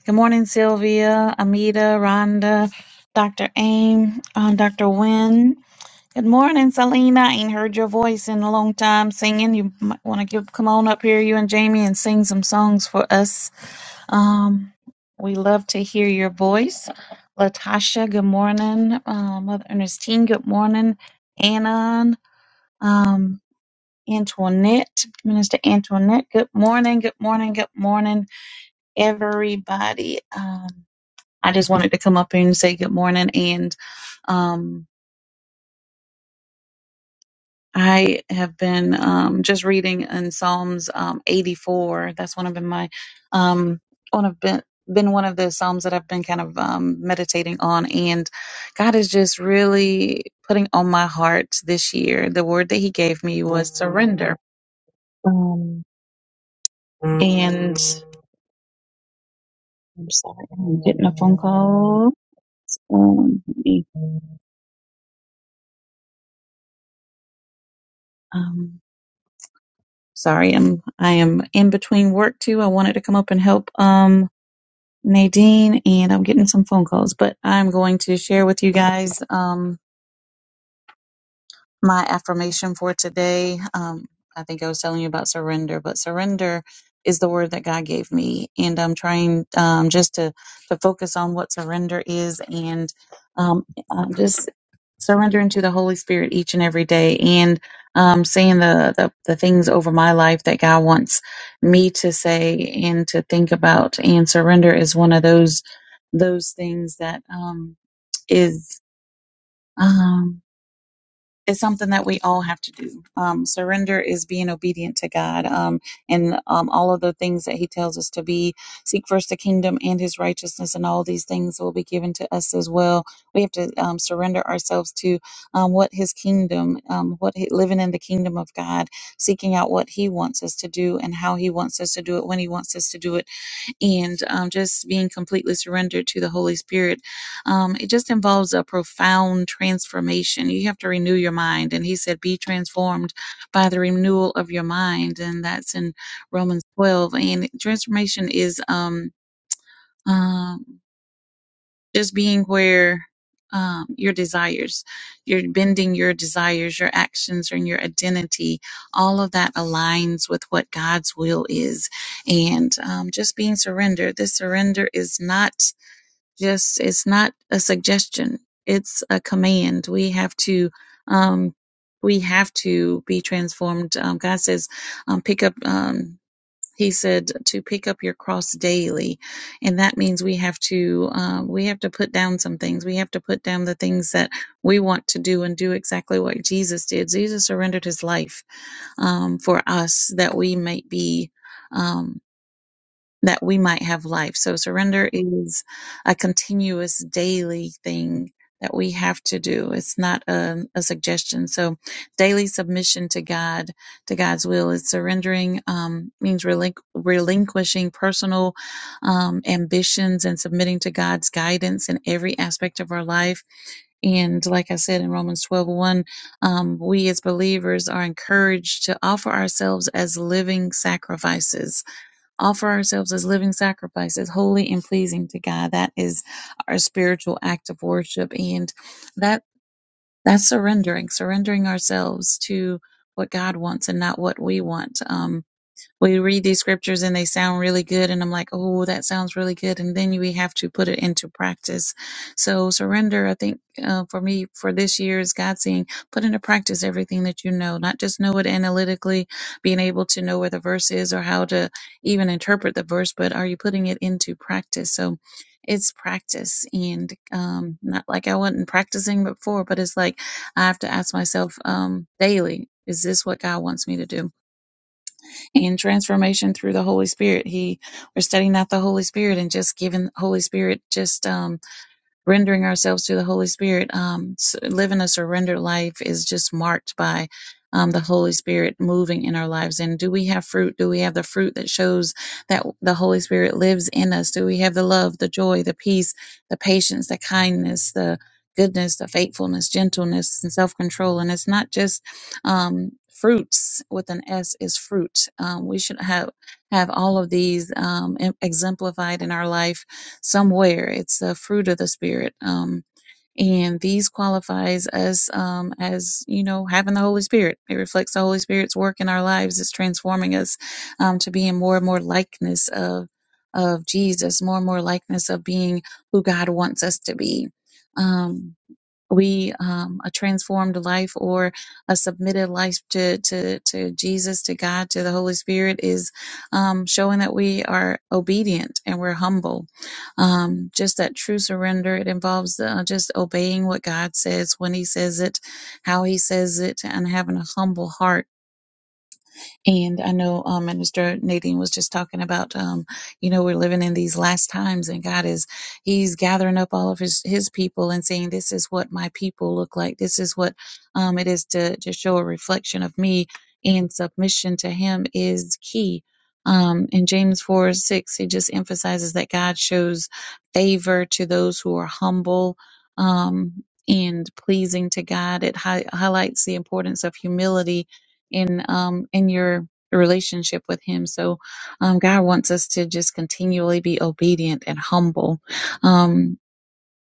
Speaker 9: Good morning, Sylvia, Amita, Rhonda, Dr. Aim, um, Dr. Wynne. Good morning, Selena. I ain't heard your voice in a long time singing. You might want to come on up here, you and Jamie, and sing some songs for us. Um, we love to hear your voice. Latasha, good morning. Uh, Mother Ernestine, good morning. Anon, um, Antoinette, Minister Antoinette, good morning, good morning, good morning, everybody. Um, I just wanted to come up here and say good morning and um. I have been um, just reading in Psalms um, 84. That's one of been my um, one of been been one of the psalms that I've been kind of um, meditating on, and God is just really putting on my heart this year. The word that He gave me was surrender. Um, and I'm sorry, I'm getting a phone call. Um, let me- um, sorry, I'm I am in between work too. I wanted to come up and help. Um, Nadine, and I'm getting some phone calls, but I'm going to share with you guys. Um, my affirmation for today. Um, I think I was telling you about surrender, but surrender is the word that God gave me, and I'm trying um, just to to focus on what surrender is, and um, I'm just surrendering to the Holy Spirit each and every day, and um, saying the, the the things over my life that God wants me to say and to think about, and surrender is one of those those things that um, is. um, is something that we all have to do. Um, surrender is being obedient to God um, and um, all of the things that He tells us to be. Seek first the kingdom and His righteousness, and all these things will be given to us as well. We have to um, surrender ourselves to um, what His kingdom, um, what he, living in the kingdom of God, seeking out what He wants us to do and how He wants us to do it, when He wants us to do it and um, just being completely surrendered to the Holy Spirit. Um, it just involves a profound transformation. You have to renew your mind. And he said, Be transformed by the renewal of your mind. And that's in Romans 12. And transformation is. Um, um just being where um, your desires, you're bending your desires, your actions, and your identity, all of that aligns with what God's will is. And um, just being surrendered. This surrender is not just, it's not a suggestion, it's a command. We have to, um, we have to be transformed. Um, God says, um, pick up. Um, he said to pick up your cross daily and that means we have to um, we have to put down some things we have to put down the things that we want to do and do exactly what jesus did jesus surrendered his life um, for us that we might be Um, that we might have life. So surrender is a continuous daily thing that we have to do. It's not a, a suggestion. So daily submission to God, to God's will is surrendering, um, means relinqu- relinquishing personal, um, ambitions and submitting to God's guidance in every aspect of our life. And like I said in Romans 12, um, we as believers are encouraged to offer ourselves as living sacrifices offer ourselves as living sacrifices, holy and pleasing to God. That is our spiritual act of worship, and that that's surrendering, surrendering ourselves to what God wants and not what we want. Um, we read these scriptures and they sound really good and i'm like oh that sounds really good and then we have to put it into practice so surrender i think uh, for me for this year is god saying put into practice everything that you know not just know it analytically being able to know where the verse is or how to even interpret the verse but are you putting it into practice so it's practice and um, not like i wasn't practicing before but it's like i have to ask myself um, daily is this what god wants me to do and transformation through the Holy Spirit. He we're studying out the Holy Spirit and just giving Holy Spirit just um rendering ourselves to the Holy Spirit, um, s- living a surrendered life is just marked by um, the Holy Spirit moving in our lives. And do we have fruit? Do we have the fruit that shows that the Holy Spirit lives in us? Do we have the love, the joy, the peace, the patience, the kindness, the goodness, the faithfulness, gentleness, and self control? And it's not just um, fruits with an S is fruit. Um, we should have have all of these um, em- exemplified in our life somewhere. It's the fruit of the spirit. Um, and these qualifies us um, as you know having the Holy Spirit. It reflects the Holy Spirit's work in our lives. It's transforming us um, to being more and more likeness of of Jesus, more and more likeness of being who God wants us to be. Um, we um, a transformed life or a submitted life to to to Jesus, to God, to the Holy Spirit is um, showing that we are obedient and we're humble. Um, just that true surrender. It involves uh, just obeying what God says when He says it, how He says it, and having a humble heart and I know um, Minister Nadine was just talking about, um, you know, we're living in these last times, and God is He's gathering up all of His His people and saying, "This is what my people look like. This is what um, it is to to show a reflection of Me." And submission to Him is key. Um, in James four six, it just emphasizes that God shows favor to those who are humble. Um, and pleasing to God. It hi- highlights the importance of humility in um in your relationship with him so um god wants us to just continually be obedient and humble um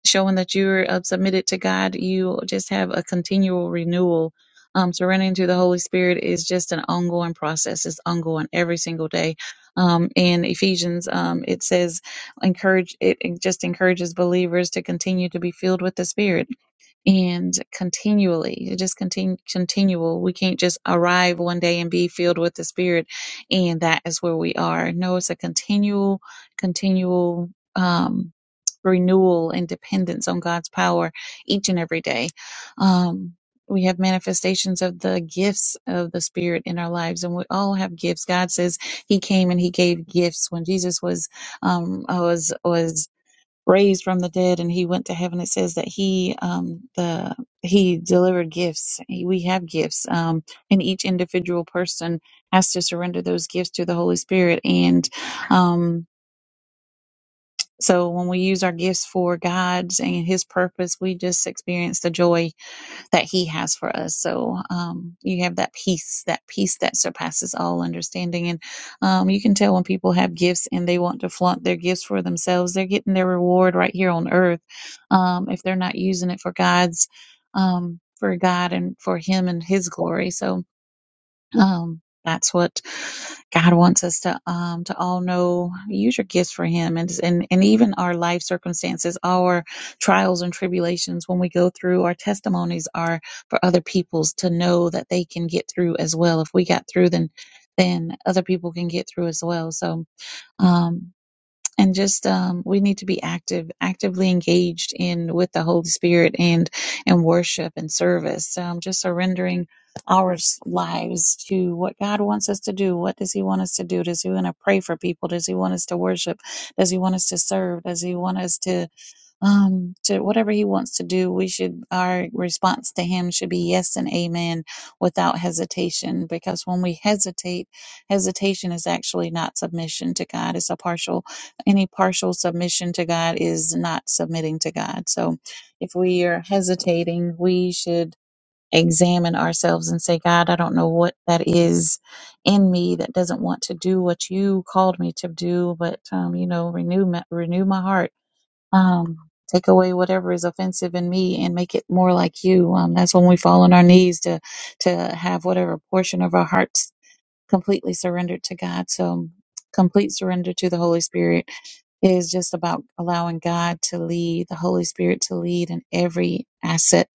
Speaker 9: showing that you're uh, submitted to god you just have a continual renewal um surrendering to the holy spirit is just an ongoing process it's ongoing every single day um in ephesians um it says encourage it, it just encourages believers to continue to be filled with the spirit and continually it just continue continual we can't just arrive one day and be filled with the spirit and that is where we are no it's a continual continual um renewal and dependence on god's power each and every day um we have manifestations of the gifts of the spirit in our lives and we all have gifts god says he came and he gave gifts when jesus was um was was raised from the dead and he went to heaven it says that he um the he delivered gifts He- we have gifts um and each individual person has to surrender those gifts to the holy spirit and um so when we use our gifts for god's and his purpose we just experience the joy that he has for us. So um, you have that peace, that peace that surpasses all understanding. And um, you can tell when people have gifts and they want to flaunt their gifts for themselves, they're getting their reward right here on earth. Um, if they're not using it for God's, um, for God and for Him and His glory. So, um, that's what God wants us to um to all know. Use your gifts for Him, and and and even our life circumstances, our trials and tribulations when we go through, our testimonies are for other people's to know that they can get through as well. If we got through, then then other people can get through as well. So, um, and just um, we need to be active, actively engaged in with the Holy Spirit and and worship and service. Um, just surrendering our s- lives to what God wants us to do. What does He want us to do? Does He want to pray for people? Does He want us to worship? Does He want us to serve? Does He want us to um to whatever he wants to do we should our response to him should be yes and amen without hesitation because when we hesitate hesitation is actually not submission to god it's a partial any partial submission to god is not submitting to god so if we are hesitating we should examine ourselves and say god i don't know what that is in me that doesn't want to do what you called me to do but um, you know renew my, renew my heart um, take away whatever is offensive in me and make it more like you. Um, that's when we fall on our knees to to have whatever portion of our hearts completely surrendered to God. So complete surrender to the Holy Spirit is just about allowing God to lead, the Holy Spirit to lead in every asset,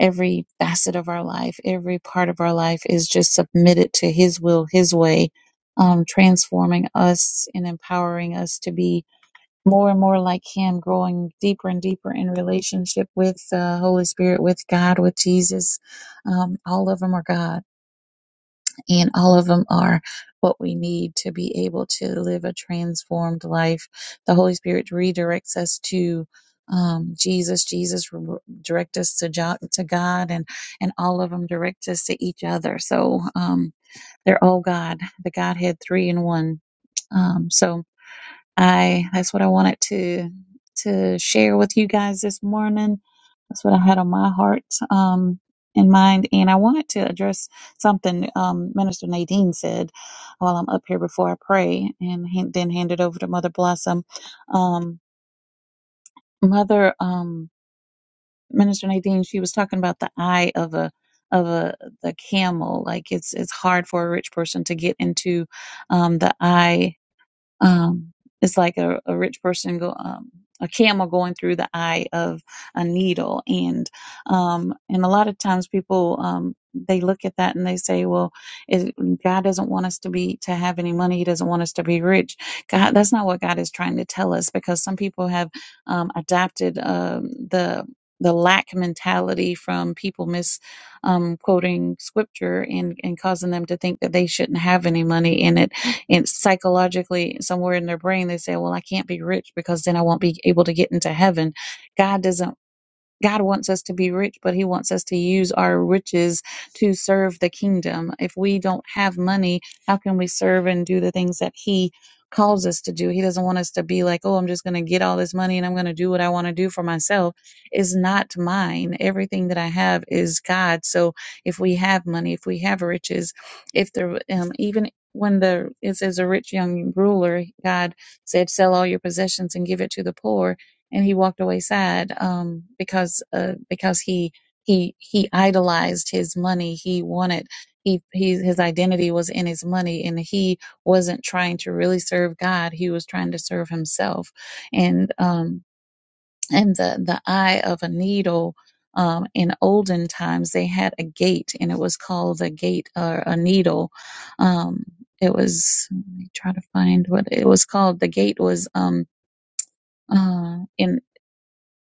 Speaker 9: every facet of our life, every part of our life is just submitted to His will, His way, um, transforming us and empowering us to be more and more like him, growing deeper and deeper in relationship with the Holy Spirit, with God, with Jesus. Um, all of them are God, and all of them are what we need to be able to live a transformed life. The Holy Spirit redirects us to um, Jesus. Jesus re- direct us to, jo- to God, and and all of them direct us to each other. So um, they're all God, the Godhead, three in one. Um, so I that's what I wanted to to share with you guys this morning. That's what I had on my heart um in mind. And I wanted to address something um Minister Nadine said while I'm up here before I pray and hand, then hand it over to Mother Blossom. Um Mother um Minister Nadine, she was talking about the eye of a of a the camel. Like it's it's hard for a rich person to get into um the eye um, it's like a, a rich person go um, a camel going through the eye of a needle, and um, and a lot of times people um, they look at that and they say, well, it, God doesn't want us to be to have any money. He doesn't want us to be rich. God, that's not what God is trying to tell us because some people have um, adopted um, the the lack mentality from people mis um, quoting scripture and, and causing them to think that they shouldn't have any money and it and psychologically somewhere in their brain they say well i can't be rich because then i won't be able to get into heaven god doesn't God wants us to be rich, but He wants us to use our riches to serve the kingdom. If we don't have money, how can we serve and do the things that He calls us to do? He doesn't want us to be like, oh, I'm just going to get all this money and I'm going to do what I want to do for myself. Is not mine. Everything that I have is God. So if we have money, if we have riches, if the um, even when the it says a rich young ruler, God said, sell all your possessions and give it to the poor and he walked away sad um, because uh, because he he he idolized his money. He wanted he, he his identity was in his money, and he wasn't trying to really serve God. He was trying to serve himself, and um, and the the eye of a needle. Um, in olden times, they had a gate, and it was called a gate or a needle. Um, it was let me try to find what it was called. The gate was um, uh, in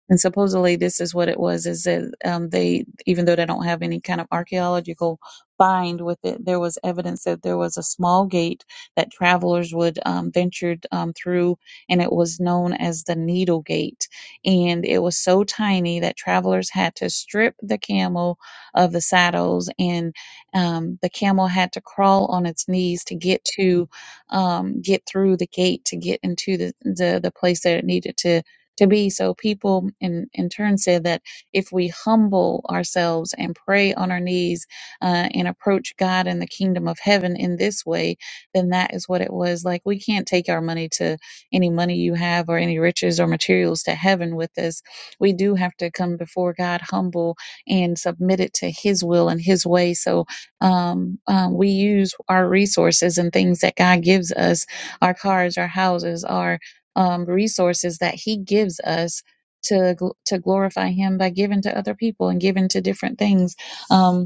Speaker 9: and supposedly this is what it was, is that um, they, even though they don't have any kind of archaeological find with it, there was evidence that there was a small gate that travelers would um, venture um, through, and it was known as the Needle Gate. And it was so tiny that travelers had to strip the camel of the saddles, and um, the camel had to crawl on its knees to get to um, get through the gate to get into the, the the place that it needed to to be. So people in, in turn said that if we humble ourselves and pray on our knees uh, and approach God and the kingdom of heaven in this way, then that is what it was like. We can't take our money to any money you have or any riches or materials to heaven with us. We do have to come before God humble and submit it to His will and His way. So um, um, we use our resources and things that God gives us our cars, our houses, our um, resources that He gives us to gl- to glorify Him by giving to other people and giving to different things. Um,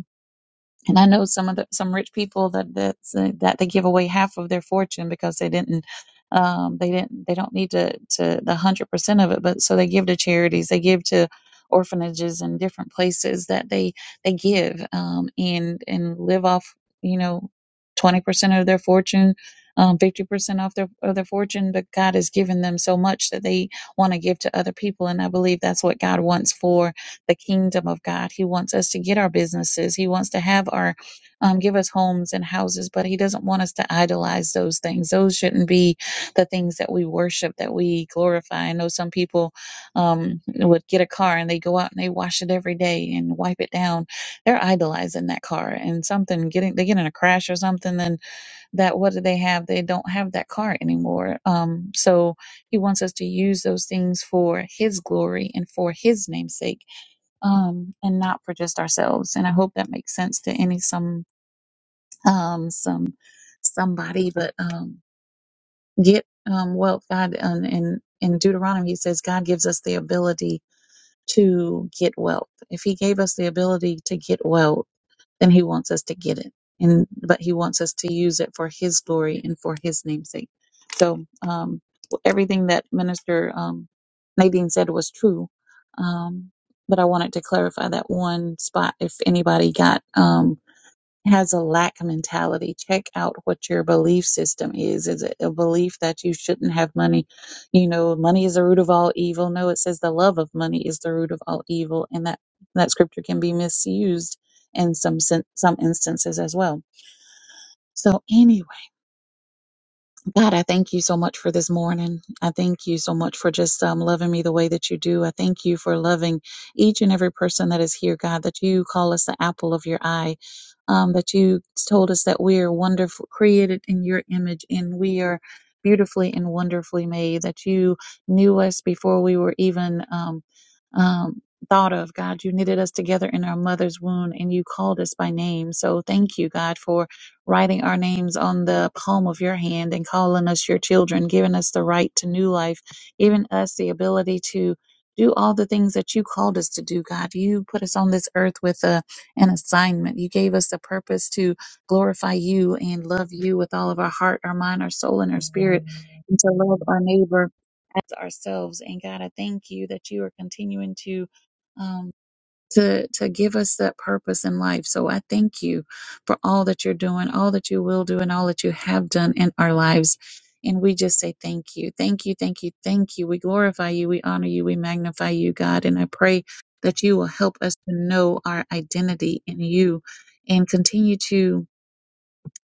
Speaker 9: and I know some of the, some rich people that that that they give away half of their fortune because they didn't um, they didn't they don't need to to the hundred percent of it, but so they give to charities, they give to orphanages and different places that they they give um, and and live off you know twenty percent of their fortune. Um, 50% off their of their fortune, but God has given them so much that they want to give to other people, and I believe that's what God wants for the kingdom of God. He wants us to get our businesses. He wants to have our, um, give us homes and houses, but He doesn't want us to idolize those things. Those shouldn't be the things that we worship, that we glorify. I know some people um, would get a car and they go out and they wash it every day and wipe it down. They're idolizing that car and something getting, they get in a crash or something, then that, what do they have? They don't have that car anymore. Um, so, he wants us to use those things for His glory and for His name's sake um, and not for just ourselves. And I hope that makes sense to any some um, some somebody. But um, get um, wealth, God. Um, in in Deuteronomy, He says God gives us the ability to get wealth. If He gave us the ability to get wealth then he wants us to get it and but he wants us to use it for his glory and for his namesake so um everything that minister um nadine said was true um but i wanted to clarify that one spot if anybody got um, has a lack mentality. Check out what your belief system is. Is it a belief that you shouldn't have money? You know, money is the root of all evil. No, it says the love of money is the root of all evil, and that that scripture can be misused in some sen- some instances as well. So, anyway God, I thank you so much for this morning. I thank you so much for just um, loving me the way that you do. I thank you for loving each and every person that is here, God, that you call us the apple of your eye, um, that you told us that we are wonderful, created in your image, and we are beautifully and wonderfully made, that you knew us before we were even. Um, um, Thought of God, you knitted us together in our mother's womb and you called us by name. So, thank you, God, for writing our names on the palm of your hand and calling us your children, giving us the right to new life, giving us the ability to do all the things that you called us to do, God. You put us on this earth with a, an assignment. You gave us a purpose to glorify you and love you with all of our heart, our mind, our soul, and our spirit, and to love our neighbor as ourselves. And God, I thank you that you are continuing to. Um, to to give us that purpose in life. So I thank you for all that you're doing, all that you will do, and all that you have done in our lives. And we just say thank you, thank you, thank you, thank you. We glorify you, we honor you, we magnify you, God. And I pray that you will help us to know our identity in you, and continue to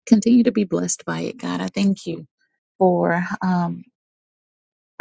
Speaker 9: continue to be blessed by it, God. I thank you for. Um,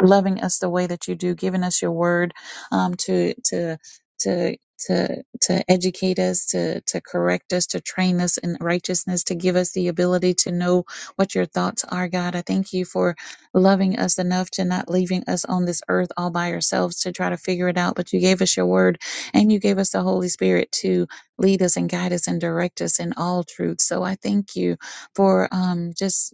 Speaker 9: loving us the way that you do, giving us your word um, to to to to to educate us, to to correct us, to train us in righteousness, to give us the ability to know what your thoughts are, God. I thank you for loving us enough to not leaving us on this earth all by ourselves to try to figure it out. But you gave us your word and you gave us the Holy Spirit to lead us and guide us and direct us in all truth. So I thank you for um, just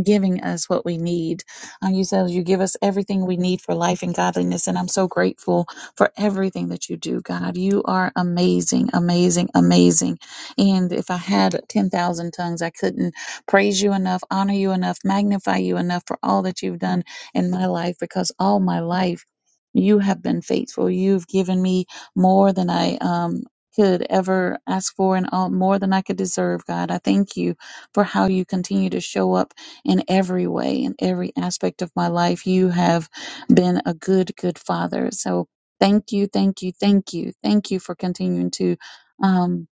Speaker 9: giving us what we need. Uh, you said you give us everything we need for life and godliness. And I'm so grateful for everything that you do, God. You are amazing, amazing, amazing. And if I had 10,000 tongues, I couldn't praise you enough, honor you enough, magnify you enough for all that you've done in my life because all my life you have been faithful. You've given me more than I, um, could ever ask for and all more than I could deserve, God. I thank you for how you continue to show up in every way, in every aspect of my life. You have been a good, good father. So thank you, thank you, thank you, thank you for continuing to um,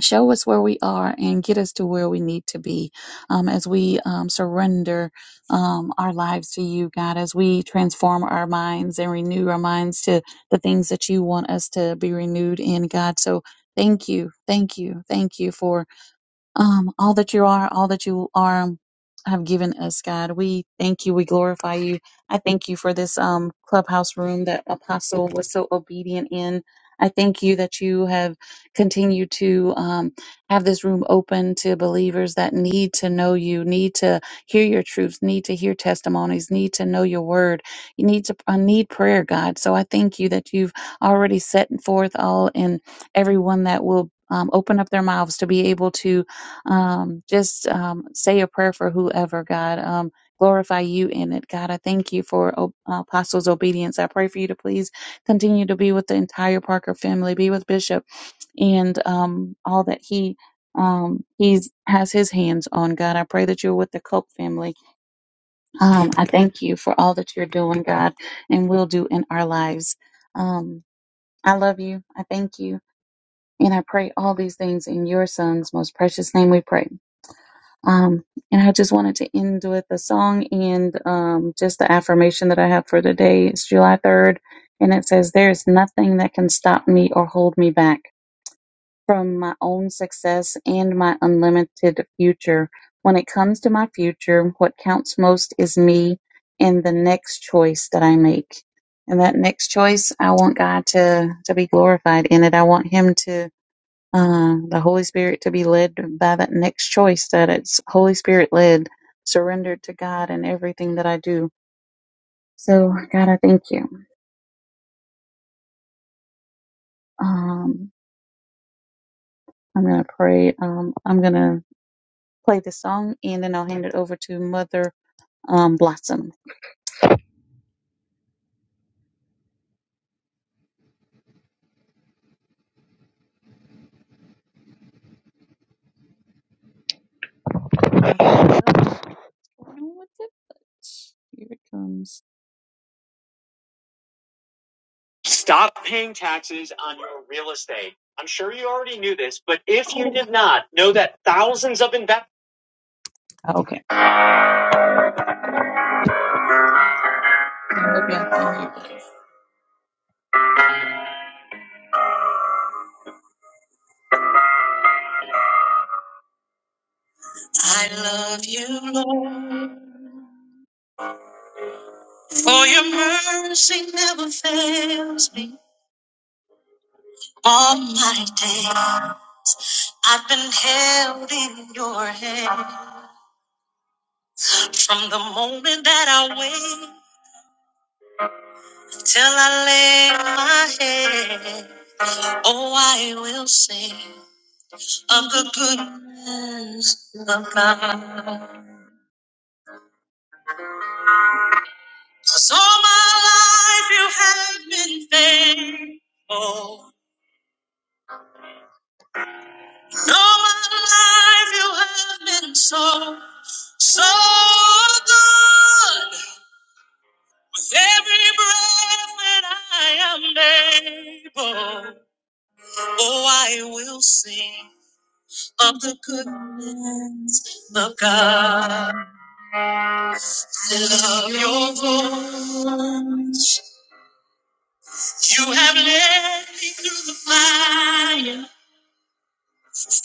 Speaker 9: show us where we are and get us to where we need to be um, as we um, surrender um, our lives to you, God, as we transform our minds and renew our minds to the things that you want us to be renewed in, God. So thank you, thank you, thank you for. Um, all that you are, all that you are, have given us, God. We thank you. We glorify you. I thank you for this um, clubhouse room that Apostle was so obedient in. I thank you that you have continued to um, have this room open to believers that need to know you, need to hear your truths, need to hear testimonies, need to know your word, you need to uh, need prayer, God. So I thank you that you've already set forth all in everyone that will um, open up their mouths to be able to um, just um, say a prayer for whoever, God. Um, glorify you in it, God. I thank you for O- Apostles' obedience. I pray for you to please continue to be with the entire Parker family, be with Bishop and um, all that he um, he's has his hands on, God. I pray that you're with the Cope family. Um, I thank you for all that you're doing, God, and will do in our lives. Um, I love you. I thank you. And I pray all these things in your son's most precious name we pray. Um, and I just wanted to end with a song and um, just the affirmation that I have for the day. It's July 3rd, and it says, There is nothing that can stop me or hold me back from my own success and my unlimited future. When it comes to my future, what counts most is me and the next choice that I make. And that next choice, I want God to, to be glorified in it. I want Him to uh, the Holy Spirit to be led by that next choice that it's Holy Spirit led, surrendered to God in everything that I do. So, God, I thank you. Um, I'm going to pray. Um, I'm going to play this song and then I'll hand it over to Mother um, blossom. Uh, what's it? Here it comes. Stop paying taxes on your real estate. I'm sure you already knew this, but if you did not, know that thousands of investors. Okay. I love you, Lord. For your mercy never fails me. All my day, I've been held in your hand. From the moment that I wake till I lay my head, oh, I will sing of the goodness of God. 'Cause all my life you have been faithful. All my life you have been so, so good. With every breath that I am able, oh, I will sing of the goodness of God. I love your voice. You have led me through the fire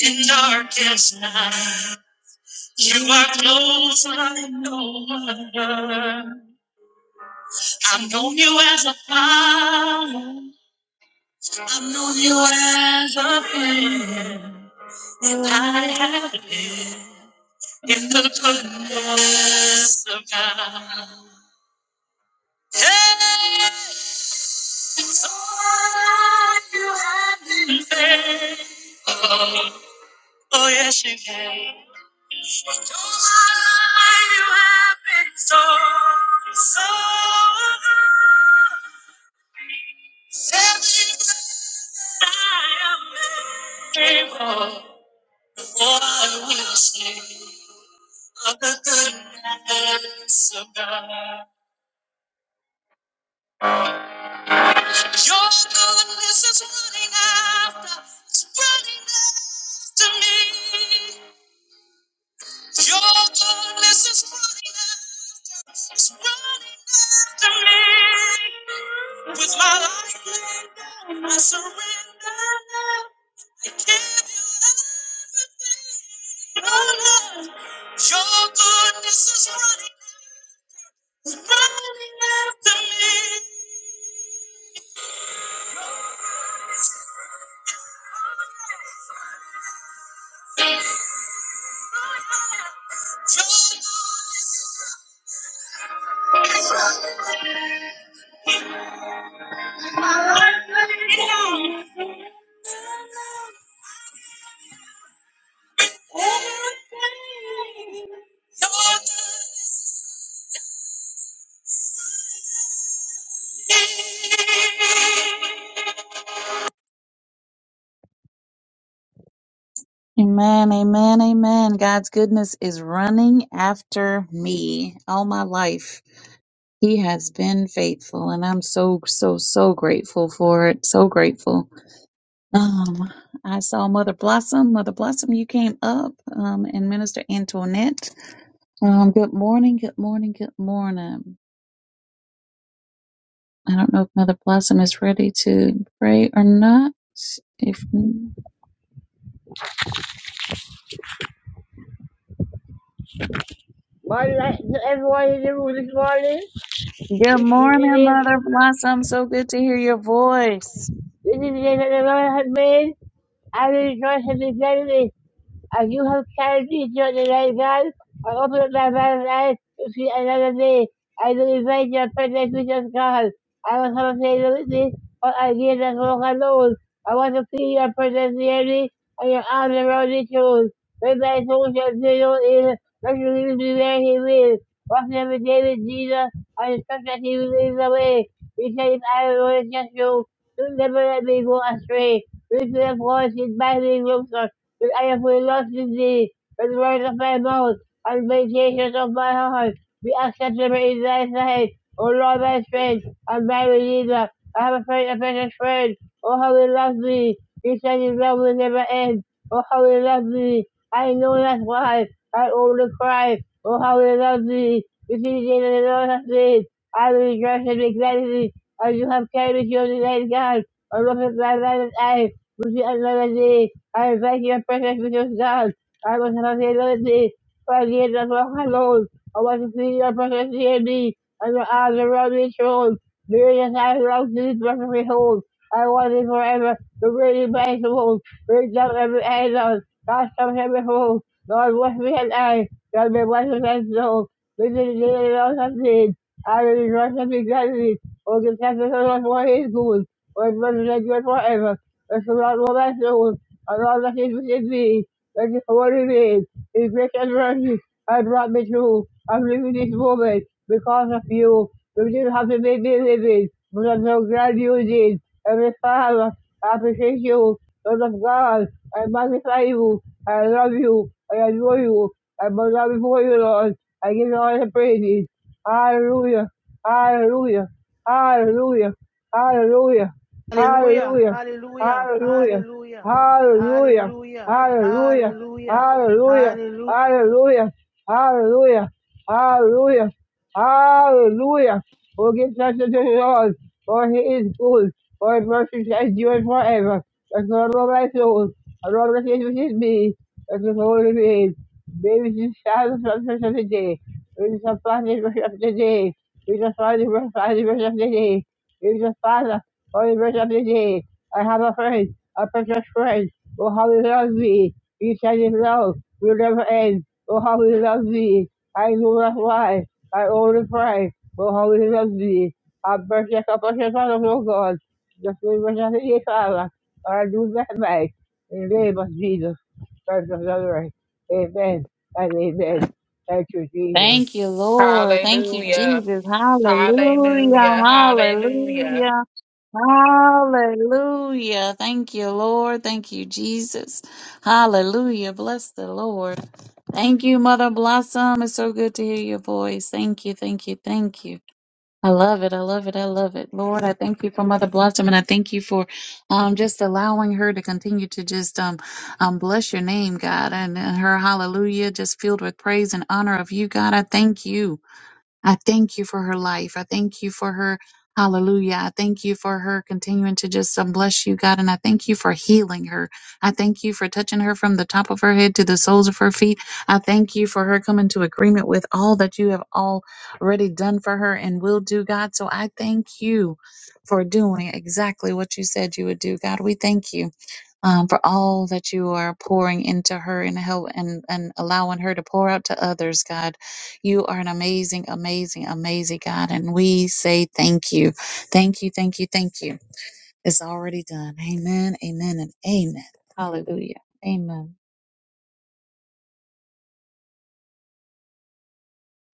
Speaker 9: in darkest night. You are close like no other. I've known you as a father. I've known you as a friend. And I have been in the goodness of God. Hey, Lord, you have been faithful. Oh, yes, you have. Lord, you have been so, so good. Your goodness is running, is running after me. Your goodness is running in my life. right now. Everything. Your goodness is running. Amen, amen, amen. God's goodness is running after me all my life. He has been faithful, and I'm so, so, so grateful for it. So grateful. Um, I saw Mother Blossom. Mother Blossom, you came up, um, and Minister Antoinette. Um, good morning, good morning, good morning. I don't know if Mother Blossom is ready to pray or not. If good
Speaker 10: Well, let everyone in the room this morning. This is the
Speaker 9: morning,
Speaker 10: name.
Speaker 9: Mother Blossom, so good to hear your voice.
Speaker 10: This is the day that the Lord hath made. I will rejoice and be glad in it. As you have carried me throughout the night, God, I open up my mouth and eyes to see another day. I will invite your presence with your God. I will have a favor with me, but I did not walk alone. I want to feel your presence near me and your arms around me, too. When my soul shall be known in, let you leave me where he will. Walking every day with Jesus, I trust that he will lead the way. He said, if I will just you. Do Never let me go astray. Lift me up, voice in my name, Lord, that I have lost in thee. With the words of my mouth and the meditations of my heart, be acceptable in thy sight. O Lord, my strength and my redeemer, I have a friend, a precious friend. Oh, how he loves me. He said his love will never end. Oh, how he loves me. I know that's why I only cry. Oh, how he loves me. This is the day that the Lord has made. I will rejoice and be glad in it or you have carried your delayed God, or look at my light eye, which is another day. I invite your presence with your God. I was not ability, for I did not walk alone. I want to see your presence near me, and your arms around me thrown. Myriad I long to this presence behold. I want it forever, the really my soul. Bring down every idol, cast from every fold. Lord, wash me and I, shall be washed and soul. This is the day of the Lord I will rejoice and be glad in it or give Texas Hold'em what he's good. or represent you forever. That's not what that's doing. I all that he's within me. That's just what it is. His grace and mercy has brought me through. I'm living this moment because of you. You didn't have to make me living, but I'm so glad you did. Every Father, I appreciate you. Lord of God, I magnify you. I love you. I adore you. I bow down before you, Lord. I give you all the praises. Hallelujah. Hallelujah. Hallelujah. Hallelujah.
Speaker 3: Hallelujah.
Speaker 10: Hallelujah.
Speaker 3: Hallelujah.
Speaker 10: Hallelujah.
Speaker 3: Hallelujah.
Speaker 10: Hallelujah.
Speaker 3: Hallelujah.
Speaker 10: Hallelujah.
Speaker 3: Hallelujah.
Speaker 10: Hallelujah.
Speaker 3: Hallelujah.
Speaker 10: Hallelujah. Hallelujah. Hallelujah. Hallelujah. We'll give thanks to the Lord, for he is good, for his mercy endures forever. That's the Lord of my soul. The Lord of my soul is me. That's the Lord of his. Baby, this is the Sabbath of the day. This is the Sabbath of the day. We just Lord, we just Lord, we worship you, Jesus. We just Father, Lord, we worship you, Jesus. I have a friend, a precious friend. Oh, how he loves me. He said his love will never end. Oh, how he loves me. I know that's why. I only pray. Oh, how he loves me. A precious, a precious Son of oh God. Just we worship you, Father. I do that back. In the name of Jesus, Christ of Nazareth. Amen and amen. Thank you, Jesus.
Speaker 9: Thank you, Lord. Thank you,
Speaker 8: Hallelujah.
Speaker 9: Jesus. Hallelujah.
Speaker 8: Hallelujah. Hallelujah.
Speaker 9: Hallelujah. Hallelujah. Thank you, Lord. Thank you, Jesus. Hallelujah. Bless the Lord. Thank you, Mother Blossom. It's so good to hear your voice. Thank you. Thank you. Thank you. I love it. I love it. I love it. Lord, I thank you for Mother Blossom and I thank you for um, just allowing her to continue to just um, um, bless your name, God, and, and her hallelujah just filled with praise and honor of you, God. I thank you. I thank you for her life. I thank you for her. Hallelujah. I thank you for her continuing to just uh, bless you, God. And I thank you for healing her. I thank you for touching her from the top of her head to the soles of her feet. I thank you for her coming to agreement with all that you have already done for her and will do, God. So I thank you for doing exactly what you said you would do, God. We thank you um, for all that you are pouring into her and help and, and allowing her to pour out to others, God. You are an amazing, amazing, amazing God. And we say thank you. Thank you, thank you, thank you. It's already done. Amen, amen, and amen. Hallelujah. Amen.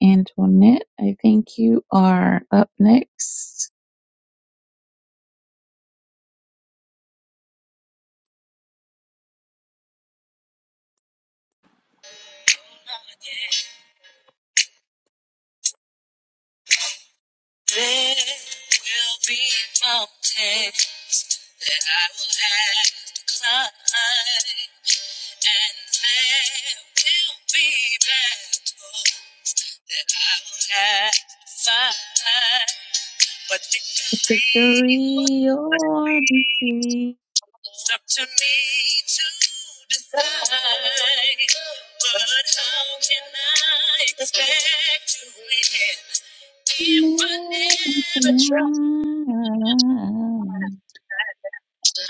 Speaker 9: Antoinette, I think you are up next. Victory or defeat.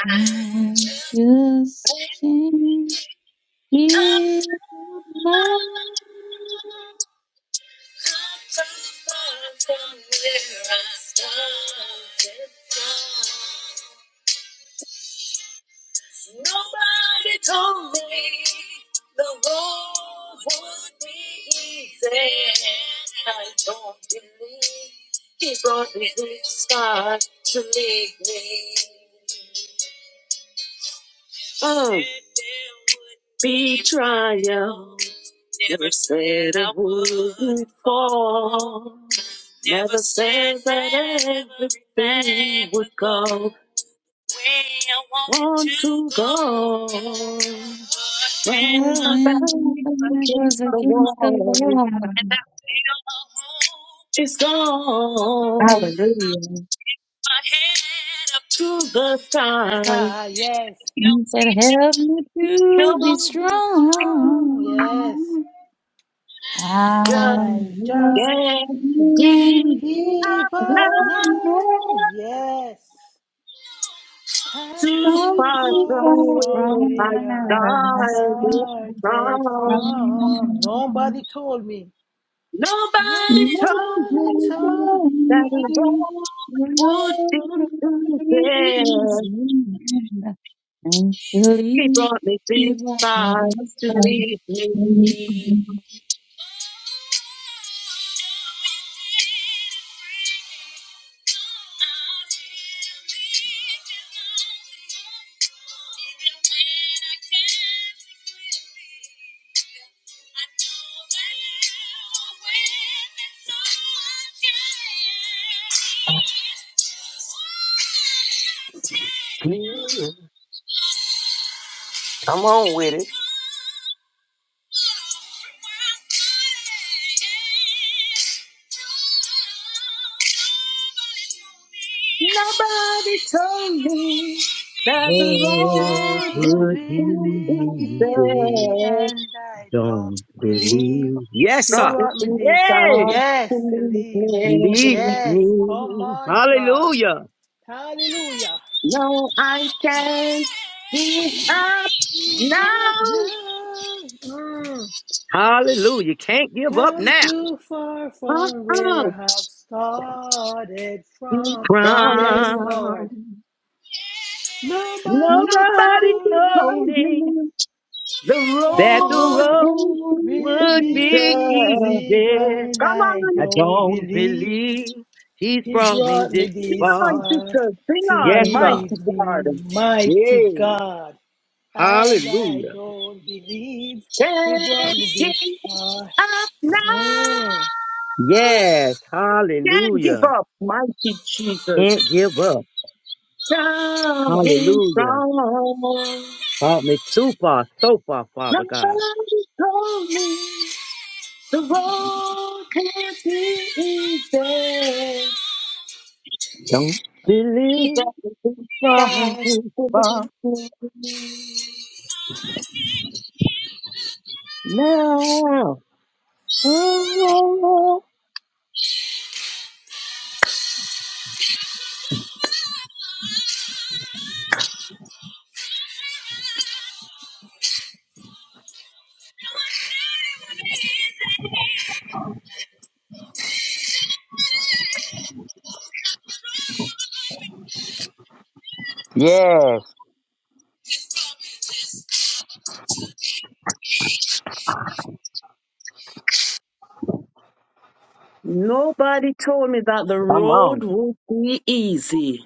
Speaker 9: I just can't get my
Speaker 11: He brought me trial and fall. Thank you, God.
Speaker 9: when
Speaker 11: When my back
Speaker 9: I
Speaker 11: against
Speaker 9: was
Speaker 11: the
Speaker 9: against the
Speaker 11: wall
Speaker 9: wall.
Speaker 11: is gone
Speaker 9: Hallelujah.
Speaker 11: to the side.
Speaker 3: Sky, Yes.
Speaker 9: He said, Help me to be
Speaker 3: To be strong. Yes.
Speaker 9: strong. I
Speaker 11: Just
Speaker 3: I
Speaker 9: just
Speaker 3: just
Speaker 11: can't be
Speaker 9: can't get
Speaker 3: give
Speaker 11: up now
Speaker 3: up
Speaker 9: away
Speaker 3: now. Yes. Come
Speaker 11: too
Speaker 9: from
Speaker 3: too
Speaker 11: far from
Speaker 3: far
Speaker 9: people
Speaker 3: from
Speaker 11: where
Speaker 9: from
Speaker 11: I
Speaker 3: where I
Speaker 9: my
Speaker 11: started
Speaker 3: started
Speaker 11: from.
Speaker 3: from.
Speaker 9: life.
Speaker 3: Nobody told me.
Speaker 11: Nobody
Speaker 9: And
Speaker 11: told
Speaker 3: Nobody
Speaker 11: me
Speaker 3: told
Speaker 11: that the road would be easy.
Speaker 9: believe
Speaker 11: He brought me
Speaker 9: he
Speaker 11: this
Speaker 9: will bring
Speaker 11: far
Speaker 9: us
Speaker 11: to
Speaker 9: home.
Speaker 11: leave me.
Speaker 12: Jesus, Come on with it.
Speaker 11: Nobody told me that the
Speaker 12: What
Speaker 11: road
Speaker 3: her it
Speaker 12: would
Speaker 3: will be
Speaker 11: would be
Speaker 12: Jesus
Speaker 3: easy,
Speaker 11: easy.
Speaker 3: and I don't
Speaker 12: don't
Speaker 3: believe
Speaker 12: believe? Yes,
Speaker 3: he
Speaker 12: sir.
Speaker 11: Brought me
Speaker 3: brought me
Speaker 11: this
Speaker 3: this. f-
Speaker 12: Hey,
Speaker 11: far to
Speaker 3: Yes,
Speaker 11: leave
Speaker 3: believe me.
Speaker 12: believe
Speaker 11: me.
Speaker 3: Yes, come
Speaker 12: me.
Speaker 3: on, God.
Speaker 12: Hallelujah.
Speaker 3: Hallelujah.
Speaker 11: No, I can't give up
Speaker 3: We've
Speaker 11: now.
Speaker 3: got now mm,
Speaker 12: Hallelujah. Can't give up
Speaker 3: come
Speaker 12: now.
Speaker 3: too far from where
Speaker 11: Uh-uh.
Speaker 3: I have started
Speaker 11: Keep
Speaker 3: from. Yes,
Speaker 11: going.
Speaker 3: Lord.
Speaker 12: From
Speaker 11: Nobody
Speaker 3: Nobody
Speaker 12: nobody
Speaker 3: told
Speaker 12: told
Speaker 3: me
Speaker 11: told
Speaker 12: me
Speaker 11: me the
Speaker 3: that the
Speaker 12: that the
Speaker 11: road
Speaker 3: road
Speaker 12: road
Speaker 11: isn't
Speaker 3: will
Speaker 12: would
Speaker 11: easy.
Speaker 3: be
Speaker 12: be
Speaker 3: easy,
Speaker 12: easy.
Speaker 3: but
Speaker 11: Come
Speaker 3: I
Speaker 11: on,
Speaker 12: I
Speaker 3: don't
Speaker 12: don't
Speaker 3: believe
Speaker 12: believe he's
Speaker 3: He
Speaker 12: brought me
Speaker 3: brought me
Speaker 12: this
Speaker 11: sing
Speaker 3: this
Speaker 11: on,
Speaker 12: far.
Speaker 3: far
Speaker 11: sisters, sing
Speaker 3: to
Speaker 12: Yes,
Speaker 11: on, mighty
Speaker 12: sir.
Speaker 3: leave
Speaker 11: God.
Speaker 3: me, mighty
Speaker 12: Yeah.
Speaker 3: God. And I
Speaker 12: Hallelujah.
Speaker 3: don't believe He brought
Speaker 11: Can't
Speaker 3: me
Speaker 11: give
Speaker 3: this far.
Speaker 11: up now.
Speaker 3: mm,
Speaker 12: Yes.
Speaker 11: Can't give
Speaker 12: Hallelujah.
Speaker 11: up, mighty Jesus.
Speaker 12: Can't give up.
Speaker 11: Coming
Speaker 12: Hallelujah.
Speaker 11: from
Speaker 12: Brought me too far, so far, Father God.
Speaker 11: nobody told me the road can't be easy.
Speaker 12: Don't
Speaker 11: He
Speaker 12: believe
Speaker 11: doesn't
Speaker 12: from him
Speaker 11: fast.
Speaker 12: too far
Speaker 11: Believe me.
Speaker 12: now. Oh, yes.
Speaker 11: Nobody told me that the
Speaker 12: Come
Speaker 11: road
Speaker 12: on.
Speaker 11: would be easy.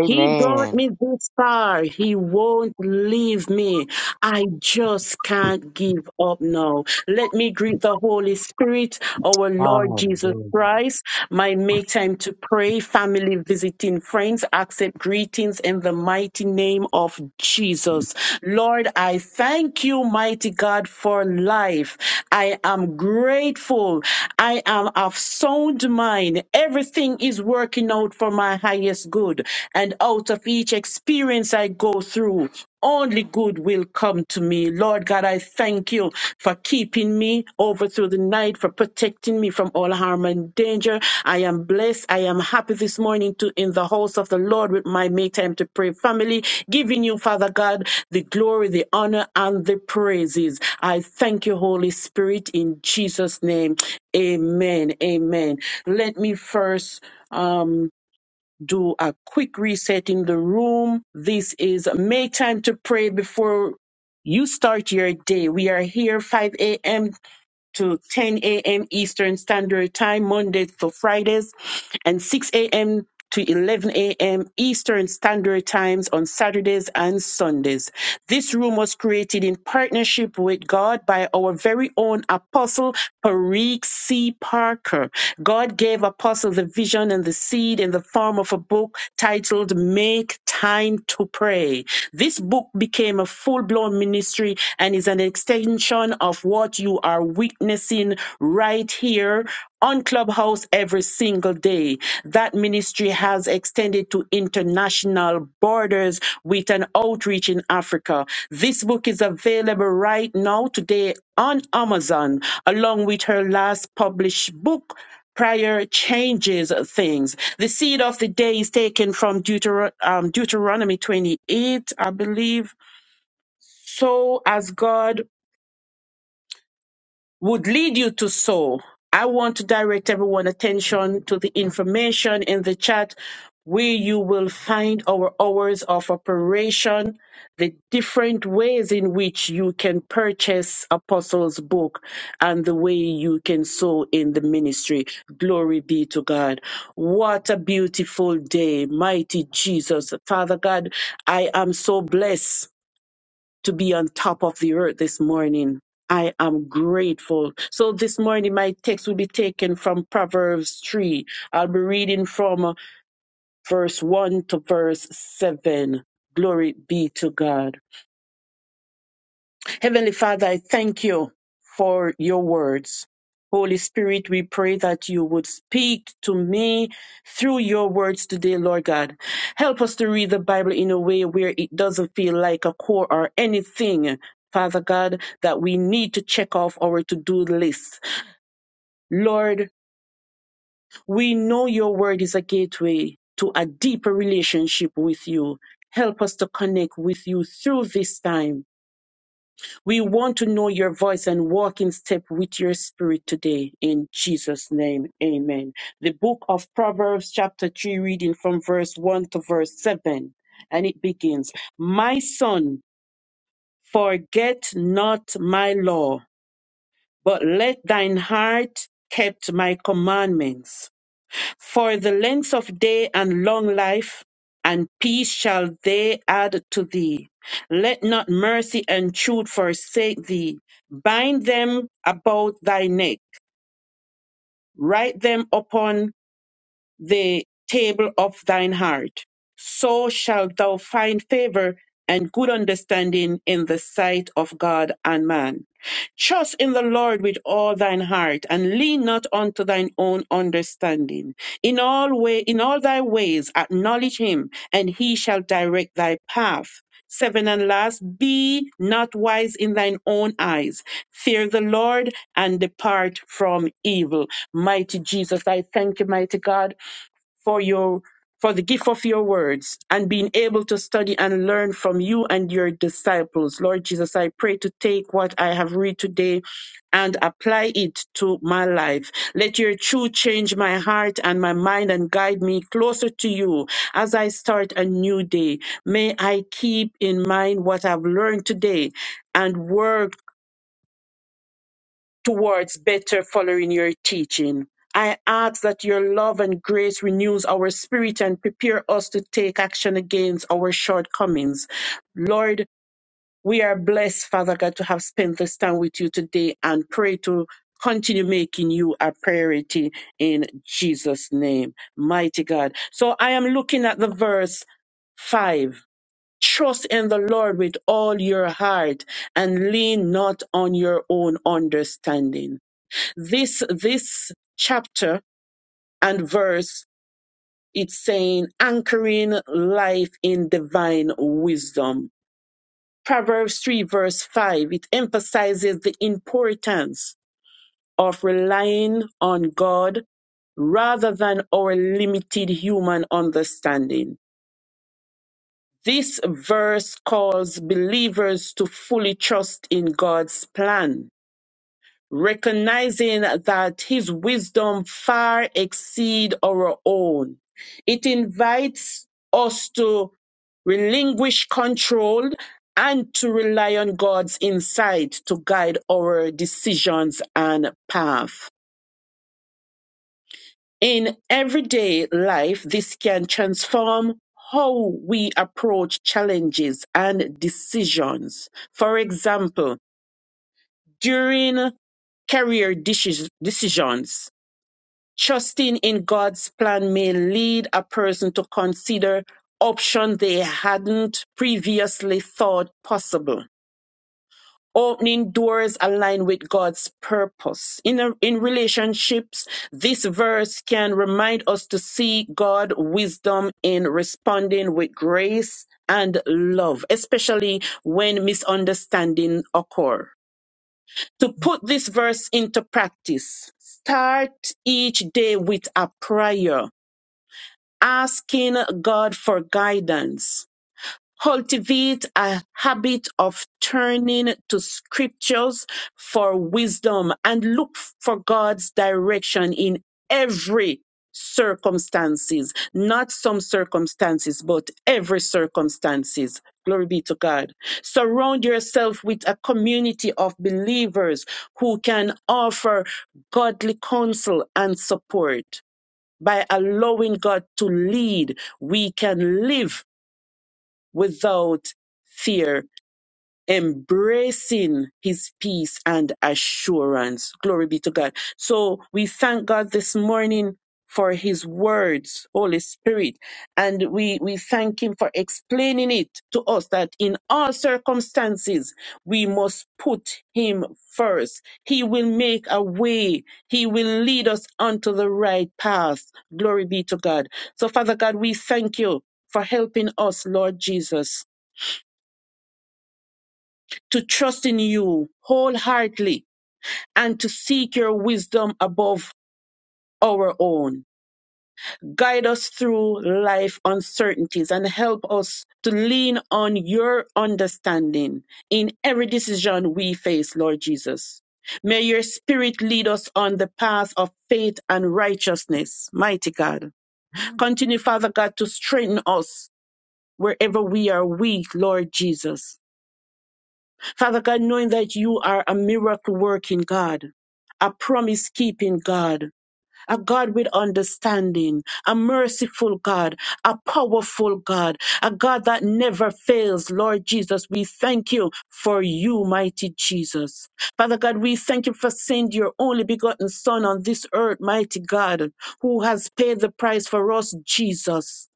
Speaker 11: He brought me this far. He won't leave me. I just can't give up now. Let me greet the Holy Spirit, our Lord Jesus
Speaker 12: Hallelujah.
Speaker 11: Christ, my make time to pray, family visiting friends, accept greetings in the mighty name of Jesus. Lord, I thank you, mighty God, for life. I am grateful. I am of sound mind. Everything is working out for my highest endless good. And out of each experience I go through, only good will come to me. Lord God, I thank you for keeping me over through the night, for protecting me from all harm and danger. I am blessed. I am happy this morning to in the house of the Lord with my Make Time to Pray family, giving you, Father God, the glory, the honor, and the praises. I thank you, Holy Spirit, in Jesus' name. Amen. Amen. Let me first. um do a quick reset in the room. This is make time to pray before you start your day. We are here 5 a.m to 10 a.m. Eastern Standard Time, Mondays to Fridays, and 6 a.m. to 11 a.m. Eastern Standard Times on Saturdays and Sundays. This room was created in partnership with God by our very own apostle, Parik C. Parker. God gave apostle the vision and the seed in the form of a book titled Make Time to Pray. This book became a full blown ministry and is an extension of what you are witnessing right here on Clubhouse every single day. That ministry has extended to international borders with an outreach in Africa. This book is available right now today on Amazon, along with her last published book Prayer changes things. The seed of the day is taken from Deutero- um, Deuteronomy 28, I believe. So as God would lead you to sow. I want to direct everyone's attention to the information in the chat where you will find our hours of operation, the different ways in which you can purchase Apostles' book, and the way you can sow in the ministry. Glory be to God. What a beautiful day, mighty Jesus. Father God, I am so blessed to be on top of the earth this morning. I am grateful. So this morning, my text will be taken from Proverbs 3. I'll be reading from uh, verse 1 to verse 7. Glory be to God. Heavenly Father, I thank you for your words. Holy Spirit, we pray that you would speak to me through your words today, Lord God. Help us to read the Bible in a way where it doesn't feel like a chore or anything, Father God, that we need to check off our to do list. Lord, we know your word is a gateway to a deeper relationship with you. Help us to connect with you through this time We want to know your voice and walk in step with your spirit today in Jesus' name. Amen. The book of Proverbs, chapter 3, reading from verse 1 to verse 7. And it begins My son, forget not my law, but let thine heart keep my commandments. For the length of day and long life and peace shall they add to thee. Let not mercy and truth forsake thee. Bind them about thy neck, write them upon the table of thine heart. So shalt thou find favor and good understanding in the sight of God and man. Trust in the Lord with all thine heart, and lean not unto thine own understanding. In all way, in all thy ways, acknowledge him, and he shall direct thy path. Seven and last, be not wise in thine own eyes. Fear the Lord and depart from evil. Mighty Jesus, I thank you, mighty God for your for the gift of your words and being able to study and learn from you and your disciples. Lord Jesus, I pray to take what I have read today and apply it to my life. Let your truth change my heart and my mind and guide me closer to you as I start a new day. May I keep in mind what I've learned today and work towards better following your teaching. I ask that your love and grace renews our spirit and prepare us to take action against our shortcomings. Lord, we are blessed, Father God, to have spent this time with you today and pray to continue making you a priority in Jesus' name. Mighty God. So I am looking at the verse 5. Trust in the Lord with all your heart and lean not on your own understanding this this chapter and verse it's saying anchoring life in divine wisdom proverbs 3 verse 5 it emphasizes the importance of relying on god rather than our limited human understanding this verse calls believers to fully trust in god's plan recognizing that his wisdom far exceed our own. It invites us to relinquish control and to rely on God's insight to guide our decisions and path. In everyday life, this can transform how we approach challenges and decisions. For example, during career decis- decisions, Trusting in God's plan may lead a person to consider options they hadn't previously thought possible. Opening doors aligned with God's purpose. In, a- in relationships, this verse can remind us to see God's wisdom in responding with grace and love, especially when misunderstanding occur to put this verse into practice. Start each day with a prayer asking God for guidance. Cultivate a habit of turning to scriptures for wisdom and look for God's direction in every circumstances, not some circumstances, but every circumstances. Glory be to God. Surround yourself with a community of believers who can offer godly counsel and support. By allowing God to lead, we can live without fear embracing his peace and assurance. Glory be to God. So we thank God this morning for his words, Holy Spirit, and we, we thank him for explaining it to us that in all circumstances we must put him first. He will make a way. He will lead us onto the right path. Glory be to God. So Father God, we thank you for helping us, Lord Jesus to trust in you wholeheartedly and to seek your wisdom above our own. Guide us through life uncertainties and help us to lean on your understanding in every decision we face, Lord Jesus. May your spirit lead us on the path of faith and righteousness, mighty God. Continue, Father God, to strengthen us wherever we are weak, Lord Jesus. Father God, knowing that you are a miracle working God, a promise keeping God, a God with understanding, a merciful God, a powerful God, a God that never fails. Lord Jesus, we thank you for you, mighty Jesus. Father God, we thank you for sending your only begotten Son on this earth, mighty God, who has paid the price for us, Jesus.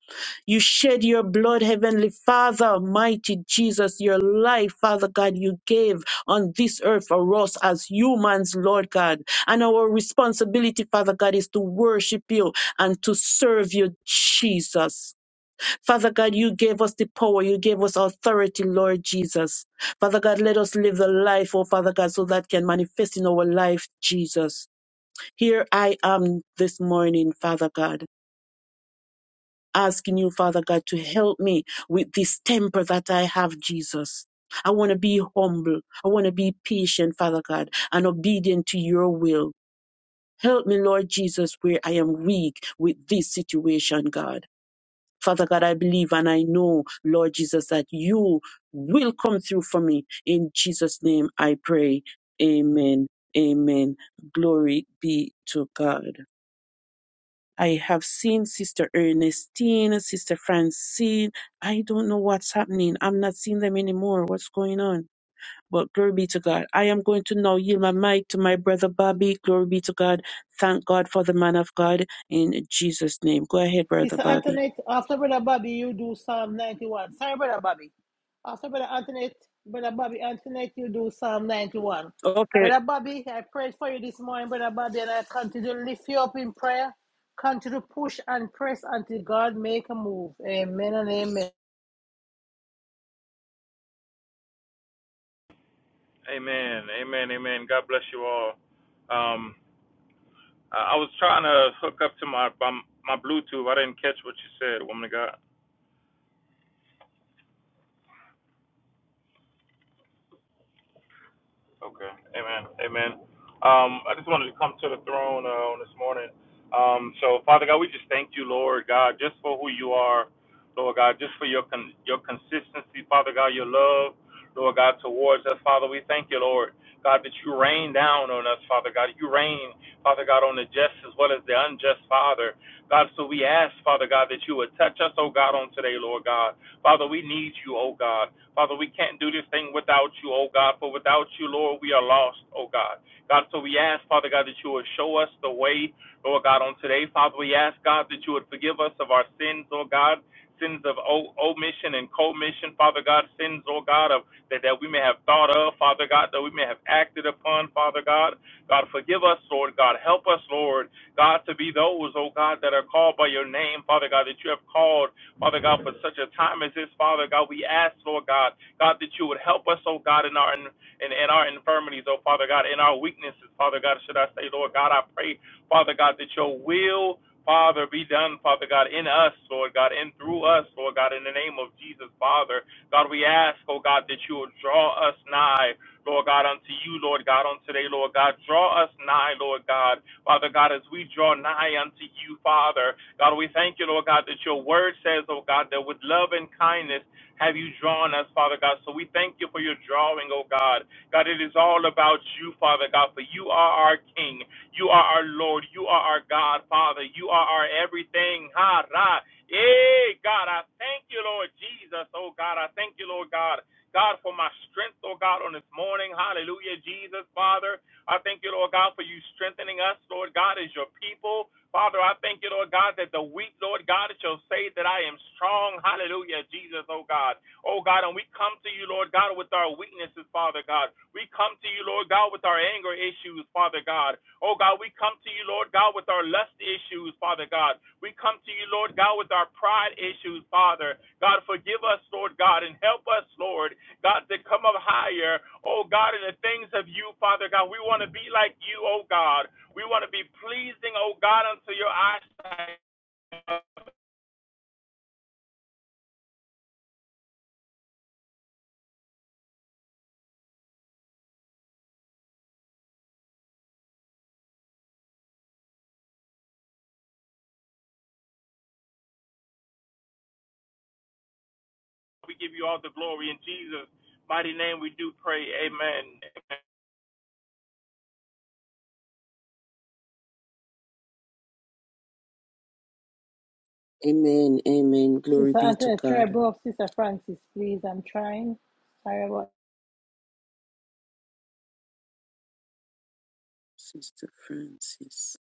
Speaker 11: You shed your blood, Heavenly Father, mighty Jesus, your life, Father God, you gave on this earth for us as humans, Lord God. And our responsibility, Father God, is to worship you and to serve you, Jesus. Father God, you gave us the power, you gave us authority, Lord Jesus. Father God, let us live the life, oh Father God, so that can manifest in our life, Jesus. Here I am this morning, Father God asking you, Father God, to help me with this temper that I have, Jesus. I want to be humble. I want to be patient, Father God, and obedient to your will. Help me, Lord Jesus, where I am weak with this situation, God. Father God, I believe and I know, Lord Jesus, that you will come through for me. In Jesus' name I pray. Amen. Amen. Glory be to God. I have seen Sister Ernestine, Sister Francine. I don't know what's happening. I'm not seeing them anymore. What's going on? But glory be to God. I am going to now yield my mic to my brother Bobby. Glory be to God. Thank God for the man of God in Jesus' name. Go ahead, brother
Speaker 3: Sister
Speaker 11: Bobby.
Speaker 3: Antoinette, after Brother Bobby, you do Psalm 91. Sorry, Brother Bobby. After Brother Antoinette, Brother Bobby Antoinette, you do Psalm 91.
Speaker 11: Okay.
Speaker 3: Brother Bobby, I prayed for you this morning, Brother Bobby, and I continue to lift you up in prayer. Continue to push and press until God make a move. Amen and amen.
Speaker 13: Amen. Amen. Amen. God bless you all. Um, I I was trying to hook up to my my my Bluetooth. I didn't catch what you said, woman of God. Okay. Amen. Amen. Um, I just wanted to come to the throne uh, on this morning. Um, so, Father God, we just thank you, Lord God, just for who you are, Lord God, just for your con- your consistency, Father God, your love, Lord God, towards us, Father. We thank you, Lord God, that you rain down on us, Father God. You rain, Father God, on the just as well as the unjust, Father God. So we ask, Father God, that you would touch us, oh God, on today, Lord God. Father, we need you, oh God. Father, we can't do this thing without you, oh God, for without you, Lord, we are lost, oh God. God, so we ask, Father God, that you would show us the way, Lord God, on today. Father, we ask, God, that you would forgive us of our sins, oh God. Sins of omission and commission, Father God, sins, oh God, of that, that we may have thought of, Father God, that we may have acted upon, Father God. God, forgive us, Lord God. Help us, Lord, God, to be those, oh God, that are called by your name, Father God, that you have called Father God, for such a time as this, Father God, we ask, Lord God, God, that you would help us, oh God, in our in, in our infirmities, oh Father God, in our weaknesses, Father God, should I say, Lord God, I pray, Father God, that your will, Father, be done, Father God, in us, Lord God, and through us, Lord God, in the name of Jesus, Father. God, we ask, oh God, that you would draw us nigh. Lord God, unto you, Lord God, on today, Lord God. Draw us nigh, Lord God. Father God, as we draw nigh unto you, Father, God, we thank you, Lord God, that your word says, oh God, that with love and kindness have you drawn us, Father God. So we thank you for your drawing, oh God. God, it is all about you, Father God, for you are our King. You are our Lord. You are our God, Father. You are our everything. Ha, ra. Hey, God, I thank you, Lord Jesus. Oh, God, I thank you, Lord God, God, for my strength, oh God, on this morning. Hallelujah, Jesus, Father. I thank you, Lord God, for you strengthening us, Lord God, as your people. Father, I thank you, Lord God, that the weak, Lord God, shall say that I am strong. Hallelujah, Jesus, oh God. Oh God, and we come to you, Lord God, with our weaknesses, Father God. We come to you, Lord God, with our anger issues, Father God. Oh God, we come to you, Lord God, with our lust issues, Father God. We come to you, Lord God, with our pride issues, Father. God, forgive us, Lord God, and help us, Lord. God, to come up higher, oh God, in the things of you, Father God. We want to be like you, oh God. We want to be pleasing, oh God, unto your eyesight. We give you all the glory in Jesus' mighty name. We do pray. Amen. Amen.
Speaker 11: Amen. Amen. Glory
Speaker 3: Sister
Speaker 11: be to
Speaker 3: Antoinette, try
Speaker 11: God.
Speaker 3: to bring up Sister Francis, please. I'm trying. Sorry about
Speaker 11: Sister Francis.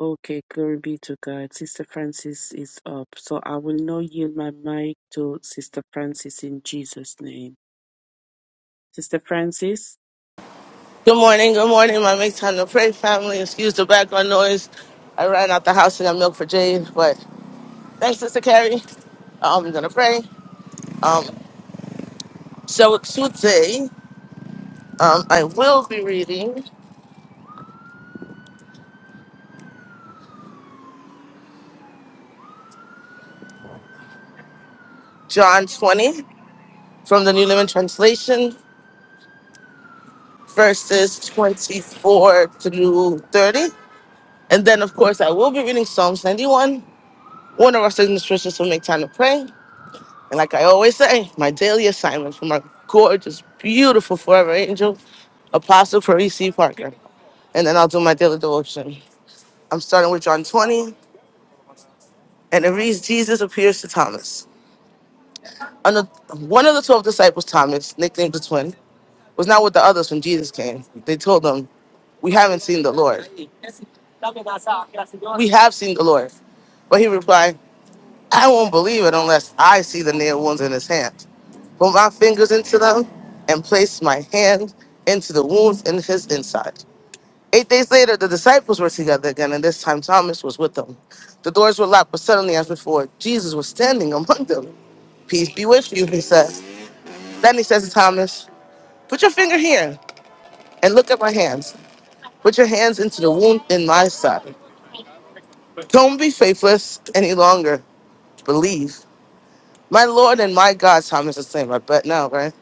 Speaker 11: Okay, glory be to God. Sister Francis is up. So I will now yield my mic to Sister Francis in Jesus' name. Sister Francis
Speaker 14: Good morning, good morning, my make time to pray family. Excuse the background noise. I ran out the house and got milk for Jade, but thanks, Sister Carrie. I'm gonna pray. Um, so today, um, I will be reading John 20 from the New Living Translation, verses 24 through 30. And then, of course, I will be reading Psalms 91, one of our signature scriptures will Make Time to Pray. And like I always say, my daily assignment from my gorgeous, beautiful forever angel, Apostle Paris C. Parker. And then I'll do my daily devotion. I'm starting with John 20, and it reads Jesus appears to Thomas. Ano- One of the 12 disciples, Thomas, nicknamed the twin, was not with the others when Jesus came. They told him, We haven't seen the Lord. We have seen the Lord. But he replied, I won't believe it unless I see the nail wounds in his hands Put my fingers into them and placed my hand into the wounds in his inside. Eight days later, the disciples were together again, and this time Thomas was with them. The doors were locked, but suddenly, as before, Jesus was standing among them. Peace be with you, he says. Then he says to Thomas, Put your finger here and look at my hands. Put your hands into the wound in my side. Don't be faithless any longer. Believe. My Lord and my God, Thomas is saying, I bet now, right?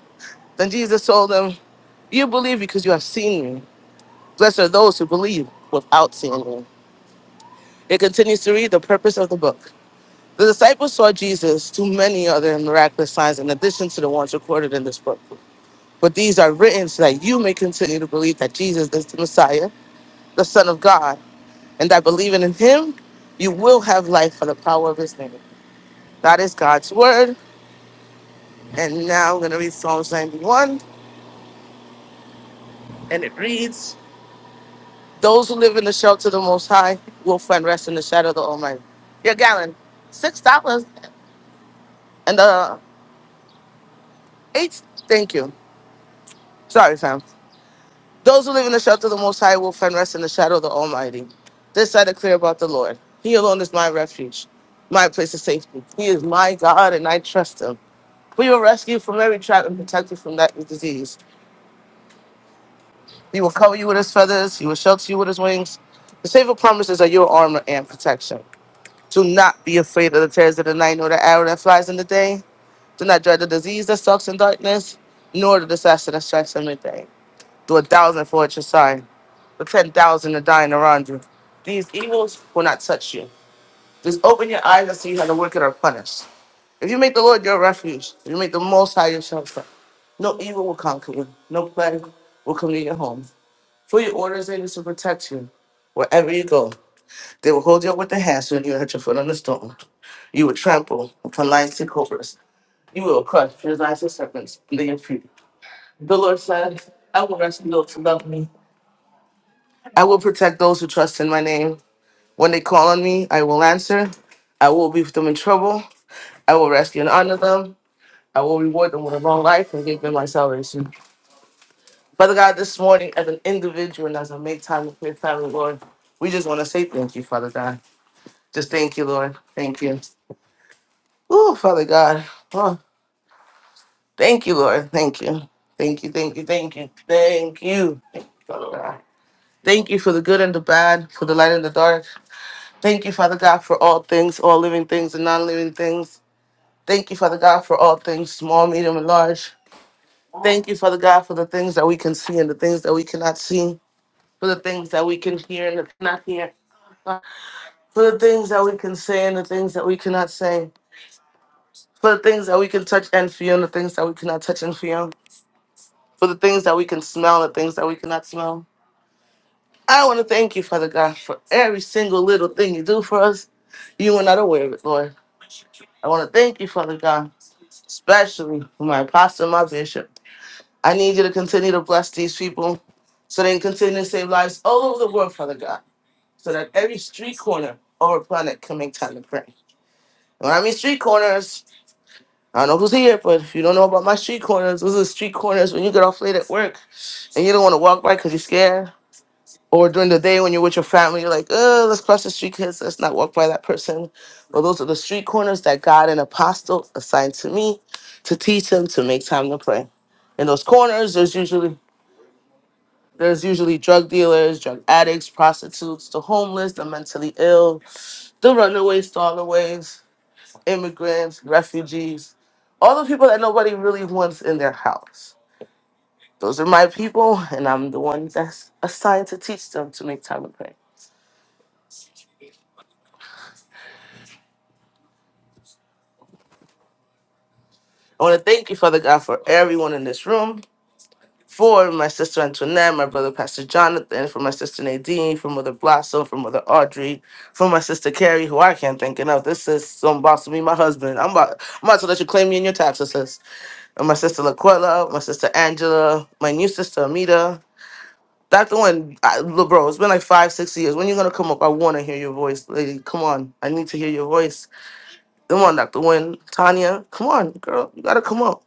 Speaker 14: Then Jesus told him, You believe because you have seen me. Blessed are those who believe without seeing him. It continues to read the purpose of the book. The disciples saw Jesus do many other miraculous signs in addition to the ones recorded in this book. But these are written so that you may continue to believe that Jesus is the Messiah, the Son of God, and that believing in him, you will have life for the power of his name. That is God's word. And now I'm going to read Psalms 91, and it reads Those who live in the shelter of the Most High will find rest in the shadow of the Almighty. Your gallon, $6. And the eighth, thank you. Sorry, fam. Those who live in the shelter of the Most High will find rest in the shadow of the Almighty. This I declare about the Lord. He alone is my refuge, my place of safety. He is my God, and I trust him. We will rescue you from every trap and protect you from that disease. He will cover you with his feathers. He will shelter you with his wings. The safer promises are your armor and protection. Do not be afraid of the terrors of the night, nor the arrow that flies in the day. Do not dread the disease that stalks in darkness, nor the disaster that strikes in midday. do a thousand for at your side, but ten thousand are dying around you. These evils will not touch you. Just open your eyes and see how the wicked are punished. If you make the Lord your refuge, if you make the Most High your shelter, no evil will conquer you, no plague will come near your home. For your orders they used to protect you wherever you go. They will hold you up with their hands when you hit your foot on the stone. You will trample upon lions and cobras. You will crush your lions and serpents under your feet. The Lord said, I will rescue those who love me. I will protect those who trust in my name. When they call on me, I will answer. I will be with them in trouble. I will rescue and honor them. I will reward them with a long life and give them my salvation. Father God, this morning, as an individual and as I make time with your family, Lord, we just want to say thank you, Father God. Just thank you, Lord. Thank you. Oh, Father God. Oh, thank you, Lord. Thank you. Thank you, thank you, thank you, thank you, Father God. Thank you for the good and the bad, for the light and the dark. Thank you, Father God, for all things, all living things and non living things. Thank you, Father God, for all things, small, medium, and large. Thank you, Father God, for the things that we can see and the things that we cannot see, for the things that we can hear and the cannot hear, for the things that we can say and the things that we cannot say, for the things that we can touch and feel and the things that we cannot touch and feel, for the things that we can smell and the things that we cannot smell. I want to thank you, Father God, for every single little thing you do for us. You are not aware of it, Lord. I want to thank you, Father God. especially for my pastor and my bishop. I need you to continue to bless these people so they can continue to save lives all over the world, Father God, so that every street corner of our planet can make time to pray. When I mean street corners, I don't know who's here, but if you don't know about my street corners, those are street corners when you get off late at work and you don't want to walk by because you're scared or during the day when you're with your family, you're like, oh, let's cross the street because let's not walk by that person. Well, those are the street corners that God and apostle assigned to me to teach them to make time to pray. In those corners, there's usually there's usually drug dealers, drug addicts, prostitutes, the homeless, the mentally ill, the runaways, stallaways, immigrants, refugees, all the people that nobody really wants in their house. Those are my people, and I'm the one that's assigned to teach them to make time to pray. I want to thank you, Father God, for everyone in this room, for my sister Antoinette, my brother Pastor Jonathan, for my sister Nadine, for Mother Blossom, for Mother Audrey, for my sister Carrie, who I can't think enough. This is some boss to me, my husband. I'm about, I'm about to let you claim me in your taxes, sis. And my sister Laquella, my sister Angela, my new sister Amita. Dr. Wynn, I, look, bro, it's been like five, six years. When you going to come up? I want to hear your voice, lady. Come on. I need to hear your voice. Come on, Dr. Wynn. Tanya, come on, girl. You got to come up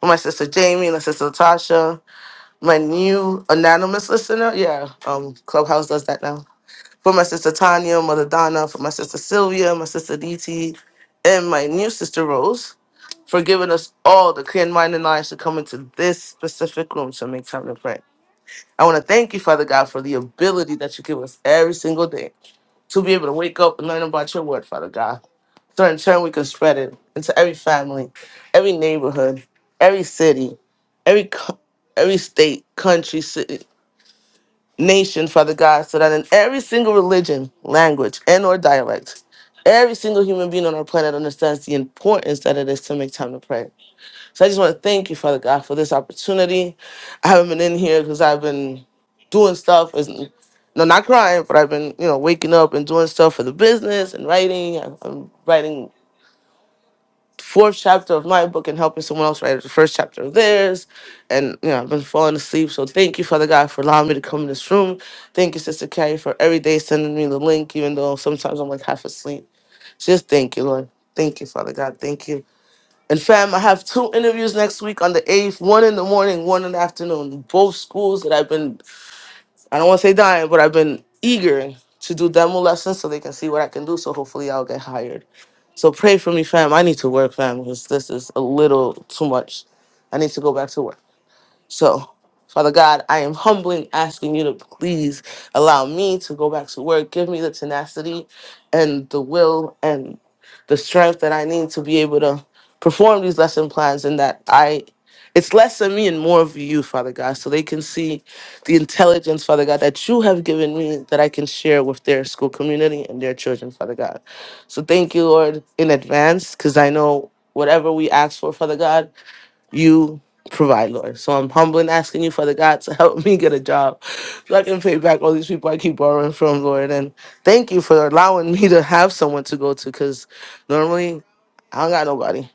Speaker 14: with my sister Jamie and my sister Tasha, my new anonymous listener. Yeah, um, Clubhouse does that now. For my sister Tanya, Mother Donna, for my sister Sylvia, my sister DT, and my new sister Rose for giving us all the clear mind and eyes to come into this specific room to make time to pray. I want to thank you, Father God, for the ability that you give us every single day to be able to wake up and learn about your word, Father God. So in turn, we can spread it into every family, every neighborhood, every city, every co- every state, country, city, nation, Father God, so that in every single religion, language, and or dialect, every single human being on our planet understands the importance that it is to make time to pray. So I just want to thank you, Father God, for this opportunity. I haven't been in here because I've been doing stuff. It's, no, not crying, but I've been, you know, waking up and doing stuff for the business and writing. I'm I'm writing fourth chapter of my book and helping someone else write the first chapter of theirs. And you know, I've been falling asleep. So thank you, Father God, for allowing me to come in this room. Thank you, Sister Carrie, for every day sending me the link, even though sometimes I'm like half asleep. Just thank you, Lord. Thank you, Father God. Thank you. And fam, I have two interviews next week on the 8th, one in the morning, one in the afternoon. Both schools that I've been I don't want to say dying, but I've been eager to do demo lessons so they can see what I can do. So hopefully I'll get hired. So pray for me, fam. I need to work, fam, because this is a little too much. I need to go back to work. So, Father God, I am humbly asking you to please allow me to go back to work. Give me the tenacity and the will and the strength that I need to be able to perform these lesson plans and that I it's less of me and more of you, Father God, so they can see the intelligence, Father God, that you have given me that I can share with their school community and their children, Father God. So thank you, Lord, in advance, because I know whatever we ask for, Father God, you provide, Lord. So I'm humble and asking you, Father God, to help me get a job so I can pay back all these people I keep borrowing from, Lord. And thank you for allowing me to have someone to go to because normally I don't got nobody.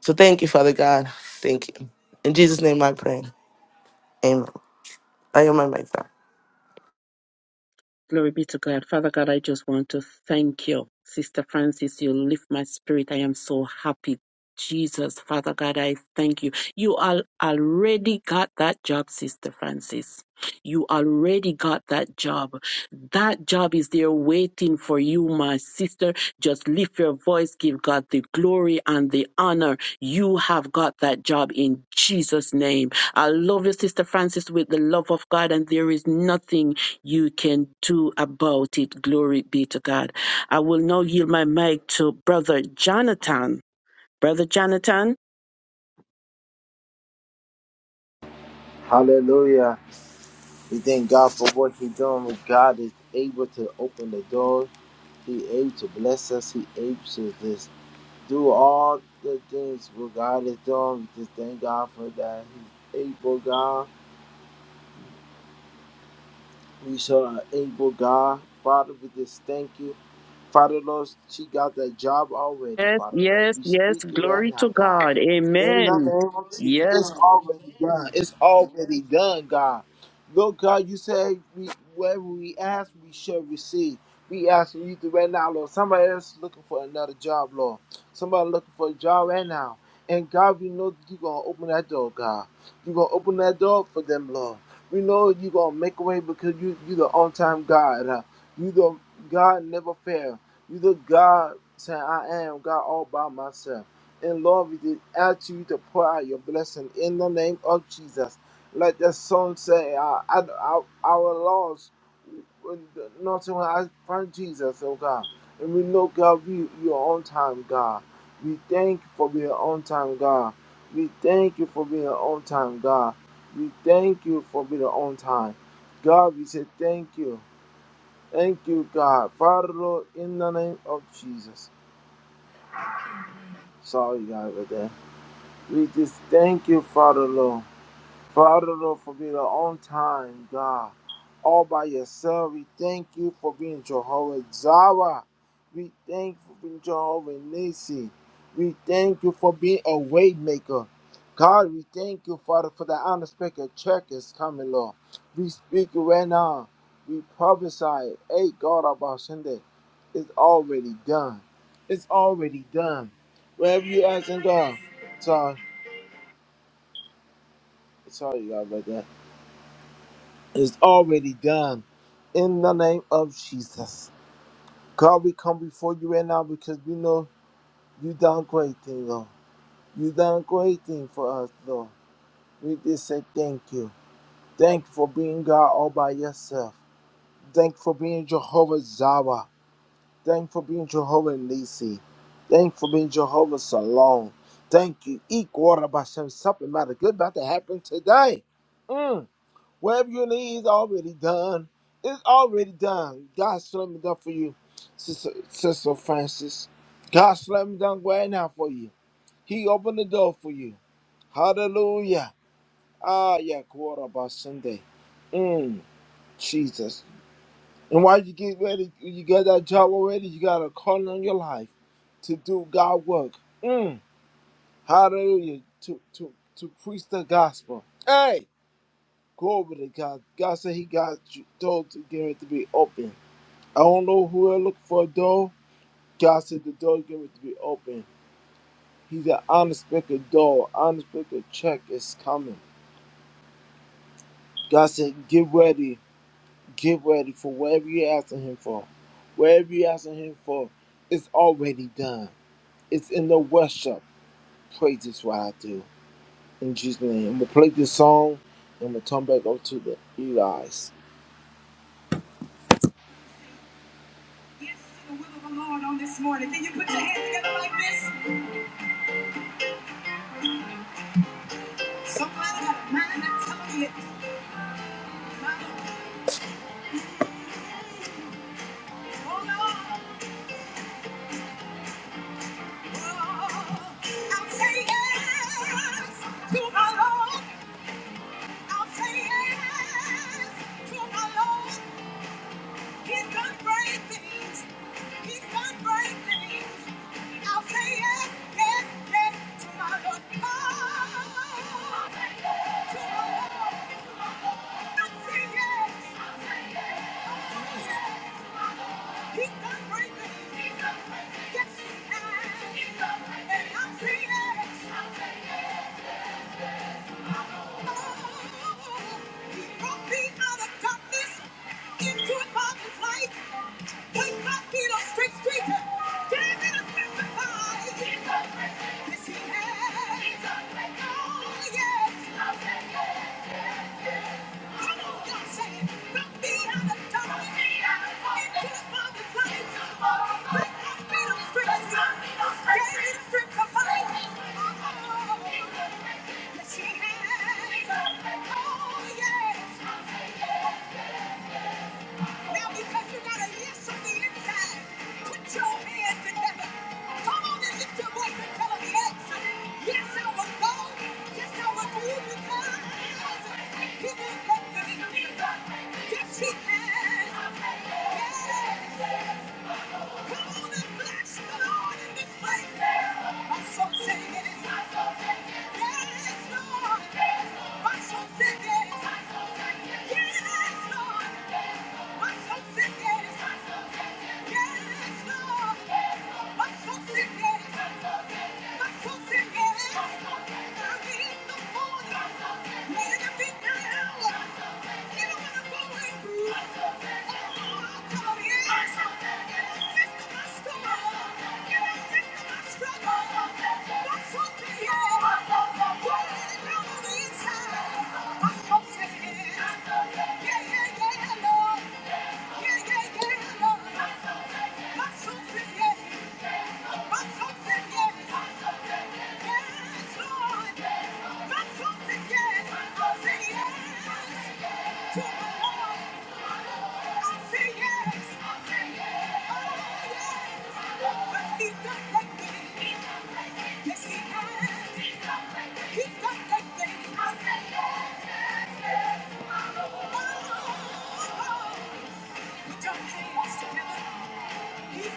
Speaker 14: So thank you, Father God. Thank you. In Jesus' name I pray. Amen. I am my mic. back.
Speaker 11: Glory be to God. Father God, I just want to thank you. Sister Francis, you lift my spirit. I am so happy. Jesus, Father God, I thank you. You al- already got that job, Sister Francis. You already got that job. That job is there waiting for you, my sister. Just lift your voice, give God the glory and the honor. You have got that job in Jesus' name. I love you, Sister Francis, with the love of God, and there is nothing you can do about it. Glory be to God. I will now yield my mic to Brother Jonathan. Brother Jonathan,
Speaker 15: Hallelujah. We thank God for what He's done. God is able to open the door. He able to bless us. He able to just do all the things what God has done. We just thank God for that. He's able God. We serve an able God. Father, we just thank you. Father Lord, she got that job already,
Speaker 11: Yes,
Speaker 15: Father Lord.
Speaker 11: yes,
Speaker 15: We
Speaker 11: yes.
Speaker 15: speak it right
Speaker 11: Glory
Speaker 15: now,
Speaker 11: to
Speaker 15: God.
Speaker 11: God.
Speaker 15: In the
Speaker 11: Amen.
Speaker 15: name of Jesus,
Speaker 11: Yes,
Speaker 15: it's already done. It's already done, God. Lord God, you say we, whatever we ask, we shall receive. We ask you to right now, Lord. Somebody else looking for another job, Lord. Somebody looking for a job right now. And God, we know you're going to open that door, God. You're going to open that door for them, Lord. We know you're going to make a way because you, you're the on time God. Uh, you the God never fail. you the God saying, I am God all by myself. And Lord, we did ask you to pour out your blessing in the name of Jesus. Let the song say, uh, our, our our laws, not to I find Jesus, oh God. And we know, God, you, you are on time, God. We thank you for being on time, God. We thank you for being on time, God. We thank you for being on time. God, we say thank you. Thank you, God. Father, Lord, in the name of Jesus. Sorry, God, right there. We just thank you, Father Lord. Father Lord, for being on time, God. All by yourself, we thank you for being Jehovah Jireh. We thank you for being Jehovah Nisi. We thank you for being a way maker. God, we thank you, Father, for the unexpected check is coming, Lord. We speak it right now. We prophesy, it. hey, God, about Sunday. It's already done. It's already done. Wherever you ask in God. so Sorry, God, about that. It's already done. In the name of Jesus. God, we come before you right now because we know you done great thing, Lord. You done great thing for us, Lord. We just say thank you. Thank you for being God all by yourself. Thank you for being Jehovah Jireh. Thank you for being Jehovah Nisi. Thank you for being Jehovah Salon. Thank you. Eat water by some something matter good about to happen today. Mm. Whatever you need is already done. It's already done. God slam it done for you, Sister, Sister Francis. God slam it done right now for you. He opened the door for you. Hallelujah. Ah, yeah, quarter by Sunday. Mm, Jesus. And while you get ready, you got that job already, you got a calling on your life to do God work. Mm, hallelujah. To, to, to preach the gospel. Hey. Glory to God. God said He got you door to get it to be open. I don't know who are looking for a door. God said the door get it to be open. He's an unexpected door. Unexpected check is coming. God said, get ready. Get ready for whatever you're asking Him for. Whatever you're asking Him for, it's already done. It's in the worship. Praise is what I do. In Jesus' name. I'm going to play this song and we'll turn back over to the Eli's. Yes, to the will of the Lord on this morning. Can you put your hands together like this? Somebody got a mind to tell you. Oh, Lord. Oh, I'll say yes to my Lord. I'll say yes to my Lord. He's done great things. He's done great things. I'll say yes, yes, yes to my Lord. Oh, to my Lord. I'll say yes. Yes, he has. Oh, yes. Oh, yeah. Now, because you got a yes on the inside, put your hands together. Come on and lift your voice and tell them yes. Yes, I will go. Yes, I will do because he will make the difference. Yes, he can. Yes. Come on and bless the Lord in this place. My soul say yes. Yes, Lord. My soul say yes. Yes, Lord. My soul say yes. Yeah, yeah, yeah, Lord he's he's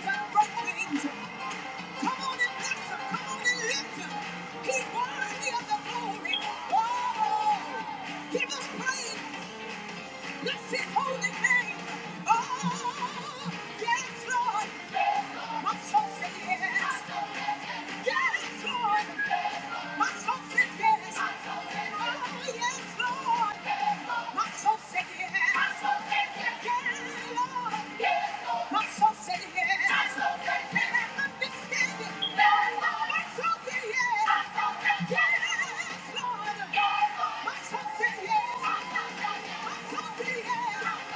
Speaker 15: got right things. Come on and bless Come on and lift him. He's worthy the glory. Oh, give us praise. Bless his holy name. Oh, yes, Lord. I'm so sick. of it. Yes, Lord. My soul said yes. Oh, yes, Lord. My soul said yes. Yeah, My soul said yes. yes. Yes, Lord. My soul said yes. My soul said yes.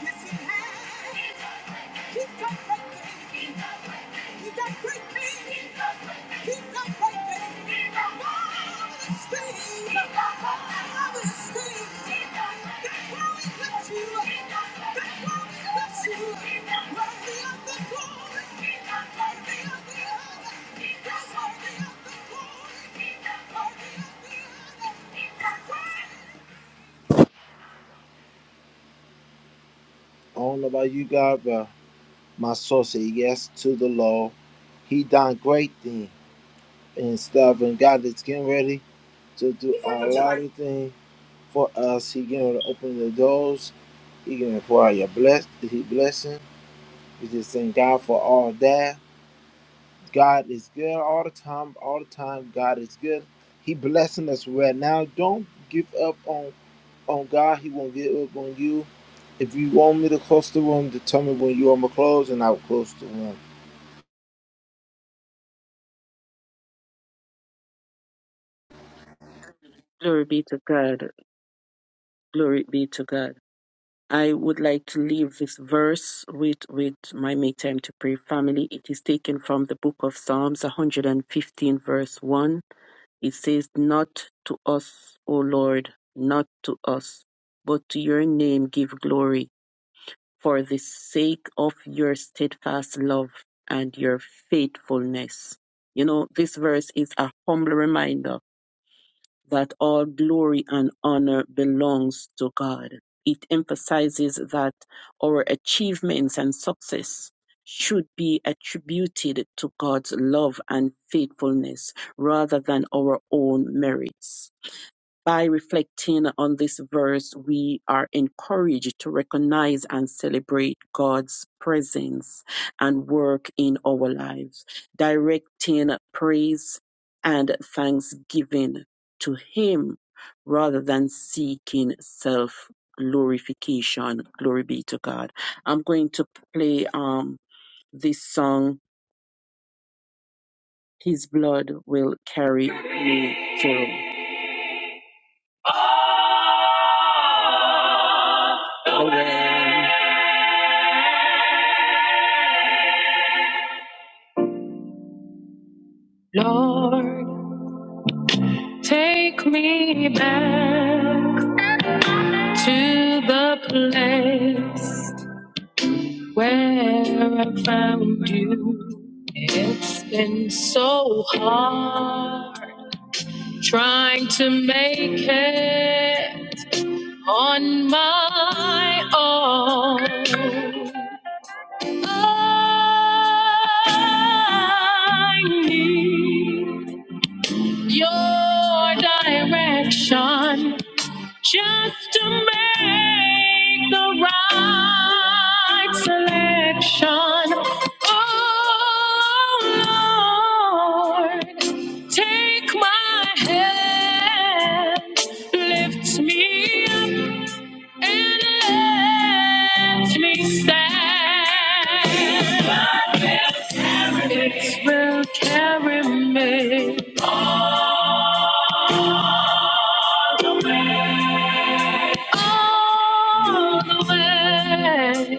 Speaker 15: Yes, he has. He's perfect. He's that great king. He's that great king. Marvelous things. Marvelous things. That's why we bless you. up. That's why we bless you. up. Worthy of the glory. Worthy of the honor. You're worthy of the glory. Worthy of the honor. I don't know about you guys, but my soul said yes to the law. He done great things and stuff, and God is getting ready. to do a lot of things for us. He gonna open the doors. He gonna pour out your bless He blessing. We just thank God for all that. God is good all the time. All the time, God is good. He blessing us right now. Don't give up on on God. He won't give up on you. If you want me to close the room, to tell me when you want me to close, and I'll close the room.
Speaker 11: glory be to God. Glory be to God. I would like to leave this verse with, with my make time to pray family. It is taken from the book of Psalms 115, verse 1. It says, Not to us, O Lord, not to us, but to your name give glory, for the sake of your steadfast love and your faithfulness. You know, this verse is a humble reminder that all glory and honor belongs to God. It emphasizes that our achievements and success should be attributed to God's love and faithfulness rather than our own merits by reflecting on this verse, we are encouraged to recognize and celebrate God's presence and work in our lives, directing praise and thanksgiving to Him rather than seeking self glorification. Glory be to God. I'm going to play um this song, His Blood Will Carry Me Through. the well. trying to make it on my own. I need your direction just to make the right selection. Oh Lord, take my hand, lift me up, and let me stand. It will carry me all the way.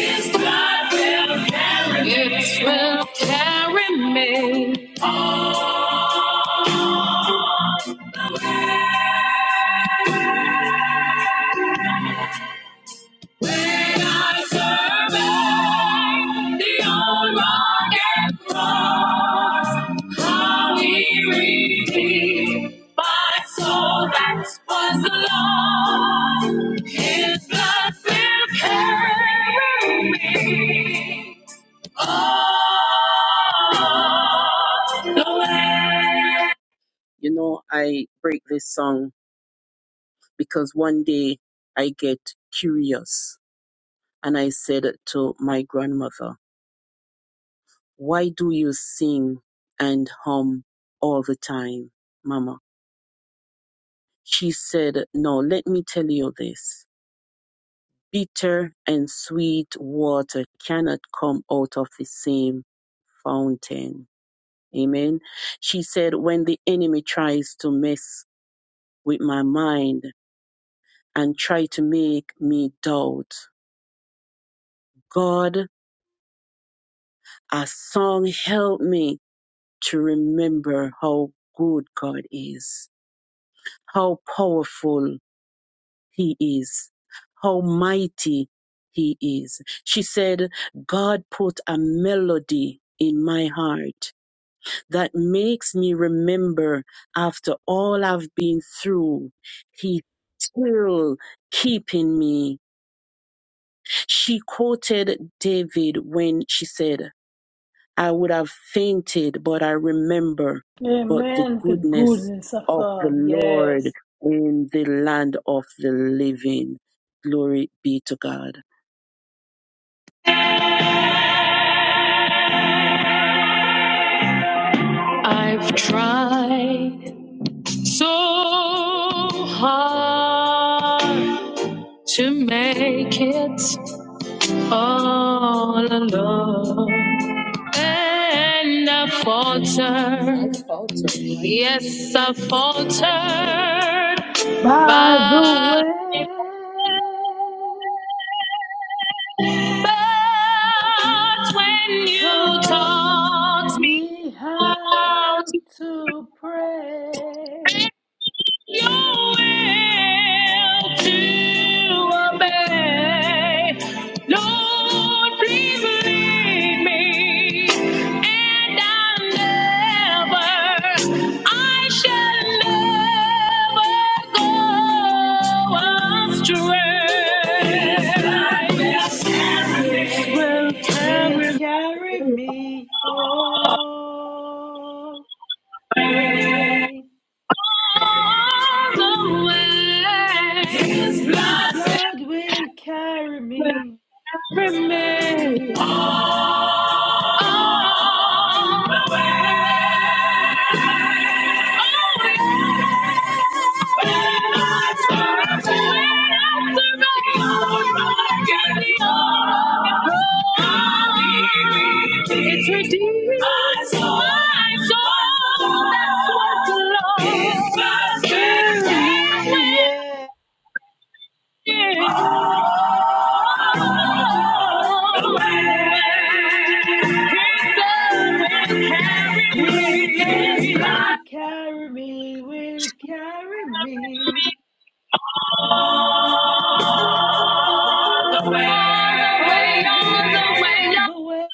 Speaker 11: God will carry me. It will carry me. I survey the old rugged cross. How he redeemed my soul that was lost. His blood will carry me. all the way. You know, I break this song because one day I get curious and I said to my grandmother, Why do you sing and hum all the time, Mama? She said, No, let me tell you this. Bitter and sweet water cannot come out of the same fountain. Amen. She said, When the enemy tries to mess with my mind and try to make me doubt, God, a song help me to remember how good God is, how powerful He is, how mighty He is. She said, God put a melody in my heart that makes me remember after all I've been through, He still keeping me. She quoted David when she said, I would have fainted, but I remember
Speaker 3: that.
Speaker 11: but the
Speaker 3: Amen. The
Speaker 11: goodness
Speaker 3: goodness of
Speaker 11: of the
Speaker 3: God.
Speaker 11: Lord
Speaker 3: Yes.
Speaker 11: in the land of the living. Glory be to God. I've tried so hard to make it all alone. And I faltered, yes, I faltered
Speaker 3: By the
Speaker 11: but.
Speaker 3: way.
Speaker 11: But when you
Speaker 3: Taught
Speaker 11: taught me
Speaker 3: me
Speaker 11: how
Speaker 3: how to
Speaker 11: to
Speaker 3: pray.
Speaker 11: bend your will to obey, Lord, please lead me, and I'll never, I shall never go astray. Will
Speaker 3: It will
Speaker 11: carry me.
Speaker 3: carry me all
Speaker 11: All
Speaker 3: the way.
Speaker 11: the way. His
Speaker 3: His
Speaker 11: blood
Speaker 3: blood will carry
Speaker 11: that
Speaker 3: me,
Speaker 11: remains. It's redeemed. My soul, my soul, that's what the Lord. It's my
Speaker 3: carry
Speaker 11: strength.
Speaker 3: me, yeah.
Speaker 11: and my all the
Speaker 3: His blood will carry me, will carry me
Speaker 11: way.
Speaker 3: all the way, all the way,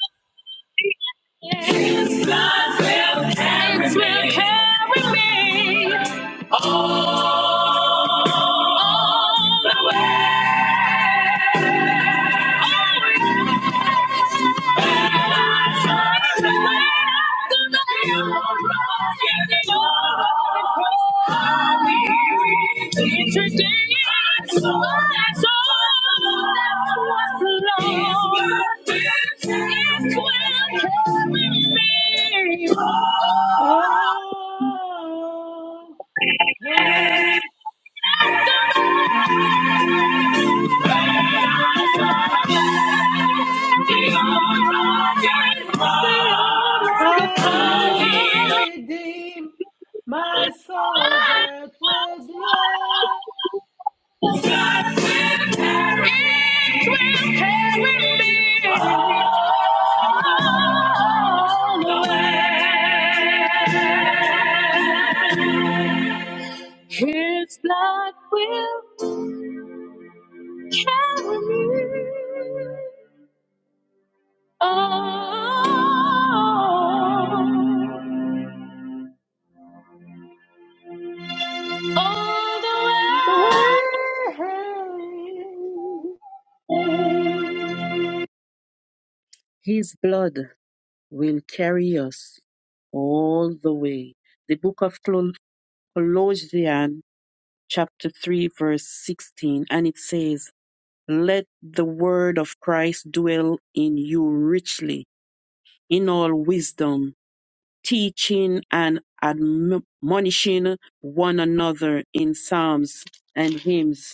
Speaker 3: all the way.
Speaker 11: Thank you.
Speaker 3: How he redeemed my soul that was
Speaker 11: His blood will carry me. on, all the way.
Speaker 3: lost away.
Speaker 11: His blood will carry us all the way. The book of Col- Colossians, chapter 3, verse 16, and it says, Let the word of Christ dwell in you richly, in all wisdom, teaching and admonishing one another in psalms and hymns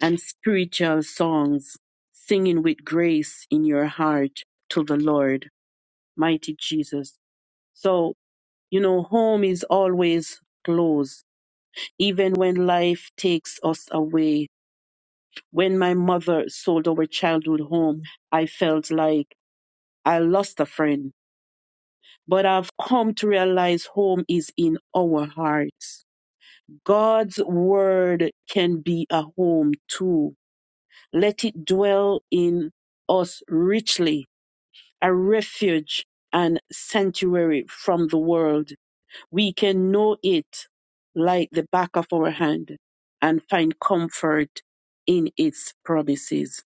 Speaker 11: and spiritual songs, singing with grace in your heart to the Lord, mighty Jesus. So, you know, home is always close, even when life takes us away. When my mother sold our childhood home, I felt like I lost a friend. But I've come to realize home is in our hearts. God's word can be a home too. Let it dwell in us richly a refuge and sanctuary from the world. We can know it like the back of our hand and find comfort in its promises.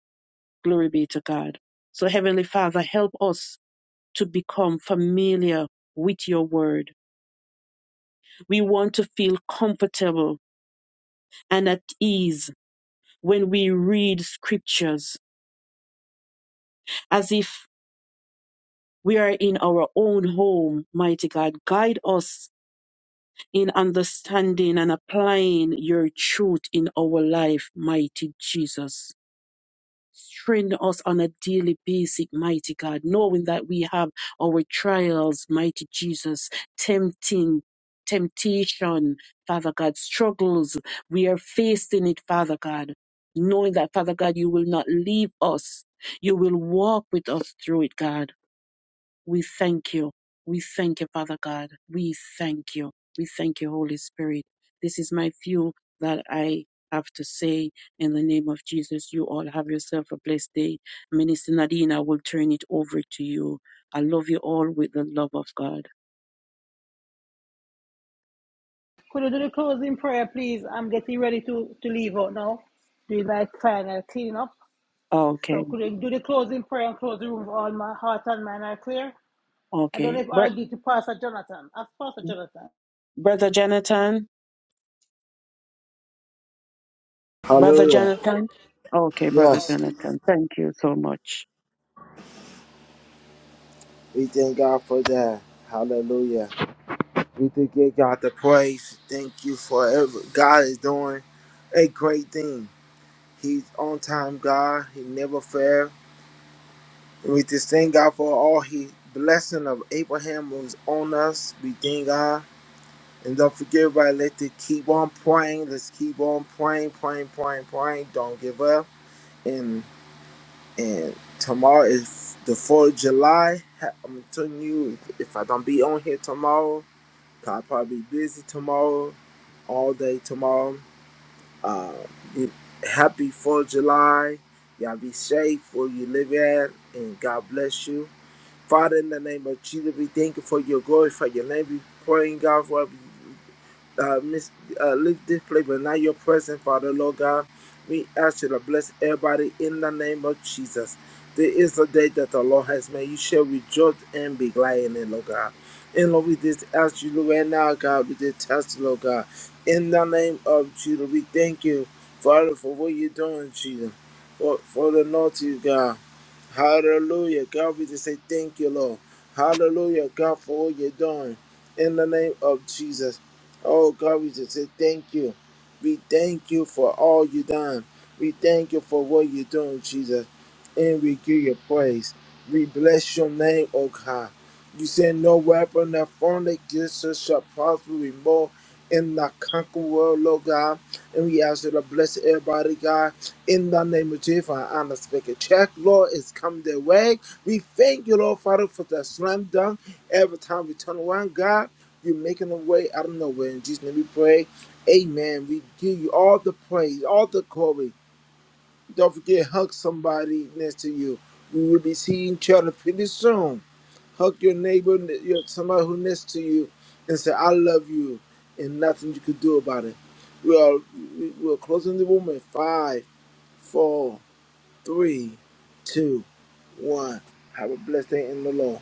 Speaker 11: Glory be to God. So, Heavenly Father, help us to become familiar with your word. We want to feel comfortable and at ease when we read scriptures as if we are in our own home, mighty God. Guide us in understanding and applying your truth in our life, mighty Jesus. Strengthen us on a daily basis, mighty God, knowing that we have our trials, mighty Jesus, tempting, temptation, Father God, struggles. We are facing it, Father God, knowing that, Father God, you will not leave us. You will walk with us through it, God. We thank you. We thank you, Father God. We thank you. We thank you, Holy Spirit. This is my few that I have to say in the name of Jesus. You all have yourself a blessed day. Minister Nadine, I will turn it over to you. I love you all with the love of God.
Speaker 3: Could you do the closing prayer, please? I'm getting ready to, to leave out now. Do like final clean up? So
Speaker 11: Okay,
Speaker 3: could you do the closing prayer and close the room with all my heart and mind are clear? I don't
Speaker 11: okay.
Speaker 3: know if
Speaker 11: Br-
Speaker 3: I'll get to Pastor Jonathan. Ask Pastor Jonathan.
Speaker 11: Brother Jonathan, Brother
Speaker 15: Hallelujah.
Speaker 11: Jonathan. Okay, Brother
Speaker 15: Yes,
Speaker 11: Jonathan. Thank you so much.
Speaker 15: we thank God for that. Hallelujah. We do give God the praise. Thank you for ever. God is doing a great thing. He's on time, God. He never fails. And we just thank God for all His blessing of Abraham was on us. We thank God. And don't forget, everybody, let's just keep on praying. Let's keep on praying, praying, praying, praying. Don't give up. And and tomorrow is the 4th of July. Ha- I'm telling you, if, if I don't be on here tomorrow, 'cause I'll probably be busy tomorrow, all day tomorrow. Uh, you- happy 4th of July. Y'all be safe where you live at, and God bless you. Father, in the name of Jesus, we thank you for your glory, for your name. We praying, God, for every uh, miss, uh, leave this place, but not your presence, Father, Lord God. We ask you to bless everybody in the name of Jesus. There is a day that the Lord has made. You shall rejoice and be glad in it, Lord God. And Lord, we just ask you right now, God, we just ask you, Lord God. In the name of Jesus, we thank you, Father, for what you're doing, Jesus. For, for the Lord you, God. Hallelujah. God, we just say thank you, Lord. Hallelujah, God, for all you're doing. In the name of Jesus. Oh, God, we just say thank you. We thank you for all you done. We thank you for what you're doing, Jesus. And we give you praise. We bless your name, oh God. You said no weapon that formed against us shall prosper anymore in the conquer world, Lord God. And we ask you to bless everybody, God. In the name of Jesus, for our unspeakable check, Lord, is come their way. We thank you, Lord, Father, for the slam dunk. Every time we turn around, God, you're making a way out of nowhere. In Jesus' name we pray. Amen. We give you all the praise, all the glory. Don't forget, hug somebody next to you. We will be seeing each other pretty soon. Hug your neighbor, your somebody who next to you, and say, I love you, and nothing you could do about it. We are, we we are closing the room in five, four, three, two, one. Have a blessed day in the Lord.